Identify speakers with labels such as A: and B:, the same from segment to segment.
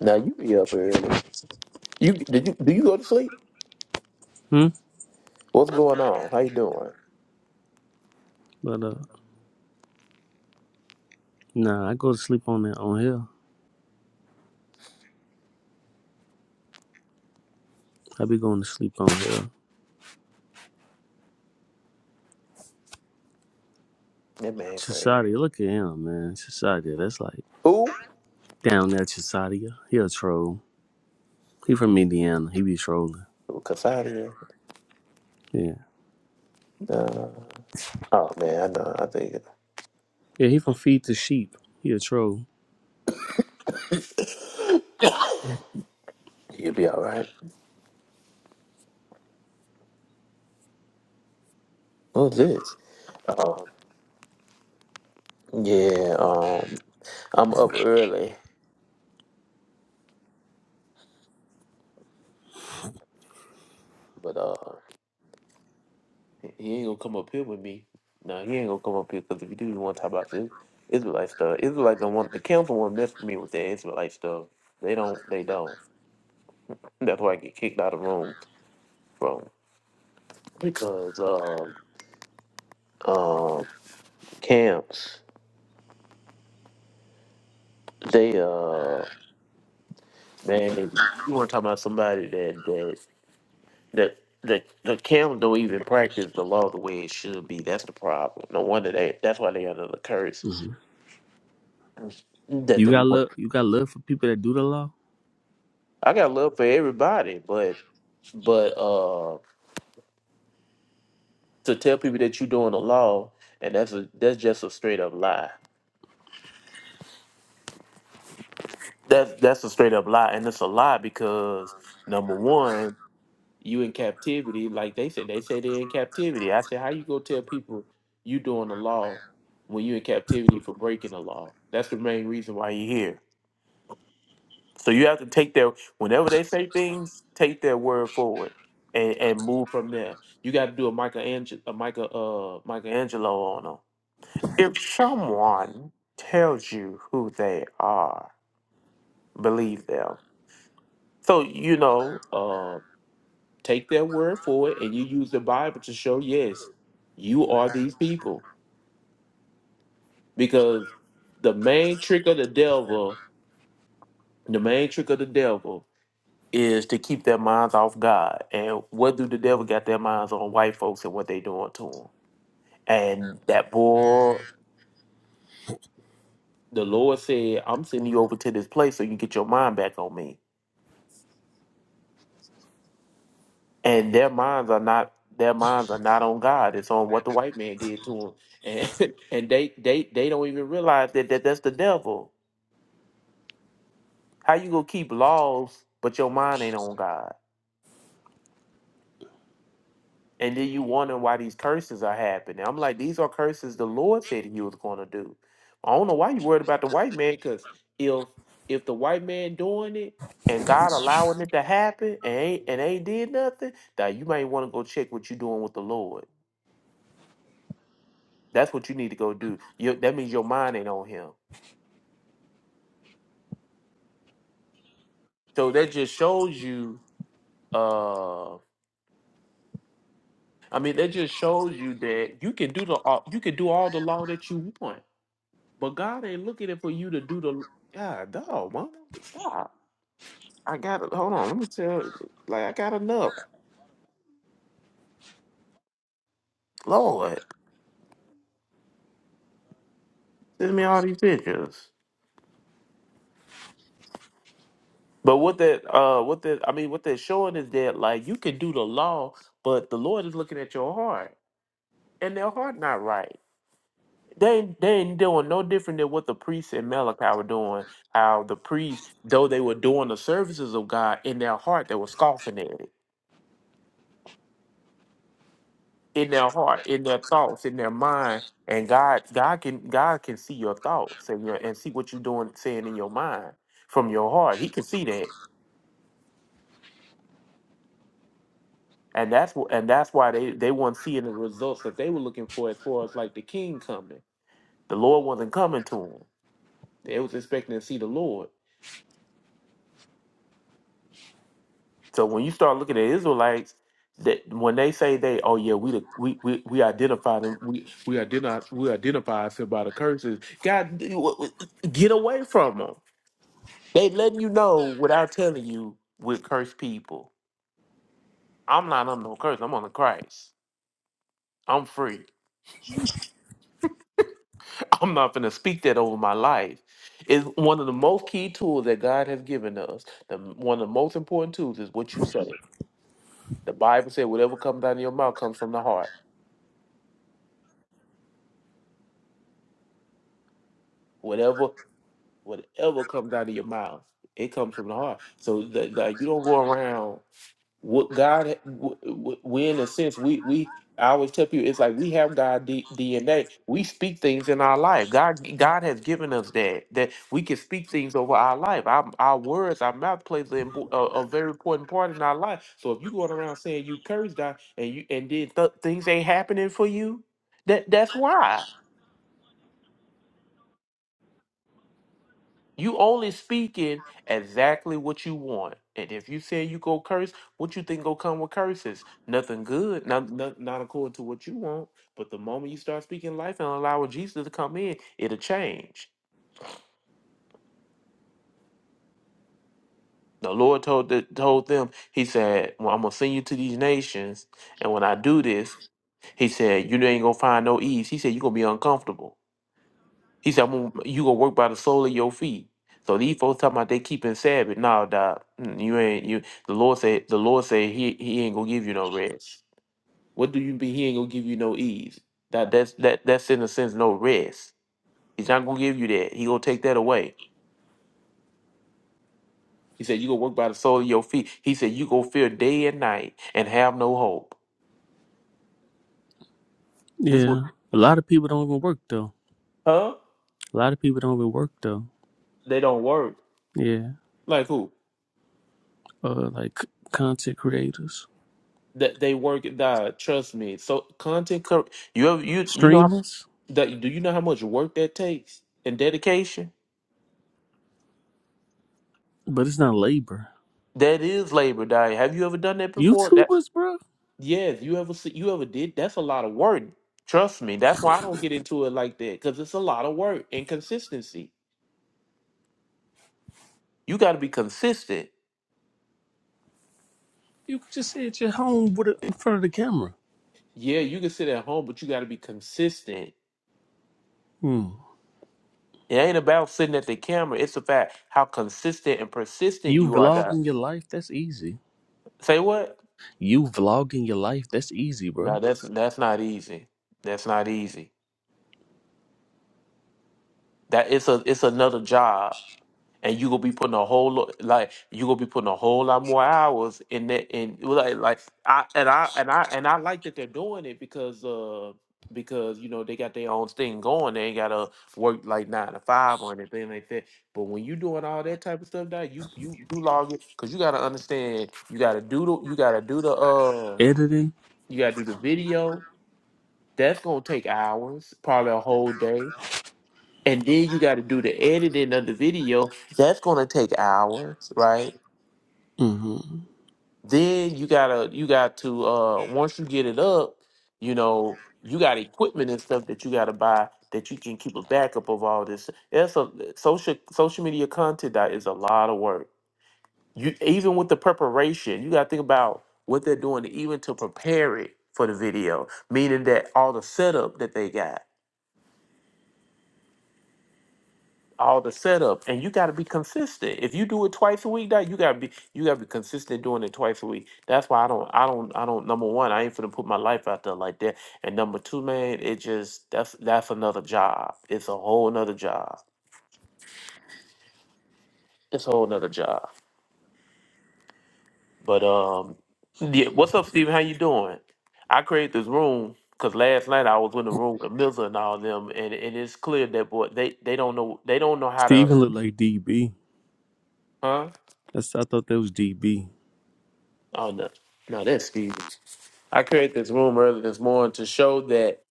A: Now you be up early. You did you do you go to sleep?
B: Hmm?
A: What's going on? How you doing?
B: But uh, nah, I go to sleep on that on here. I be going to sleep on here.
A: That man crazy.
B: Chisadia, look at him, man. Chisadia, that's like
A: Who?
B: down there. Chisadia, he a troll. He from Indiana. He be trolling.
A: Casadia.
B: Yeah,
A: Uh, oh man, I know. I think
B: yeah. He from Feed the Sheep. He a troll.
A: you'll be all right. What's this? Um, yeah. Um, I'm up early, but uh, he ain't gonna come up here with me. No, he ain't gonna come up here because if you do, you want to talk about this Israelite stuff. Israelites don't want the council won't mess with me with their Israelite stuff. They don't. They don't. That's why I get kicked out of the room from because. um. uh, camps, they uh man, if you want to talk about somebody that that that the the camp don't even practice the law the way it should be. That's the problem. No wonder they. That's why they under the curse
B: hmm
A: that
B: You
A: the
B: got
A: Lord.
B: love. You got love for people that do the law.
A: I got love for everybody, but but uh to tell people that you're doing the law and that's a that's just a straight up lie. That's that's a straight up lie, and it's a lie because number one. you in captivity, like they said, they say they're in captivity. I said, how you go tell people you doing the law when you in captivity for breaking the law? That's the main reason why you here. So you have to take their whenever they say things, take their word forward and, and move from there. You got to do a Michelangelo, a Michael, uh, Michelangelo on them. If someone tells you who they are, believe them. So you know, uh, take their word for it and you use the Bible to show, yes, you are these people. Because the main trick of the devil, the main trick of the devil is to keep their minds off God. And what do the devil got their minds on white folks and what they doing to them? And that boy, the Lord said, I'm sending you over to this place so you can get your mind back on me. and their minds are not their minds are not on God. It's on what the white man did to them, and and they they they don't even realize that, that that's the devil. How you gonna keep laws but your mind ain't on God? And then you wondering why these curses are happening. I'm like, these are curses the Lord said He was going to do. I don't know why you worried about the white man, because if if the white man doing it and God allowing it to happen and ain't and ain't did nothing, now you might want to go check what you doing with the Lord. That's what you need to go do. Your, that means your mind ain't on him. So that just shows you. Uh, I mean, that just shows you that you can do the all- you can do all the law that you want, but God ain't looking for you to do the. God, dog, man, stop! I got to Hold on, let me tell. you, Like I got enough. Lord, send me all these pictures. But what that, uh, what that, I mean, what they're showing is that like you can do the law, but the Lord is looking at your heart, and their heart not right. They they ain't doing no different than what the priests in Malachi were doing. How the priests, though they were doing the services of God in their heart, they were scoffing at it. In their heart, in their thoughts, in their mind. And God God can God can see your thoughts and your and see what you're doing saying in your mind from your heart. He can see that. And that's what and that's why they, they weren't seeing the results that they were looking for as far as like the king coming. The Lord wasn't coming to them. They was expecting to see the Lord. So when you start looking at Israelites, that when they say they, oh yeah, we the, we, we we identify them, we we identify we identify us here by the curses. God, get away from them. They letting you know without telling you we're cursed people. I'm not under no curse. I'm under Christ. I'm free. I'm not going to speak that over my life. It's one of the most key tools that God has given us. The, one of the most important tools is what you say. The Bible said, whatever comes out of your mouth comes from the heart. Whatever Whatever comes out of your mouth, it comes from the heart. So that you don't go around what God. w- w- We in a sense we we. I always tell people it's like we have God D- DNA. We speak things in our life. God God has given us that that we can speak things over our life. Our, our words, our mouth plays an impo- a, a very important part in our life. So if you going around saying you cursed God and you and then th- things ain't happening for you, that that's why. You only speaking exactly what you want. And if you say you go curse, what you think gonna come with curses? Nothing good. Not, not not according to what you want. But the moment you start speaking life and allowing Jesus to come in, it'll change. The Lord told the, told them, He said, well, I'm gonna send you to these nations, and when I do this, He said, you ain't gonna find no ease. He said, you're gonna be uncomfortable. He said, I'm gonna, you gonna work by the sole of your feet. So these folks talking about they keeping Sabbath. No, dog, mm, you ain't you the Lord said the Lord said he he ain't gonna give you no rest. What do you be? he ain't gonna give you no ease? That that's that that's in a sense no rest. He's not gonna give you that. He gonna take that away. He said, You gonna work by the sole of your feet. He said, You gonna fear day and night and have no hope. This was
B: Yeah. A lot of people don't even work though.
A: huh?
B: A lot of people don't even work though.
A: They don't work.
B: Yeah.
A: Like who?
B: Uh, like content creators,
A: That they work, dog, trust me. So content cor- you ever, you you know how
B: streamers,
A: That, do you know how much work that takes and dedication?
B: but it's not labor.
A: That is labor, Diane. Have you ever done that before? That
B: YouTubers, bro.
A: yes, you ever see you ever did? That's a lot of work. Trust me. That's why I don't get into it like that because it's a lot of work and consistency. You got to be consistent.
B: You could just sit at your home with a, in front of the camera.
A: Yeah, you can sit at home, but you got to be consistent.
B: Hmm.
A: It ain't about sitting at the camera. It's about how consistent and persistent
B: You
A: you are. That
B: vlogging your life, that's easy.
A: say what?
B: You vlogging your life, that's easy, bro.
A: No, that's that's not easy. That's not easy. That it's a it's another job and you gonna be putting a whole lo- like you gonna be putting a whole lot more hours in that and like like I and I and I and I like that they're doing it because uh because you know they got their own thing going they ain't gotta work like nine to five or anything like that but when you doing all that type of stuff now you you you log it because you gotta understand you gotta do the you gotta do the uh
B: Editing,
A: you gotta do the video that's gonna take hours probably a whole day and then you got to do the editing of the video that's going to take hours right
B: hmm
A: then you gotta you got to uh once you get it up you know you got equipment and stuff that you got to buy that you can keep a backup of all this that's a social social media content that is a lot of work you even with the preparation you got to think about what they're doing even to prepare it for the video meaning that all the setup that they got all the setup, and you got to be consistent. If you do it twice a week, that you got to be you got to be consistent doing it twice a week. That's why I don't I don't I don't number one I ain't finna put my life out there like that, and number two, man, it just that's that's another job. It's a whole another job. It's a whole another job. But um, yeah, what's up, Steven? How you doing? I created this room because last night I was in the room with Milza and all them, and, and it's clear that boy they they don't know they don't know how to
B: Steven looked like DB.
A: huh
B: That's I thought that was DB,
A: oh no no that's Steve. I created this room earlier this morning to show that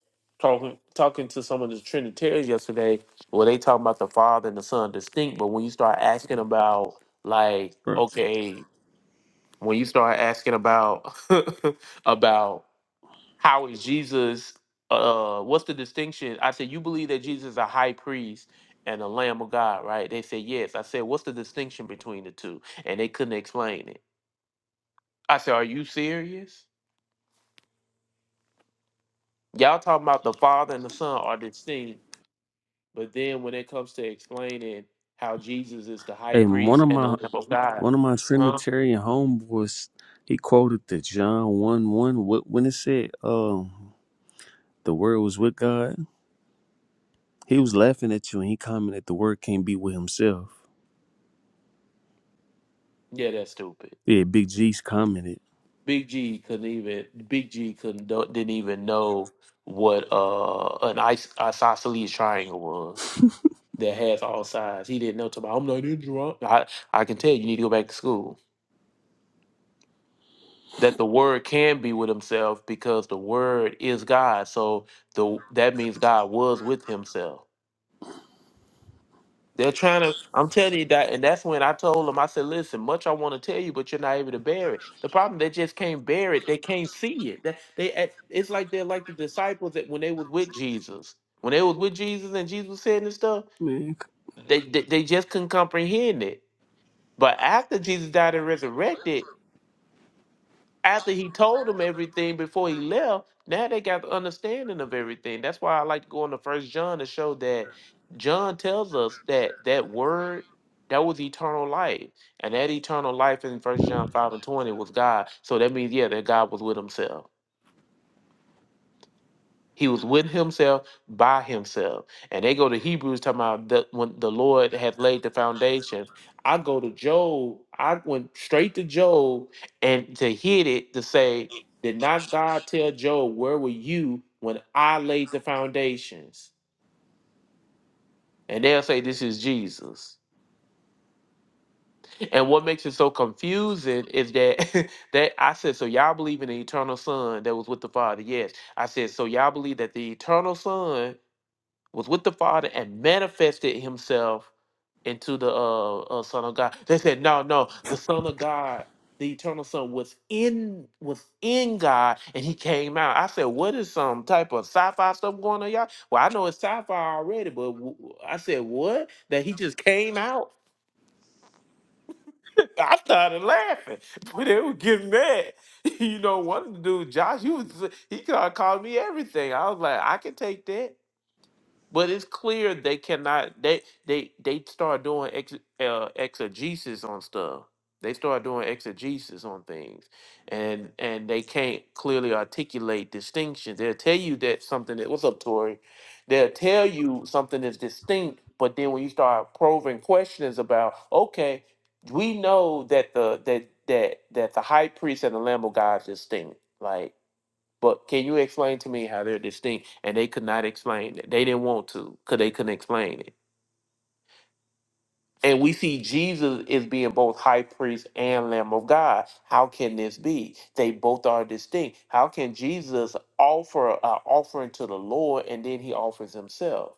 A: talking talking to some of the Trinitarians yesterday, well, they talking about the Father and the Son distinct, but when you start asking about like,
B: bro.
A: okay, when you start asking about about how is Jesus, uh, what's the distinction? I said you believe that Jesus is a high priest and a Lamb of God, right? They said yes. I said what's the distinction between the two, and they couldn't explain it. I said, are you serious? y'all talking about the Father and the Son are distinct, but then when it comes to explaining how Jesus is the high
B: And one
A: priest
B: of
A: and the
B: my
A: Lamb of God,
B: one of my
A: huh?
B: Trinitarian homeboys, he quoted the John one one when it said, "Um, the word was with God." He was laughing at you, and he commented, "The word can't be with himself."
A: Yeah, that's stupid.
B: Yeah, Big G's commented.
A: Big G couldn't even. Big G couldn't don't- didn't even know what uh an ice isosceles triangle was that has all sides. He didn't know. To I'm not in drunk. I I can tell you need to go back to school. That the word can be with himself because the word is God. So the that means God was with himself. They're trying to. I'm telling you that, and that's when I told them. I said, "Listen, much I want to tell you, but you're not able to bear it. The problem they just can't bear it. They can't see it. That they, act- it's like they're like the disciples that when they was with Jesus, when they was with Jesus and Jesus was saying this stuff,
B: Man,
A: they, they they just couldn't comprehend it. But after Jesus died and resurrected, after he told them everything before he left, now they got the understanding of everything. That's why I like to go into First John to show that John tells us that that word that was eternal life, and that eternal life in First John five and twenty was God. So that means yeah, that God was with Himself. He was with himself by himself. And they go to Hebrews talking about the, when the Lord had laid the foundation. I go to Job, I went straight to Job and to hit it to say, Did not God tell Job, where were you when I laid the foundations? And they'll say, This is Jesus. And what makes it so confusing is that that I said, so y'all believe in the eternal son that was with the Father. Yes. I said, so y'all believe that the eternal son was with the Father and manifested himself into the uh, uh, Son of God. They said, no, no, the Son of God, the eternal Son was in was in God and he came out. I said, what is some type of sci-fi stuff going on, y'all? Well, I know it's sci-fi already, but w- w- I said, what? That he just came out? I started laughing, but they were getting mad. you know, one of the dudes, Josh, he was he started calling me everything. I was like, I can take that. But it's clear they cannot. They they they start doing ex, uh, exegesis on stuff. They start doing exegesis on things, and and they can't clearly articulate distinctions. They'll tell you that something that what's up, Tori. They'll tell you something is distinct, but then when you start probing questions about, okay, we know that the that that that the high priest and the Lamb of God is distinct. Like but can you explain to me how they're distinct? And they could not explain it. They didn't want to because they couldn't explain it. And we see Jesus is being both high priest and Lamb of God. How can this be? They both are distinct. How can Jesus offer an offering to the Lord and then he offers himself?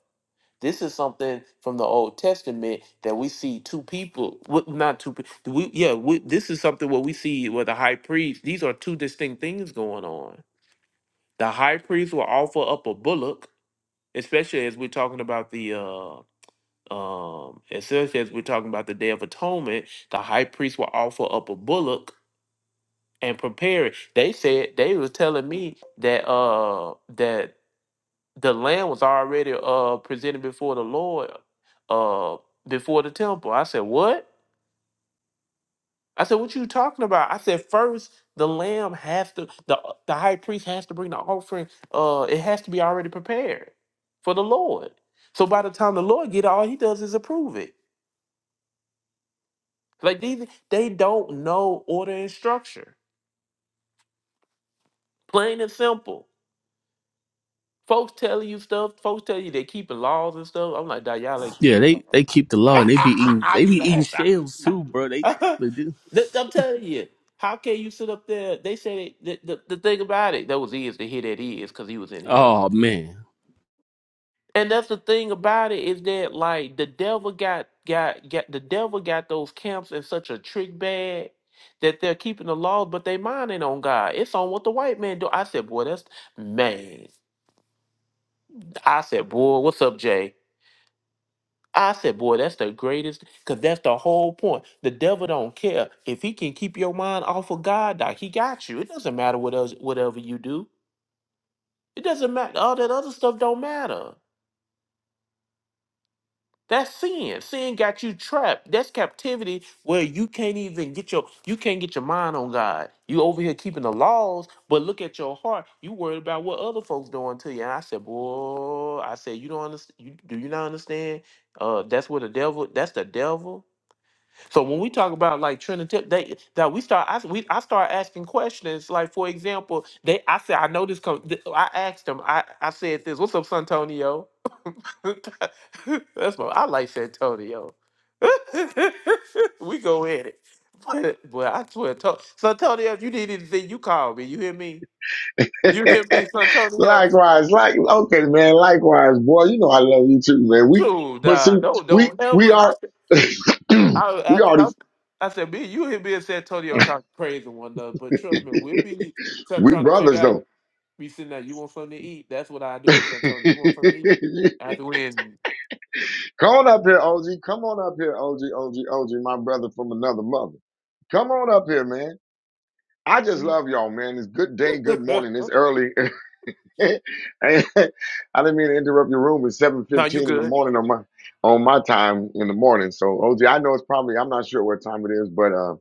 A: This is something from the Old Testament that we see two people, w- not two people. We, yeah, we, this is something where we see where the high priest, these are two distinct things going on. The high priest will offer up a bullock especially as we're talking about the uh um especially as we're talking about the day of atonement the high priest will offer up a bullock and prepare it they said they was telling me that uh that the lamb was already uh presented before the lord uh before the temple i said what I said, "What you talking about?" I said, first the lamb has to the the high priest has to bring the offering. Uh, it has to be already prepared for the Lord. So by the time the Lord get it, all he does is approve it. Like these, they don't know order and structure. Plain and simple. Folks telling you stuff. Folks tell you they keeping laws and stuff. I'm like, "Dawg, y'all ain't keeping
B: Yeah,
A: no
B: they they
A: laws.
B: keep the law and they be eating
A: I
B: they
A: be
B: be eating
A: laughing.
B: shells too, bro. They,
A: That-
B: they do.
A: I'm telling you, how can you sit up there? They say the, the, the thing about it, that was ears to hear that he because he was in here.
B: Oh man.
A: And that's the thing about it is that like the devil got got got the devil got those camps in such a trick bag that they're keeping the laws, but they minding on God. It's on what the white man do. I said, boy, that's man. I said, boy, what's up, Jay? I said, boy, that's the greatest, because that's the whole point. The devil don't care. If he can keep your mind off of God, dog, he got you. It doesn't matter what else, whatever you do. It doesn't matter. All that other stuff don't matter. That's sin. Sin got you trapped. That's captivity where you can't even get your you can't get your mind on God. You over here keeping the laws, but look at your heart. You worried about what other folks doing to you. And I said, boy, I said, you don't understand. You, do you not understand? Uh, that's what the devil. That's the devil So when we talk about like Trinity, they that we start, I we I start asking questions. Like for example, they I said I know this. Com- th- I asked them. I I said this. What's up, Santonio? That's my. I like Santonio. we go at it. But boy, I swear, to- Santonio, if you need anything, you call me. You hear me? You hear me, Santonio?
C: likewise, like okay, man. Likewise, boy. You know I love you too, man. We,
A: Dude,
C: but
A: nah,
C: see,
A: don't
C: we
A: don't
C: we
A: ever.
C: are we
A: I, I,
C: already
A: I, I said, me, you hear me and San Antonio talk crazy one another, but trust me, we'll be start
C: we
A: trying to figure
C: brothers
A: out.
C: though.
A: We sitting there, you want something to eat? That's what I do with San Antonio. You want something to eat? After we in.
C: Come on up here, OG. Come on up here, OG, OG, OG. My brother from another mother. Come on up here, man. I just love y'all, man. It's good day, good morning. It's early. I didn't mean to interrupt your room. It's seven
A: no, you
C: fifteen in the
A: good.
C: morning on my on my time in the morning. So OG, I know it's probably I'm not sure what time it is, but uh,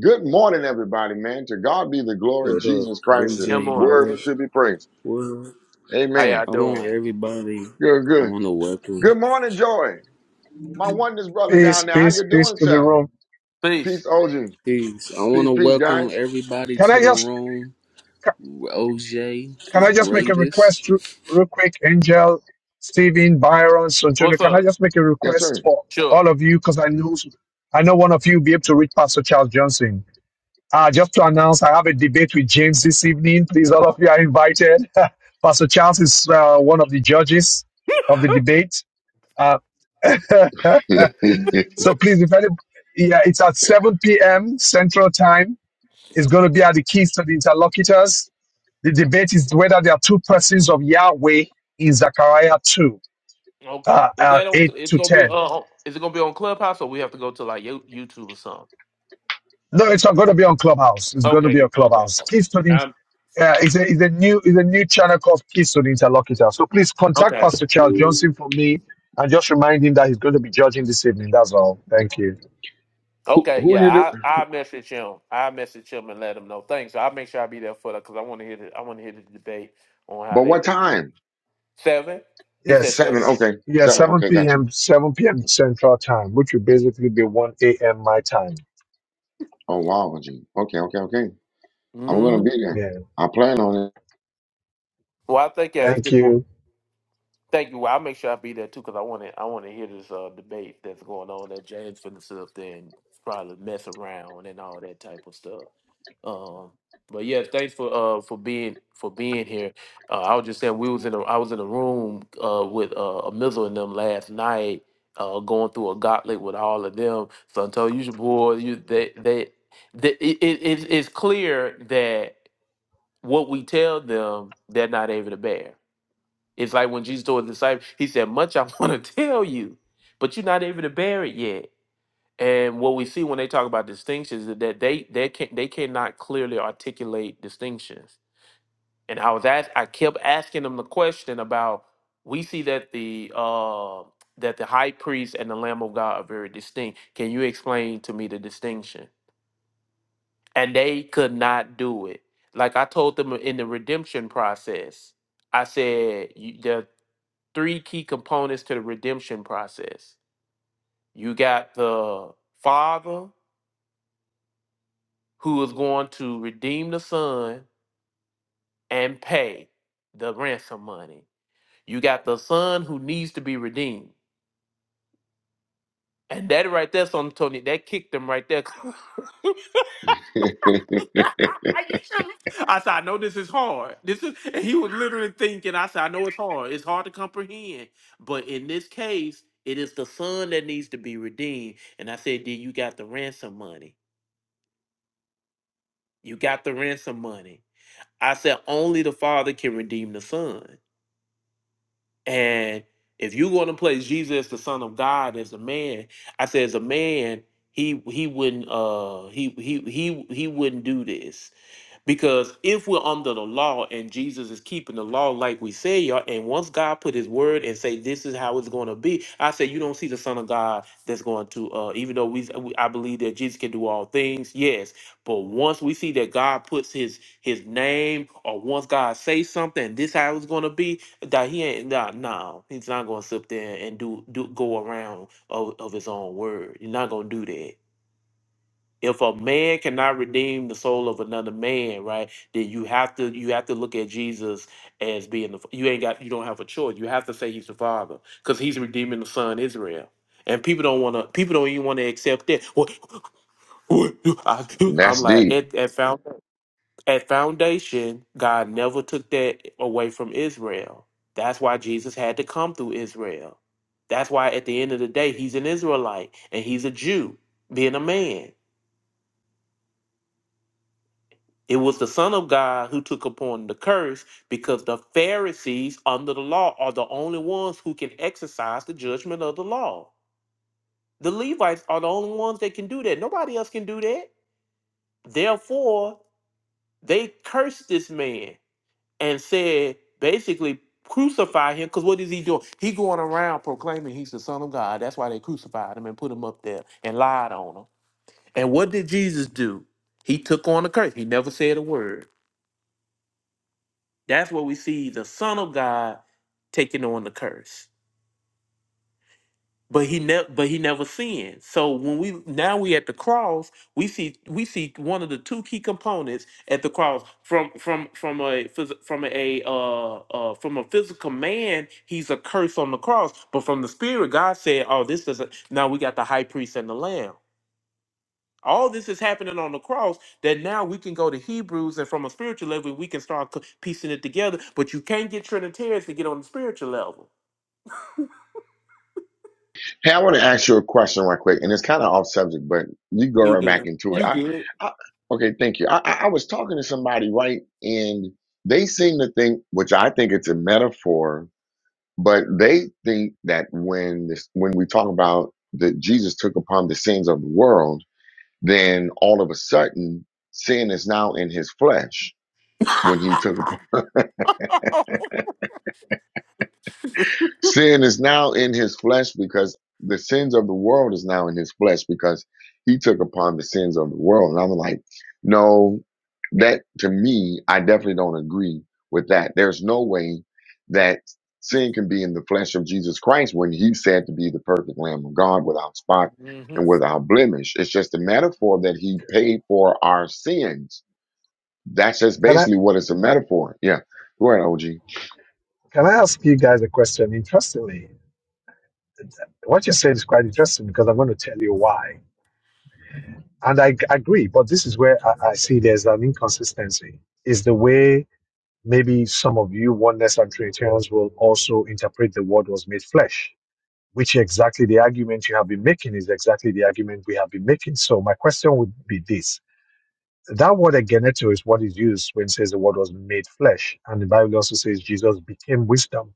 C: good morning, everybody, man. To God be the glory.
B: What up,
C: Jesus Christ is
A: Come
B: OJ?
A: on.
B: What
C: worthy
B: up?
C: to be praised.
B: Well,
A: How
C: Amen.
A: y'all
B: I want
A: doing?
B: everybody.
C: Good,
B: I
C: good.
B: want to welcome.
C: Good morning, Joy. My oneness brother
D: Peace,
C: down there. How
D: peace,
C: you
D: peace
C: doing,
D: to the
C: sir?
D: room.
A: Please.
C: Peace, OG.
B: Peace. I want
C: Peace,
B: to
C: peace,
B: welcome
C: guys.
B: everybody
D: Can I
B: to the
D: just
B: room.
D: ca-
B: OJ,
D: can I
B: the
D: just make a
B: greatest.
D: request re- real quick, Angel, Stephen, Byron, Sojourner?
A: What's
D: Can I
A: up?
D: just make a
C: Yes,
D: request
C: sir.
D: for all
A: Sure.
D: of you? Because I know I know one of you will be able to reach Pastor Charles Johnson. Uh, just to announce, I have a debate with James this evening. Please, all of you are invited. Pastor Charles is uh, one of the judges of the debate. Uh,
C: who,
D: so please, if any, yeah, it's at 7 p.m. Central Time. It's going to be at the Keys to the Interlocutors The debate is whether there are two persons of Yahweh in Zechariah 2,
A: Okay.
D: uh,
A: Is
D: uh,
A: that on?
D: 8
A: It's
D: to
A: gonna be
D: 10.
A: uh. Is it gonna be on Clubhouse or we have to go to like You- YouTube or something?
D: No, it's not going to be on Clubhouse. It's going to be on
A: Okay. Okay.
D: Clubhouse. Keystone In-
A: Um.
D: uh, is, a, is a new is a new channel called Keystone Interlocutor. So please contact
A: okay.
D: Pastor Charles Johnson for me and just remind him that he's going to be judging this evening. That's all. Thank you.
A: Okay,
C: who you do?
A: yeah, I I message him. I message him and let him know. Thanks. I'll make sure I be there for that because I want to hear the I want to hear the debate on how
C: But
A: they
C: what time?
A: seven. He said
C: Seven.
A: 7
D: Yes.
C: Okay.
D: Yeah,
C: Seven.
D: 7
C: Okay, got you.
D: p.m. 7 p.m. Central Time, which would basically be 1 a.m. my time.
C: Oh wow, OG. Okay, okay, okay. I'm gonna
A: Mm-hmm.
C: be there.
D: Yeah.
C: I plan on
A: Well, I think yeah, it's
D: Thank
A: good. mo-
D: you.
A: Thank you. Well, I'll make sure I be there too because I want to I want to hear this uh, debate that's going on that James finna sit up there and probably mess around and all that type of stuff. Um, but yeah, thanks for uh for being for being here. Uh, I was just saying we was in a I was in a room uh with uh a missile and them last night, uh going through a gauntlet with all of them. So until you should boy, you they they, they it, it it's it's clear that what we tell them they're not able to bear. It's like when Jesus told his disciples, he said, Much I want to tell you, but you're not able to bear it yet. And what we see when they talk about distinctions is that they they can they cannot clearly articulate distinctions. And I was asked, I kept asking them the question about we see that the uh, that the high priest and the Lamb of God are very distinct. Can you explain to me the distinction? And they could not do it. Like I told them in the redemption process, I said you, there are three key components to the redemption process. You got the Father, who is going to redeem the son and pay the ransom money. You got the son who needs to be redeemed. And that right there, son Tony, that kicked him right there. you
C: it.
A: should I said, I know this is hard. This is and he was literally thinking, I said, I know it's hard. It's hard to comprehend. But in this case, it is the son that needs to be redeemed. And I said, then you got the ransom money. You got the ransom money. I said, only the father can redeem the son. And if you're going to place Jesus, the Son of God, as a man, I said, as a man, he he wouldn't uh he he he he wouldn't do this because if we're under the law and Jesus is keeping the law like we say, y'all, and once God put his word and say this is how it's going to be, I say you don't see the son of God that's going to uh even though we we- I believe that Jesus can do all things, yes, but once we see that God puts his his name or once God says something, this how it's going to be, that he ain't nah, no, he's not going to sit there and do do go around of, of his own word. You're not going to do that if a man cannot redeem the soul of another man, right, then you have to you have to look at Jesus as being the you ain't got you don't have a choice. You have to say he's the father because he's redeeming the son Israel. And people don't want to. People don't even want to accept that. What- I- I'm
C: That's
A: like
C: deep.
A: at at, found, at foundation, God never took that away from Israel. That's why Jesus had to come through Israel. That's why at the end of the day, he's an Israelite and he's a Jew, being a man. It was the Son of God who took upon the curse because the Pharisees under the law are the only ones who can exercise the judgment of the law. The Levites are the only ones that can do that. Nobody else can do that. Therefore, they cursed this man and said, basically, crucify him because what is he doing? He going around proclaiming he's the Son of God. That's why they crucified him and put him up there and lied on him. And what did Jesus do? He took on the curse. He never said a word. That's where we see the Son of God taking on the curse. But he never but he never sinned. So when we now we at the cross, we see we see one of the two key components at the cross from from from a phys- from a uh, uh from a physical man, he's a curse on the cross. But from the spirit, God said, "Oh, this is a, now we got the high priest and the lamb." All this is happening on the cross that now we can go to Hebrews and from a spiritual level we can start co- piecing it together. But you can't get Trinitarians to get on the spiritual level.
C: Hey, I want to ask you a question right quick, and it's kind of off subject, but you go
A: You
C: right back
A: good.
C: into it.
A: You
C: I,
A: good.
C: I okay, thank you. I, I I was talking to somebody right, and they seem to think, which I think it's a metaphor, but they think that when this, when we talk about that Jesus took upon the sins of the world, then all of a sudden sin is now in his flesh when he took Sin is now in his flesh because the sins of the world is now in his flesh because he took upon the sins of the world. And I'm like, no, that to me, I definitely don't agree with that. There's no way that sin can be in the flesh of Jesus Christ when he's said to be the perfect Lamb of God without spot
A: hmm
C: and without blemish. It's just a metaphor that he paid for our sins. That's just
D: Can I
C: basically what it's a metaphor. Yeah. Go ahead, OG.
D: can I ask you guys a question? Interestingly, What you said is quite interesting because I'm going to tell you why. And I g- agree, but this is where I, I see there's an inconsistency. Is the way maybe some of you oneness and Trinitarians will also interpret the word was made flesh, which exactly the argument you have been making is exactly the argument we have been making. So my question would be this. That word again is what is used when it says the word was made flesh. And the Bible also says Jesus became wisdom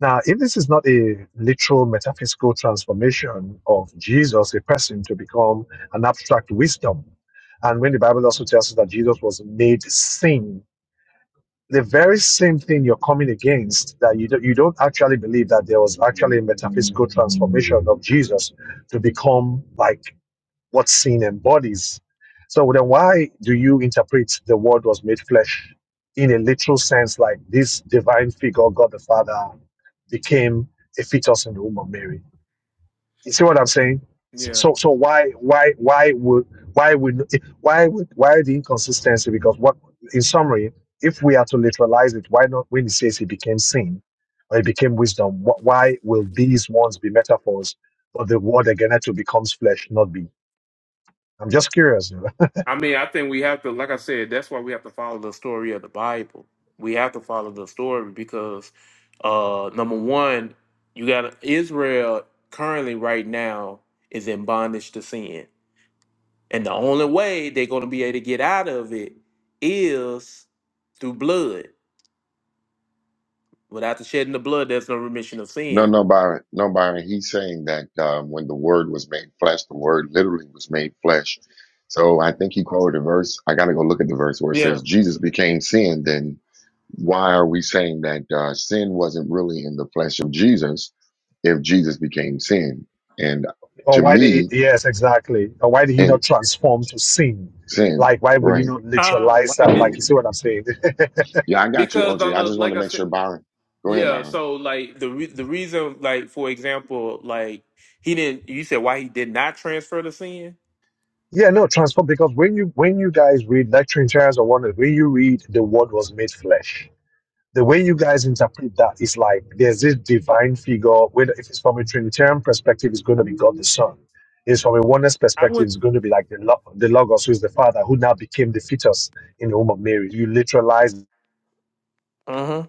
D: now, if this is not a literal metaphysical transformation of Jesus, a person, to become an abstract wisdom, and when the Bible also tells us that Jesus was made sin, the very same thing you're coming against, that you, don't- you don't actually believe that there was actually a metaphysical transformation of Jesus to become like what sin embodies. So then why do you interpret the word was made flesh in a literal sense like this divine figure, God the Father, became a fetus in the womb of Mary? You see what I'm saying?
A: Yeah.
D: So so why why why would why would why would why the inconsistency? Because what in summary, if we are to literalize it, why not when it says he became sin or he became wisdom, wh- why will these ones be metaphors but the word again to becomes flesh not be? I'm just curious. you know.
A: I mean, I think we have to, like I said, that's why we have to follow the story of the Bible. We have to follow the story because, uh, number one, you got Israel currently right now is in bondage to sin, and the only way they're going to be able to get out of it is through blood. Without the shedding of blood, there's no remission of
C: No,
A: sin.
C: no, Byron. No, Byron. He's saying that um, when the word was made flesh, the word literally was made flesh. So I think he quoted a verse. I got to go look at the verse where it
A: Yeah.
C: says Jesus became sin. Then why are we saying that uh, sin wasn't really in the flesh of Jesus if Jesus became sin? And
D: or
C: to
D: why did
C: me,
D: he, yes, exactly. Or why did he
C: and
D: not transform to sin?
C: sin,
D: Like, why would you
C: right.
D: not
A: Oh,
D: literalize
A: like
D: that?
A: it-
D: Like, you see what I'm saying?
C: Yeah, I got you,
A: because
C: OJ.
A: on
C: I
A: the
C: just wanted
A: like
C: to
A: I
C: make
A: said.
C: sure, Byron. Go ahead,
A: Yeah,
C: Byron.
A: so like the re the reason, like for example, like he didn't. You said why he did not transfer to sin?
D: yeah, no, transform because when you when you guys read like Trinitarians or one, when you read the Word was made flesh, the way you guys interpret that is like there's this divine figure. Whether if it's from a Trinitarian perspective, it's going to be God the Son. It's from a oneness
A: I
D: perspective,
A: would.
D: it's going to be like the Lo- the Logos, who is the Father, who now became the fetus in the womb of Mary. You literalize
A: Uh huh.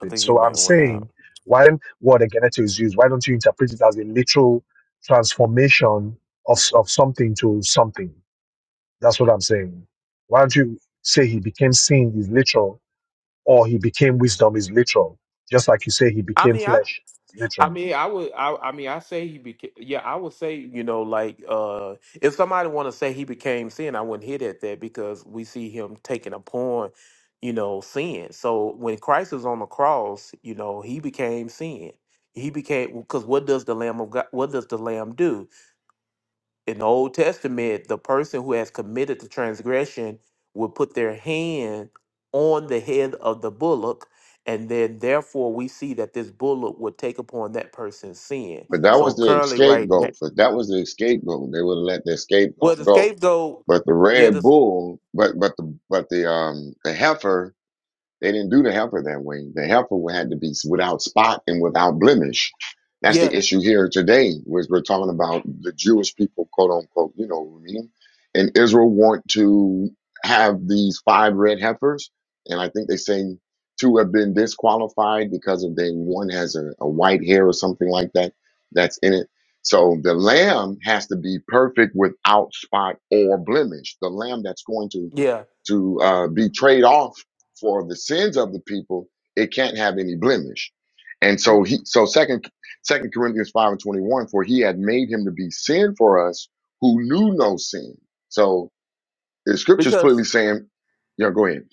A: I think he
D: So I'm
A: meant went
D: saying,
A: out.
D: when word egeneto is used, why don't you interpret it as a literal transformation of, of something to something? That's what I'm saying. Why don't you say he became sin is literal, or he became wisdom is literal, just like you say he
A: I
D: became
A: mean, I.
D: flesh is
A: I
D: literal.
A: mean, I would. I. I mean, I say he became. Yeah, I would say you know, like uh, if somebody want to say he became sin, I wouldn't hit at that because we see him taking upon, you know, sin. So when Christ was on the cross, you know, he became sin. He became because what does the Lamb of God? What does the Lamb do? in the Old Testament, the person who has committed the transgression would put their hand on the head of the bullock, and then therefore we see that this bullock would take upon that person's sin.
C: But that
A: So
C: was the
A: currently, right now,
C: scapegoat. But that was the scapegoat. They would have let their
A: well,
C: scapegoat
A: the
C: go.
A: scapegoat,
C: But the
A: yeah,
C: red
A: this,
C: bull, but but the but the um the heifer they didn't do the helper that way. The helper had to be without spot and without blemish. That's the
A: yeah,
C: issue here today, was we're talking about the Jewish people, quote unquote, you know what I mean? And Israel want to have these five red heifers, and I think they say two have been disqualified because of they one has a, a white hair or something like that that's in it. So the lamb has to be perfect without spot or blemish. The lamb that's going to
A: yeah,
C: to uh, be trade off for the sins of the people, it can't have any blemish. And so
A: you-
C: he so second second Corinthians 5 and 21, for he had made him to be sin for us who knew no sin. So the scripture's
A: because
C: clearly saying, Yeah, go ahead.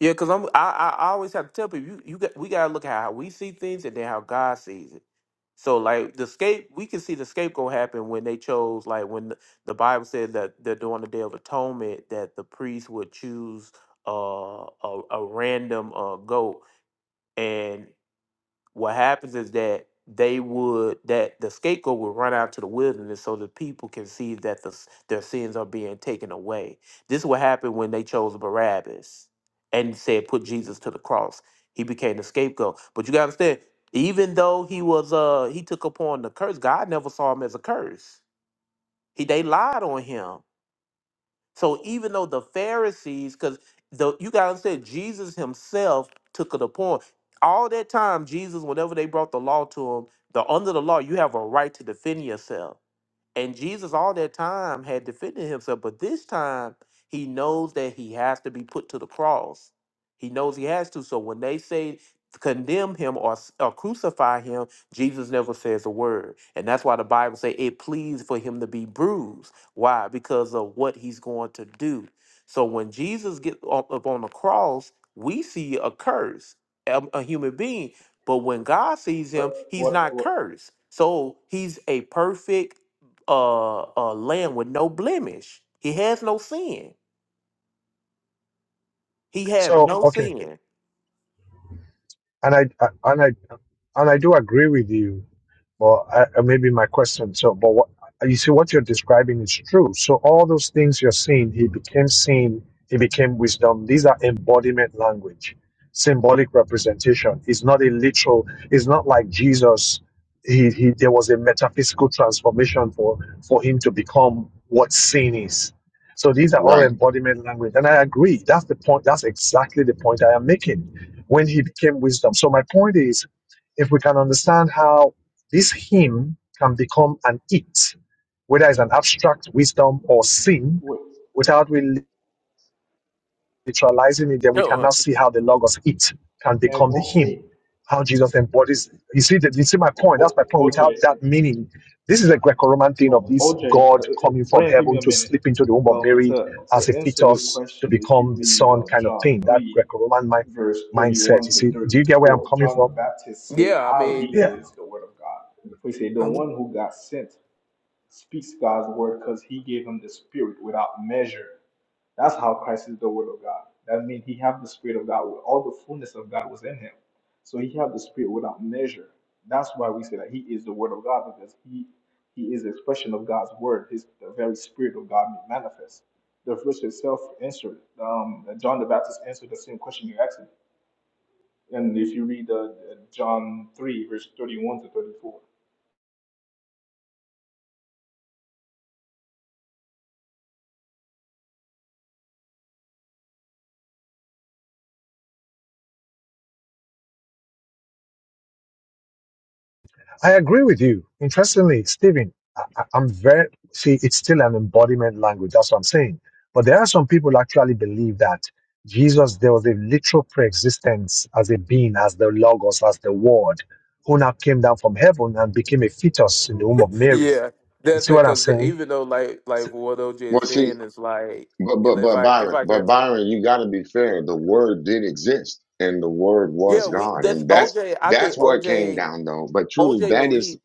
A: Yeah, because I'm I, I I always have to tell people you you got we gotta look at how we see things and then how God sees it. So like the scape we can see the scapegoat happen when they chose like when the, the Bible said that that during the Day of Atonement that the priest would choose uh a, a random uh goat and what happens is that they would that the scapegoat would run out to the wilderness so the people can see that the, s- their sins are being taken away this is what happened when they chose barabbas and said put jesus to the cross he became the scapegoat but you gotta understand even though he was uh he took upon the curse god never saw him as a curse he they lied on him so even though the Pharisees, because the you gotta understand, Jesus himself took it upon all that time. Jesus, whenever they brought the law to him, the under the law, you have a right to defend yourself. And Jesus, all that time, had defended himself, but this time he knows that he has to be put to the cross. He knows he has to. So when they say condemn him or, s- or crucify him, Jesus never says a word. And that's why the Bible say it pleased for him to be bruised. Why? Because of what he's going to do. So when Jesus gets up up on the cross, we see a curse, a a human being. But when God sees
E: What?
A: him, he's
E: What?
A: not
E: What?
A: cursed. So he's a perfect uh, a lamb with no blemish. He has no sin. He has
D: So
A: no
D: okay,
A: sin.
D: and I, I and I and I do agree with you Well, I, uh, maybe my question. So, but what you see, what you're describing is true. So, all those things you're seeing, he became seen, he became wisdom. These are embodiment language, symbolic representation. It's not a literal. It's not like Jesus. He, he there was a metaphysical transformation for for him to become what seen is. So these are all
C: Right.
D: embodiment language, and I agree. That's the point. That's exactly the point I am making. When he became wisdom. So my point is, if we can understand how this hymn can become an it, whether it's an abstract wisdom or sin,
E: Wait.
D: without really literalizing it, then we
A: Uh-uh.
D: cannot see how the logos it can
E: Um,
D: become the hymn,
E: okay.
D: how Jesus embodies. You see, that you see my
E: O-
D: point. That's my
E: O-
D: point. Without
E: OJ.
D: that meaning, this is a Greco-Roman thing of
E: O-
D: this
E: OJ.
D: God
E: uh, uh, uh,
D: coming from
E: Brand, give me
D: heaven
E: a
D: to
E: minute.
D: slip into the womb of
E: Um,
D: Mary
E: to to
D: as a
E: answer your
D: fetus to
E: question, if
D: become
E: you
D: the
E: read
D: son,
E: uh,
D: kind of
E: John
D: thing. That
E: three,
D: Greco-Roman mind,
E: verse
D: mindset.
E: thirty-one
D: You
E: to
D: see, do you get where I'm
E: thirty-four,
D: coming
E: John the
D: from?
E: Baptist say
A: Yeah, I
E: how
A: mean,
E: he is the Word of God. For he say the
A: um,
E: one who got sent. speaks God's word because he gave him the spirit without measure. That's how Christ is the word of God. That means he had the spirit of God. All the fullness of God was in him. So he had the spirit without measure. That's why we say that he is the word of God because he he is the expression of God's word. His the very spirit of God made manifest. The verse itself answered. Um, John the Baptist answered the same question you asked him. And if you read uh, John 3, verse 31 to 34.
D: I agree with you. Interestingly, Stephen, I, I- I'm very see. It's still an embodiment language. That's what I'm saying. But there are some people who actually believe that Jesus, there was a literal pre-existence as a being, as the Logos, as the Word, who now came down from heaven and became a fetus in the womb of Mary.
A: yeah,
D: You
A: that's
D: see
A: it.
D: what I'm
A: Because
D: saying?
A: even though, like, like
D: S-
A: what OJ
C: Well,
A: is
C: see,
A: saying is like,
C: but
A: if
C: but
A: if
C: but
A: I if
C: Byron,
A: I
C: but
A: can,
C: Byron, you gotta be fair. The word did exist and the word
A: yeah,
C: was
A: we
C: God.
A: that's
C: And that's
A: OJ. I think
C: that's what came
A: OJ
C: down though. But truly
A: OJ
C: that
A: believes.
C: is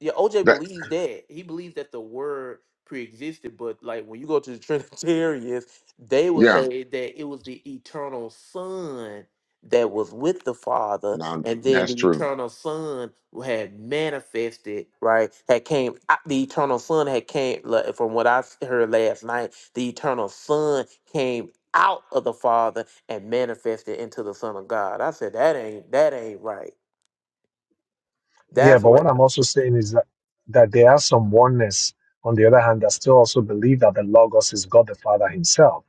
A: Yeah, OJ
C: that
A: believes that. He believes that the word pre-existed, but like when you go to the Trinitarians, they will
C: yeah,
A: say that it was the eternal son that was with the father,
C: now
A: and then
C: that's
A: the
C: true.
A: eternal son had manifested, right? Had came out the eternal son had came like, from what I s- heard last night, the eternal son came out of the father and manifested into the son of God. I said that ain't that ain't right.
D: Yeah.
A: That's
D: But what
A: what
D: I'm also saying is that that there are some oneness on the other hand that still also believe that the Logos is God the Father Himself,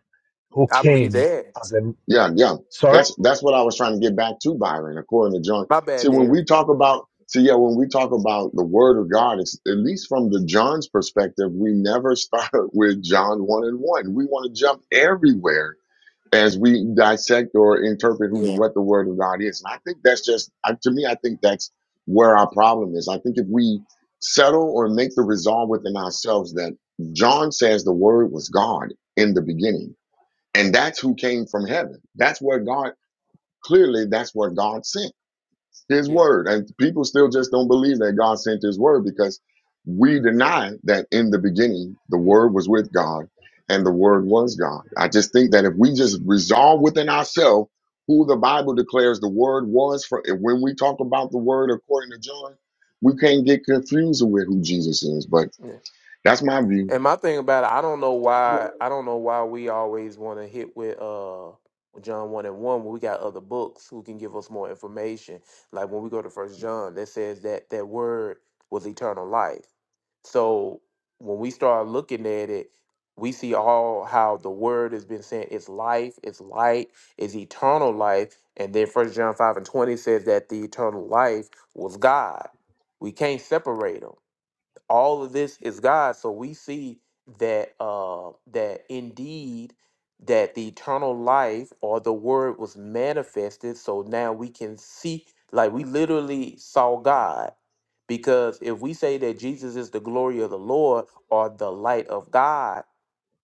D: who
A: I believe
D: came
A: that.
D: as a
C: Yeah, yeah.
D: sorry,
C: That's that's what I was trying to get back to, Byron, according to John.
A: My
C: See, when
A: bad,
C: we talk about see, yeah, when we talk about the word of God, it's at least from the John's perspective, we never start with John one and one. We want to jump everywhere as we dissect or interpret who the
A: Yeah,
C: what the word of God is. And I think that's just I- to me, I think that's where our problem is. I think if we settle or make the resolve within ourselves that John says the word was God in the beginning and that's who came from heaven. That's where God, clearly, that's where God sent his
A: yeah,
C: word. And people still just don't believe that God sent his word because we deny that in the beginning, the word was with God and the word was God. I just think that if we just resolve within ourselves who the Bible declares the word was for, when we talk about the word according to John, we can't get confused with who Jesus is. But
A: yeah.
C: that's my view.
A: And my thing about it, I don't know
E: But
A: why. I don't know why we always want to hit with uh John one and one when we got other books who can give us more information. Like when we go to First John, that says that that word was eternal life. So when we start looking at it, we see all how the word has been saying it's life, it's light, it's eternal life. And then First John five and twenty says that the eternal life was God. We can't separate them. all of this is God. So we see that uh, that indeed that the eternal life or the word was manifested. So now we can see like we literally saw God. Because if we say that Jesus is the glory of the Lord or the light of God,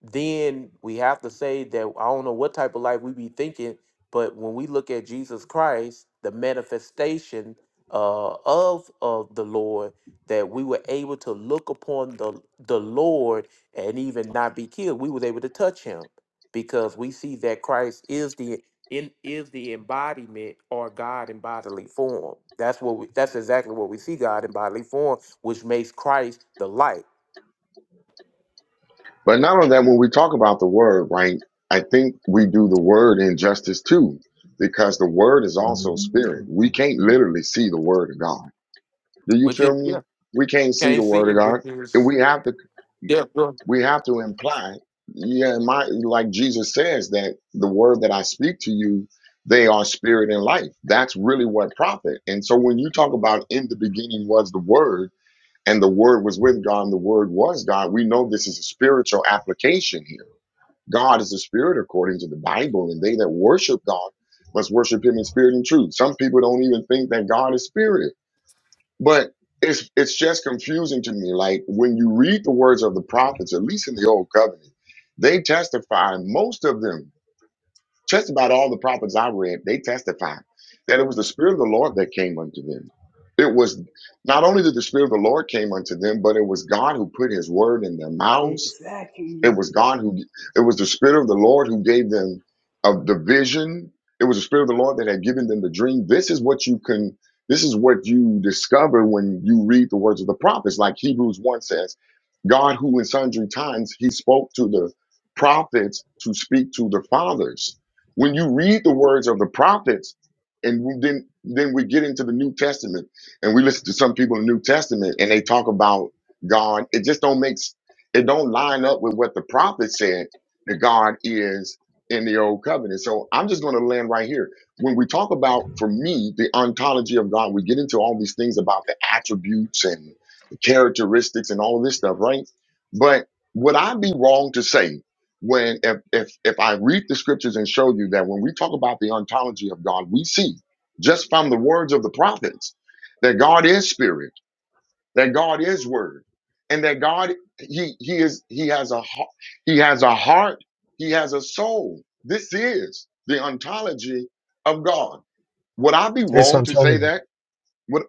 A: then we have to say that I don't know what type of life we be thinking, but when we look at Jesus Christ, the manifestation uh, of of the Lord, that we were able to look upon the the Lord and even not be killed. We was able to touch Him because we see that Christ is the in is the embodiment or God in bodily form. That's what we, that's exactly what we see God in bodily form, which makes Christ the light.
C: But not only that, when we talk about the word, right, I think we do the word injustice too, because the word is also spirit. We can't literally see the word of God. Do you
A: Which is
C: feel
A: yeah,
C: me? We can't
A: you
C: see the
A: can't see
C: word of
A: it, which
C: God.
A: is
C: And we have to
A: Yeah, bro.
C: we have to imply, yeah, my like Jesus says that the word that I speak to you, they are spirit and life. That's really what profit. And so when you talk about in the beginning was the word, and the word was with God, and the word was God, we know this is a spiritual application here God is a spirit according to the Bible, and they that worship God must worship him in spirit and truth. Some people don't even think that God is spirit. But it's it's just confusing to me. Like when you read the words of the prophets, at least in the old covenant, they testify, most of them, just about all the prophets I read, they testify that it was the spirit of the Lord that came unto them. It was not only did the spirit of the Lord came unto them, but it was God who put his word in their mouths
E: exactly.
C: it was God who, it was the Spirit of the Lord who gave them of the vision. It was the Spirit of the Lord that had given them the dream. This is what you can, this is what you discover when you read the words of the prophets. Like Hebrews 1 says, God who in sundry times he spoke to the prophets to speak to the fathers. When you read the words of the prophets, and we- then then we get into the New Testament and we listen to some people in the New Testament and they talk about God. It just don't make sense it don't line up with what the prophet said that God is in the old covenant. So I'm just going to land right here. When we talk about, for me, the ontology of God, we get into all these things about the attributes and the characteristics and all this stuff, right? But would I be wrong to say when if if if I read the scriptures and show you that when we talk about the ontology of God, we see just from the words of the prophets that God is spirit that God is word and that God he he is he has a heart he has a heart he has a soul this is the ontology of God would I be
D: it's
C: wrong to say
D: Antonio.
C: that would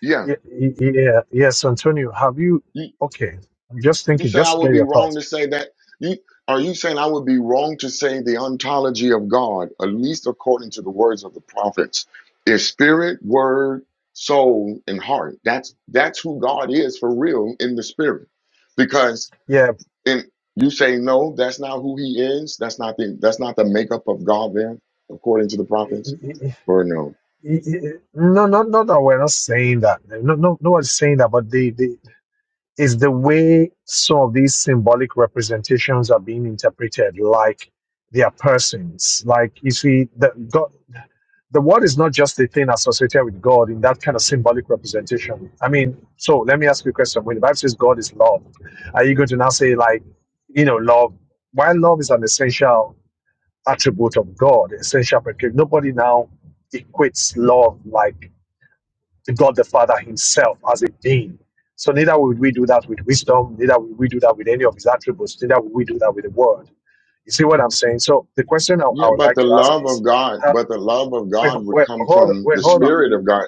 C: yeah
D: Yeah, y- yeah, yes, Antonio. Have you?
C: you,
D: Okay, I'm just
C: you
D: thinking,
C: say I
D: just to
C: would
D: get
C: be
D: your
C: wrong
D: thoughts.
C: to say that you are you saying I would be wrong to say the ontology of God at least according to the words of the prophets is spirit word soul and heart that's that's who God is for real in the spirit because
D: Yeah,
C: And you say no, that's not who he is. That's not the that's not the makeup of God there, according to the
D: y-
C: prophets.
D: y- y-
C: Or no.
D: y- y- no, no, not that we're not saying that. No, no, no one's saying that. But the, the is the way some of these symbolic representations are being interpreted, like their persons. Like you see, that God. the word is not just a thing associated with God in that kind of symbolic representation. I mean, so let me ask you a question. When the Bible says God is love, are you going to now say, like, you know, love? While love is an essential attribute of God, essential, because nobody now equates love like to God the Father Himself as a being. So neither would we do that with wisdom, neither would we do that with any of His attributes, neither would we do that with the word. You see what I'm saying? So the question I,
C: Yeah,
D: I would
C: but
D: like
C: the
D: to ask
C: love of
D: is,
C: God,
D: how-
C: but the love of
D: wait,
C: God would
D: wait,
C: come
D: hold,
C: from
D: wait,
C: the
D: hold on.
C: spirit of God.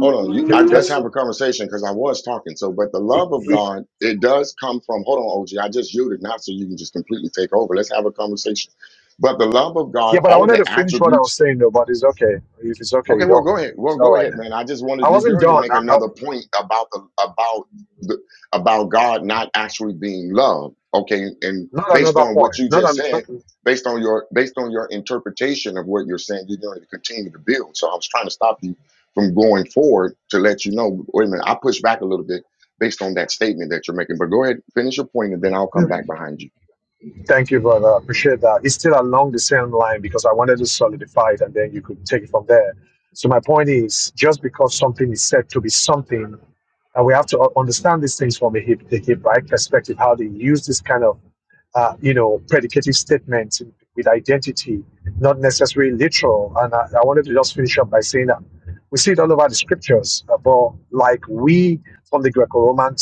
C: Hold on, you I,
D: Ju-
C: let's
D: Just
C: have a conversation because I was talking. So, but the
D: he,
C: love of
D: he,
C: God, it does come from. Hold on, OG, I just yielded, not so you can just completely take over. Let's have a conversation. But the love of
D: yeah,
C: God,
D: but I
C: all of
D: wanted to
C: the
D: finish what I
C: attributes
D: was saying though. But it's okay if it's okay.
C: Okay,
D: You
C: well,
D: don't.
C: go ahead.
D: It's
C: Well,
D: all
C: go
D: right
C: ahead,
D: then.
C: man. I just
D: I
C: wanted to, you
D: wasn't
C: already
D: done.
C: make
D: I, I,
C: another point about the about the about God not actually being love. Okay, and
D: not
C: based
D: another
C: on what you
D: point. Not,
C: just
D: an, not.
C: said, based on your based on your interpretation of what you're saying, you're going to continue to build. So I was trying to stop you from going forward to let you know. Wait a minute, I push back a little bit based on that statement that you're making. But go ahead, finish your point, and then I'll come back behind you.
D: Thank you, brother. I appreciate that. It's still along the same line because I wanted to solidify it and then you could take it from there. So, my point is just because something is said to be something, and we have to u- understand these things from a hip, the hip right perspective, how they use this kind of uh, you know, predicative statements with identity, not necessarily literal. And I, I wanted to just finish up by saying that we see it all over the scriptures, uh, but like we from the Greco Roman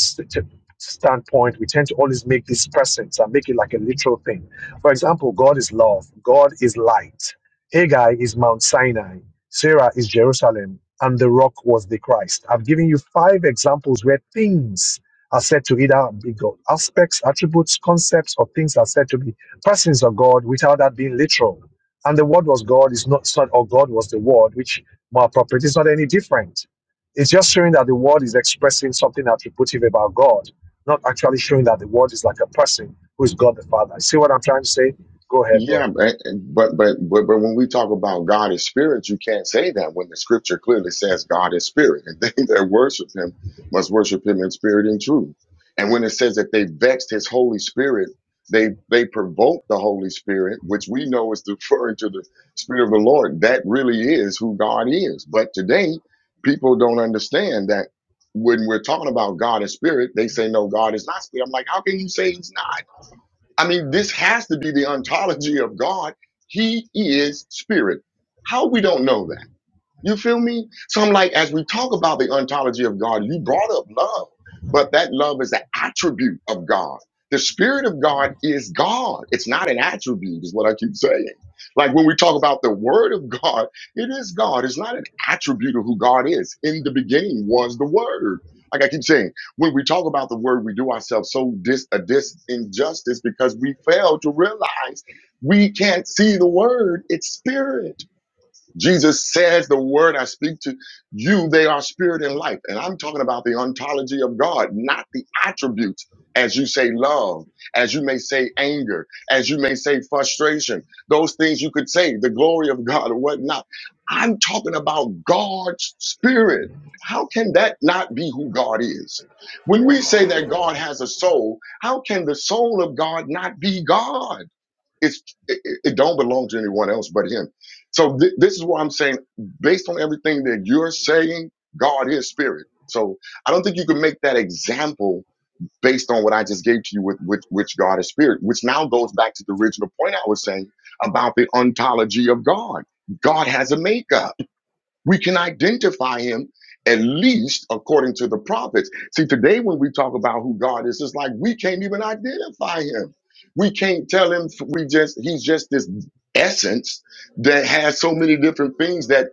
D: standpoint, we tend to always make these presence and make it like a literal thing. For example, God is love, God is light. Haggai is Mount Sinai, Sarah is Jerusalem, and the rock was the Christ. I've given you five examples where things are said to either be God aspects, attributes, concepts, or things are said to be persons of God without that being literal. And the word was God is not, it's not or God was the word, which more appropriate is not any different. It's just showing that the word is expressing something attributive about God not actually showing that the word is like a person who is God the Father. See what I'm trying to say? Go ahead,
C: Yeah,
D: bro.
C: but but but but but when we talk about God is spirit, you can't say that when the scripture clearly says God is spirit, and they that worship him must worship him in spirit and truth. And when it says that they vexed his Holy Spirit, they they provoked the Holy Spirit, which we know is referring to the Spirit of the Lord. That really is who God is. But today, people don't understand that when we're talking about God is spirit, they say no, God is not spirit. I'm like, how can you say he's not? I mean, this has to be the ontology of God. He is spirit. How we don't know that? You feel me? So I'm like, as we talk about the ontology of God, you brought up love, but that love is an attribute of God. The Spirit of God is God. It's not an attribute, is what I keep saying. Like when we talk about the Word of God, it is God. It's not an attribute of who God is. In the beginning was the Word. Like I keep saying, when we talk about the Word, we do ourselves so dis a dis injustice because we fail to realize we can't see the Word. It's Spirit. Jesus says, The word I speak to you, they are spirit and life. And I'm talking about the ontology of God, not the attributes, as you say, love, as you may say, anger, as you may say, frustration, those things you could say, the glory of God or whatnot. I'm talking about God's spirit. How can that not be who God is? When we say that God has a soul, how can the soul of God not be God? it's it, it don't belong to anyone else but him so th- this is what i'm saying based on everything that you're saying god is spirit so i don't think you can make that example based on what i just gave to you with which, which god is spirit which now goes back to the original point i was saying about the ontology of god god has a makeup we can identify him at least according to the prophets. See, today when we talk about who God is, it's like we can't even identify him. We can't tell him we just he's just this essence that has so many different things that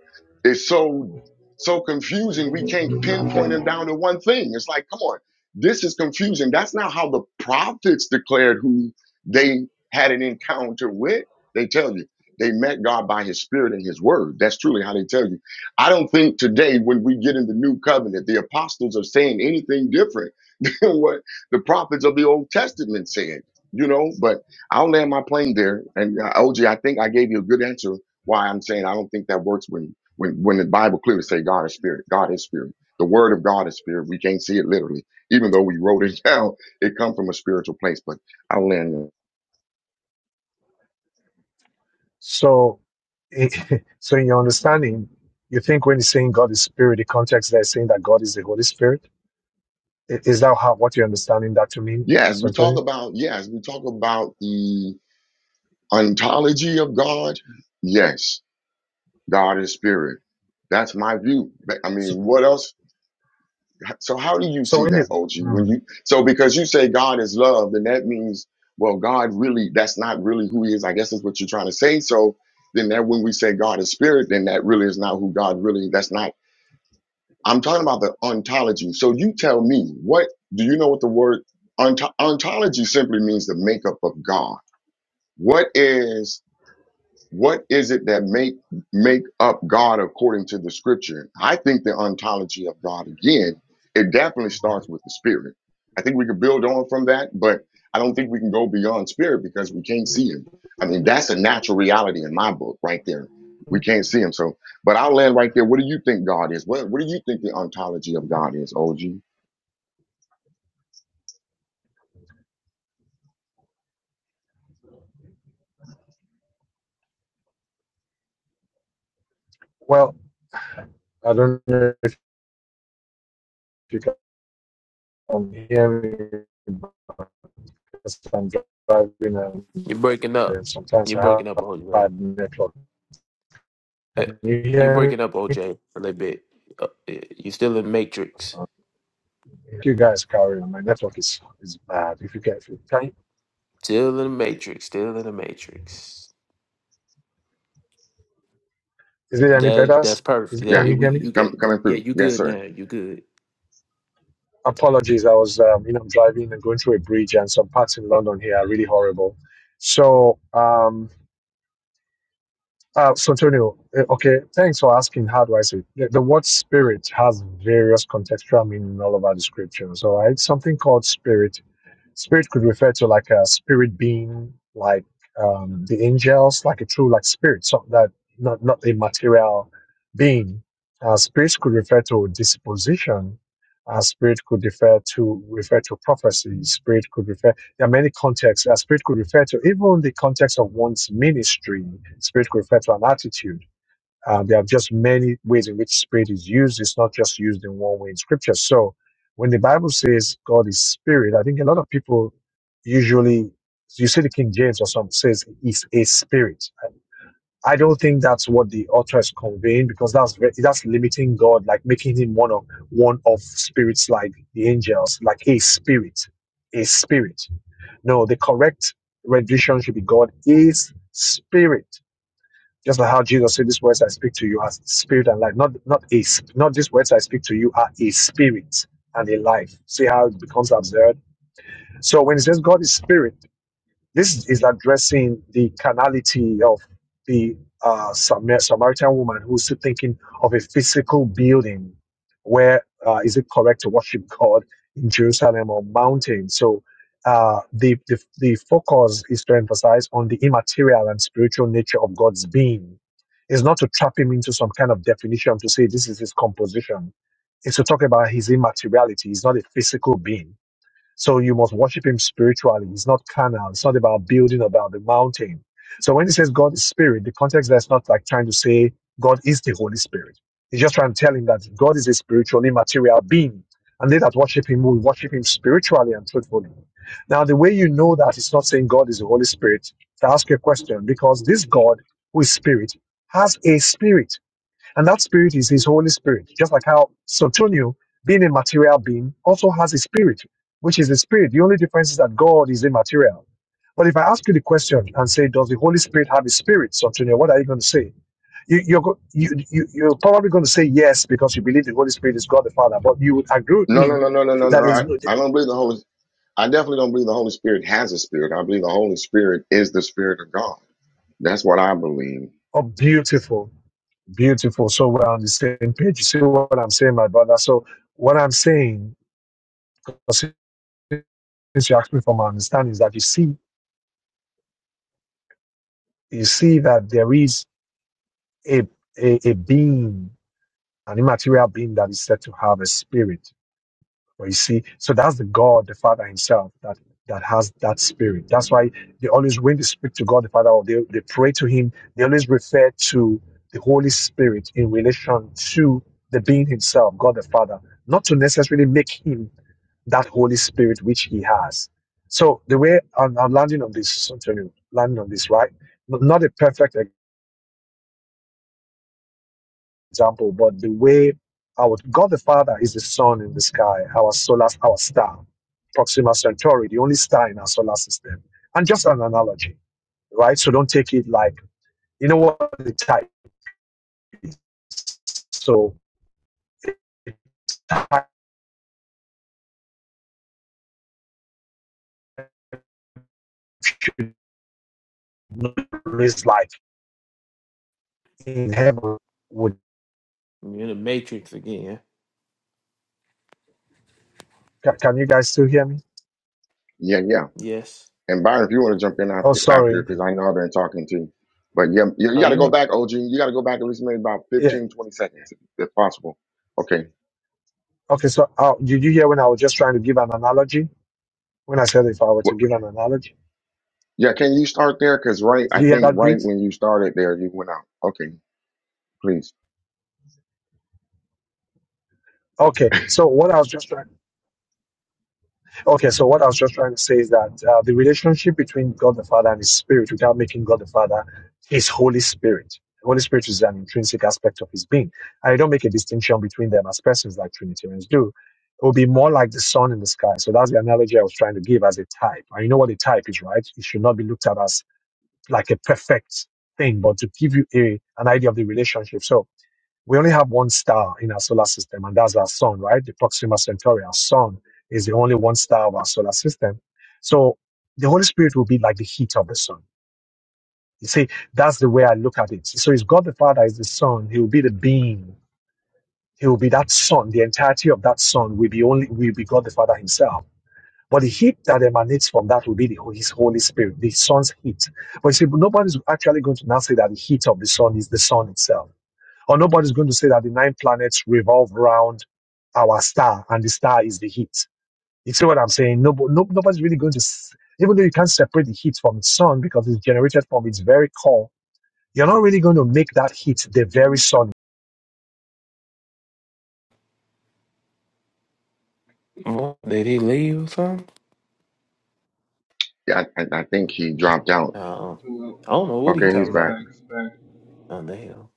C: is so so confusing we can't pinpoint him down to one thing. It's like, come on, this is confusing. That's not how the prophets declared who they had an encounter with. They tell you they met God by his spirit and his word. That's truly how they tell you I don't think today, when we get in the new covenant, the apostles are saying anything different than what the prophets of the Old Testament said, you know. But I'll land my plane there. And uh, OG, I think I gave you a good answer why I'm saying I don't think that works when, when, when the Bible clearly say God is spirit. God is spirit. The word of God is spirit. We can't see it literally, even though we wrote it down. It come from a spiritual place. But I'll land. there.
D: So, i- so in your understanding, you think when it's saying God is Spirit, the context there is saying that God is the Holy Spirit. I- Is that how what you're understanding that to mean,
C: Yes, we talk
D: Santonio?
C: about yes, we talk about the ontology of God. Yes, God is spirit. That's my view. But, I
D: So,
C: mean, what else? So how do you
D: so
C: see
D: when
C: that,
D: it,
C: OG?
D: hmm,
C: When you so because you say God is love, then that means well, God really that's not really who He is. I guess that's what you're trying to say. So then that when we say God is spirit, then that really is not who God really. That's not. I'm talking about the ontology. So you tell me, what do you know what the word ont- ontology simply means? The makeup of God. What is what is it that make make up God according to the scripture? I think the ontology of God again, it definitely starts with the spirit. I think we could build on from that, but I don't think we can go beyond spirit because we can't see him. I mean, that's a natural reality in my book right there. We can't see him. So, but I'll land right there. What do you think God is? What what do you think the ontology of God is, OG?
D: well, I don't know if you can hear me because I'm driving and
A: You're breaking up.
D: then sometimes
A: You're
D: I have
A: breaking up, OJ.
D: bad network.
A: Eh,
D: Can you
A: You're
D: hear
A: breaking up,
D: me?
A: OJ, a little bit. Uh, eh, You're still in the matrix.
D: You guys carry on, my network is, is bad. If you can, if you, can you,
A: Still in the matrix. Still in the matrix.
D: is it any
A: That
D: better?
A: that's
D: Is
A: perfect.
D: it,
C: Yeah.
D: can
A: Yeah,
D: you
A: we
D: hear me?
C: He's
A: you
C: coming
A: get.
C: coming
A: Yeah,
C: through.
A: you
C: Yes,
A: good
C: sir.
A: now. You good.
D: Apologies, I was um, you know driving and going through a bridge, and some parts in London here are really horrible. So, um, uh, so Antonio, eh, okay, thanks for asking. How do I say it? the, the word spirit has various contextual meaning all over the scriptures? All right, something called spirit Spirit could refer to like a spirit being, like um, the angels, like a true like spirit, so that not not a material being. Uh, spirits could refer to disposition. Uh, spirit could refer to refer to prophecy. Spirit could refer. There are many contexts. Uh, spirit could refer to even the context of one's ministry. Spirit could refer to an attitude uh, there are just many ways in which spirit is used. It's not just used in one way in scripture. So when the Bible says God is spirit, I think a lot of people usually, you see the King James or something says is a spirit. I don't think that's what the author is conveying because that's ve- that's limiting God, like making him one of one of spirits like the angels, like a spirit, a spirit. No, the correct rendition should be God is spirit. Just like how Jesus said, "These words I speak to you are spirit and life." Not not a sp- not these words I speak to you are a spirit and a life. See how it becomes absurd. So when it says God is spirit. This is addressing the carnality of the uh, Samar- Samaritan woman who's still thinking of a physical building where uh, is it correct to worship God in Jerusalem or mountain. So uh, the, the, the focus is to emphasize on the immaterial and spiritual nature of God's being. It's not to trap him into some kind of definition to say this is his composition. It's to talk about his immateriality. He's not a physical being so you must worship him spiritually. It's not carnal. It's not about building, about the mountain. So when he says God is spirit, the context that's not like trying to say God is the Holy Spirit. He's just trying to tell him that God is a spiritual, immaterial being. And they that worship him will worship him spiritually and truthfully. Now, the way you know that it's not saying God is the Holy Spirit, to ask you a question, because this God who is spirit has a spirit. And that spirit is his Holy Spirit. Just like how Sotonio, being a material being, also has a spirit, which is a spirit. The only difference is that God is immaterial. But if I ask you the question and say, does the Holy Spirit have a spirit, Sotonio, what are you going to say? You, you're, you, you, you're probably going to say yes because you believe the Holy Spirit is God the Father, but you would agree with
C: No, no,
D: me
C: no, no, no, no, no.
D: that is
C: I,
D: no-
C: I don't believe the Holy. I definitely don't believe the Holy Spirit has a spirit. I believe the Holy Spirit is the Spirit of God. That's what I believe.
D: oh, beautiful, beautiful. So we're on the same page. You see what I'm saying, my brother? So what I'm saying, since you asked me for my understanding, is that you see you see that there is a a, a being, an immaterial being that is said to have a spirit. But you see, so that's the God, the Father Himself, that that has that spirit. That's why they always, when they speak to God the Father or they, they pray to Him, they always refer to the Holy Spirit in relation to the being Himself, God the Father, not to necessarily make Him that Holy Spirit which He has. So the way I'm, I'm landing on this, Antonio, landing on this, right? Not a perfect example, but the way our God the Father is the sun in the sky, our solar, our star, Proxima Centauri, the only star in our solar system, and just an analogy, right? So don't take it like you know what the type. So type should not raise like in heaven. Would
A: You're in the matrix again.
D: ca- can you guys still hear me?
C: Yeah, yeah.
A: Yes.
C: And Byron, if you want to jump in
D: Oh,
C: after after,
D: sorry.
C: because I know I've been talking to, you. but yeah, you, you
A: Oh,
C: got to go
A: you.
C: back, OG. You got to go back at least maybe about
D: Yeah.
C: fifteen, twenty seconds, if, if possible. Okay.
D: Okay. So uh, did you hear when I was just trying to give an analogy? When I said if I were
C: What,
D: to give an analogy,
C: yeah, can you start there? Because right,
D: did
C: I
D: you hear
C: think
D: that
C: right
D: beat?
C: when you started there, you went out. Okay, please.
D: Okay. So what I was just trying. Okay, so what I was just trying to say is that uh, the relationship between God the Father and His Spirit, without making God the Father His Holy Spirit, the Holy Spirit is an intrinsic aspect of His being. I don't make a distinction between them as persons like Trinitarians do. It would be more like the sun in the sky. So that's the analogy I was trying to give as a type. And you know what a type is, right? It should not be looked at as like a perfect thing, but to give you a, an idea of the relationship. So we only have one star in our solar system, and that's our sun, right? The Proxima Centauri, our sun, is the only one star of our solar system. So the Holy Spirit will be like the heat of the sun. You see, that's the way I look at it. So if God the Father is the sun, He will be the beam. He will be that sun. The entirety of that sun will be only will be God the Father Himself. But the heat that emanates from that will be the, His Holy Spirit, the sun's heat. But you see, nobody's actually going to now say that the heat of the sun is the sun itself or nobody's going to say that the nine planets revolve around our star and the star is the heat. You see what I'm saying? No, no, nobody's really going to, s- even though you can't separate the heat from its sun because it's generated from its very core, you're not really going to make that heat the very sun
A: What, Did he leave or something?
C: Yeah, I, I I think he dropped out.
A: Uh,
E: Oh,
A: I don't know what he
C: Okay,
E: oh,
C: he's
A: talking
E: he's
C: back.
A: about.
E: back, he's back.
A: Oh, the hell.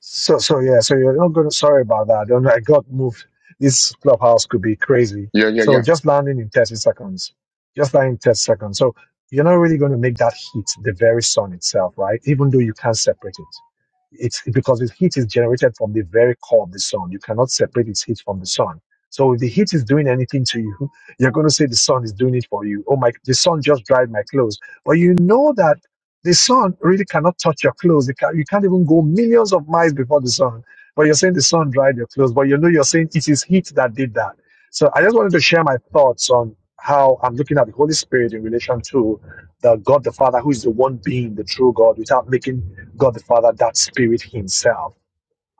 D: So, so yeah, so you're not going to, sorry about that. I I got moved. This clubhouse could be crazy.
C: Yeah, yeah,
D: So
C: yeah.
D: just landing in 30 seconds, just landing in 30 seconds. So you're not really going to make that heat the very sun itself, right? Even though you can't separate it. It's because the heat is generated from the very core of the sun. You cannot separate its heat from the sun. So if the heat is doing anything to you, you're going to say the sun is doing it for you. Oh my, the sun just dried my clothes. But you know that the sun really cannot touch your clothes. It can, you can't even go millions of miles before the sun. But you're saying the sun dried your clothes. But you know you're saying it is heat that did that. So I just wanted to share my thoughts on how I'm looking at the Holy Spirit in relation to the God the Father, who is the one being the true God, without making God the Father that spirit himself.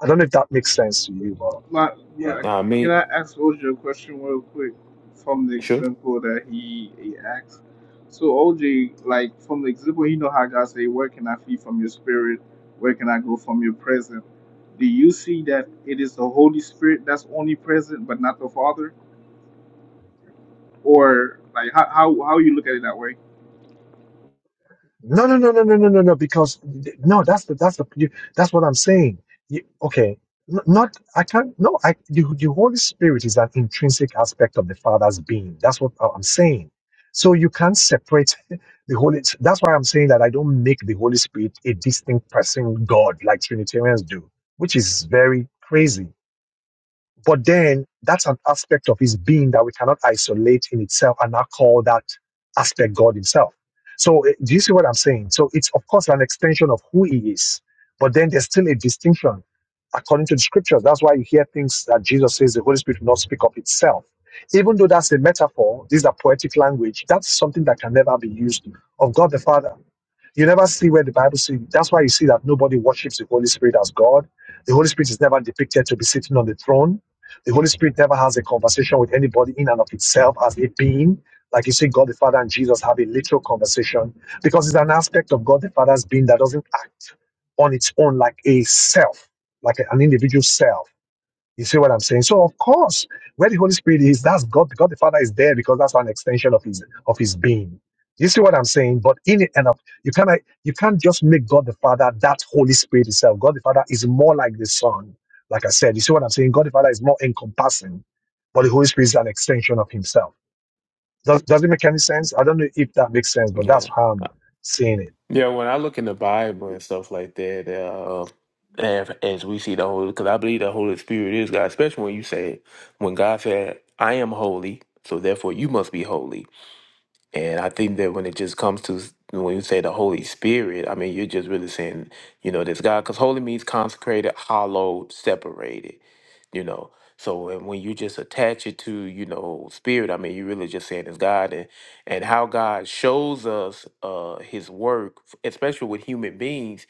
D: I don't know if that makes sense to you, but
E: My,
D: yeah.
E: my,
A: Nah,
E: can
A: me.
E: I ask OJ a question real quick from the
A: Sure.
E: example that he, he asked? So OJ, like from the example, you know how God say, "Where can I flee from your spirit? Where can I go from your presence?" Do you see that it is the Holy Spirit that's only present, but not the Father, or like how how how you look at it that way?
D: No, no, no, no, no, no, no, no. Because no, that's the that's the you, that's what I'm saying. You, okay, N- not I can't. No, I the, the Holy Spirit is an intrinsic aspect of the Father's being. That's what I- I'm saying. So you can't separate the Holy. That's why I'm saying that I don't make the Holy Spirit a distinct person, God, like Trinitarians do, which is very crazy. But then that's an aspect of his being that we cannot isolate in itself and not call that aspect God himself. So eh, do you see what I'm saying? So it's of course an extension of who he is, but then there's still a distinction according to the scriptures. That's why you hear things that Jesus says the Holy Spirit will not speak of itself. Even though that's a metaphor, this is a poetic language, that's something that can never be used of God the Father you never see where the Bible says. That's why you see that nobody worships the Holy Spirit as God. The Holy Spirit is never depicted to be sitting on the throne the Holy Spirit never has a conversation with anybody in and of itself as a being. Like you see, God the Father and Jesus have a literal conversation because it's an aspect of God the Father's being that doesn't act on its own like a self, like an individual self you see what I'm saying? So of course, where the Holy Spirit is, that's God. God the Father is there because that's an extension of his of his being. You see what I'm saying? But in it and of you cannot you can't just make God the Father that Holy Spirit itself. God the Father is more like the Son. Like I said, you see what I'm saying? God the Father is more encompassing, but the Holy Spirit is an extension of Himself. Does, does it make any sense? I don't know if that makes sense, but
A: Yeah.
D: that's how I'm seeing it.
A: Yeah, when I look in the Bible and stuff like that, uh, and as we see the Holy, because I believe the Holy Spirit is God, especially when you say, when God said, I am holy, so therefore you must be holy. And I think that when it just comes to when you say the Holy Spirit, I mean, you're just really saying, you know, this God, because holy means consecrated, hallowed, separated, you know. So and when you just attach it to, you know, spirit, I mean, you're really just saying it's God and and how God shows us uh His work, especially with human beings,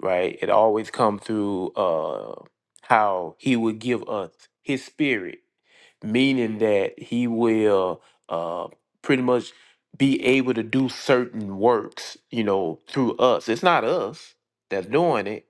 A: right? It always comes through uh how He would give us His Spirit meaning that he will uh, pretty much be able to do certain works, you know, through us. It's not us that's doing it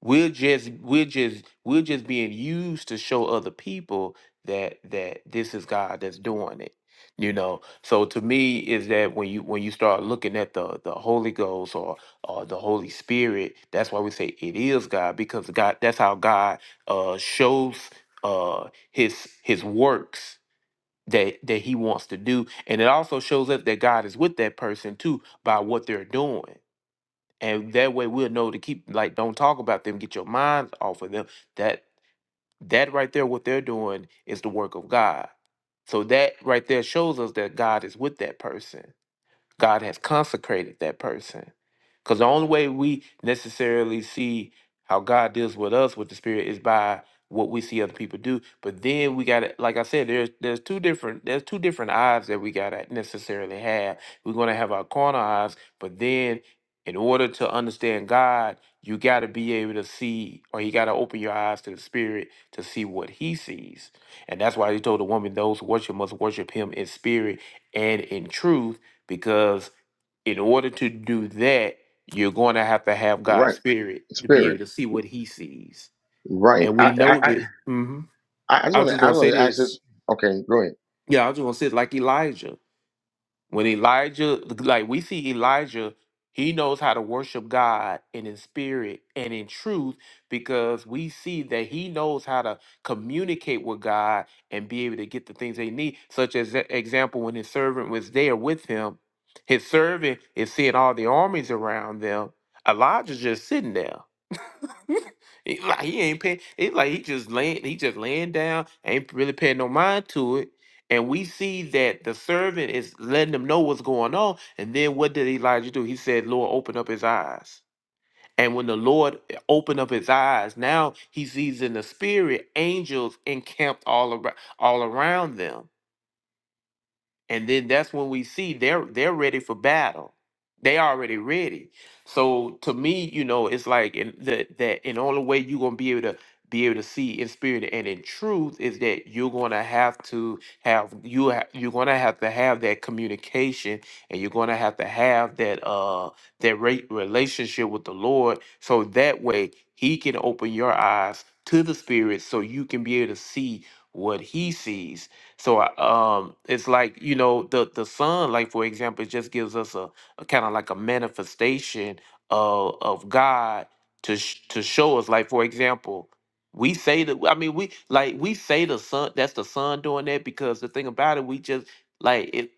A: we're just we're just we're just being used to show other people that that this is God that's doing it. You know, so to me is that when you when you start looking at the the Holy Ghost or or the Holy Spirit, that's why we say it is God because God that's how God uh shows uh his his works that that he wants to do and it also shows us that God is with that person too by what they're doing and that way we'll know to keep like don't talk about them get your minds off of them that that right there what they're doing is the work of god so that right there shows us that god is with that person God has consecrated that person. Because the only way we necessarily see how God deals with us with the Spirit is by what we see other people do. But then we got to, like I said, there's there's two different there's two different eyes that we got to necessarily have. We're gonna have our corner eyes, but then in order to understand God, you got to be able to see, or you got to open your eyes to the Spirit to see what He sees. And that's why He told the woman, "Those who worship must worship Him in spirit and in truth." because in order to do that, you're going to have to have God's
C: Right.
A: spirit to be able
C: Spirit.
A: to see what He sees,
C: Right.
A: and
C: I,
A: we
C: I,
A: know
C: I
A: this. hmm
C: I, I just
A: I was
C: want
A: just
C: to. I
A: going to say
C: want to ask
A: this.
C: this. Okay, go ahead.
A: Yeah, I was just going to say it like Elijah. When Elijah, like we see Elijah, he knows how to worship God and in spirit and in truth because we see that he knows how to communicate with God and be able to get the things they need. Such as e- example, when his servant was there with him, his servant is seeing all the armies around them. Elijah's just sitting there. he, like he ain't paying. It's like he just laying. He just laying down. Ain't really paying no mind to it and we see that the servant is letting them know what's going on. And then what did Elijah do? He said, Lord, open up his eyes. And when the Lord opened up his eyes, now he sees in the spirit angels encamped all around all around them and then that's when we see they're they're ready for battle they already ready so to me you know it's like in that that and the only way you're gonna be able to be able to see in spirit and in truth is that you're gonna have to have you ha- you're gonna have to have that communication and you're gonna have to have that uh that re- relationship with the lord so that way he can open your eyes to the spirit so you can be able to see what he sees so I- um, it's like you know the the sun, like for example, it just gives us a, a kind of like a manifestation of of God to sh- to show us. Like for example, we say that I mean we like we say the sun that's the sun doing that because the thing about it we just like it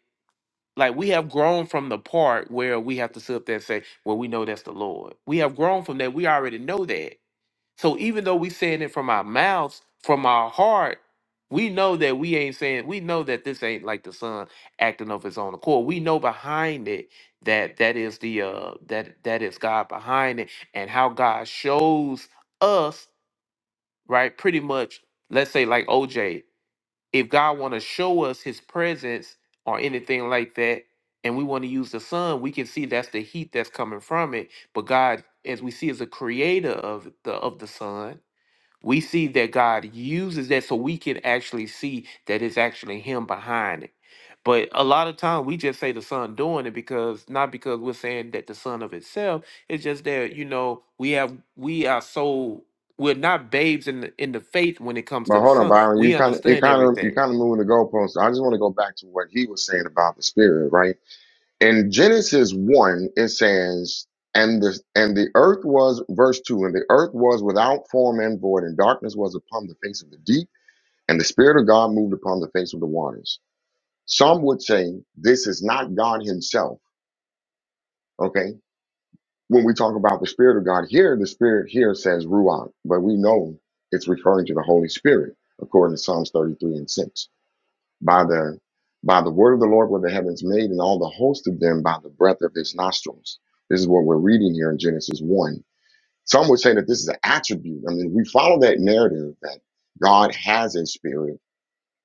A: like we have grown from the part where we have to sit up there and say well we know that's the Lord. We have grown from that. We already know that. So even though we saying it from our mouths, from our heart, we know that we ain't saying. We know that this ain't like the son acting of his own accord. We know behind it that that is the uh that that is God behind it, and how God shows us right. Pretty much, let's say like OJ, if God want to show us His presence or anything like that. And we want to use the sun, we can see that's the heat that's coming from it. But God, as we see, is a creator of the of the sun, we see that God uses that so we can actually see that it's actually Him behind it. But a lot of time we just say the Son doing it because not because we're saying that the Son of itself. It's just that you know we have we are so we're not babes in the in the faith when it comes to
C: But
A: the
C: hold on,
A: Son.
C: Byron. You
A: We
C: kind of, you
A: understand
C: kind of, you
A: everything.
C: kind of moving the goalposts. I just want to go back to what he was saying about the spirit, right? In Genesis one, it says, "And the and the earth was verse two, and the earth was without form and void, and darkness was upon the face of the deep, and the spirit of God moved upon the face of the waters." Some would say this is not God Himself. Okay, when we talk about the Spirit of God here, the Spirit here says Ruach, but we know it's referring to the Holy Spirit, according to Psalms 33 and 6. By the by the word of the Lord were the heavens made, and all the host of them by the breath of his nostrils. This is what we're reading here in Genesis 1. Some would say that this is an attribute. I mean, we follow that narrative that God has a spirit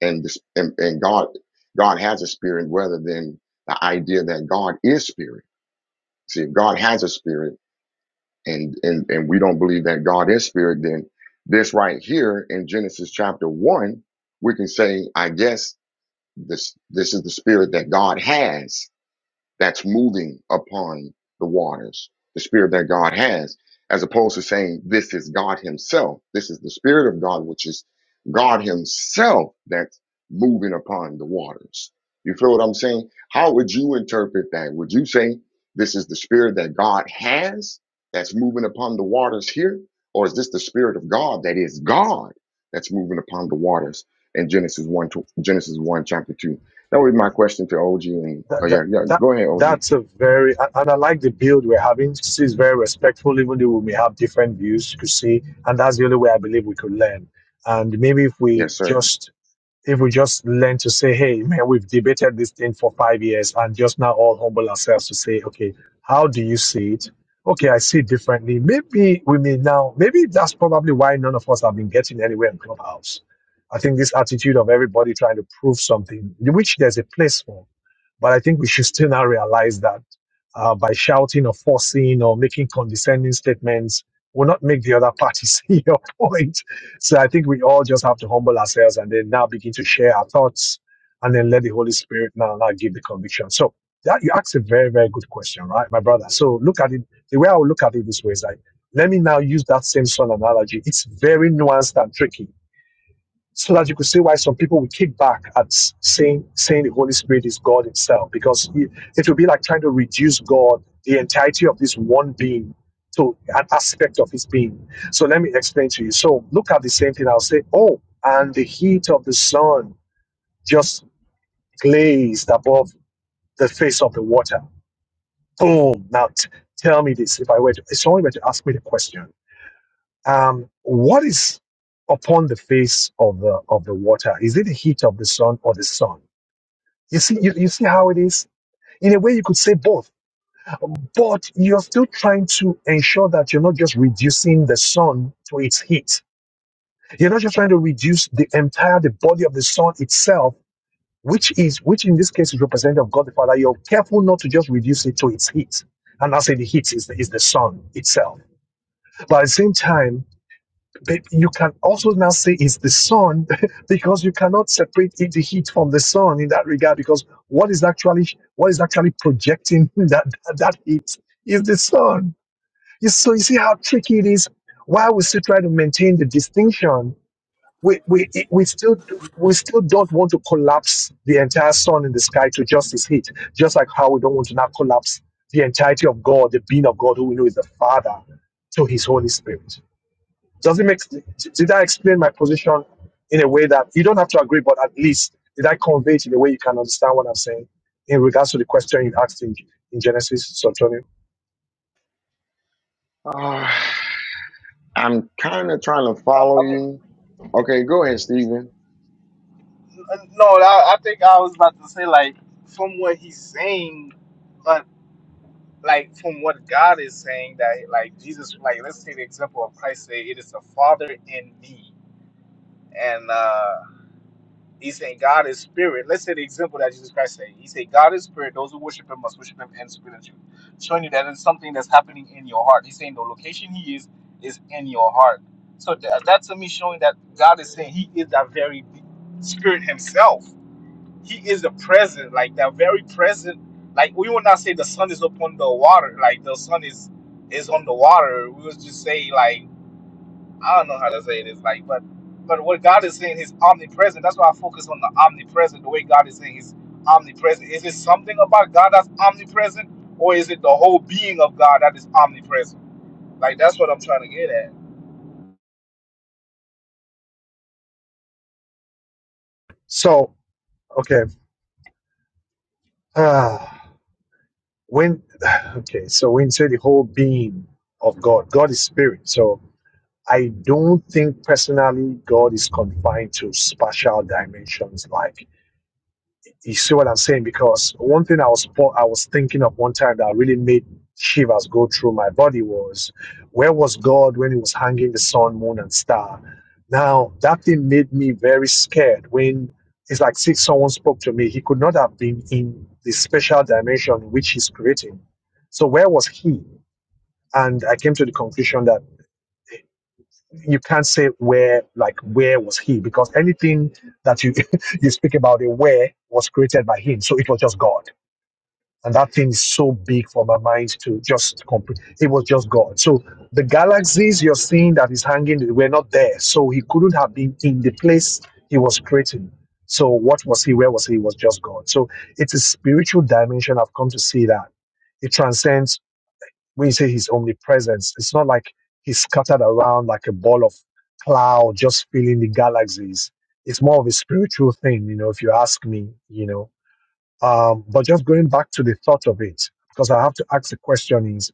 C: and this and, and God God has a spirit rather than the idea that God is spirit. See, if God has a spirit, and and and we don't believe that God is spirit, then this right here in Genesis chapter one, we can say, I guess this this is the spirit that God has that's moving upon the waters, the spirit that God has, as opposed to saying, This is God Himself. This is the spirit of God, which is God Himself that's moving upon the waters. You feel what I'm saying? How would you interpret that? Would you say this is the spirit that God has that's moving upon the waters here? Or is this the spirit of God that is God that's moving upon the waters in Genesis 1, Genesis 1, chapter 2? That was my question to OG. And oh
D: that, that,
C: yeah, yeah.
D: that
C: Go ahead, OG.
D: that's a very and I like the build we're having. She's very respectful, even though we may have different views. You could see, and that's the only way I believe we could learn. And maybe if we
C: Yes, sir.
D: just if we just learn to say, hey man, we've debated this thing for five years, and just now all humble ourselves to say, okay, how do you see it? Okay, I see it differently. Maybe we may now. Maybe that's probably why none of us have been getting anywhere in clubhouse. I think this attitude of everybody trying to prove something, which there's a place for but I think we should still now realize that uh, by shouting or forcing or making condescending statements will not make the other party see your point. So I think we all just have to humble ourselves and then now begin to share our thoughts and then let the Holy Spirit now, now give the conviction. So that you asked a very, very good question, right, my brother? So look at it. The way I would look at it this way is like, let me now use that same son analogy. It's very nuanced and tricky so that you could see why some people will kick back at saying saying the Holy Spirit is God Himself, because it, it would be like trying to reduce God, the entirety of this one being, to an aspect of His being. So let me explain to you. So look at the same thing. I'll say, oh, and the heat of the sun just glazed above the face of the water. Boom. Now t- tell me this. If I were to, if someone were to ask me the question, um, what is upon the face of the of the water? Is it the heat of the sun or the sun? You see, you, you see how it is. In a way, you could say both, but you're still trying to ensure that you're not just reducing the sun to its heat. You're not just trying to reduce the entire the body of the sun itself, which is which in this case is representative of God the Father. You're careful not to just reduce it to its heat. And I say the heat is the, is the sun itself. But at the same time, But you can also now say it's the sun because you cannot separate it, the heat from the sun in that regard because what is actually what is actually projecting that that, that heat is the sun. You, so you see how tricky it is. While we still try to maintain the distinction, we, we, it- we still we still don't want to collapse the entire sun in the sky to just his heat, just like how we don't want to now collapse the entirety of God, the being of God, who we know is the Father, to His Holy Spirit does it make did I explain my position in a way that you don't have to agree, but at least did I convey it in a way you can understand what I'm saying in regards to the question you asked in, in Genesis, Santonio?
C: Uh, I'm kind of trying to follow
E: I mean,
C: you. Okay, go ahead, Steven.
E: uh, no, I, I think I was about to say like from what he's saying. like from what God is saying that like Jesus like let's take the example of Christ say it is the Father in me and uh he's saying God is spirit. Let's say the example that Jesus Christ said. He said God is spirit, those who worship him must worship him in spirit and truth. Showing you that it's something that's happening in your heart. He's saying the location he is is in your heart. So that, that to me showing that God is saying he is that very spirit himself. He is the present, like that very present. Like we will not say the sun is upon the water, like the sun is is on the water. We will just say like I don't know how to say this, like but but what God is saying is omnipresent. That's why I focus on the omnipresent. The way God is saying is omnipresent. Is it something about God that's omnipresent, or is it the whole being of God that is omnipresent? Like that's what I'm trying to get at.
D: So, okay. Uh, when okay, so when you say the whole being of God, God is spirit. So I don't think personally God is confined to spatial dimensions like You see what I'm saying? Because one thing I was po- I was thinking of one time that really made shivers go through my body was where was God when He was hanging the sun, moon, and star? Now that thing made me very scared. When it's like see, someone spoke to me, He could not have been in the special dimension which He's creating. So where was He? And I came to the conclusion that you can't say where, like where was He, because anything that you you speak about the where was created by Him, so it was just God and that thing is so big for my mind to just complete. It was just God. So the galaxies you're seeing that is hanging were not there. So he couldn't have been in the place he was creating. So what was he? Where was he? He was just God. So it's a spiritual dimension. I've come to see that. It transcends when you say his omnipresence. It's not like he's scattered around like a ball of cloud just filling the galaxies. It's more of a spiritual thing, you know, if you ask me, you know um, but just going back to the thought of it, because I have to ask the question is,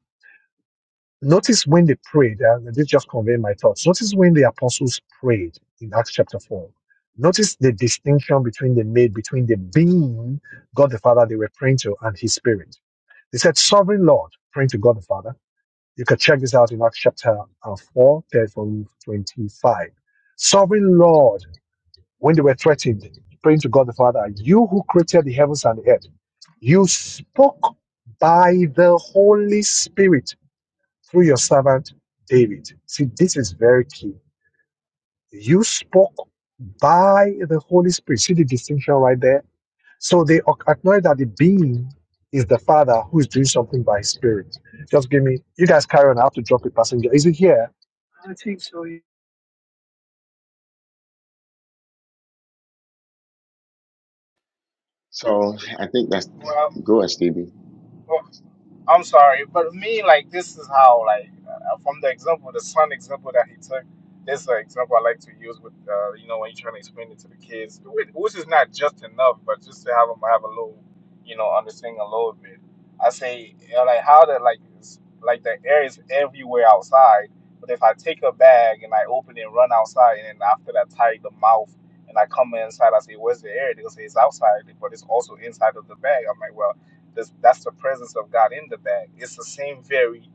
D: notice when they prayed, uh, this just conveyed my thoughts. Notice when the apostles prayed in Acts chapter 4. Notice the distinction between they made between the being God the Father they were praying to and His Spirit. They said, Sovereign Lord, praying to God the Father. You can check this out in Acts chapter uh, 4, verse 25. Sovereign Lord, when they were threatened, praying to God the Father, You who created the heavens and the earth, you spoke by the Holy Spirit through your servant David. See, this is very key. You spoke by the Holy Spirit. See the distinction right there? So they acknowledge that the being is the Father who is doing something by His Spirit. Just give me, you guys carry on. I have to drop a passenger. Is it here? I think so. yeah.
C: So I think that's
E: Well,
C: go ahead, Stevie.
E: I'm sorry, but me like this is how like uh, from the example, the son example that he took. This is an example I like to use with uh, you know when you're trying to explain it to the kids, which which is not just enough, but just to have them have a little, you know, understanding a little bit. I say you know, like how the like is- like the air is everywhere outside, but if I take a bag and I open it and run outside, and then after that tie the mouth and I come inside, I say where's the air? They'll say it's outside, but it's also inside of the bag. I'm like well that's, that's the presence of God in the bag. It's the same very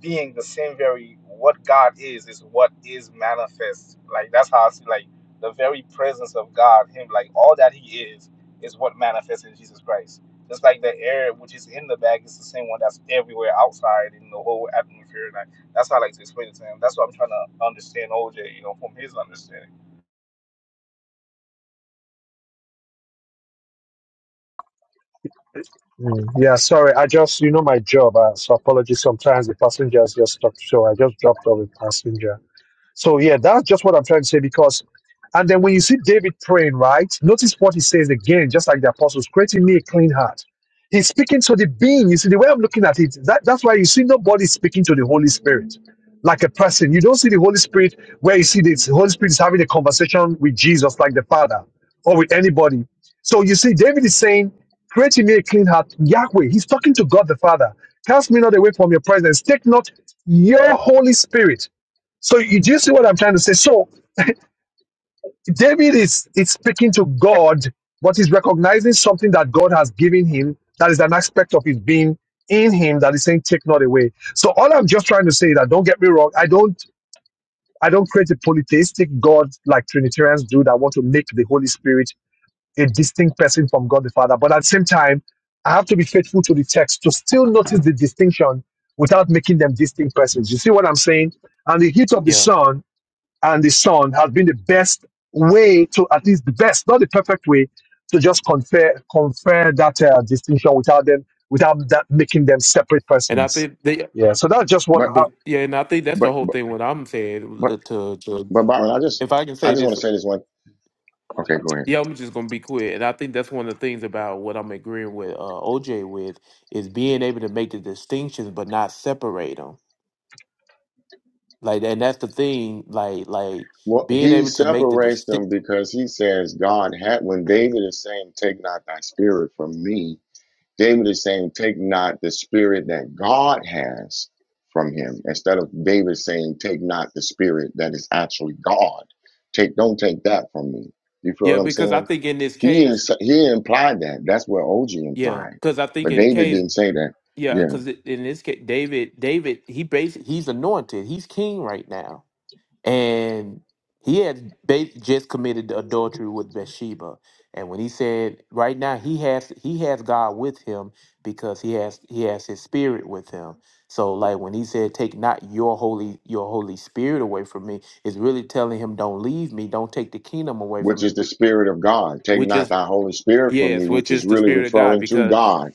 E: being, the same very what God is, is what is manifest. Like that's how I see like the very presence of God, Him, like all that He is, is what manifests in Jesus Christ. Just like the air which is in the bag is the same one that's everywhere outside in the whole atmosphere. Like that's how I like to explain it to him. That's what I'm trying to understand OJ, you know, from his understanding.
D: Mm, Yeah, sorry. I just, you know, my job. Uh, so apologies. Sometimes the passenger is just stuck. So I just dropped off a passenger. So yeah, that's just what I'm trying to say because and then when you see David praying, right? Notice what he says again, just like the apostles, creating me a clean heart. He's speaking to the being. You see, the way I'm looking at it, that, that's why you see nobody speaking to the Holy Spirit like a person. You don't see the Holy Spirit where you see this. The Holy Spirit is having a conversation with Jesus, like the Father, or with anybody. So you see, David is saying, Create in me a clean heart, Yahweh. He's talking to God the Father. Cast me not away from your presence. Take not your Holy Spirit so you do you see what I'm trying to say? So David is is speaking to God, but he's recognizing something that God has given him that is an aspect of his being in him that is saying, take not away. So all I'm just trying to say is that don't get me wrong, I don't I don't create a polytheistic God like Trinitarians do that want to make the Holy Spirit a distinct person from God the Father. But at the same time, I have to be faithful to the text to still notice the distinction without making them distinct persons. You see what I'm saying? And the heat of the
A: Yeah,
D: sun and the Son has been the best way to, at least the best, not the perfect way, to just confer confer that uh, distinction without them, without that making them separate
A: and I
D: persons.
A: think they.
D: Yeah. So that's just what.
C: But
D: How,
A: But yeah, and I think that's
C: but
A: the whole
C: but
A: thing. What I'm saying
C: but
A: to, to
C: but Byron, I just
A: if I can
C: I
A: say
C: just
A: this
C: want to say this one. Okay, go ahead.
A: Yeah, I'm just gonna be quick, and I think that's one of the things about what I'm agreeing with uh, OJ with is being able to make the distinctions but not separate them. Like, and that's the thing. Like, like
C: Well,
A: being
C: he
A: able to make the
C: separates
A: distinct.
C: them because he says God had when David is saying, "Take not thy spirit from me." David is saying, Take not the spirit that God has from him, instead of David saying, Take not the spirit that is actually God. Take don't take that from me. You feel what
A: Yeah,
C: I'm
A: because I
C: saying?
A: think in this
C: He
A: case,
C: is he implied that. That's what OG
A: yeah,
C: implied.
A: because I think
C: But
A: in the
C: David
A: case,
C: didn't say that.
A: yeah,
C: Yeah.
A: because in this case, David, David, he basically he's anointed, he's king right now. and he had ba- just committed adultery with Bathsheba. And when he said, "Right now, he has he has God with him because he has he has His Spirit with him." So, like when he said, "Take not your holy your Holy Spirit away from me," is really telling him, "Don't leave me. Don't take the kingdom away from
C: Which
A: me."
C: is the
A: whi-
C: spirit of God. Take
A: Which
C: not
A: is
C: thy Holy Spirit from me,
A: yes,
C: which
A: which
C: is
A: is the
C: really
A: Spirit of God
C: referring to
A: because
C: God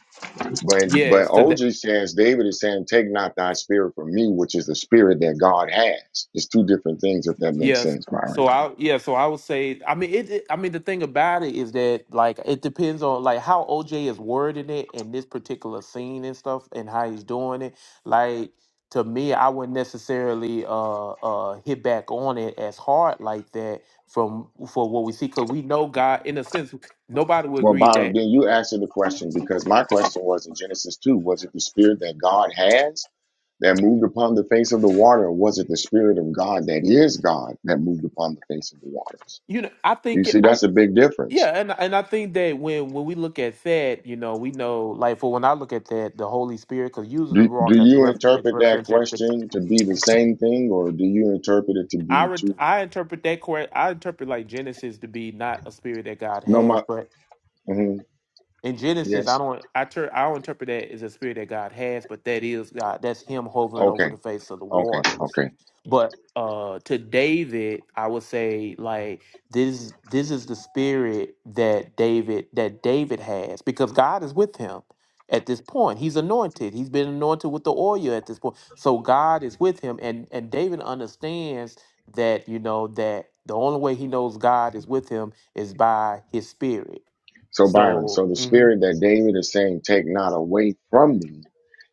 C: But but
A: yes, because
C: OG says David is saying, "Take not thy spirit from me," which is the spirit that God has. It's two different things, if that makes
A: Yes.
C: sense, Byron.
A: So I yeah, so I would say I mean it, it- I mean the thing about it is that like it depends on like how OJ is wording it in this particular scene and stuff and how he's doing it. Like to me, I wouldn't necessarily uh uh hit back on it as hard like that from for what we see because we know God in a sense nobody would
C: Well,
A: agree
C: Byron,
A: that
C: then you answer the question because my question was in Genesis two: Was it the spirit that God has that moved upon the face of the water, or was it the spirit of God that is God that moved upon the face of the waters?
A: you know I
C: You
A: think it,
C: see,
A: I.
C: that's a big difference.
A: Yeah, and and I think that when when we look at that, you know, we know like for when I look at that, the Holy Spirit, because usually the
C: Do, do
A: rock is
C: you
A: ref, it's
C: interpret that
A: referenced at the.
C: question to be the same thing, or do you interpret it to
A: I
C: be
A: re,
C: two?
A: I interpret that correct. I interpret like Genesis to be not a spirit that God
C: No, my
A: has, but
C: mhm,
A: in Genesis, I
C: yes,
A: don't I ter- I don't interpret that as a spirit that God has, but that is God. That's Him hovering over
C: okay.
A: the face of the
C: Okay,
A: waters.
C: okay.
A: But uh to David, I would say like this this is the spirit that David that David has because God is with him at this point. He's anointed. He's been anointed with the oil at this point. So God is with him and and David understands that, you know, that the only way he knows God is with him is by his spirit.
C: So Byron,
A: So,
C: so the
A: mhm.
C: spirit that David is saying, take not away from me,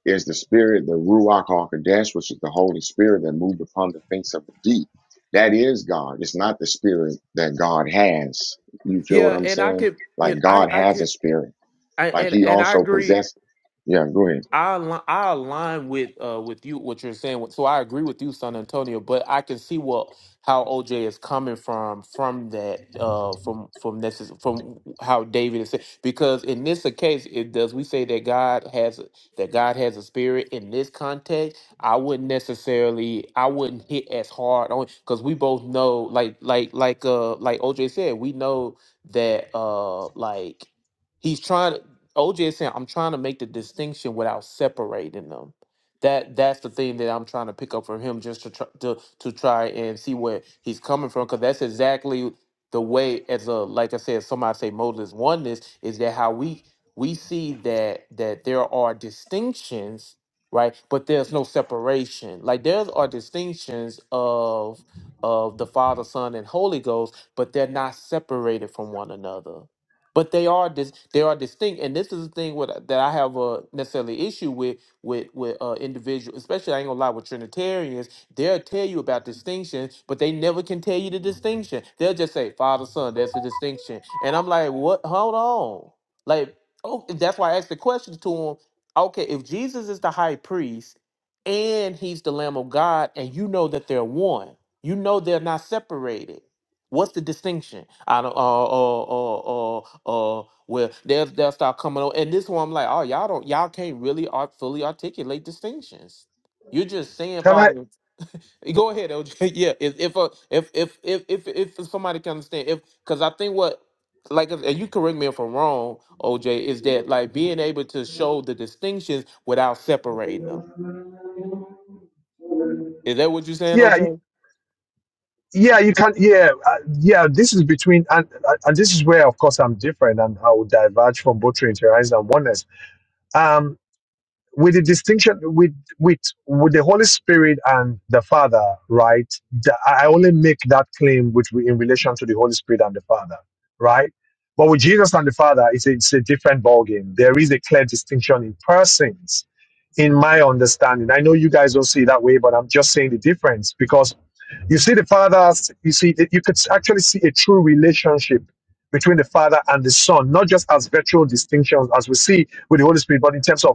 C: is the spirit, the Ruach HaKodesh, which is the Holy Spirit that moved upon the face of the deep. That is God. It's not the spirit that God has. You feel what
A: Yeah,
C: I'm
A: and I
C: saying?
A: could, you
C: Like
A: know, I
C: God
A: I
C: has a
A: could,
C: spirit.
A: I,
C: Like
A: and
C: he
A: and I
C: also
A: agree.
C: possessed. Yeah, go ahead.
A: I align, I align with uh with you what you're saying. So I agree with you, San Antonio. But I can see what how OJ is coming from from that uh from from this is- from how David is saying because in this case it does we say that God has a- that God has a spirit in this context. I wouldn't necessarily I wouldn't hit as hard on because we both know like like like uh like OJ said we know that uh like he's trying. OJ is saying I'm trying to make the distinction without separating them. That that's the thing that I'm trying to pick up from him, just to try, to to try and see where he's coming from, because that's exactly the way as a like I said, somebody say modalist oneness is that how we we see that that there are distinctions, right? But there's no separation. Like there are distinctions of of the Father, Son, and Holy Ghost, but they're not separated from one another but they are dis- they are distinct and this is the thing with, that i have a necessarily issue with with with uh individuals especially i ain't gonna lie with trinitarians they'll tell you about distinction but they never can tell you the distinction they'll just say father son there's a distinction and i'm like what hold on like oh that's why i asked the question to him okay if jesus is the high priest and he's the lamb of god and you know that they're one you know they're not separated What's the distinction? I don't. Uh. Uh. Uh. Uh. uh, Well, they'll they'll start coming on, and this one I'm like, oh, y'all don't, y'all can't really art fully articulate distinctions. You're just saying,
D: can I?
A: Father. Go ahead, LJ. Yeah. If if uh, if, if if if if somebody can understand, if because I think what like and you correct me if I'm wrong, OJ, is that like being able to show the distinctions without separating them. Is that what you're saying,
D: Yeah. y-
A: OJ?
D: Yeah. You can. Yeah. Uh, yeah. This is between, and uh, and this is where, of course, I'm different, and I will diverge from both Trinitarianism and oneness. Um. with the distinction with with with the Holy Spirit and the Father, right? The- I only make that claim which we in relation to the Holy Spirit and the Father, right? But with Jesus and the Father, it's a, it's a different ballgame. There is a clear distinction in persons, in my understanding. I know you guys don't see it that way, but I'm just saying the difference because you see the Father's, you see, you could actually see a true relationship between the Father and the Son, not just as virtual distinctions as we see with the Holy Spirit, but in terms of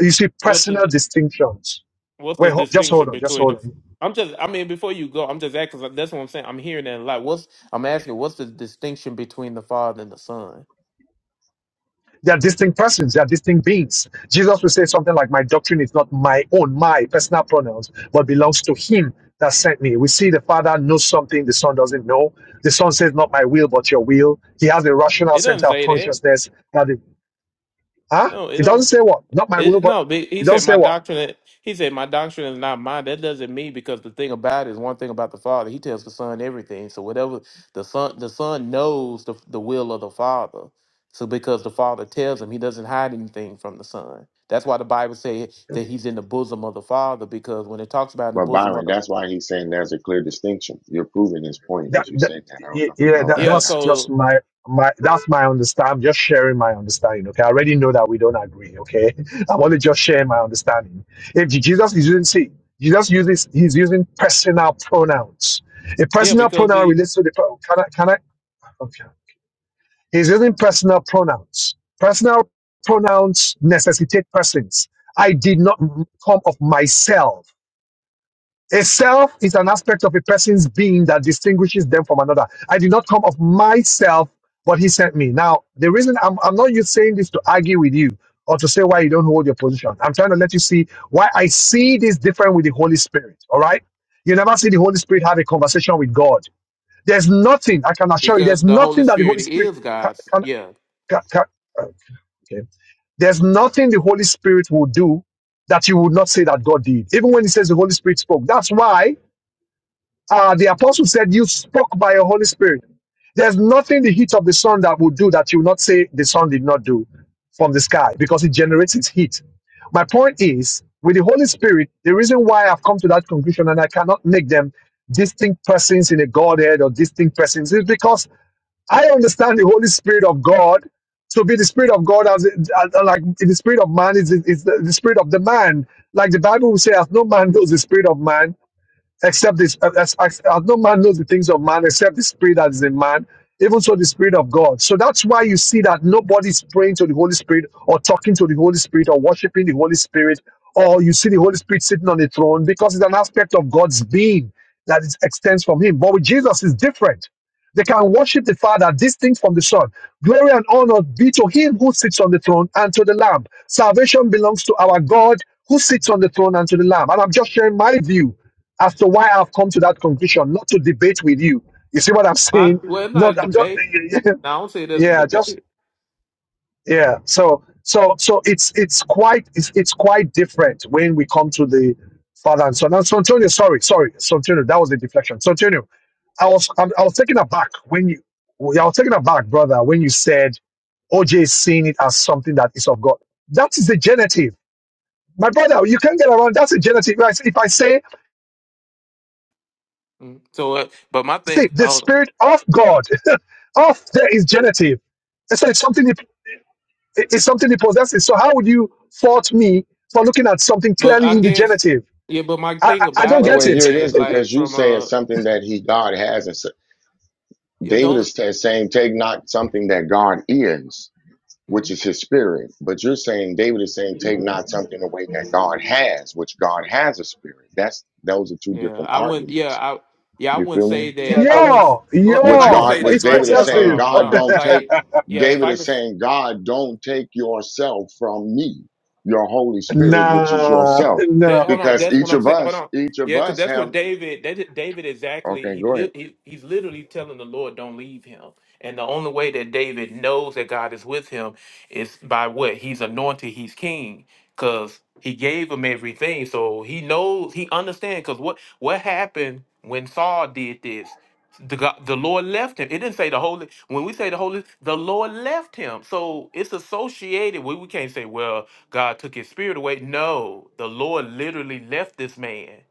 D: you see,
A: What's
D: personal
A: the
D: distinctions.
A: What's the
D: Wait, ho- just hold
A: distinction
D: on, just
A: between
D: hold
A: the?
D: on.
A: I'm just. I mean, before you go, I'm just asking. 'cause That's what I'm saying. I'm hearing that a lot. What's? I'm asking. What's the distinction between the Father and the Son?
D: They are distinct persons, they are distinct beings. Jesus will say something like, My doctrine is not my own, my personal pronouns, but belongs to him that sent me. We see the Father knows something the Son doesn't know. The Son says, Not my will, but your will. He has a rational
A: It doesn't
D: center of
A: say that.
D: consciousness that it, huh?
A: No, it
D: It
A: don't.
D: doesn't say what? Not my will,
A: It,
D: but
A: no, be-
D: it
A: he
D: doesn't
A: said
D: say
A: my
D: what?
A: doctrine. He said my doctrine is not mine. That doesn't mean because the thing about it is one thing about the Father. He tells the Son everything. So whatever the Son, the Son knows the the will of the Father. So because the Father tells him, he doesn't hide anything from the Son. That's why the Bible says that he's in the bosom of the Father. Because when it talks about in the
C: But
A: bosom of
C: Byron,
A: the
C: that's why he's saying there's a clear distinction. You're proving his point
D: that,
C: as you
D: that
C: say that. I don't know
D: y-
C: if you
D: yeah
C: know
D: that,
C: that
A: yeah,
C: or not.
D: that's just
A: so
D: my my that's my understanding I'm just sharing my understanding okay i already know that we don't agree okay i'm only just sharing my understanding if Je- jesus is using see jesus uses he's using personal pronouns a
A: yeah,
D: personal
A: because
D: pronoun
A: the
D: relates to the pro- can i can i okay he's using personal pronouns personal pronouns necessitate persons i did not come of myself a self is an aspect of a person's being that distinguishes them from another. I did not come of myself, but he sent me. Now, the reason I'm, I'm not you saying this to argue with you or to say why you don't hold your position. I'm trying to let you see why I see this different with the Holy Spirit. All right. You never see the Holy Spirit have a conversation with God. There's nothing, I can assure you, there's
A: because the
D: nothing
A: Holy
D: that the Holy
A: Spirit
D: Spirit
A: is
D: can,
A: God's.
D: can,
A: Yeah,
D: can, can uh, okay. There's nothing the Holy Spirit will do that you would not say that God did. Even when he says the Holy Spirit spoke. That's why uh, the apostle said, You spoke by your Holy Spirit. There's nothing the heat of the sun that will do that you will not say the sun did not do from the sky because it generates its heat. My point is, with the Holy Spirit, the reason why I've come to that conclusion and I cannot make them distinct persons in a Godhead or distinct persons is because I understand the Holy Spirit of God to be the Spirit of God as, as like the Spirit of man is, is the, the Spirit of the man. Like the Bible will say, as no man knows the Spirit of man, except this uh, as, as, as no man knows the things of man except the spirit that is in man even so the spirit of god so that's why you see that nobody's praying to the holy spirit or talking to the holy spirit or worshiping the holy spirit or you see the holy spirit sitting on a throne because it's an aspect of god's being that is, extends from him but with jesus is different they can worship the father distinct from the son glory and honor be to him who sits on the throne and to the lamb salvation belongs to our god who sits on the throne and to the lamb and i'm just sharing my view as to why I've come to that conclusion, not to debate with you. You see what I'm
A: I,
D: saying?
A: well, it's not a
D: Not I'm just
A: debate. No, I don't say it as a
D: yeah, just
A: debate.
D: yeah. So so so it's it's quite it's, it's quite different when we come to the father and son. Now, so Antonio, sorry, sorry, so Antonio, that was the deflection. So Antonio, I was I'm, I was taken aback when you I was taken aback, brother, when you said OJ is seeing it as something that is of God. That is the genitive. My brother, you can't get around. That's a genitive. If I say
A: Mm. So, uh, but my
D: See,
A: thing,
D: the
A: hold on.
D: spirit of God, of there is genitive. I said it's something he, it's something he possesses. So how would you fault me for looking at something
A: But
D: clearly
A: I
D: in the
A: guess
D: genitive?
A: yeah, but my
D: I, I,
A: thing
D: I don't
A: about
C: Well,
A: it
D: get
C: well,
A: is
D: it.
C: here it is
A: that
C: because
A: like
C: you
A: from
C: say it's
A: a
C: something that he God has and
A: yeah,
C: David
A: don't
C: is ta- saying, take not something that God is, which
A: mhm.
C: is his spirit. But you're saying, David is saying, take not something away that God has, which God has a spirit. That's, those are two
A: yeah,
C: different
A: I wouldn't yeah,
C: arguments.
A: I yeah, I
C: You
A: wouldn't
C: feel
A: say
C: me?
E: Yeah,
A: that I
E: cause
A: wouldn't
D: Yeah,
A: s- oh, if
C: Which
A: I
D: yeah,
A: could
E: yeah,
C: God,
A: say
E: cause
C: which
A: this
D: it's
A: right
C: David is
A: here.
E: cause,
A: Hold
C: saying,
A: on,
D: possessive.
A: hold
C: God
E: oh,
A: on.
C: don't take,
A: Like yeah, if
C: David
A: I
C: is
A: could.
C: saying, God don't take yourself from me, your Holy Spirit, which is
D: nah,
C: yourself.
A: That,
D: no.
A: hold on,
C: Because
A: that's what
C: each
A: I'm
C: of
A: saying. Hold
C: us,
A: on,
C: each of
A: yeah, because
C: us
A: that's
C: have,
A: what David. That David exactly.
C: okay,
A: He,
C: go ahead.
A: li- he he's literally telling the Lord, "Don't leave him." And the only way that David knows that God is with him is by what he's anointed. He's king because he gave him everything, so he knows. He understands because what what happened when Saul did this. The, God, the Lord left him. It didn't say the Holy. When we say the Holy, the Lord left him. So it's associated. We, we can't say, well, God took his spirit away. No, the Lord literally left this man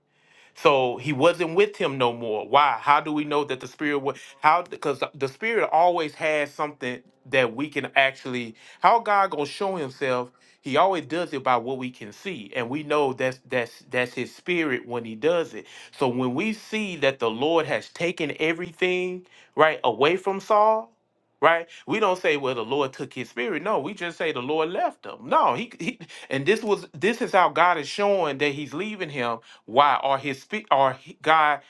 A: so he wasn't with him no more. Why? How do we know that the spirit was how because the spirit always has something that we can actually how God gonna show himself? He always does it by what we can see. And we know that's that's that's his spirit when he does it. So when we see that the Lord has taken everything right away from Saul, right? We don't say, well, the Lord took his spirit. No, we just say the Lord left him. No, he, he and this was this is how God is showing that he's leaving him why? Or his spirit, or he- God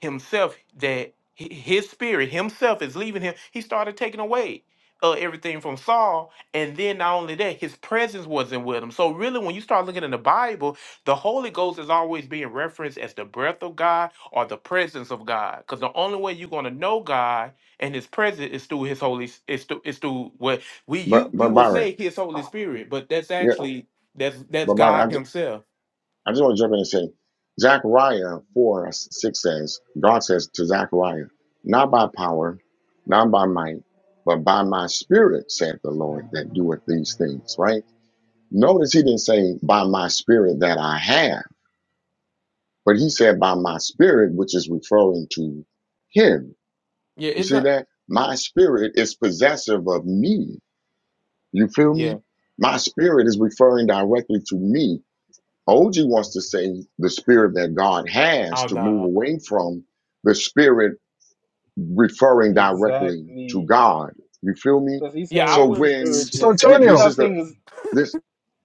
A: Himself, that hi- His Spirit Himself is leaving him. He started taking away uh, everything from Saul, and then not only that, His presence wasn't with him. So really, when you start looking in the Bible, the Holy Ghost is always being referenced as the breath of God or the presence of God, because the only way you're going to know God and His presence is through His Holy, S- is through, is through what we you
C: But,
A: we
C: but
A: would
C: Byron,
A: say His Holy Spirit, but that's
C: yeah,
A: actually that's that's
C: but
A: God
C: Byron,
A: Himself.
C: I just want to jump in and say, Zechariah 4 6 says, God says to Zechariah, Not by power, not by might, but by my spirit, saith the Lord, that doeth these things, right? Notice he didn't say, By my spirit that I have, but he said, By my spirit, which is referring to him.
A: Yeah,
C: You
A: it's
C: see
A: not.
C: that? My spirit is possessive of me. You feel
A: Yeah.
C: me? My spirit is referring directly to me OG wants to say the spirit that God has
A: Oh
C: to move
A: no.
C: away from the spirit referring directly to
E: exactly.
C: God. You feel me?
E: Because he's
A: Yeah,
E: saying
A: I
E: that
C: So
E: the
A: wouldn't.
E: spirit
C: when,
E: is,
C: when
E: he's
C: this
D: Santonio,
E: not
C: is the
E: saying is
C: this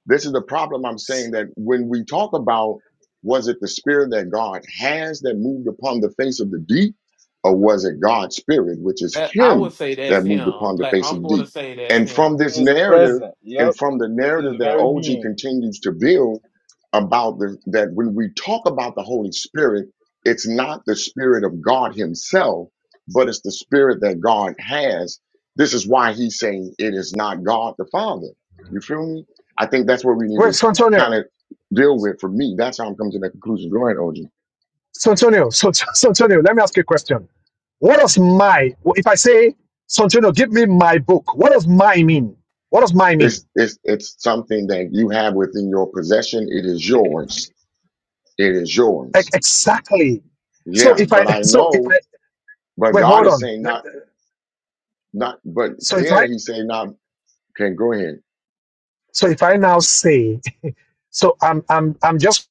C: this is the problem I'm saying that when we talk about was it the spirit that God has that moved upon the face of the deep, or was it God's spirit, which is
A: That, I would
C: Him
A: say that's
C: that moved
A: him.
C: upon the
A: Like
C: face of
A: I'm
C: the
A: going to
C: deep?
A: say that's
C: And
A: him.
C: from this
E: his
C: narrative,
E: present.
C: and
E: Yep.
C: from the
E: His
C: narrative that
E: very
C: OG
E: being.
C: continues to build about the, that when we talk about the Holy Spirit, it's not the spirit of God Himself, but it's the spirit that God has. This is why He's saying it is not God the Father. You feel me? I think that's what we need
D: wait,
C: to
D: Santonio,
C: kind of deal with. For me, that's how I'm coming to that conclusion. Go ahead, OG.
D: Santonio, Sant- Santonio. Let me ask you a question. What does my if I say Santonio, give me my book? What does my mean? What does my mean?
C: It's it's it's something that you have within your possession. It is yours. It is
D: Ex-
C: yours.
D: Exactly. So
C: Yeah,
D: if I,
C: but I
D: so if
C: know.
D: I,
C: But
D: wait,
C: God
D: hold
C: is
D: on.
C: saying
D: Let
C: not
D: me-
C: not. But
D: So if
C: there
D: I,
C: He's saying not. Can go ahead.
D: so if I now say, so I'm, I'm, I'm just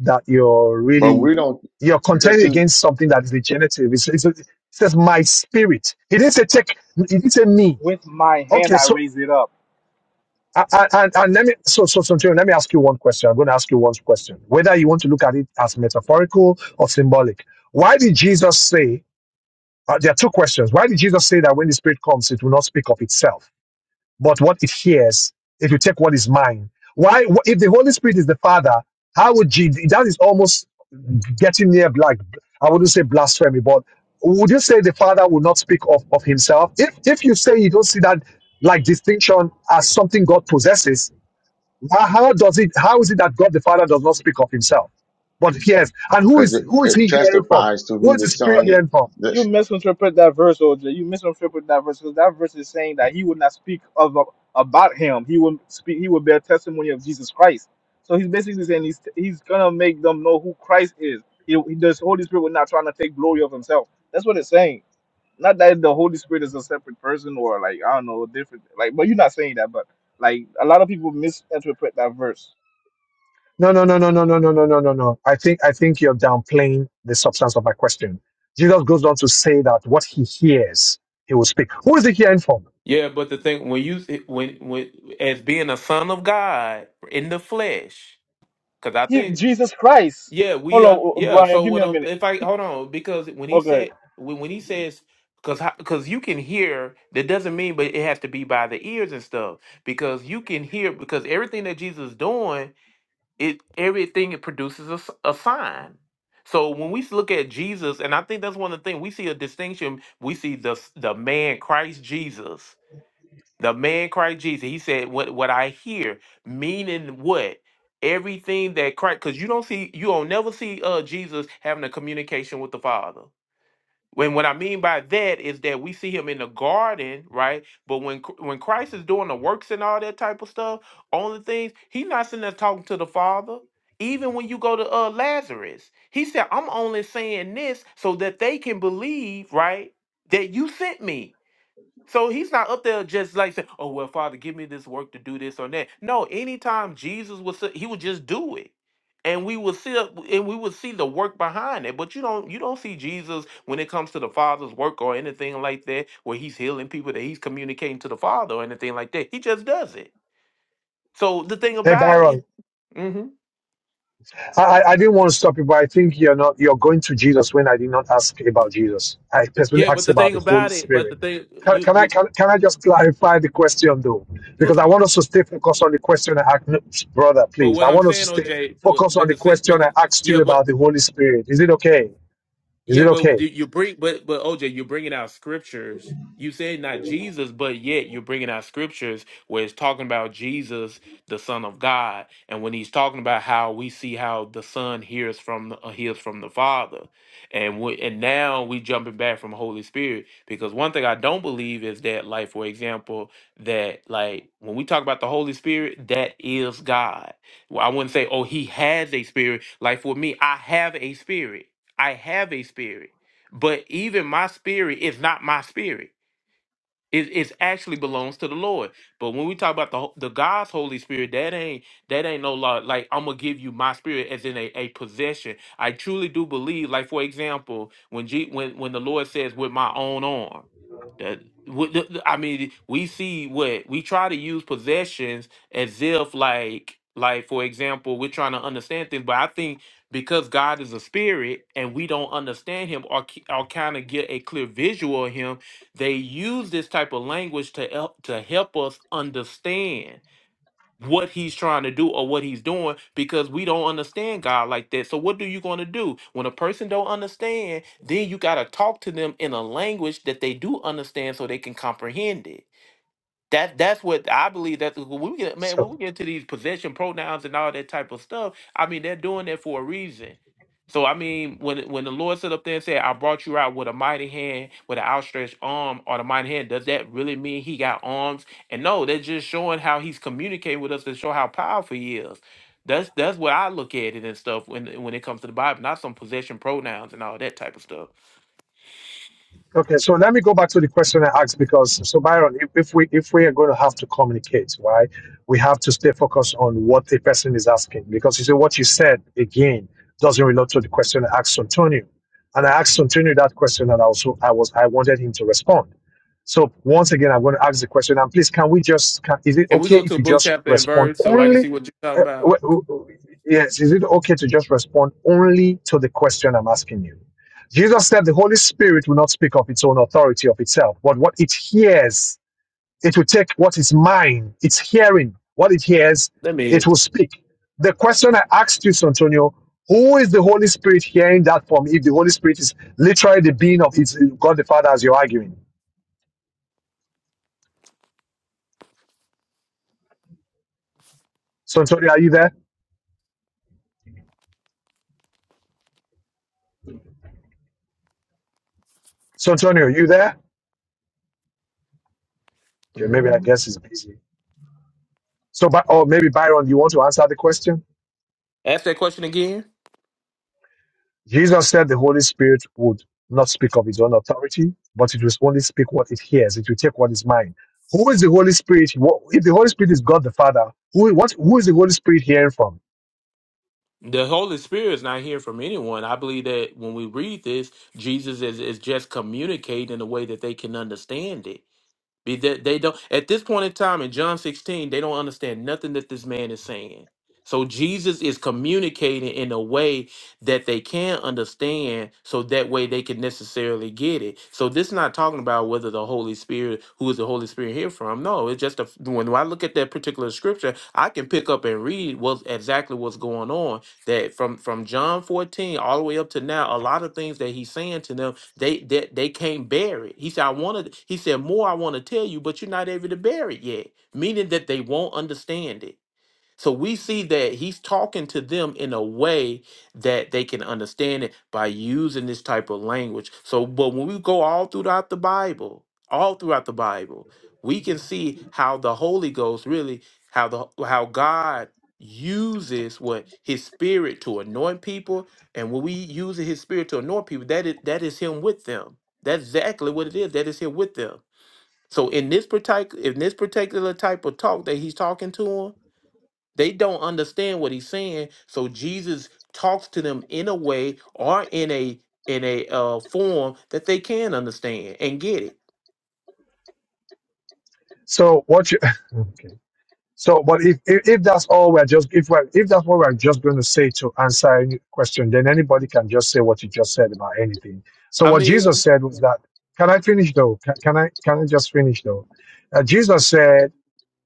D: that you're
C: But
D: really,
C: we don't
D: you're
C: because
D: contending
C: see
D: against something that is regenerative. It's, it's, it says my spirit. He didn't say take. He didn't say me.
E: With my hand,
D: Okay.
E: I
D: So
E: raise it up.
D: I, I, and, and let me, so, so, so, Antonio, let me ask you one question. I'm going to ask you one question. Whether you want to look at it as metaphorical or symbolic. Why did Jesus say? Uh, there are two questions. Why did Jesus say that when the Spirit comes, it will not speak of itself? but what it shares if you take what is mine. Why, wh- if the Holy Spirit is the Father, how would Jesus, that is almost getting near, like, I wouldn't say blasphemy, but would you say the Father will not speak of, of himself? If, if you say you don't see that, like, distinction as something God possesses, wh- how does it, how is it that God the Father does not speak of himself? But yes, and who
C: because
D: is,
C: it,
D: who is
C: it
D: he hearing from?
C: testifies to
D: Who
C: who
D: is
C: the
D: the
E: C-
D: Spirit
C: Son. is.
D: hearing from?
E: You
C: This.
E: misinterpret that verse, OJ. You misinterpret that verse because that verse is saying that he would not speak of about him. He would speak. He would bear testimony of Jesus Christ. So he's basically saying he's he's gonna make them know who Christ is. He, he, the Holy Spirit would not trying to take glory of himself. That's what it's saying. Not that the Holy Spirit is a separate person or like I don't know, different. Like, but you're not saying that. But like a lot of people misinterpret that verse.
D: No, no, no, no, no, no, no, no, no, no, no. I think I think you're downplaying the substance of my question. Jesus goes on to say that what he hears, he will speak. Who is he hearing from?
A: Yeah, but the thing when you when when as being a son of God in the flesh, because I
E: He,
A: think
E: Jesus Christ.
A: yeah we
E: Hold
A: are
E: on,
A: yeah.
E: Brian.
A: So
E: Give me
A: when
E: a
A: I-
E: minute.
A: if I
E: He-
A: hold on because when he
E: okay.
A: said when when he says because because you can hear that doesn't mean but it has to be by the ears and stuff because you can hear because everything that Jesus is doing it everything it produces a, s- a sign so when we look at jesus and i think that's one of the things we see a distinction we see the s- the man christ jesus the man christ jesus he said what what i hear meaning what everything that christ because you don't see you don't never see uh jesus having a communication with the father when what I mean by that is that we see him in the garden, right? But when Chr- when Christ is doing the works and all that type of stuff, only things he's not sitting there talking to the Father. Even when you go to uh, Lazarus, he said, "I'm only saying this so that they can believe, right? That you sent me." So he's not up there just like saying, "Oh well, Father, give me this work to do this or that." No, anytime Jesus was, he would just do it, and we would see up, and we would see the work behind it. But you don't, you don't see Jesus when it comes to the Father's work or anything like that, where he's healing people, that he's communicating to the Father or anything like that. He just does it. So the thing
D: Hey
A: about it,
D: Byron,
A: Mhm.
D: I, I I didn't want to stop you, but I think you're not you're going to Jesus when I did not ask about Jesus. I personally
A: yeah, but
D: asked
A: the
D: about
A: thing
D: the Holy
A: about it, but
D: Spirit.
A: the thing
D: Can,
A: you
D: can I
A: you,
D: can, can I just clarify the question though?
A: you-
D: Because I want us to stay focused on the question I asked, no, brother.
A: but
D: Please,
A: what
D: I
A: I'm
D: want us to
A: saying,
D: stay
A: OJ, but
D: focused on
A: but
D: the
A: the sa-
D: question
A: but
D: I
A: the
D: asked you
A: yeah, but
D: about the Holy Spirit. Is it okay? Is
A: Yeah,
D: it
A: but
D: okay?
A: do you bring, but but OJ, you're bringing out scriptures. You said not Jesus, but yet you're bringing out scriptures where it's talking about Jesus, the Son of God, and when he's talking about how we see how the Son hears from the, uh, hears from the Father, and we, and now we jumping back from Holy Spirit because one thing I don't believe is that, like for example, that like when we talk about the Holy Spirit, that is God. Well, I wouldn't say oh he has a spirit. Like for me, I have a spirit. I have a spirit, but even my spirit is not my spirit. It it actually belongs to the Lord. But when we talk about the ho- the God's Holy Spirit, that ain't that ain't no law. Like I'm gonna give you my spirit as in a, a possession. I truly do believe. Like for example, when G, when when the Lord says with my own arm, that with the- the- I mean we see what we try to use possessions as if like like for example we're trying to understand things. But I think because God is a spirit and we don't understand Him or ki- or kind of get a clear visual of Him they use this type of language to help to help us understand what he's trying to do or what he's doing because we don't understand God like that. So what do you going to do when a person don't understand? Then you got to talk to them in a language that they do understand so they can comprehend it that that's what I believe. That's when we get man when
D: So.
A: we get to these possession pronouns and all that type of stuff. I mean, they're doing that for a reason. So I mean, when when the Lord stood up there and said, "I brought you out with a mighty hand, with an outstretched arm, or the mighty hand," does that really mean He got arms? And no, they're just showing how He's communicating with us to show how powerful He is. That's that's what I look at it and stuff when when it comes to the Bible, not some possession pronouns and all that type of stuff.
D: Okay, so let me go back to the question I asked because so Byron, if, if we if we are going to have to communicate, right, we have to stay focused on what the person is asking because you see what you said again doesn't relate to the question I asked Antonio, and I asked Antonio that question and also I was I wanted him to respond. So once again, I'm going to ask the question and please, can we just can, is it
A: And we
D: okay
A: go to
D: if
A: a
D: you
A: book
D: just
A: chapter and
D: respond
A: verse, so I can
D: only?
A: see what you're talking
D: Uh, w-
A: about.
D: w- w- yes, is it okay to just respond only to the question I'm asking you? Jesus said the Holy Spirit will not speak of its own authority of itself, but what it hears, it will take what is mine, its hearing, what it hears,
A: Let
D: it
A: me.
D: will speak. The question I asked you, Santonio, who is the Holy Spirit hearing that from if the Holy Spirit is literally the being of its God the Father as you're arguing? Santonio, are you there? Santonio, are you there? Okay, maybe I guess he's busy. So, but, or maybe Byron, you want to answer the question?
A: Ask that question again.
D: Jesus said the Holy Spirit would not speak of his own authority, but it will only speak what it hears. It will take what is mine. Who is the Holy Spirit? What, if the Holy Spirit is God the Father, who what who is the Holy Spirit hearing from?
A: The Holy Spirit is not hearing from anyone. I believe that when we read this, Jesus is, is just communicating in a way that they can understand it. Be that they don't at this point in time in John 16, they don't understand nothing that this man is saying. So Jesus is communicating in a way that they can understand, so that way they can necessarily get it. So this is not talking about whether the Holy Spirit, who is the Holy Spirit here from? No, it's just a, when I look at that particular scripture, I can pick up and read what exactly what's going on. That from from John 14 all the way up to now, a lot of things that he's saying to them they they, they can't bear it. He said, I wanted he said, more I want to tell you, but you're not able to bear it yet. Meaning that they won't understand it. So we see that he's talking to them in a way that they can understand it by using this type of language. So, but when we go all throughout the Bible, all throughout the Bible, we can see how the Holy Ghost really, how the how God uses what His Spirit to anoint people, and when we use His Spirit to anoint people, that is that is Him with them. That's exactly what it is. That is Him with them. So in this particular in this particular type of talk that He's talking to him they don't understand what he's saying. So Jesus talks to them in a way or in a in a uh, form that they can understand and get it.
D: So what you okay. so but if, if if that's all we're just if we're if that's what we're just going to say to answer any question, then anybody can just say what you just said about anything. So
A: I
D: what Jesus
A: mean,
D: said was that can I finish though? Can, can I can I just finish though? Uh, Jesus said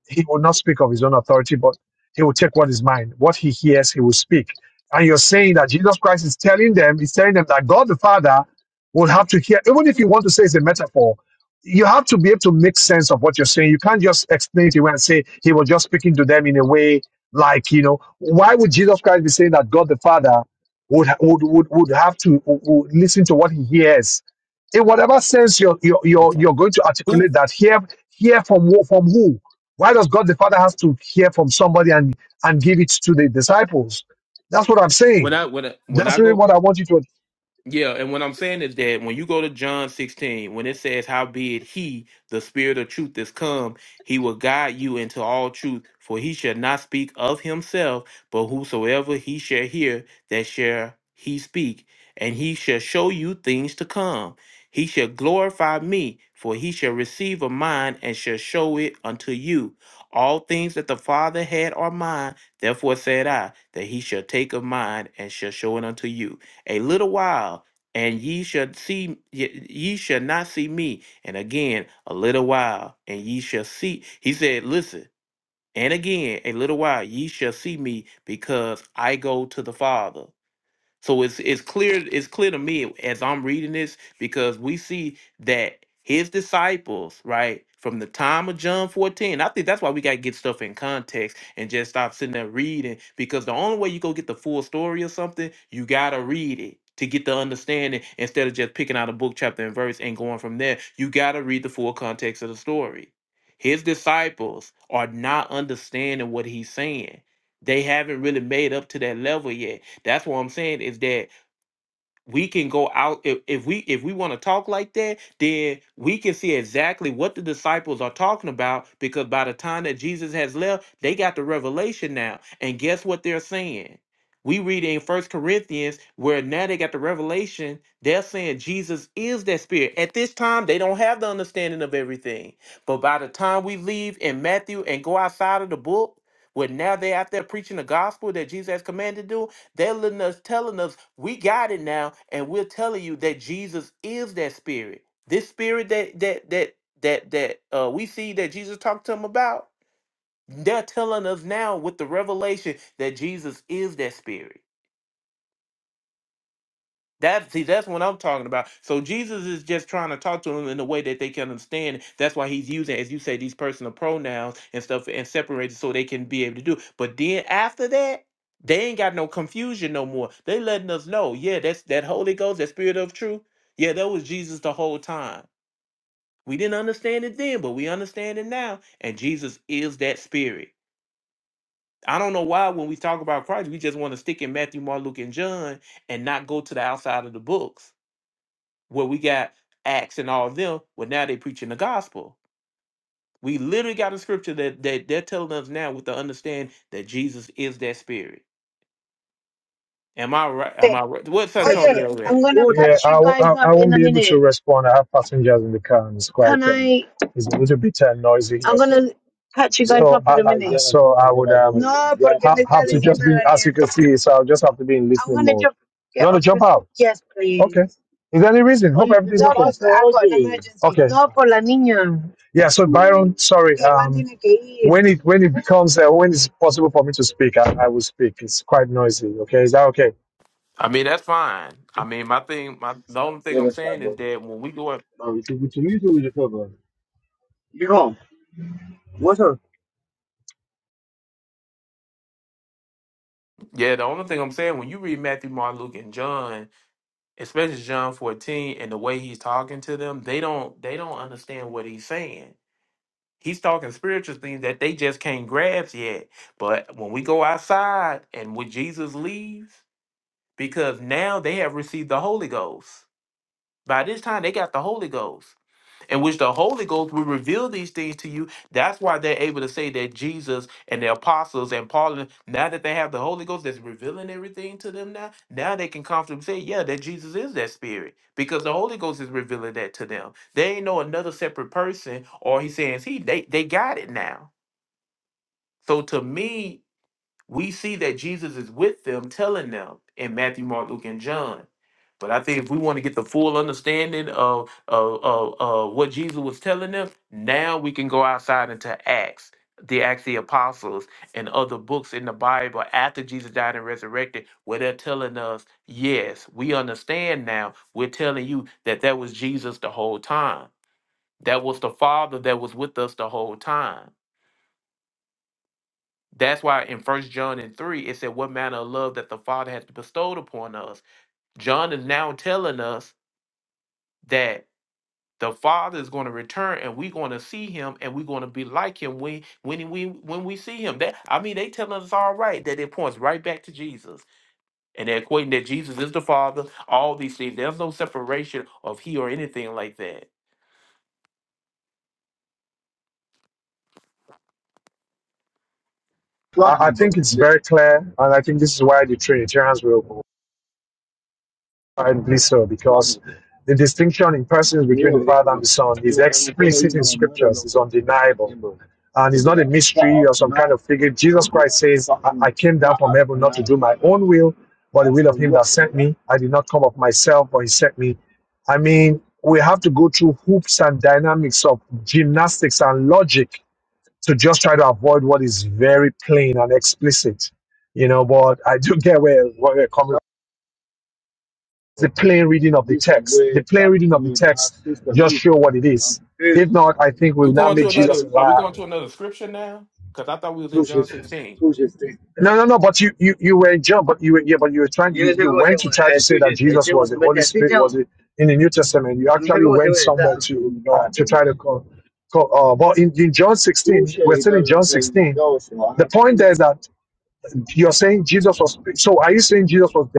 D: he will not speak of his own authority, but he will take what is mine. What he hears, he will speak. And you're saying that Jesus Christ is telling them, he's telling them that God the Father will have to hear, even if you want to say it's a metaphor, you have to be able to make sense of what you're saying. You can't just explain it away and say he was just speaking to them in a way like, you know, why would Jesus Christ be saying that God the Father would would would, would have to would, would listen to what he hears? In whatever sense you're, you're, you're,
A: okay.
D: you're going to
A: Who
D: articulate that, hear, hear from, who- from who? Why does God the Father has to hear from somebody and, and give it to the disciples? That's what I'm
A: when
D: saying.
A: I when I, when
D: That's
A: I
D: really
A: go
D: what I want you to
A: Yeah, and what I'm saying is that when you go to John 16, when it says, Howbeit he, the Spirit of truth, is come, he will guide you into all truth, for he shall not speak of himself, but whosoever he shall hear, that shall he speak, and he shall show you things to come. He shall glorify me, for he shall receive of mine and shall show it unto you. All things that the Father had are mine, therefore said I, that he shall take of mine and shall show it unto you a little while and ye shall see ye, ye shall not see me and again a little while and ye shall see he said listen and again a little while ye shall see me because i go to the father so it's it's clear it's clear to me as I'm reading this because we see that his disciples, right, from the time of John 14, I think that's why we gotta get stuff in context and just stop sitting there reading because the only way you go get the full story or something, you gotta read it to get the understanding instead of just picking out a book chapter and verse and going from there. You gotta read the full context of the story. His disciples are not understanding what he's saying they haven't really made up to that level yet. That's what I'm saying is that we can go out if, if we if we want to talk like that then we can see exactly what the disciples are talking about because by the time that jesus has left they got the revelation now and guess what they're saying we read in first corinthians where now they got the revelation they're saying jesus is that spirit at this time they don't have the understanding of everything but by the time we leave in matthew and go outside of the book where now they're out there preaching the gospel that jesus has commanded to do they're letting us, telling us we got it now, and we're telling you that Jesus is that spirit. This spirit that that that that that uh, we see that Jesus talked to them about. They're telling us now with the revelation that Jesus is that spirit. That see, that's what I'm talking about. So Jesus is just trying to talk to them in a way that they can understand. That's why he's using, as you say, these personal pronouns and stuff and separated so they can be able to do. it. But then after that, they ain't got no confusion no more. They letting us know, yeah, that's that Holy Ghost, that spirit of truth. Yeah, that was Jesus the whole time. We didn't understand it then, but we understand it now. And Jesus is that spirit. I don't know why when we talk about Christ, we just want to stick in Matthew, Mark, Luke, and John and not go to the outside of the books where we got Acts and all of them, well, now they preaching the gospel. We literally got a scripture that, that they're telling us now with the understand that Jesus is that spirit. Am I right? Am I right? What's Antonio read?
D: respond. I have passengers in the car and it's quite. Can and I? um, it's a little bit uh, noisy. I'm gonna catch you guys So up in a minute. I, so I would um No, porque ha- have to just be as you can see. So I'll just have to be in listening mode. jump. You want to jump out? Yes, please. Okay. Is there any reason? Hope everything's No, okay. I've got an emergency. Okay. No, por la niña. Yeah. So Byron, sorry. Um, when it when it becomes uh, when it's possible for me to speak, I, I will speak. It's quite noisy. Okay. Is that okay?
A: I mean, that's fine. I mean, my thing, my the only thing
D: Yeah,
A: I'm
D: that's fine,
A: saying is
D: bro.
A: that when we go up,
D: No, it's, it's, it's, it's, it's, it's, it's, it's, it's, it's, it's, it's, it's, it's, it's,
A: yeah, the only thing I'm saying when you read Matthew, Mark, Luke, and John, especially John 14, and the way he's talking to them, they don't they don't understand what he's saying. He's talking spiritual things that they just can't grasp yet. But when we go outside and when Jesus leaves, because now they have received the Holy Ghost. By this time, they got the Holy Ghost, in which the Holy Ghost will reveal these things to you. That's why they're able to say that Jesus and the apostles and Paul, and- now that they have the Holy Ghost that's revealing everything to them now, now they can comfortably say, yeah, that Jesus is that spirit, because the Holy Ghost is revealing that to them. They ain't know another separate person, or he's saying, he, they, they got it now. So to me, we see that Jesus is with them, telling them in Matthew, Mark, Luke, and John. But I think if we want to get the full understanding of, of, of, of what Jesus was telling them, now we can go outside into Acts, the Acts of the Apostles, and other books in the Bible after Jesus died and resurrected, where they're telling us, yes, we understand now. We're telling you that that was Jesus the whole time. That was the Father that was with us the whole time that's why in First John and three it said, "What manner of love that the Father has bestowed upon us." John is now telling us that the Father is going to return, and we're going to see Him, and we're going to be like Him when when we when we see Him. That I mean, they telling us all right that it points right back to Jesus, and they're equating that Jesus is the Father. All these things. There's no separation of He or anything like that.
D: I, I think it's very clear, and I think this is why the Trinitarians will rightly so, because the distinction in persons between the Father and the Son is explicit in scriptures, is undeniable. And it's not a mystery or some kind of figure. Jesus Christ says, I, I came down from heaven not to do my own will, but the will of him that sent me. I did not come of myself, but he sent me. I mean, we have to go through hoops and dynamics of gymnastics and logic to just try to avoid what is very plain and explicit, you know. But I do get where where we're coming. from. The plain reading of the text, the plain reading of the text, just show what it is. If not, I think we
A: We
D: will not
A: going
D: make
A: to
D: Jesus
A: another?
D: a
A: Are we
D: liar.
A: going to another scripture now? Because I thought we was in John sixteen.
D: No, no, no. But you, you, you were in John, but you were yeah, but you were trying. You, you went to try to say that Jesus was the Holy Spirit was it in the New Testament. You actually went somewhere to uh, to try to call. call uh, but in, in John 16, we're still in John 16. The point there is that You're saying Jesus was. So are you saying Jesus was? Dead?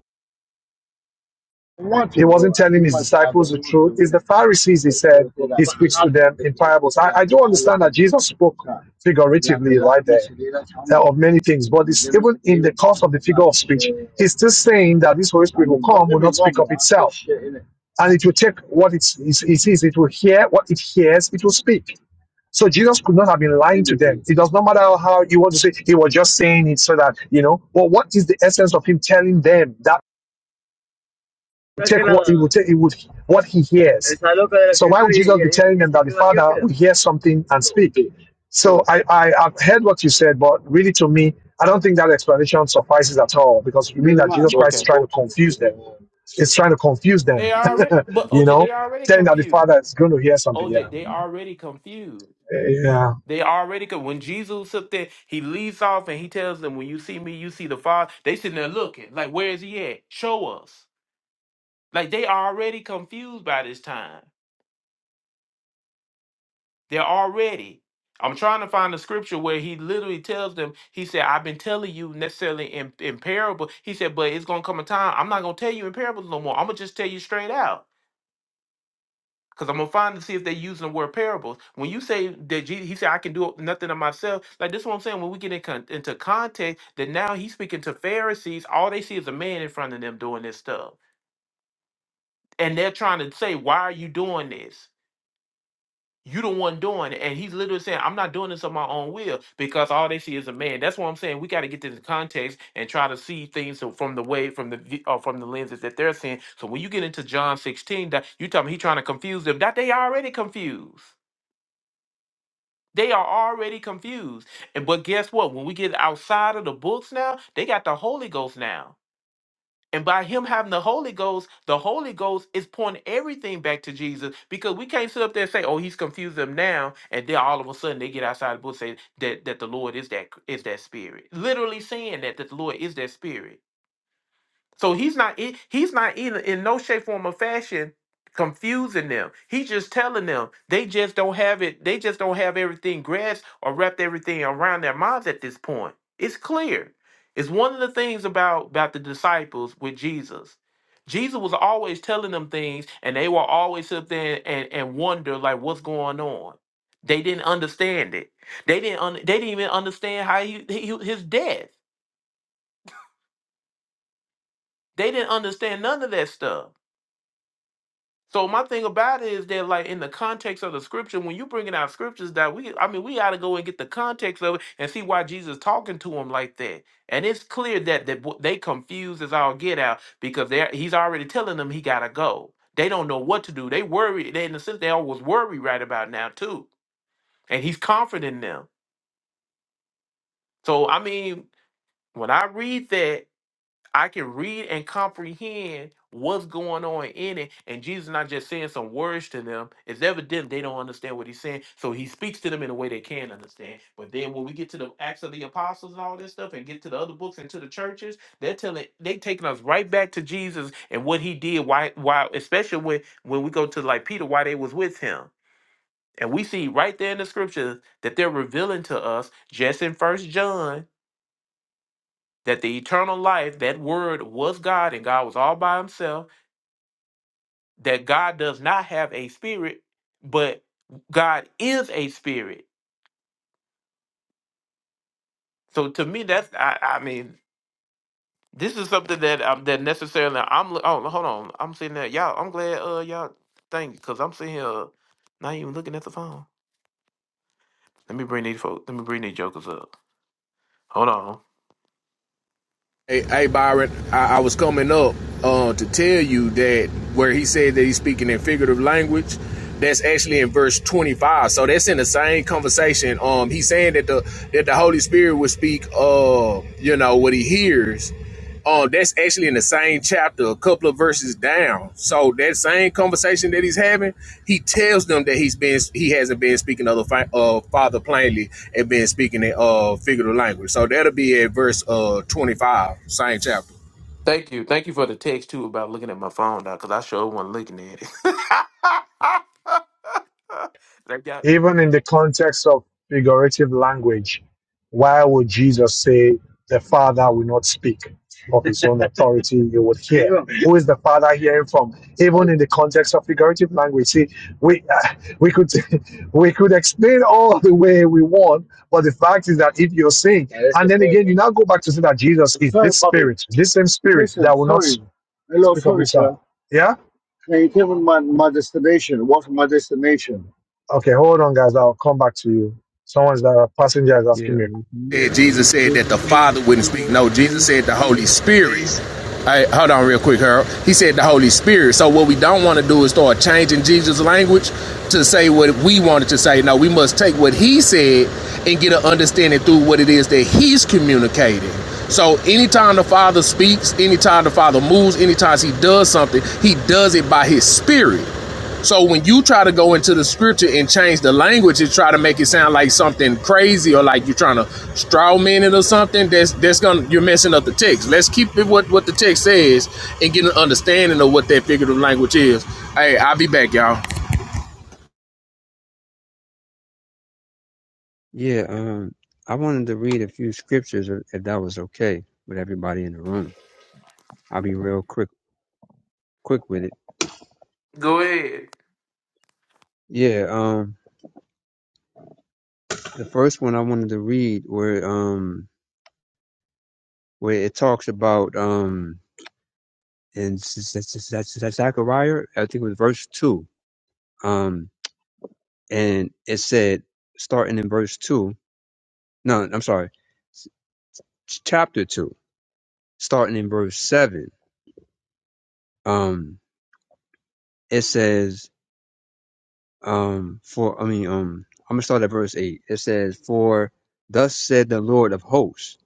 D: He wasn't telling his disciples the truth. It's the Pharisees. He said he speaks to them in parables. I, I do understand that Jesus spoke figuratively right there uh, of many things, but it's even in the course of the figure of speech, he's still saying that this Holy Spirit will come, will not speak of itself, and it will take what it it sees. It will hear what it hears. It will speak. So Jesus could not have been lying to them. It does not matter how you want to say he was just saying it so that you know. But what is the essence of him telling them that take what he would take it would what he hears? So why would Jesus be telling them that the Father would hear something and speak? So I, I I've heard what you said, but really to me, I don't think that explanation suffices at all because you mean that Jesus Christ is
A: Okay.
D: trying to confuse them. It's trying to confuse them,
A: They already, but
D: you
A: OJ, they
D: know,
A: already
D: telling that the
A: confused.
D: Father is going to hear something. Yeah,
A: OJ, they already confused.
D: yeah.
A: They already could. When Jesus was up there, he leaves off and he tells them, "When you see me, you see the Father." They sitting there looking like, "Where is he at? Show us." Like they already confused by this time. They're already. I'm trying to find a scripture where he literally tells them. He said, "I've been telling you necessarily in, in parable." He said, "But it's gonna come a time. I'm not gonna tell you in parables no more. I'm gonna just tell you straight out." Because I'm gonna find and see if they're using the word parables. When you say that Jesus, he said, "I can do nothing of myself," like this is what I'm saying. When we get in con- into context, that now he's speaking to Pharisees. All they see is a man in front of them doing this stuff, and they're trying to say, "Why are you doing this? You the one doing it." And he's literally saying, "I'm not doing this of my own will," because all they see is a man. That's what I'm saying. We got to get this in context and try to see things so- from the way from the vi- uh, from the lenses that they're seeing. So when you get into John 16, that you tell me he's trying to confuse them. That they already confused They are already confused. And but guess what? When we get outside of the books now, they got the Holy Ghost now. And by him having the Holy Ghost, the Holy Ghost is pointing everything back to Jesus because we can't sit up there and say, "Oh, he's confused them now," and then all of a sudden they get outside the book saying that that the Lord is that is that Spirit, literally saying that that the Lord is that Spirit. So he's not e- he's not either in no shape, form, or fashion confusing them. He's just telling them they just don't have it. They just don't have everything grasped or wrapped everything around their minds at this point. It's clear. It's one of the things about about the disciples with Jesus. Jesus was always telling them things, and they were always up there and and wonder like what's going on. They didn't understand it. They didn't. Un- they didn't even understand how he, he his death. They didn't understand none of that stuff. So my thing about it is that, like in the context of the scripture, when you bringing out scriptures that we, I mean, we got to go and get the context of it and see why Jesus talking to him like that. And it's clear that that what they confused as all get out because they he's already telling them he gotta go. They don't know what to do. They worry. They in a sense they always worry right about now too. And he's confident in them. So I mean, when I read that. I can read and comprehend what's going on in it. And Jesus not just saying some words to them. It's evident they don't understand what he's saying. So he speaks to them in a way they can understand. But then when we get to the Acts of the Apostles and all this stuff and get to the other books and to the churches, they're telling they taking us right back to Jesus and what he did, why why especially when when we go to like Peter, why they was with him. And we see right there in the scriptures that they're revealing to us just in first John that the eternal life, that word was God and God was all by himself, that God does not have a spirit, but God is a spirit. So to me, that's I, I mean, this is something that um, that necessarily I'm li- oh hold on I'm sitting there y'all I'm glad uh y'all thank you because I'm sitting here uh, not even looking at the phone. Let me bring these folks. Let me bring these jokers up. Hold on.
F: Hey, hey Byron, I, I was coming up uh, to tell you that where he said that he's speaking in figurative language, that's actually in verse 25. So that's in the same conversation. Um, he's saying that the that the Holy Spirit would speak, uh, you know, what he hears, um, that's actually in the same chapter, a couple of verses down. So that same conversation that he's having, he tells them that he's been he hasn't been speaking of the fa- uh, Father plainly and been speaking in uh figurative language. So that'll be at verse uh twenty five, same chapter.
A: Thank you. Thank you for the text too about looking at my phone, doc. Because I sure wasn't looking at it. Thank y'all.
D: Even in the context of figurative language, why would Jesus say, The Father will not speak of his own authority, you would hear? Who is the Father hearing from? Even in the context of figurative language, see, we uh, we could we could explain all the way we want, but the fact is that if you're saying, yeah, and the then again, you now go back to say that Jesus is Sorry, this Bobby. spirit, this same spirit Listen, that will not sorry. s- Hello, speak of Yeah. Can you tell me my, my destination? What's my destination? Okay, hold on, guys. I'll come back to you. Someone's the passenger is
G: Yeah,
D: asking me
G: um, can you read
F: Jesus
G: some
F: said that the Father wouldn't speak.
G: scriptures,
F: No, Jesus
G: please.
F: said the Holy Spirit. Hey, hold on real quick, Harold. He said the Holy Spirit. So what we don't want to do is start changing Jesus' language to say what we wanted to say. No, we must take what he said and get an understanding through what it is that he's communicating. So anytime the Father speaks, anytime the Father moves, anytime he does something, he does it by his spirit. So when you try to go into the scripture and change the language and try to make it sound like something crazy or like you're trying to straw man it or something, that's that's gonna you're messing up the text. Let's keep it what what the text says and get an understanding of what that figurative language is. Hey, I'll be back, y'all.
G: Yeah, um, I wanted to read a few scriptures if if that was okay with everybody in the room. I'll be real quick, quick with it.
A: Go ahead.
G: Yeah, um, the first one I wanted to read where um where it talks about um in Z- Z- Z- Z- Z- Zechariah, I think it was verse two. Um, and it said starting in verse two. No, I'm sorry, ch- chapter two, starting in verse seven. Um it says, um, for I mean, um, I'm gonna start at verse eight. It says, "For thus said the Lord of hosts,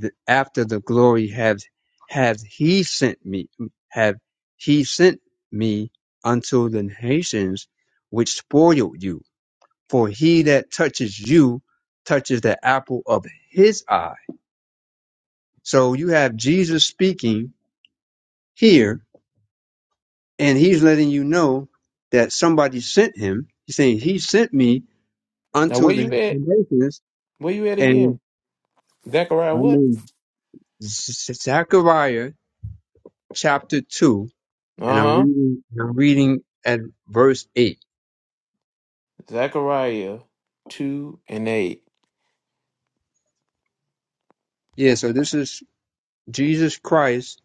G: th- after the glory hath hath He sent me, have He sent me unto the nations which spoiled you. For he that touches you touches the apple of His eye." So you have Jesus speaking here, and He's letting you know that somebody sent Him. He's saying, "He sent me."
A: Now
G: unto
A: where you
G: the
A: at?
G: nations.
A: Where you at
G: And
A: again? Zechariah
G: I'm
A: what?
G: in Z- Zechariah chapter two, and I'm
A: Uh-huh.
G: reading. I'm reading at verse eight.
A: Zechariah two and eight.
G: Yeah, so this is Jesus Christ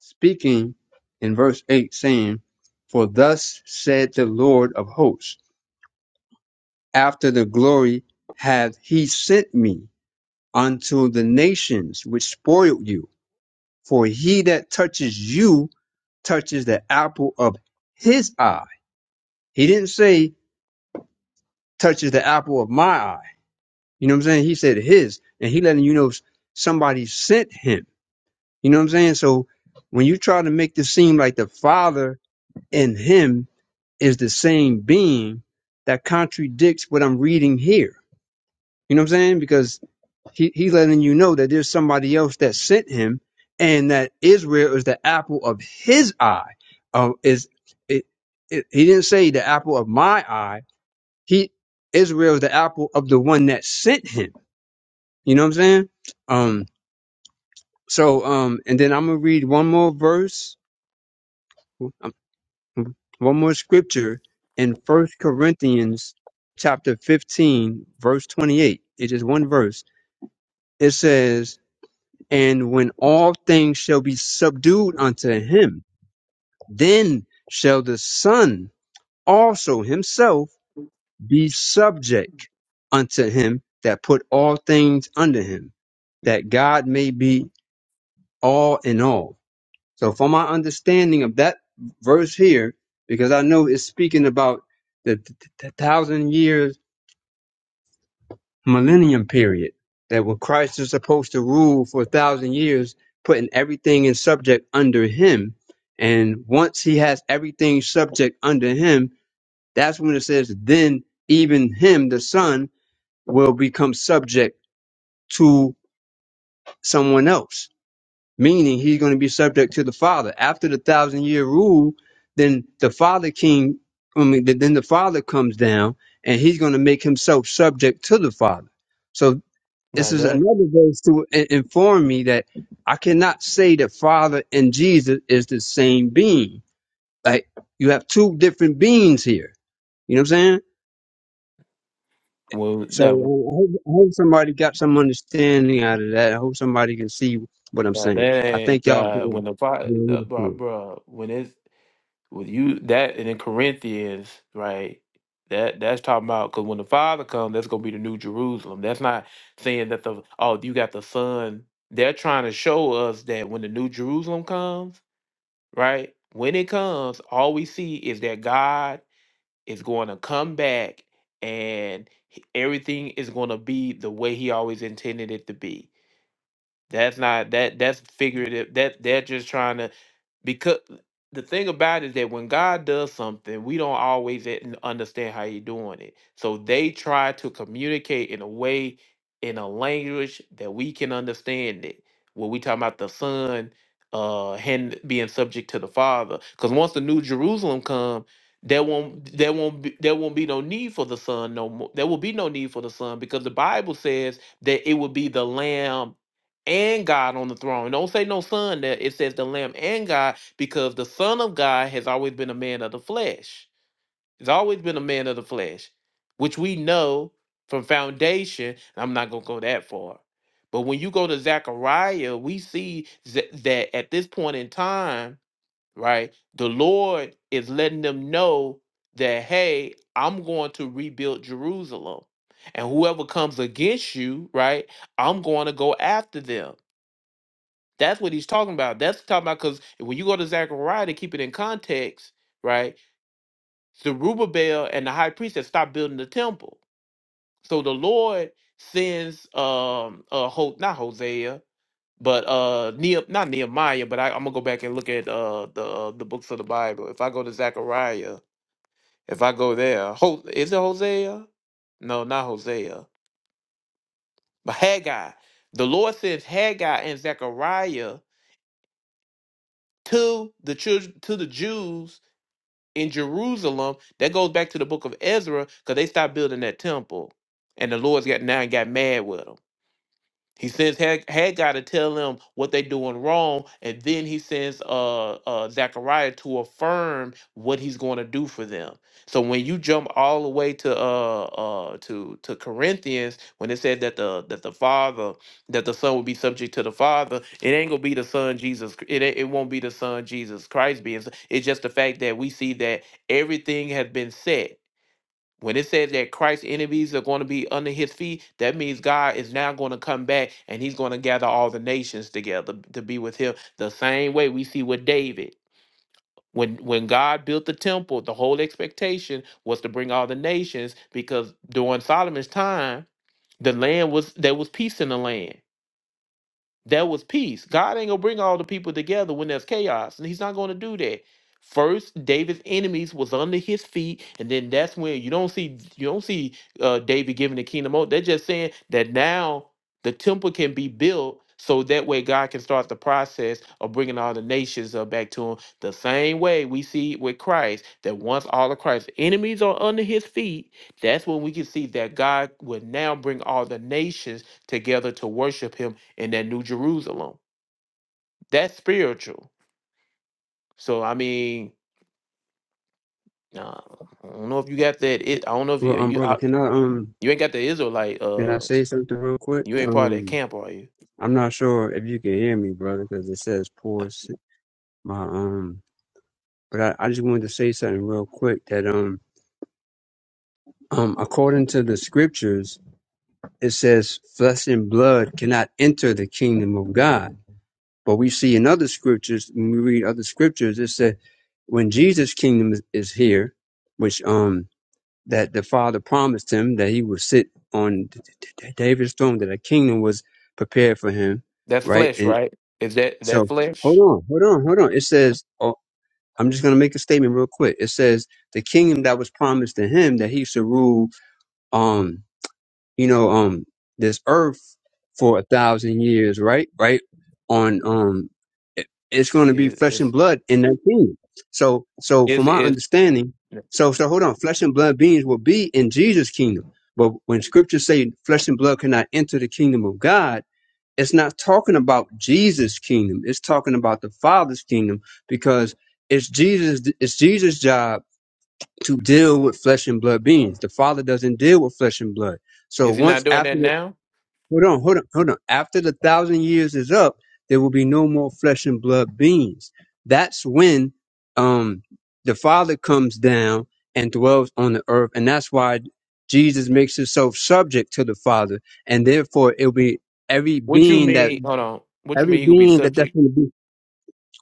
G: speaking in verse eight, saying, "For thus said the Lord of hosts: After the glory hath He sent me unto the nations which spoiled you. For he that touches you touches the apple of His eye." He didn't say touches the apple of my eye. You know what I'm saying? He said his, and he letting you know somebody sent him. You know what I'm saying? So when you try to make this seem like the Father and him is the same being, that contradicts what I'm reading here. You know what I'm saying? Because he, he letting you know that there's somebody else that sent him, and that Israel is the apple of his eye. Um, is it, it, he didn't say the apple of my eye. He Israel is the apple of the one that sent him. You know what I'm saying? Um, so, um, and then I'm gonna read one more verse, um, one more scripture in First Corinthians chapter 15, verse 28. It is one verse. It says, "And when all things shall be subdued unto him, then shall the Son also himself be subject unto him that put all things under him, that God may be all in all." So, from my understanding of that verse here, because I know it's speaking about the, t- t- thousand years millennium period, that when Christ is supposed to rule for a thousand years, putting everything in subject under him. And once he has everything subject under him, that's when it says, then even him, the son, will become subject to someone else meaning he's going to be subject to the father after the thousand year rule then the father king i mean th- then the father comes down and he's going to make himself subject to the father so this
A: Now
G: is
A: that
G: another verse to i- inform me that i cannot say that father and jesus is the same being like you have two different beings here you know what i'm saying
A: well
G: so I
A: that
G: hope, I hope somebody got some understanding out of that. I hope somebody can see what I'm
A: now
G: saying. I
A: that
G: thank y'all for
A: uh, when the
G: for
A: fi-
G: the
A: the
G: leadership.
A: bro, bro when it's with you that and in Corinthians right that that's talking about because when the Father comes that's gonna be the New Jerusalem. That's not saying that the oh you got the Son. They're trying to show us that when the New Jerusalem comes, right? When it comes, all we see is that God is going to come back and he- everything is going to be the way he always intended it to be. That's not that that's figurative. That they're just trying to because the thing about it is that when God does something, we don't always e- n- understand how He's doing it. So they try to communicate in a way, in a language that we can understand it. When we talk about the Son uh hand being subject to the Father, because once the New Jerusalem come, there won't there won't be, there won't be no need for the Son no more. There will be no need for the Son because the Bible says that it will be the Lamb and God on the throne. Don't say no Son there. It says the Lamb and God because the Son of God has always been a man of the flesh. He's always been a man of the flesh, which we know from foundation. I'm not going to go that far. But when you go to Zechariah, we see z- that at this point in time, right, the Lord is letting them know that, hey, I'm going to rebuild Jerusalem. And whoever comes against you, right, I'm going to go after them. That's what he's talking about. That's talking about because when you go to Zechariah to keep it in context, right? Zerubbabel and the high priest had stopped building the temple. So the Lord sends um uh Ho- not Hosea, but uh Neh- not Nehemiah, but I, I'm gonna go back and look at uh the uh, the books of the Bible. If I go to Zechariah, if I go there, Ho- is it Hosea? No, not Hosea, but Haggai. The Lord sends Haggai and Zechariah to the children to the Jews in Jerusalem. That goes back to the book of Ezra because they stopped building that temple, and the Lord's got now got mad with them. He sends Hag- Haggai to tell them what they're doing wrong, and then he sends uh, uh, Zechariah to affirm what he's going to do for them. So when you jump all the way to uh, uh, to to Corinthians, when it said that the that the father that the son would be subject to the father, it ain't gonna be the son Jesus. Chr- It ain't- it won't be the son Jesus Christ being. s- It's just the fact that we see that everything has been set. When it says that Christ's enemies are going to be under his feet, that means God is now going to come back and he's going to gather all the nations together to be with him. The same way we see with David. When when God built the temple, the whole expectation was to bring all the nations because during Solomon's time, the land was there was peace in the land. There was peace. God ain't gonna bring all the people together when there's chaos, and He's not gonna do that. First, David's enemies was under his feet, and then that's when you don't see you don't see uh, David giving the kingdom over. They're just saying that now the temple can be built, so that way God can start the process of bringing all the nations uh, back to Him. The same way we see with Christ that once all of Christ's enemies are under His feet, that's when we can see that God will now bring all the nations together to worship Him in that New Jerusalem. That's spiritual. So I mean, uh, I don't know if you got that. It, I don't know if you
G: Well, um,
A: you
G: brother,
A: I,
G: can I um,
A: you ain't got the Israelite.
G: can I
A: Uh,
G: say something real quick?
A: you ain't part of that
G: Um,
A: camp, are you?
G: I'm not sure if you can hear me, brother, because it says pause my um. But I, I just wanted to say something real quick that um um according to the scriptures, it says flesh and blood cannot enter the kingdom of God. But we see in other scriptures, when we read other scriptures, it said when Jesus' kingdom is, is here, which um that the Father promised him that he would sit on D- D- D- David's throne, that a kingdom was prepared for him,
A: That's
G: right?
A: flesh,
G: And
A: right? Is that that
G: so, hold
A: flesh?
G: on, hold on, hold on. It says, oh, I'm just going to make a statement real quick. It says the kingdom that was promised to him that he should rule. Um, you know, um, this earth for a thousand years, right? Right? On, um, it, it's going to be
A: Is
G: flesh and
A: is
G: blood in that kingdom. So, so from
A: is
G: my
A: is,
G: understanding, so, so hold on, flesh and blood beings will be in Jesus' kingdom. But when scriptures say flesh and blood cannot enter the kingdom of God, it's not talking about Jesus' kingdom. It's talking about the Father's kingdom because it's Jesus. It's Jesus' job to deal with flesh and blood beings. The Father doesn't deal with flesh and blood. So
A: is he not
G: once
A: doing
G: after,
A: that
G: the,
A: now?
G: hold on, hold on, hold on. After the thousand years is up, there will be no more flesh and blood beings. That's when um, the Father comes down and dwells on the earth, and that's why Jesus makes himself subject to the Father, and therefore it'll be every
A: What you
G: being that
A: mean? Hold on. What you
G: every
A: mean he gonna be
G: being that that's
A: subject?
G: going to be.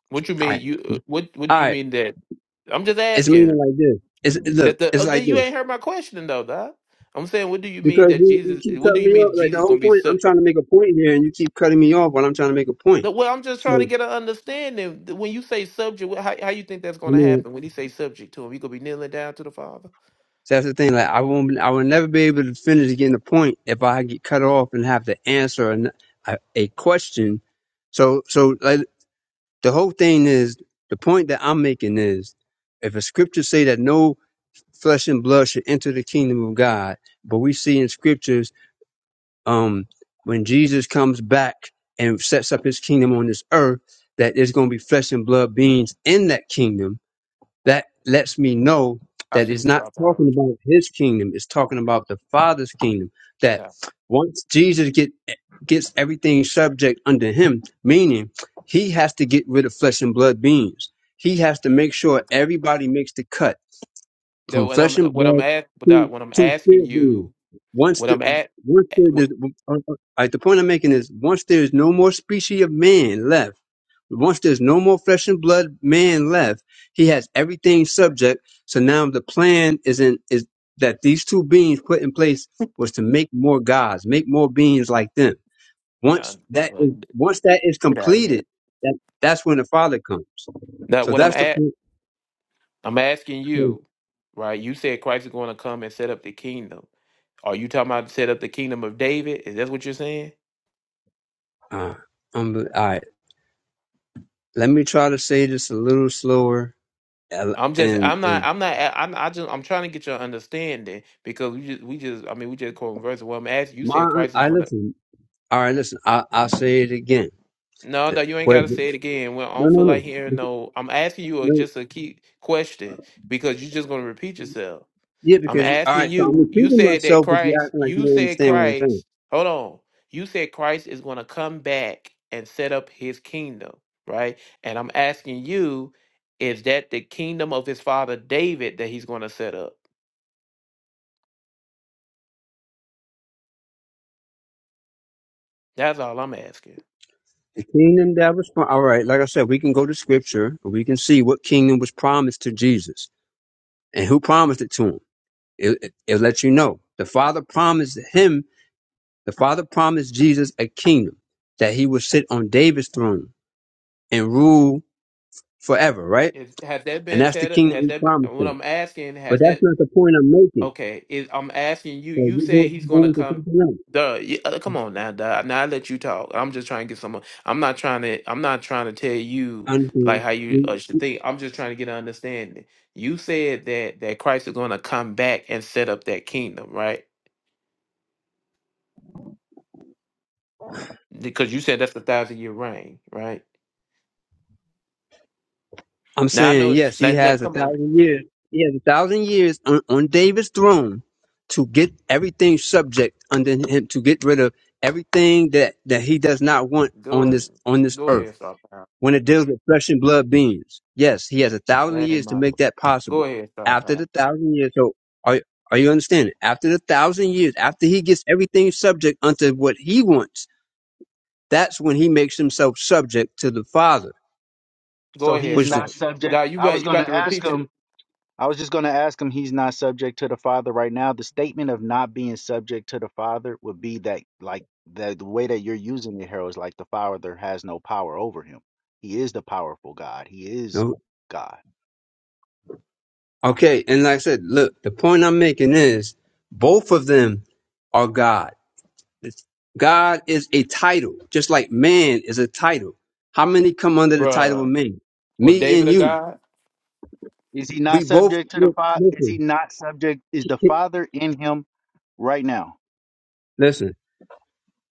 A: What you
G: All
A: mean
G: right,
A: you? uh, What what
G: all
A: do you
G: right.
A: mean that? I'm just
G: It's meaning
A: asking
G: like this. It's look.
A: that the oh,
G: It's
A: then
G: like
A: you
G: this.
A: ain't heard my question though, dog. I'm saying what do you mean
G: Because
A: that
G: you, you
A: Jesus?
G: keep
A: What do
G: cutting
A: you
G: me off.
A: mean
G: Like the
A: Jesus
G: whole
A: gonna be
G: point,
A: sub?
G: I'm trying to make a point here, and you keep cutting me off while I'm trying to make a point.
A: The, well, I'm just
G: So
A: trying to get an understanding. When you say subject, wh- how how you think that's
G: I
A: going to
G: mean,
A: happen? When you say subject to him, you gonna be kneeling down to the Father?
G: so that's the thing. Like I won't, I will never be able to finish getting the point if I get cut off and have to answer an, a, a question. So, so like the whole thing is the point that I'm making is if a scripture say that no flesh and blood should enter the kingdom of God, but we see in scriptures um, when Jesus comes back and sets up his kingdom on this earth, that there's going to be flesh and blood beings in that kingdom. That lets me know
A: I
G: that
A: see
G: it's
A: you,
G: not
A: star power.
G: talking about his kingdom; it's talking about the Father's kingdom. That
A: Yeah.
G: once Jesus get gets everything subject under him, meaning he has to get rid of flesh and blood beings. He has to make sure
A: Okay.
G: everybody makes the cut
A: That
G: from
A: when
G: flesh
A: I'm
G: and
A: what I'm
G: blood
A: at, but
G: to
A: when I'm
G: to
A: asking
G: spirit beings.
A: you,
G: Once
A: what
G: the
A: I'm at,
G: once
A: eh,
G: there
A: what?
G: is, uh, uh, uh, the point I'm making is once there is no more species of man left, once there's no more flesh and blood man left, he has everything subject. So now the plan is in is that these two beings put in place was to make more gods, make more beings like them.
A: No,
G: Once that
A: nah,
G: is once that is
A: get out of here.
G: completed, that, that's when the Father comes.
A: Now,
G: So
A: what I'm
G: that's the
A: at,
G: point.
A: I'm asking
G: So,
A: you, right? You said Christ is going to come and set up the kingdom. Are you talking about set up the kingdom of David? Is that what you're saying?
G: Uh, um, all right. let me try to say this a little slower. And,
A: I'm just,
G: and
A: I'm not, I'm not, I'm, I just, I'm trying to get your understanding because we just, we just, I mean, we just quoting verse. Well, I'm asking, you said
G: my,
A: Christ is
G: I
A: gonna.
G: listen. All right, listen. I I say it again.
A: No,
G: That-
A: no, you ain't
G: What,
A: gotta say it again. Well, I
G: no,
A: don't
G: no,
A: feel
G: no,
A: like hearing
G: Bec-
A: no. I'm asking you a,
G: no.
A: just a key question because you're just gonna repeat yourself.
G: Yeah,
A: I'm
G: because you, all
A: asking
G: right. So I'm
A: you. You
G: repeating
A: said that
G: myself, but you're
A: Christ.
G: acting like you
A: You
G: don't
A: said
G: understand what I'm saying.
A: Christ. Hold on. You said Christ is gonna come back and set up His kingdom, right? And I'm asking you, is that the kingdom of His father David that He's gonna set up? That's all I'm asking.
G: The kingdom that was prom- all right. Like I said, we can go to scripture. and We can see what kingdom was promised to Jesus and who promised it to him. It, it, it lets you know the Father promised him. The Father promised Jesus a kingdom that he would sit on David's throne and rule forever, right?
A: Is has that
G: And
A: been
G: that's the
A: set up?
G: kingdom
A: Has
G: he
A: that been-
G: promised
A: what
G: them.
A: I'm asking?
G: But
A: Has
G: that's
A: that
G: not the point I'm making.
A: okay? Is I'm asking you.
G: So
A: You
G: you're
A: said
G: going
A: he's gonna
G: going to
A: come.
G: something else.
A: Duh, yeah, uh, come on now, duh. Now I let you talk. I'm just trying to get someone. I'm not trying to. I'm not trying to tell you
G: Until
A: like how you uh,
G: you-
A: should think. I'm just trying to get an understanding. You said that that Christ is gonna come back and set up that kingdom, right? because you said that's the thousand year reign, right?
G: I'm
A: Now I
G: saying,
A: know.
G: yes, he
A: Now, now
G: has a
A: come on,
G: thousand years. He has a thousand years on, on David's throne to get everything subject under him, to get rid of everything that, that he does not want on
A: go
G: this on this
A: go
G: earth
A: ahead, Star Power.
G: when it deals with flesh and blood beings. Yes, he has a thousand
A: That ain't
G: years to
A: my
G: make
A: question.
G: that
A: Go
G: possible.
A: ahead, Star
G: After
A: Power.
G: the thousand years, so are are you understanding? After the thousand years, after he gets everything subject unto what he wants, that's when he makes himself subject to the Father.
A: Go
H: So he
A: ahead,
H: is
G: Push the
H: not
A: Star.
H: subject.
A: Now you
H: I
A: about
H: was
A: you
H: going
A: about
H: to
A: to
H: ask
A: repeat it,
H: him. I was just going to ask him. He's not subject to the Father right now. The statement of not being subject to the Father would be that, like that, the way that you're using it, Harold, is like the Father has no power over him. He is the powerful God. He is
G: no,
H: God.
G: okay, and like I said, look, the point I'm making is both of them are God. It's- God is a title, just like man is a title. How many come under the title of
A: bruh.
G: man?
A: Well,
G: Me
A: David
G: and
A: a
G: you.
A: God?
H: Is he not
G: We both
H: subject to the Father? Is
G: listen.
H: he not subject? Is the
G: Keep,
H: Father in him right now?
G: listen,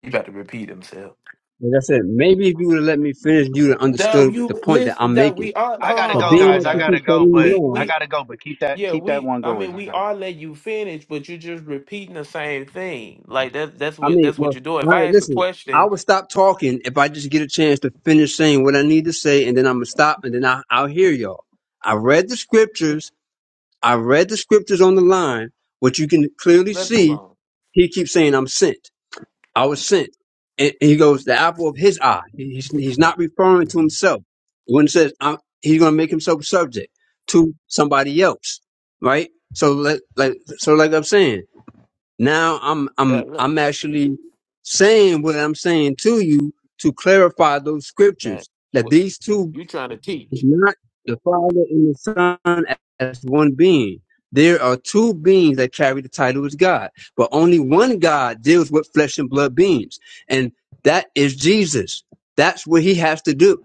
A: You about to repeat himself?
G: like I said, maybe if you would have let me finish, you'd have
A: Now
G: understood the
A: you
G: point that
A: listen.
G: I'm
A: That
G: making.
A: we are. Hold
H: I gotta
A: on,
G: But
H: go,
A: hold
G: being
A: on.
H: guys.
G: that
H: I
G: you
A: Now
H: gotta
G: keep
H: go,
G: cutting me
H: but
A: we
G: off,
H: I
A: we
H: gotta go. But keep that
A: yeah
H: keep that
A: we.
H: one
A: I
H: going.
A: mean
H: I gotta
A: we
H: go.
A: are letting you finish, but you're just repeating the same thing. Like that that's
G: I
A: what
G: mean,
A: that's what
G: well,
A: you're doing.
G: all
A: If
G: right,
A: I ask a
G: listen, I
A: question,
G: would stop talking if I just get a chance to finish saying what I need to say, and then I'm gonna stop, and then I, I'll hear y'all. I read the
A: n-
G: scriptures. I read the scriptures on the line, which you can clearly
A: let's move
G: see.
A: on.
G: He keeps saying I'm sent. I was sent. And he goes, the apple of his eye. He- He's, he's not referring to himself. When it says I'm, he's going to make himself subject to somebody else, right? So let, like, so like I'm saying, now I'm, I'm,
A: That
G: I'm actually saying what I'm saying to you to clarify those
A: That
G: scriptures that
A: what
G: these two
A: you trying to
G: is
A: teach?
G: not the Father and the Son as one being. There are two beings that carry the title as God, but only one God deals with flesh and blood beings, and that is Jesus. That's what he has to do.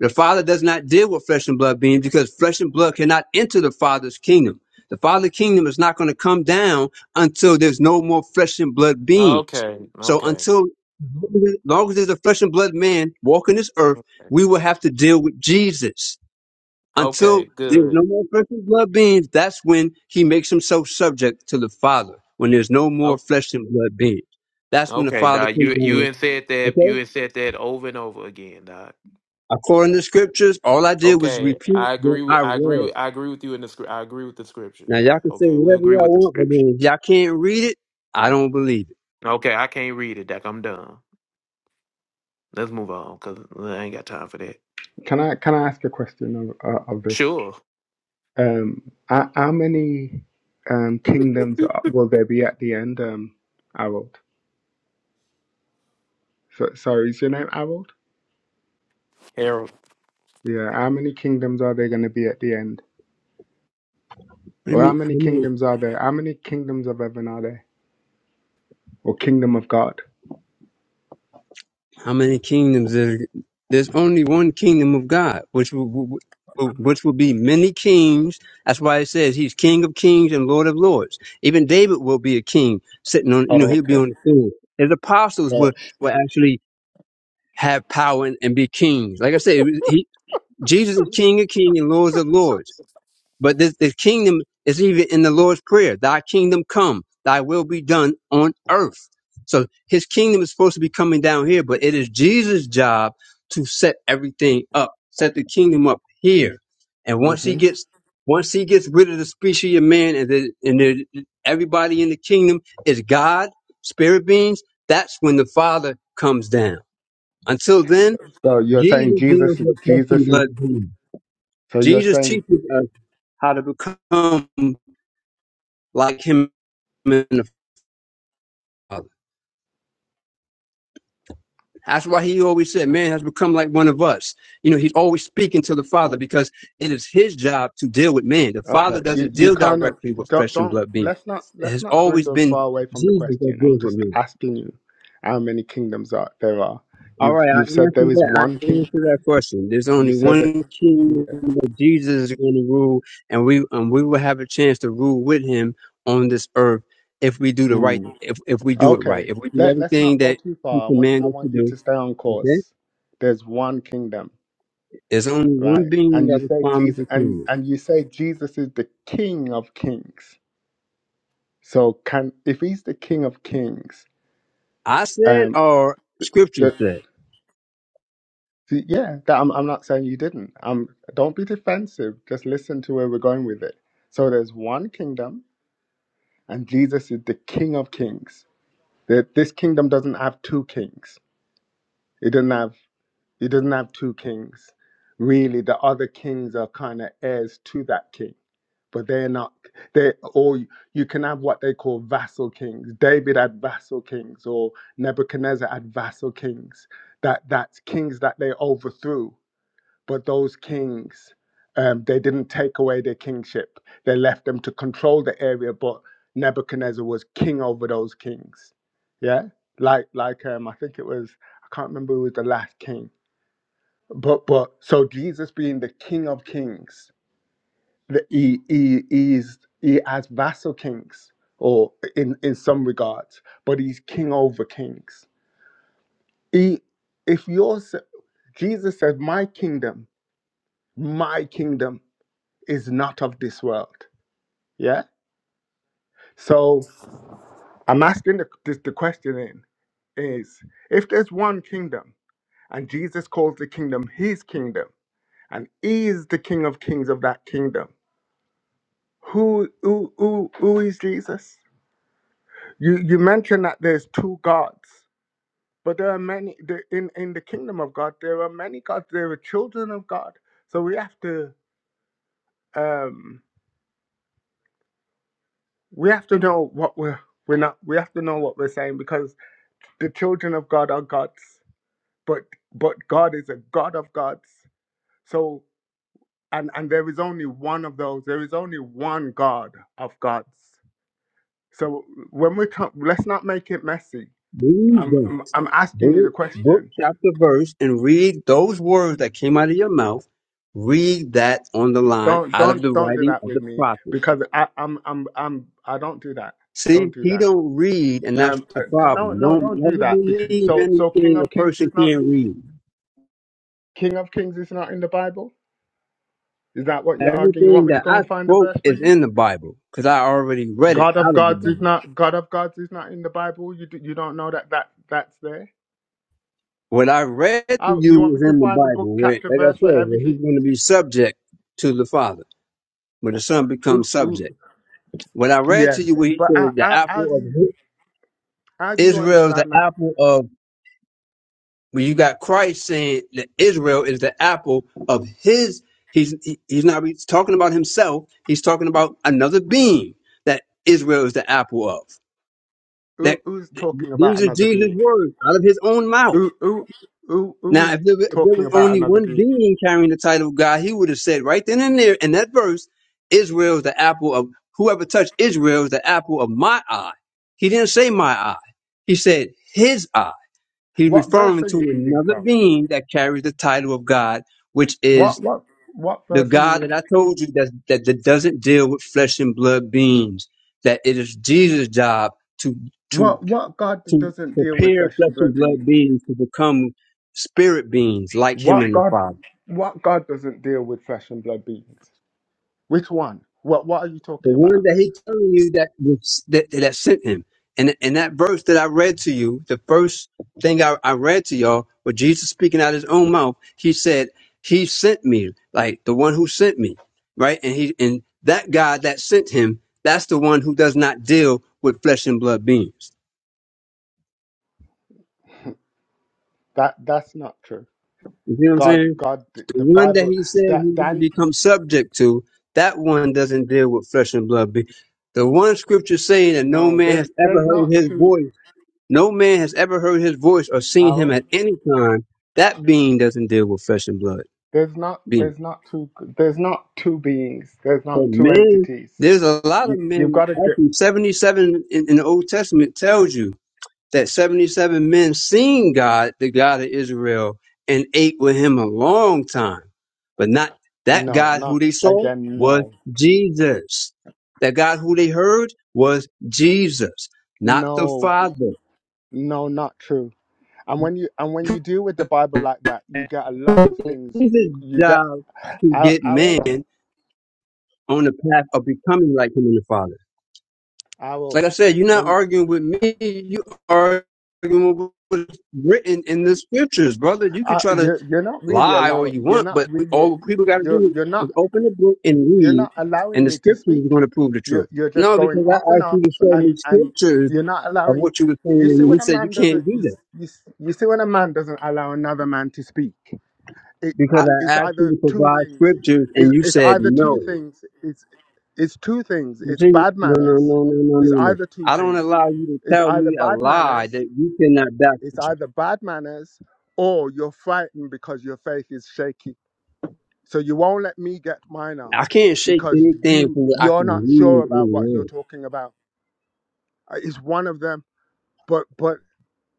G: The Father does not deal with flesh and blood beings because flesh and blood cannot enter the Father's kingdom. The Father's kingdom is not going to come down until there's no more flesh and blood beings.
A: Okay,
G: So
A: okay,
G: until long as there's a flesh and blood man walking this earth, we will have to deal with Jesus. Until
A: okay,
G: there's no
A: good.
G: more fleshly blood beings, that's when he makes himself subject to the Father. When there's no more
A: Oh,
G: flesh and blood beings, that's when the
A: okay,
G: Father
A: Doc.
G: comes
A: You you
G: down.
A: had said that you
G: Okay?
A: had said that over and over again, Doc.
G: According to scriptures, all I did was
A: Okay,
G: repeat
A: I
G: what
A: agree
G: I
A: with I agree
G: read.
A: with I agree with you in the script. I agree with the scriptures,
G: Now y'all
A: Doc.
G: can say
A: Okay, we
G: whatever
A: agree
G: y'all
A: with the
G: want, but
A: scripture.
G: then if y'all can't read it, I don't believe it.
A: Okay, I can't read it, Doc. I'm done. Let's move on because I ain't got time for that.
I: Can I can I ask a question of, uh, of this?
A: Sure,
I: Um, how, how many um, kingdoms are- will there be at the end, um, Harold? So, sorry, is your name Harold?
A: Harold.
I: Yeah. How many kingdoms are there going to be at the end?
G: I
I: Or how
G: mean,
I: many kingdoms are there? How many kingdoms of heaven are there? Or kingdom of God?
G: How many kingdoms is there's only one kingdom of God, which will, which will be many kings. That's why it says he's King of Kings and Lord of Lords. Even David will be a king, sitting on you know
I: Oh,
G: he'll be
I: okay.
G: on the throne. His apostles
I: So,
G: will will actually have power and, and be kings. Like I said, he Jesus is King of Kings and Lords of Lords. But this, the kingdom is even in the Lord's Prayer. Thy kingdom come, thy will be done on earth. So his kingdom is supposed to be coming down here, but it is Jesus' job to set everything up, set the kingdom up here. And once he
I: hmm
G: gets once he gets rid of the species of man and the, and the, everybody in the kingdom is God, spirit beings, that's when the Father comes down. Until then,
I: so you're saying
G: Jesus deals
I: Jesus is
G: with flesh and
I: Jesus is.
G: blood beings.
I: So you're
G: Jesus
I: saying
G: teaches us how to become like him and the Father. That's why he always said, Man has become like one of us. You know, he's always speaking to the Father because it is his job to deal with man. The
I: Okay,
G: Father
I: you
G: doesn't
I: you
G: deal
I: kind of
G: directly with
I: don't
G: flesh and
I: don't
G: blood beings.
I: let's not
G: It
I: let's
G: has
I: not
G: always
I: dwindle
G: been
I: far away from the
G: Jesus that
I: question. I'm
G: deals with
I: just
G: man.
I: asking you how many kingdoms are there are.
G: All
I: You've
G: right, I
I: you've said there
G: answered
I: is
G: that. I
I: one king.
G: answered that question. There's
I: You
G: only
I: said that.
G: one king
I: Yeah.
G: that Jesus is going to rule, and we and we will have a chance to rule with him on this earth if we do the right,
I: Mm.
G: if if we do it right,
I: Okay.
G: if we do
I: Let let's
G: everything
I: not go
G: that
I: too
G: he
I: far. I want I
G: commanded us to
I: want you
G: do.
I: to stay on
G: Okay
I: course. There's one kingdom,
G: There's only one
I: right?
G: being
I: And you
G: that is
I: say
G: promised to
I: Jesus and
G: come.
I: and you say Jesus is the King of Kings. So can if he's the King of Kings,
G: I said,
I: um,
G: or scripture
I: the
G: said,
I: See, yeah, that I'm, I'm not saying you didn't. Um, don't be defensive. Just listen to where we're going with it. So there's one kingdom, and Jesus is the King of Kings. That this kingdom doesn't have two kings. It doesn't have it doesn't have two kings. Really, the other kings are kind of heirs to that king, but they're not. They or you can have what they call vassal kings. David had vassal kings, or Nebuchadnezzar had vassal kings. That that's kings that they overthrew But those kings, um, they didn't take away their kingship. They left them to control the area, but Nebuchadnezzar was king over those kings. Yeah, like like um, I think it was I can't remember who was the last king, but but so Jesus being the King of Kings, the, he he he is he has vassal kings or in in some regards, but he's king over kings. He if you're s- Jesus says, my kingdom, my kingdom. is not of this world. Yeah. So I'm asking the, this, the question in is if there's one kingdom and Jesus calls the kingdom his kingdom and he is the king of kings of that kingdom, who who who, who is Jesus? You you mentioned that there's two gods, but there are many there, in in the kingdom of God. There are many gods. There are children of God. So we have to um we have to know what we're we're not we have to know what we're saying because the children of God are gods, but but God is a God of gods. So and and there is only one of those. There is only one God of gods. So when we come, let's not make it messy.
G: read
I: I'm,
G: that
I: I'm I'm asking you the
G: book, book,
I: question.
G: chapter, verse, and read those words that came out of your mouth. Read that on the line
I: Don't
G: out of
I: don't
G: the
I: don't do
G: writing
I: that
G: of
I: with
G: the
I: me
G: prophets.
I: because I I'm I'm I'm I don't do that.
G: See,
I: Don't do
G: he
I: that.
G: don't read, and that's
I: Um
G: the
I: uh, no
G: problem.
I: no
G: Don't
I: don't do
G: never
I: that because
G: believe
I: so so King
G: anything a
I: of Kings
G: person
I: is not
G: can't read.
I: King of Kings is not in the Bible. Is that what you're arguing? You want
G: Everything
I: me to
G: that
I: go
G: I
I: and find a
G: spoke
I: verse for
G: is
I: you?
G: in the Bible because I already read it
I: God of
G: out of the
I: gods is
G: Bible.
I: not God of gods is not in the Bible. You d- you don't know that that that's there.
G: What I read to
I: I, you
G: you
I: want me
G: is
I: to
G: in the
I: find the book
G: Bible. Right?
I: chapter
G: Like I
I: verse
G: said,
I: for
G: where he's
I: everything?
G: going to be subject to the Father, When the Son becomes
I: Ooh, ooh,
G: subject. What I read to
I: yes,
G: you, where he
I: but how,
G: says the
I: how, how do
G: apple of
I: you
G: his-
I: how do you
G: Israel is the
I: understand that?
G: apple of, when you got Christ saying that Israel is the apple of his. He's he- he's not he's talking about himself. He's talking about another being that Israel is the apple of.
I: Who,
G: That
I: who's
G: th-
I: talking about
G: these are
I: another
G: Jesus'
I: being?
G: words out of his own mouth.
I: Who, who who who
G: Now,
I: is
G: if there, wa- if there
I: talking
G: was
I: about
G: only
I: another
G: one
I: being?
G: being carrying the title of God, he would have said right then and there in that verse, Israel is the apple of whoever touched Israel is the apple of my eye. He didn't say my eye. He said his eye. He's
I: What verse
G: referring
I: are
G: to
I: you reading
G: another
I: from?
G: being that carries the title of God, which
I: What
G: is
I: what what
G: the
I: verse are you
G: God that I
I: reading?
G: told you that, that, that doesn't deal with flesh and blood beings, that it is Jesus' job to, to
I: What what God
G: to
I: doesn't deal with
G: prepare
I: flesh
G: flesh
I: and
G: and
I: blood
G: blood
I: beings?
G: beings to become spirit beings like him
I: What
G: and the
I: God
G: Father.
I: what God doesn't deal with flesh and blood beings? Which one? What What are you
G: The
I: talking
G: one
I: about?
G: that he telling you that was that, that sent him. And and that verse that I read to you, the first thing I, I read to y'all was Jesus speaking out his own mouth. He said, He sent me, like the one who sent me. Right? And he and that God that sent him, that's the one who does not deal with flesh and blood beings.
I: That That's not true.
G: You see what I'm
I: God,
G: saying?
I: God, the
G: The
I: the
G: one that
I: Bible.
G: he said
I: That
G: he's going to
I: that
G: become subject to, that one doesn't deal with flesh and blood. Be- The one scripture saying that no
I: no.
G: man
I: There's
G: has ever
I: there's
G: heard
I: not
G: his
I: two
G: voice, no man has ever heard his voice or seen him
I: hours.
G: at any time, that being doesn't deal with flesh and blood.
I: There's not
G: Being.
I: there's not two there's not two beings. There's
G: But
I: not two
G: man,
I: entities.
G: there's a lot
I: You,
G: of
I: you've
G: men,
I: got to get
G: actually 77 in, in the Old Testament tells you that 77 men seen God, the God of Israel, and ate with him a long time. But not that
I: no,
G: God who
I: not
G: they saw
I: again.
G: was
I: No,
G: Jesus. That God who they heard was Jesus, not the
I: no,
G: Father.
I: no, not true. And when you and when you deal with the Bible like that, you get a lot of things.
G: Jesus'
I: You get
G: job to get man
I: Harold,
G: on the path of becoming like him and the Father.
I: Harold.
G: Like I said, you're not
I: When
G: arguing with me, you are arguing with what's written in the scriptures, brother. You could
I: Uh,
G: try to
I: you're you're not really
G: lie all
I: allowing.
G: you
I: You're
G: want,
I: not
G: but we,
I: really.
G: all people got to
I: You're
G: do
I: you're not
G: is open the book and
I: you're
G: read,
I: not allowing
G: and the
I: me to
G: scripture
I: speak.
G: is going to prove the
I: You're
G: truth.
I: you're just
G: No,
I: going
G: because I
I: off and
G: asked you
I: off,
G: to show me
I: and and
G: scriptures
I: you're not
G: of
I: allowing.
G: what you were
I: You
G: saying,
I: see
G: and
I: when
G: you
I: a
G: said you
I: man doesn't.
G: can't
I: You
G: do that
I: s- you, s- you see when a man doesn't allow another man to speak. It uh,
G: because I
I: it's
G: asked you to
I: either two
G: provide
I: things.
G: scriptures,
I: It's,
G: and you
I: it's
G: said
I: either two
G: no.
I: things. It's it's two things.
G: You
I: It's
G: see,
I: bad
G: no, no,
I: manners.
G: no, no, no,
I: It's
G: no, no.
I: either two
G: I don't
I: things.
G: allow you to
I: It's
G: tell
I: either
G: me a
I: bad
G: lie
I: manners.
G: that you cannot back.
I: It's either bad manners or you're frightened because your faith is shaky. So you won't let me get mine off
G: I can't shake
I: because
G: anything
I: you
G: from what I
I: you're not
G: can
I: sure
G: read
I: about what you're
G: online.
I: talking about. Uh, It's one of them, but but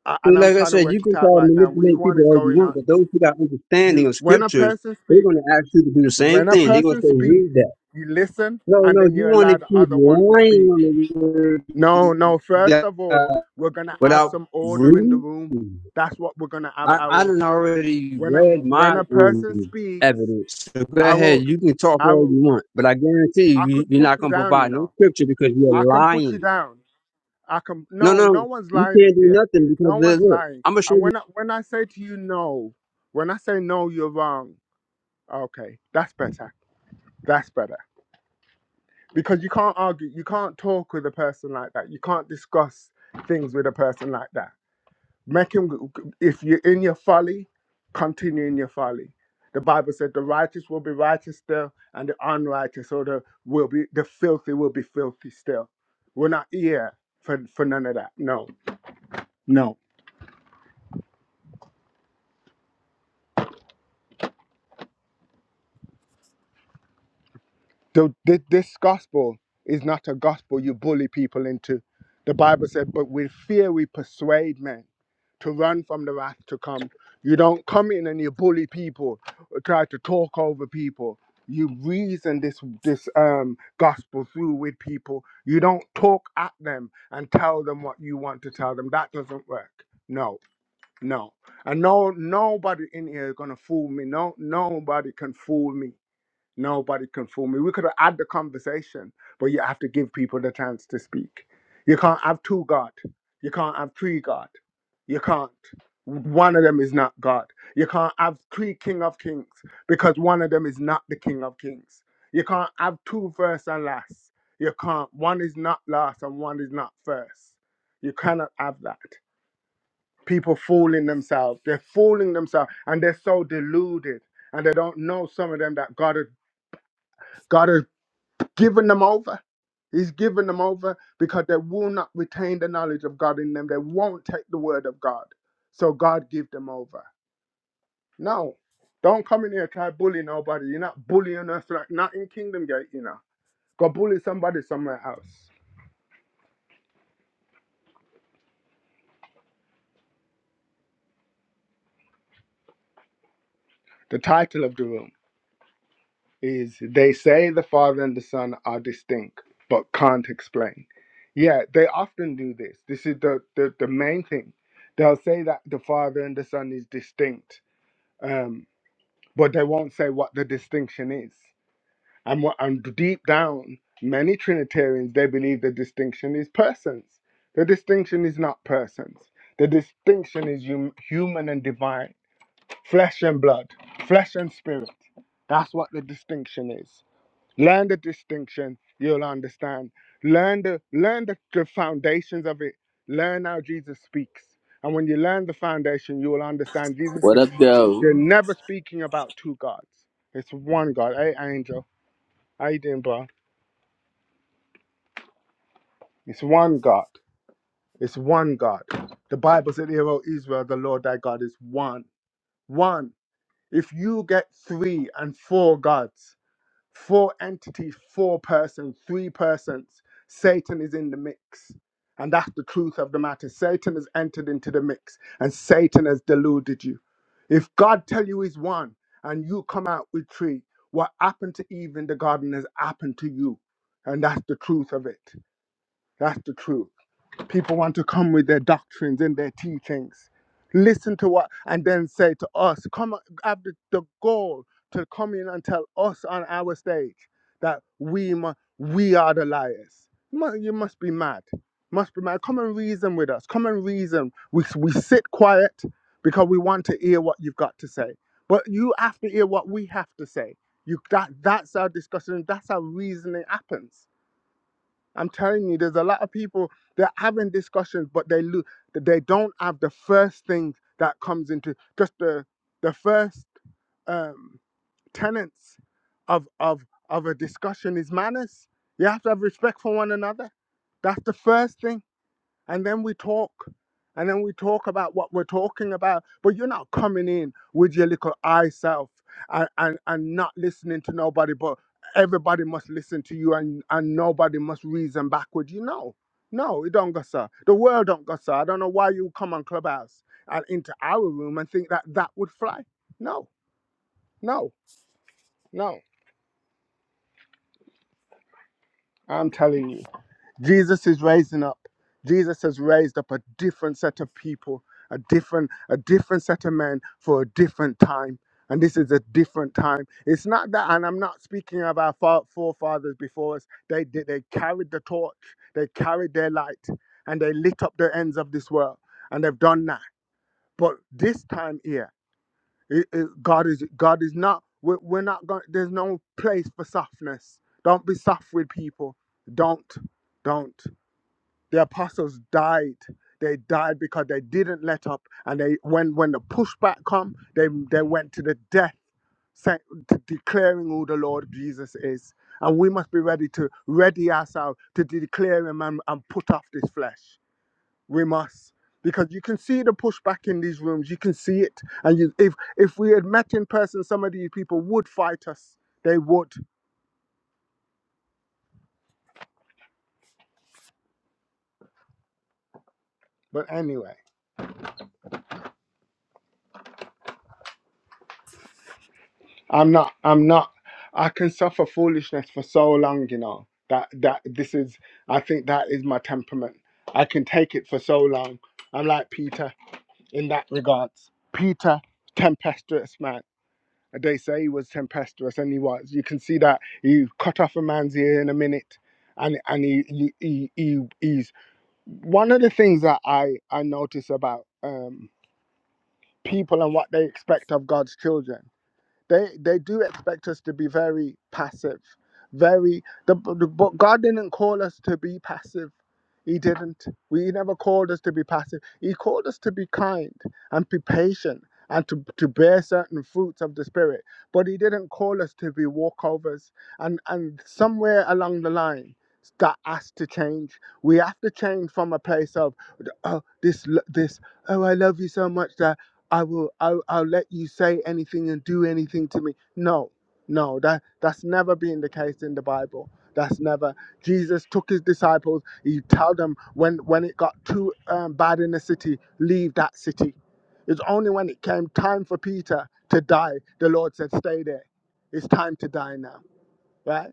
I: uh,
G: See,
I: and I'm
G: like I
I: trying to
G: said, you
I: work it
G: can try
I: out
G: to
I: right now. Which
G: manipulate
I: one
G: people
I: is
G: all you
I: going
G: want,
I: on?
G: but those who got understanding
I: You
G: of
I: when a
G: scriptures,
I: person
G: they're
I: speak
G: going to ask you to do the same
I: when a
G: thing. They're going to
I: person
G: say, read
I: speaks,
G: that.
I: you listen
G: No,
I: and
G: no,
I: then
G: you
I: you
G: want to
I: allow the
G: keep
I: other one to
G: lying
I: speak.
G: on the word
I: No, no. First
G: of
I: of all,
G: God
I: we're gonna have
G: without
I: some order in the
G: reading.
I: room. That's what we're gonna have,
G: I, I
I: Harold.
G: done already
I: When a,
G: read
I: when
G: my
I: a person
G: um,
I: speaks,
G: evidence. So go ahead,
I: Harold,
G: you can talk all
I: Harold,
G: you want, but I guarantee you,
I: I
G: you
I: could
G: you're
I: put
G: not
I: you
G: going to
I: down, you
G: provide
I: know.
G: no scripture because you're
I: I can put you
G: lying.
I: down. I can.
G: No,
I: No,
G: no,
I: no one's
G: you
I: lying up
G: can't do
I: here.
G: nothing because
I: No
G: of this.
I: one's lying. And
G: Look,
I: when I, when I say to you no, when I say no, you're wrong. Okay, that's better. That's better because you can't argue. You can't talk with a person like that. You can't discuss things with a person like that. Make him, if you're in your folly, continue in your folly. The Bible said the righteous will be righteous still, and the unrighteous or the will be the filthy will be filthy still. We're not here for, for none of that. No, no. The, the, this gospel is not a gospel you bully people into. The Bible said, but with fear we persuade men. to run from the wrath to come. You don't come in and you bully people, or try to talk over people. You reason this this um, gospel through with people. You don't talk at them and tell them what you want to tell them. That doesn't work. No, no, and no nobody in here is gonna fool me. No, nobody can fool me. Nobody can fool me. We could have had the conversation, but you have to give people the chance to speak. You can't have two God. You can't have three God. You can't. One of them is not God. You can't have three King of Kings because one of them is not the King of Kings. You can't have two first and last. You can't. One is not last and one is not first. You cannot have that. People fooling themselves. They're fooling themselves and they're so deluded and they don't know some of them that God has. God has given them over. He's given them over because they will not retain the knowledge of God in them. They won't take the word of God. So God give them over. No, don't come in here and try to bully nobody. You're not bullying us like not in Kingdom Gate, you know. Go bully somebody somewhere else. The title of the room is They Say the Father and the Son are distinct, but can't explain. Yeah, they often do this. This is the, the, the main thing. They'll say that the Father and the Son is distinct. Um, but they won't say what the distinction is. And what and deep down, many Trinitarians they believe the distinction is persons. The distinction is not persons. The distinction is hum- human and divine, flesh and blood, flesh and spirit. That's what the distinction is. Learn the distinction, you'll understand. Learn the learn the, the foundations of it. Learn how Jesus speaks. And when you learn the foundation, you will understand Jesus.
B: What up, though?
I: They're never speaking about two gods. It's one God. Hey, Angel. How you doing, bro? It's one God. It's one God. The Bible said, Hear, O Israel, the Lord thy God is one. One. If you get three and four gods, four entities, four persons, three persons. Satan is in the mix. And that's the truth of the matter. Satan has entered into the mix and Satan has deluded you. If God tell you he's one and you come out with three, what happened to Eve in the garden has happened to you. And that's the truth of it. That's the truth people want to come with their doctrines and their teachings. Listen to what, and then say to us, come have the, the goal to come in and tell us on our stage that we mu- we are the liars. Mu- You must be mad. Must be mad. Come and reason with us. Come and reason. We, we sit quiet because we want to hear what you've got to say. But you have to hear what we have to say. You that that's our discussion. That's how reasoning happens I'm telling you, there's a lot of people that having discussions, but they lo- that they don't have the first thing that comes into just the the first um, tenets of of of a discussion is manners. You have to have respect for one another. That's the first thing and then we talk and then we talk about what we're talking about but you're not coming in with your little i self and, and and not listening to nobody but everybody must listen to you and and nobody must reason backward you know no it don't go sir the world don't go sir i don't know why you come on clubhouse and into our room and think that that would fly no no no i'm telling you Jesus is raising up. Jesus has raised up a different set of people, a different, a different set of men for a different time. And this is a different time. It's not that, and I'm not speaking of our fa- forefathers before us. They did, they carried the torch, they carried their light, and they lit up the ends of this world, and they've done that. But this time here, it- it- God is God is not. We're, we're not going. There's no place for softness. Don't be soft with people. Don't, don't the apostles died they died because they didn't let up and they when when the pushback come they they went to the death saying, to declaring who the lord jesus is and we must be ready to ready ourselves to declare him and, and put off this flesh we must because you can see the pushback in these rooms you can see it and you, if if we had met in person some of these people would fight us they would but anyway I'm not. I'm not. I can suffer foolishness for so long, you know. That that this is. I think that is my temperament. I can take it for so long. I'm like Peter in that regards. Peter, tempestuous man. They say he was tempestuous, and he was. You can see that he cut off a man's ear in a minute, and and he he, he, he he's one of the things that I I notice about um people and what they expect of God's children they they do expect us to be very passive, very. The, the, but God didn't call us to be passive. He didn't. We he never called us to be passive. He called us to be kind and be patient and to, to bear certain fruits of the spirit. But he didn't call us to be walkovers. And and somewhere along the line, that has to change. We have to change from a place of oh, this lo- this oh I love you so much that. I will I'll, I'll let you say anything and do anything to me. No, no, that that's never been the case in the Bible. That's never. Jesus took his disciples. He tell them when when it got too um, bad in the city, leave that city. It's only when it came time for Peter to die, the Lord said, "Stay there. It's time to die now." Right?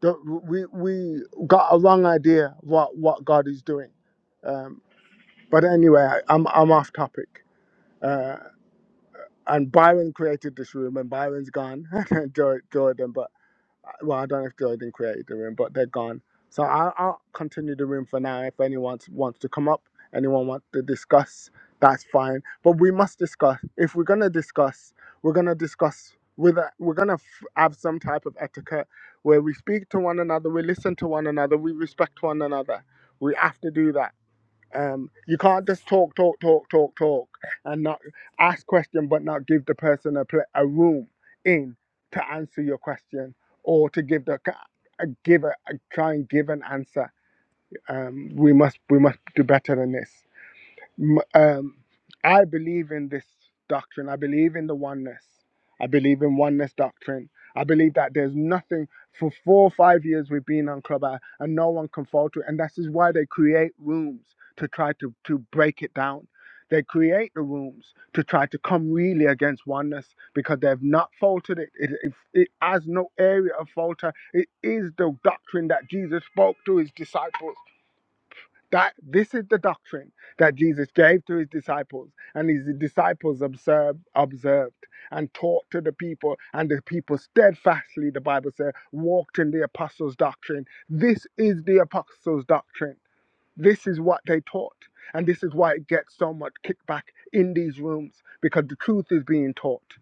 I: Don't- We we got a wrong idea what what God is doing. Um, but anyway, I, I'm I'm off topic. Uh, and Byron created this room, and Byron's gone. And Jor- Jordan, but uh, well, I don't know if Jordan created the room, but they're gone. So I'll, I'll continue the room for now. If anyone wants wants to come up, anyone wants to discuss, that's fine. But we must discuss. If we're gonna discuss, we're gonna discuss with a, we're gonna f- have some type of etiquette where we speak to one another, we listen to one another, we respect one another. We have to do that um, you can't just talk, talk, talk, talk, talk, and not ask question, but not give the person a pla a room in to answer your question or to give the ca- uh, give a, uh, try and give an answer. Um, we must we must do better than this. M- Um, I believe in this doctrine. I believe in the oneness. I believe in oneness doctrine. I believe that there's nothing for four or five years we've been on Clubhouse and no one can fall to it. And that is why they create rooms to try to, to break it down. They create the rooms to try to come really against oneness because they've not faltered it. It, it, it has no area of falter. It is the doctrine that Jesus spoke to his disciples. That this is the doctrine that Jesus gave to his disciples, and his disciples observed, observed and taught to the people, and the people steadfastly, the Bible says, walked in the apostles' doctrine. This is the apostles' doctrine. This is what they taught, and this is why it gets so much kickback in these rooms because the truth is being taught.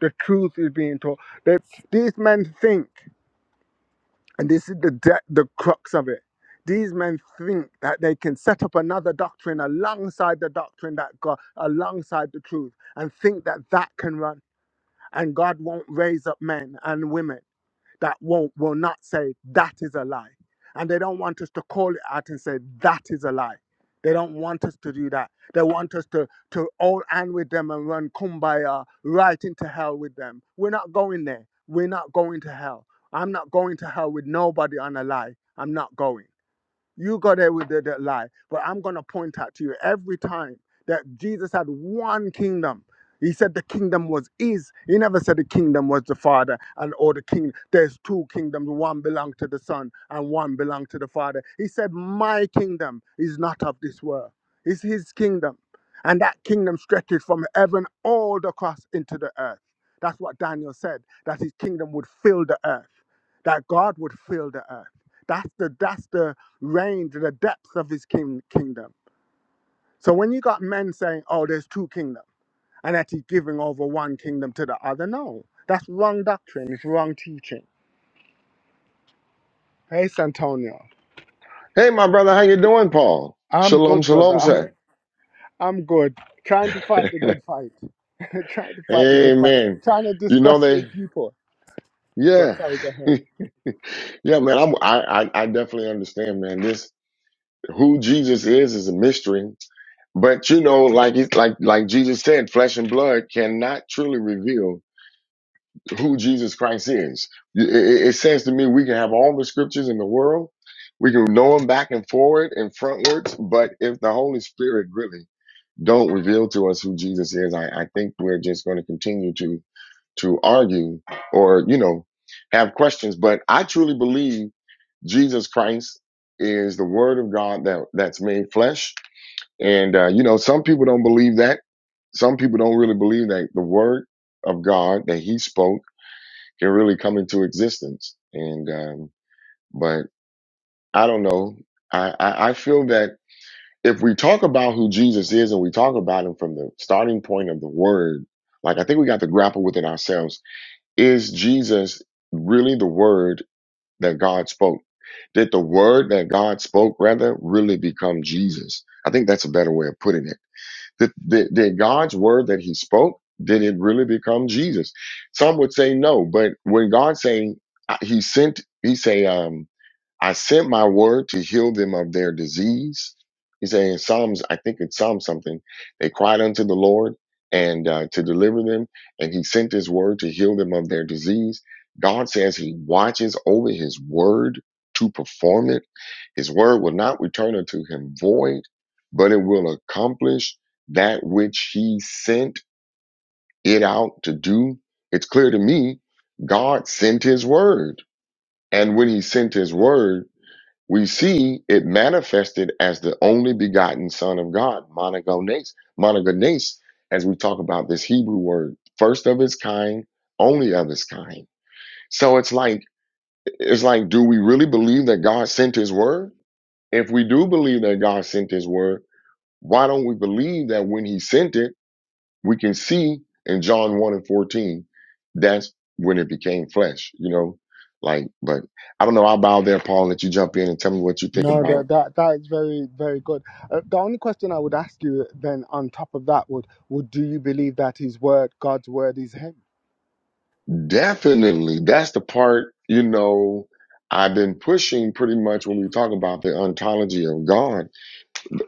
I: The truth is being taught. That these men think. And this is the de- the crux of it. These men think that they can set up another doctrine alongside the doctrine that God, alongside the truth, and think that that can run, and God won't raise up men and women that won't will not say that is a lie and they don't want us to call it out and say that is a lie they don't want us to do that they want us to to all and with them and run kumbaya right into hell with them we're not going there we're not going to hell i'm not going to hell with nobody on a lie i'm not going you got there with the, the lie, but I'm going to point out to you every time that Jesus had one kingdom. He said the kingdom was his. He never said the kingdom was the Father and or the king. There's two kingdoms. One belonged to the Son and one belonged to the Father. He said, My kingdom is not of this world. It's his kingdom. And that kingdom stretches from heaven all across into the earth. That's what Daniel said, that his kingdom would fill the earth, that God would fill the earth. That's the that's the reign to the depths of his king- kingdom. So when you got men saying, oh, there's two kingdoms, and that he's giving over one kingdom to the other, no, that's wrong doctrine. It's wrong teaching. Hey, Santonio.
C: Hey, my brother, how you doing, Paul?
I: I'm
C: Shalom,
I: good, brother.
C: shalom,
I: I'm,
C: sir.
I: I'm good. Trying to fight the good fight. Trying to fight the good fight.
C: Amen.
I: Trying to
C: You know
I: discuss
C: they.
I: with people. But
C: Yeah.
I: sorry, go ahead.
C: Yeah, man, I'm, I, I I definitely understand, man. This who Jesus is is a mystery, but you know, like it's like like Jesus said, flesh and blood cannot truly reveal who Jesus Christ is. It, it it says to me, we can have all the scriptures in the world, we can know them back and forward and frontwards, but if the Holy Spirit really don't reveal to us who Jesus is, I, I think we're just going to continue to to argue or you know have questions. But I truly believe Jesus Christ is the Word of God that that's made flesh, and uh, you know some people don't believe that. Some people don't really believe that the Word of God that He spoke can really come into existence. And um, but I don't know. I, I I feel that if we talk about who Jesus is and we talk about Him from the starting point of the Word, like I think we got to grapple with it ourselves. Is Jesus really the Word? that God spoke? Did the word that God spoke rather really become Jesus? I think that's a better way of putting it. Did, did, did God's word that he spoke, did it really become Jesus? Some would say no, but when God saying uh, he sent, he say, um, I sent my word to heal them of their disease. He said in Psalms, I think it's Psalm something, they cried unto the Lord and uh, to deliver them, and he sent his word to heal them of their disease. God says he watches over his word to perform it. His word will not return unto him void, but it will accomplish that which he sent it out to do. It's clear to me, God sent his word. And when he sent his word, we see it manifested as the only begotten Son of God, monogenes, monogenes, as we talk about this Hebrew word, first of its kind, only of its kind. So it's like it's like, do we really believe that God sent His word? If we do believe that God sent His word, why don't we believe that when He sent it, we can see in John one and fourteen, that's when it became flesh. You know, like, but I don't know. I'll bow there, Paul. and Let you jump in and tell me what you think
I: No,
C: about
I: that that that is very very good. Uh, the only question I would ask you then, on top of that, would would do you believe that His word, God's word, is Him?
C: Definitely. That's the part, you know, I've been pushing pretty much when we talk about the ontology of God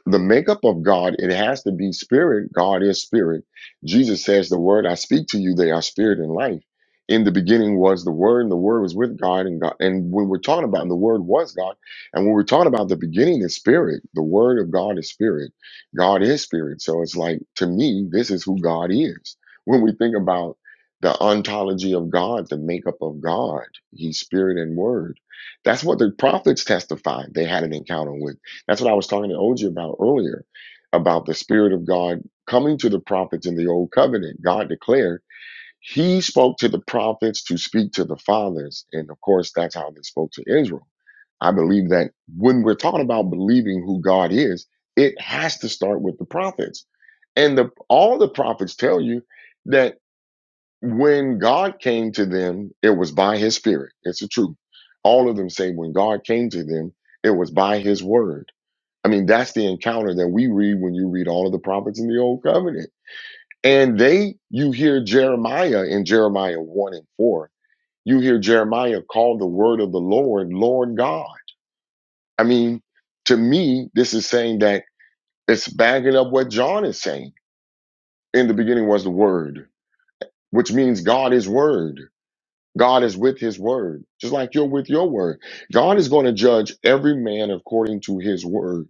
C: th- the makeup of God, it has to be spirit. God is spirit. Jesus says, The word I speak to you, they are spirit and life. In the beginning was the word, and the word was with God and God. And when we're talking about and the word was God, and when we're talking about the beginning is spirit, the word of God is spirit. God is spirit. So it's like to me, this is who God is. When we think about the ontology of God, the makeup of God, He's spirit and word. That's what the prophets testified they had an encounter with. That's what I was talking to OG about earlier, about the Spirit of God coming to the prophets in the Old Covenant. God declared He spoke to the prophets to speak to the fathers. And of course, that's how they spoke to Israel. I believe that when we're talking about believing who God is, it has to start with the prophets. And the, all the prophets tell you that when God came to them, it was by his spirit. It's the truth. All of them say when God came to them, it was by his word. I mean, that's the encounter that we read when you read all of the prophets in the Old Covenant. And they, you hear Jeremiah in Jeremiah 1 and 4, you hear Jeremiah call the word of the Lord, Lord God. I mean, to me, this is saying that it's backing up what John is saying. In the beginning was the word, which means God is word. God is with his word, just like you're with your word. God is going to judge every man according to his word.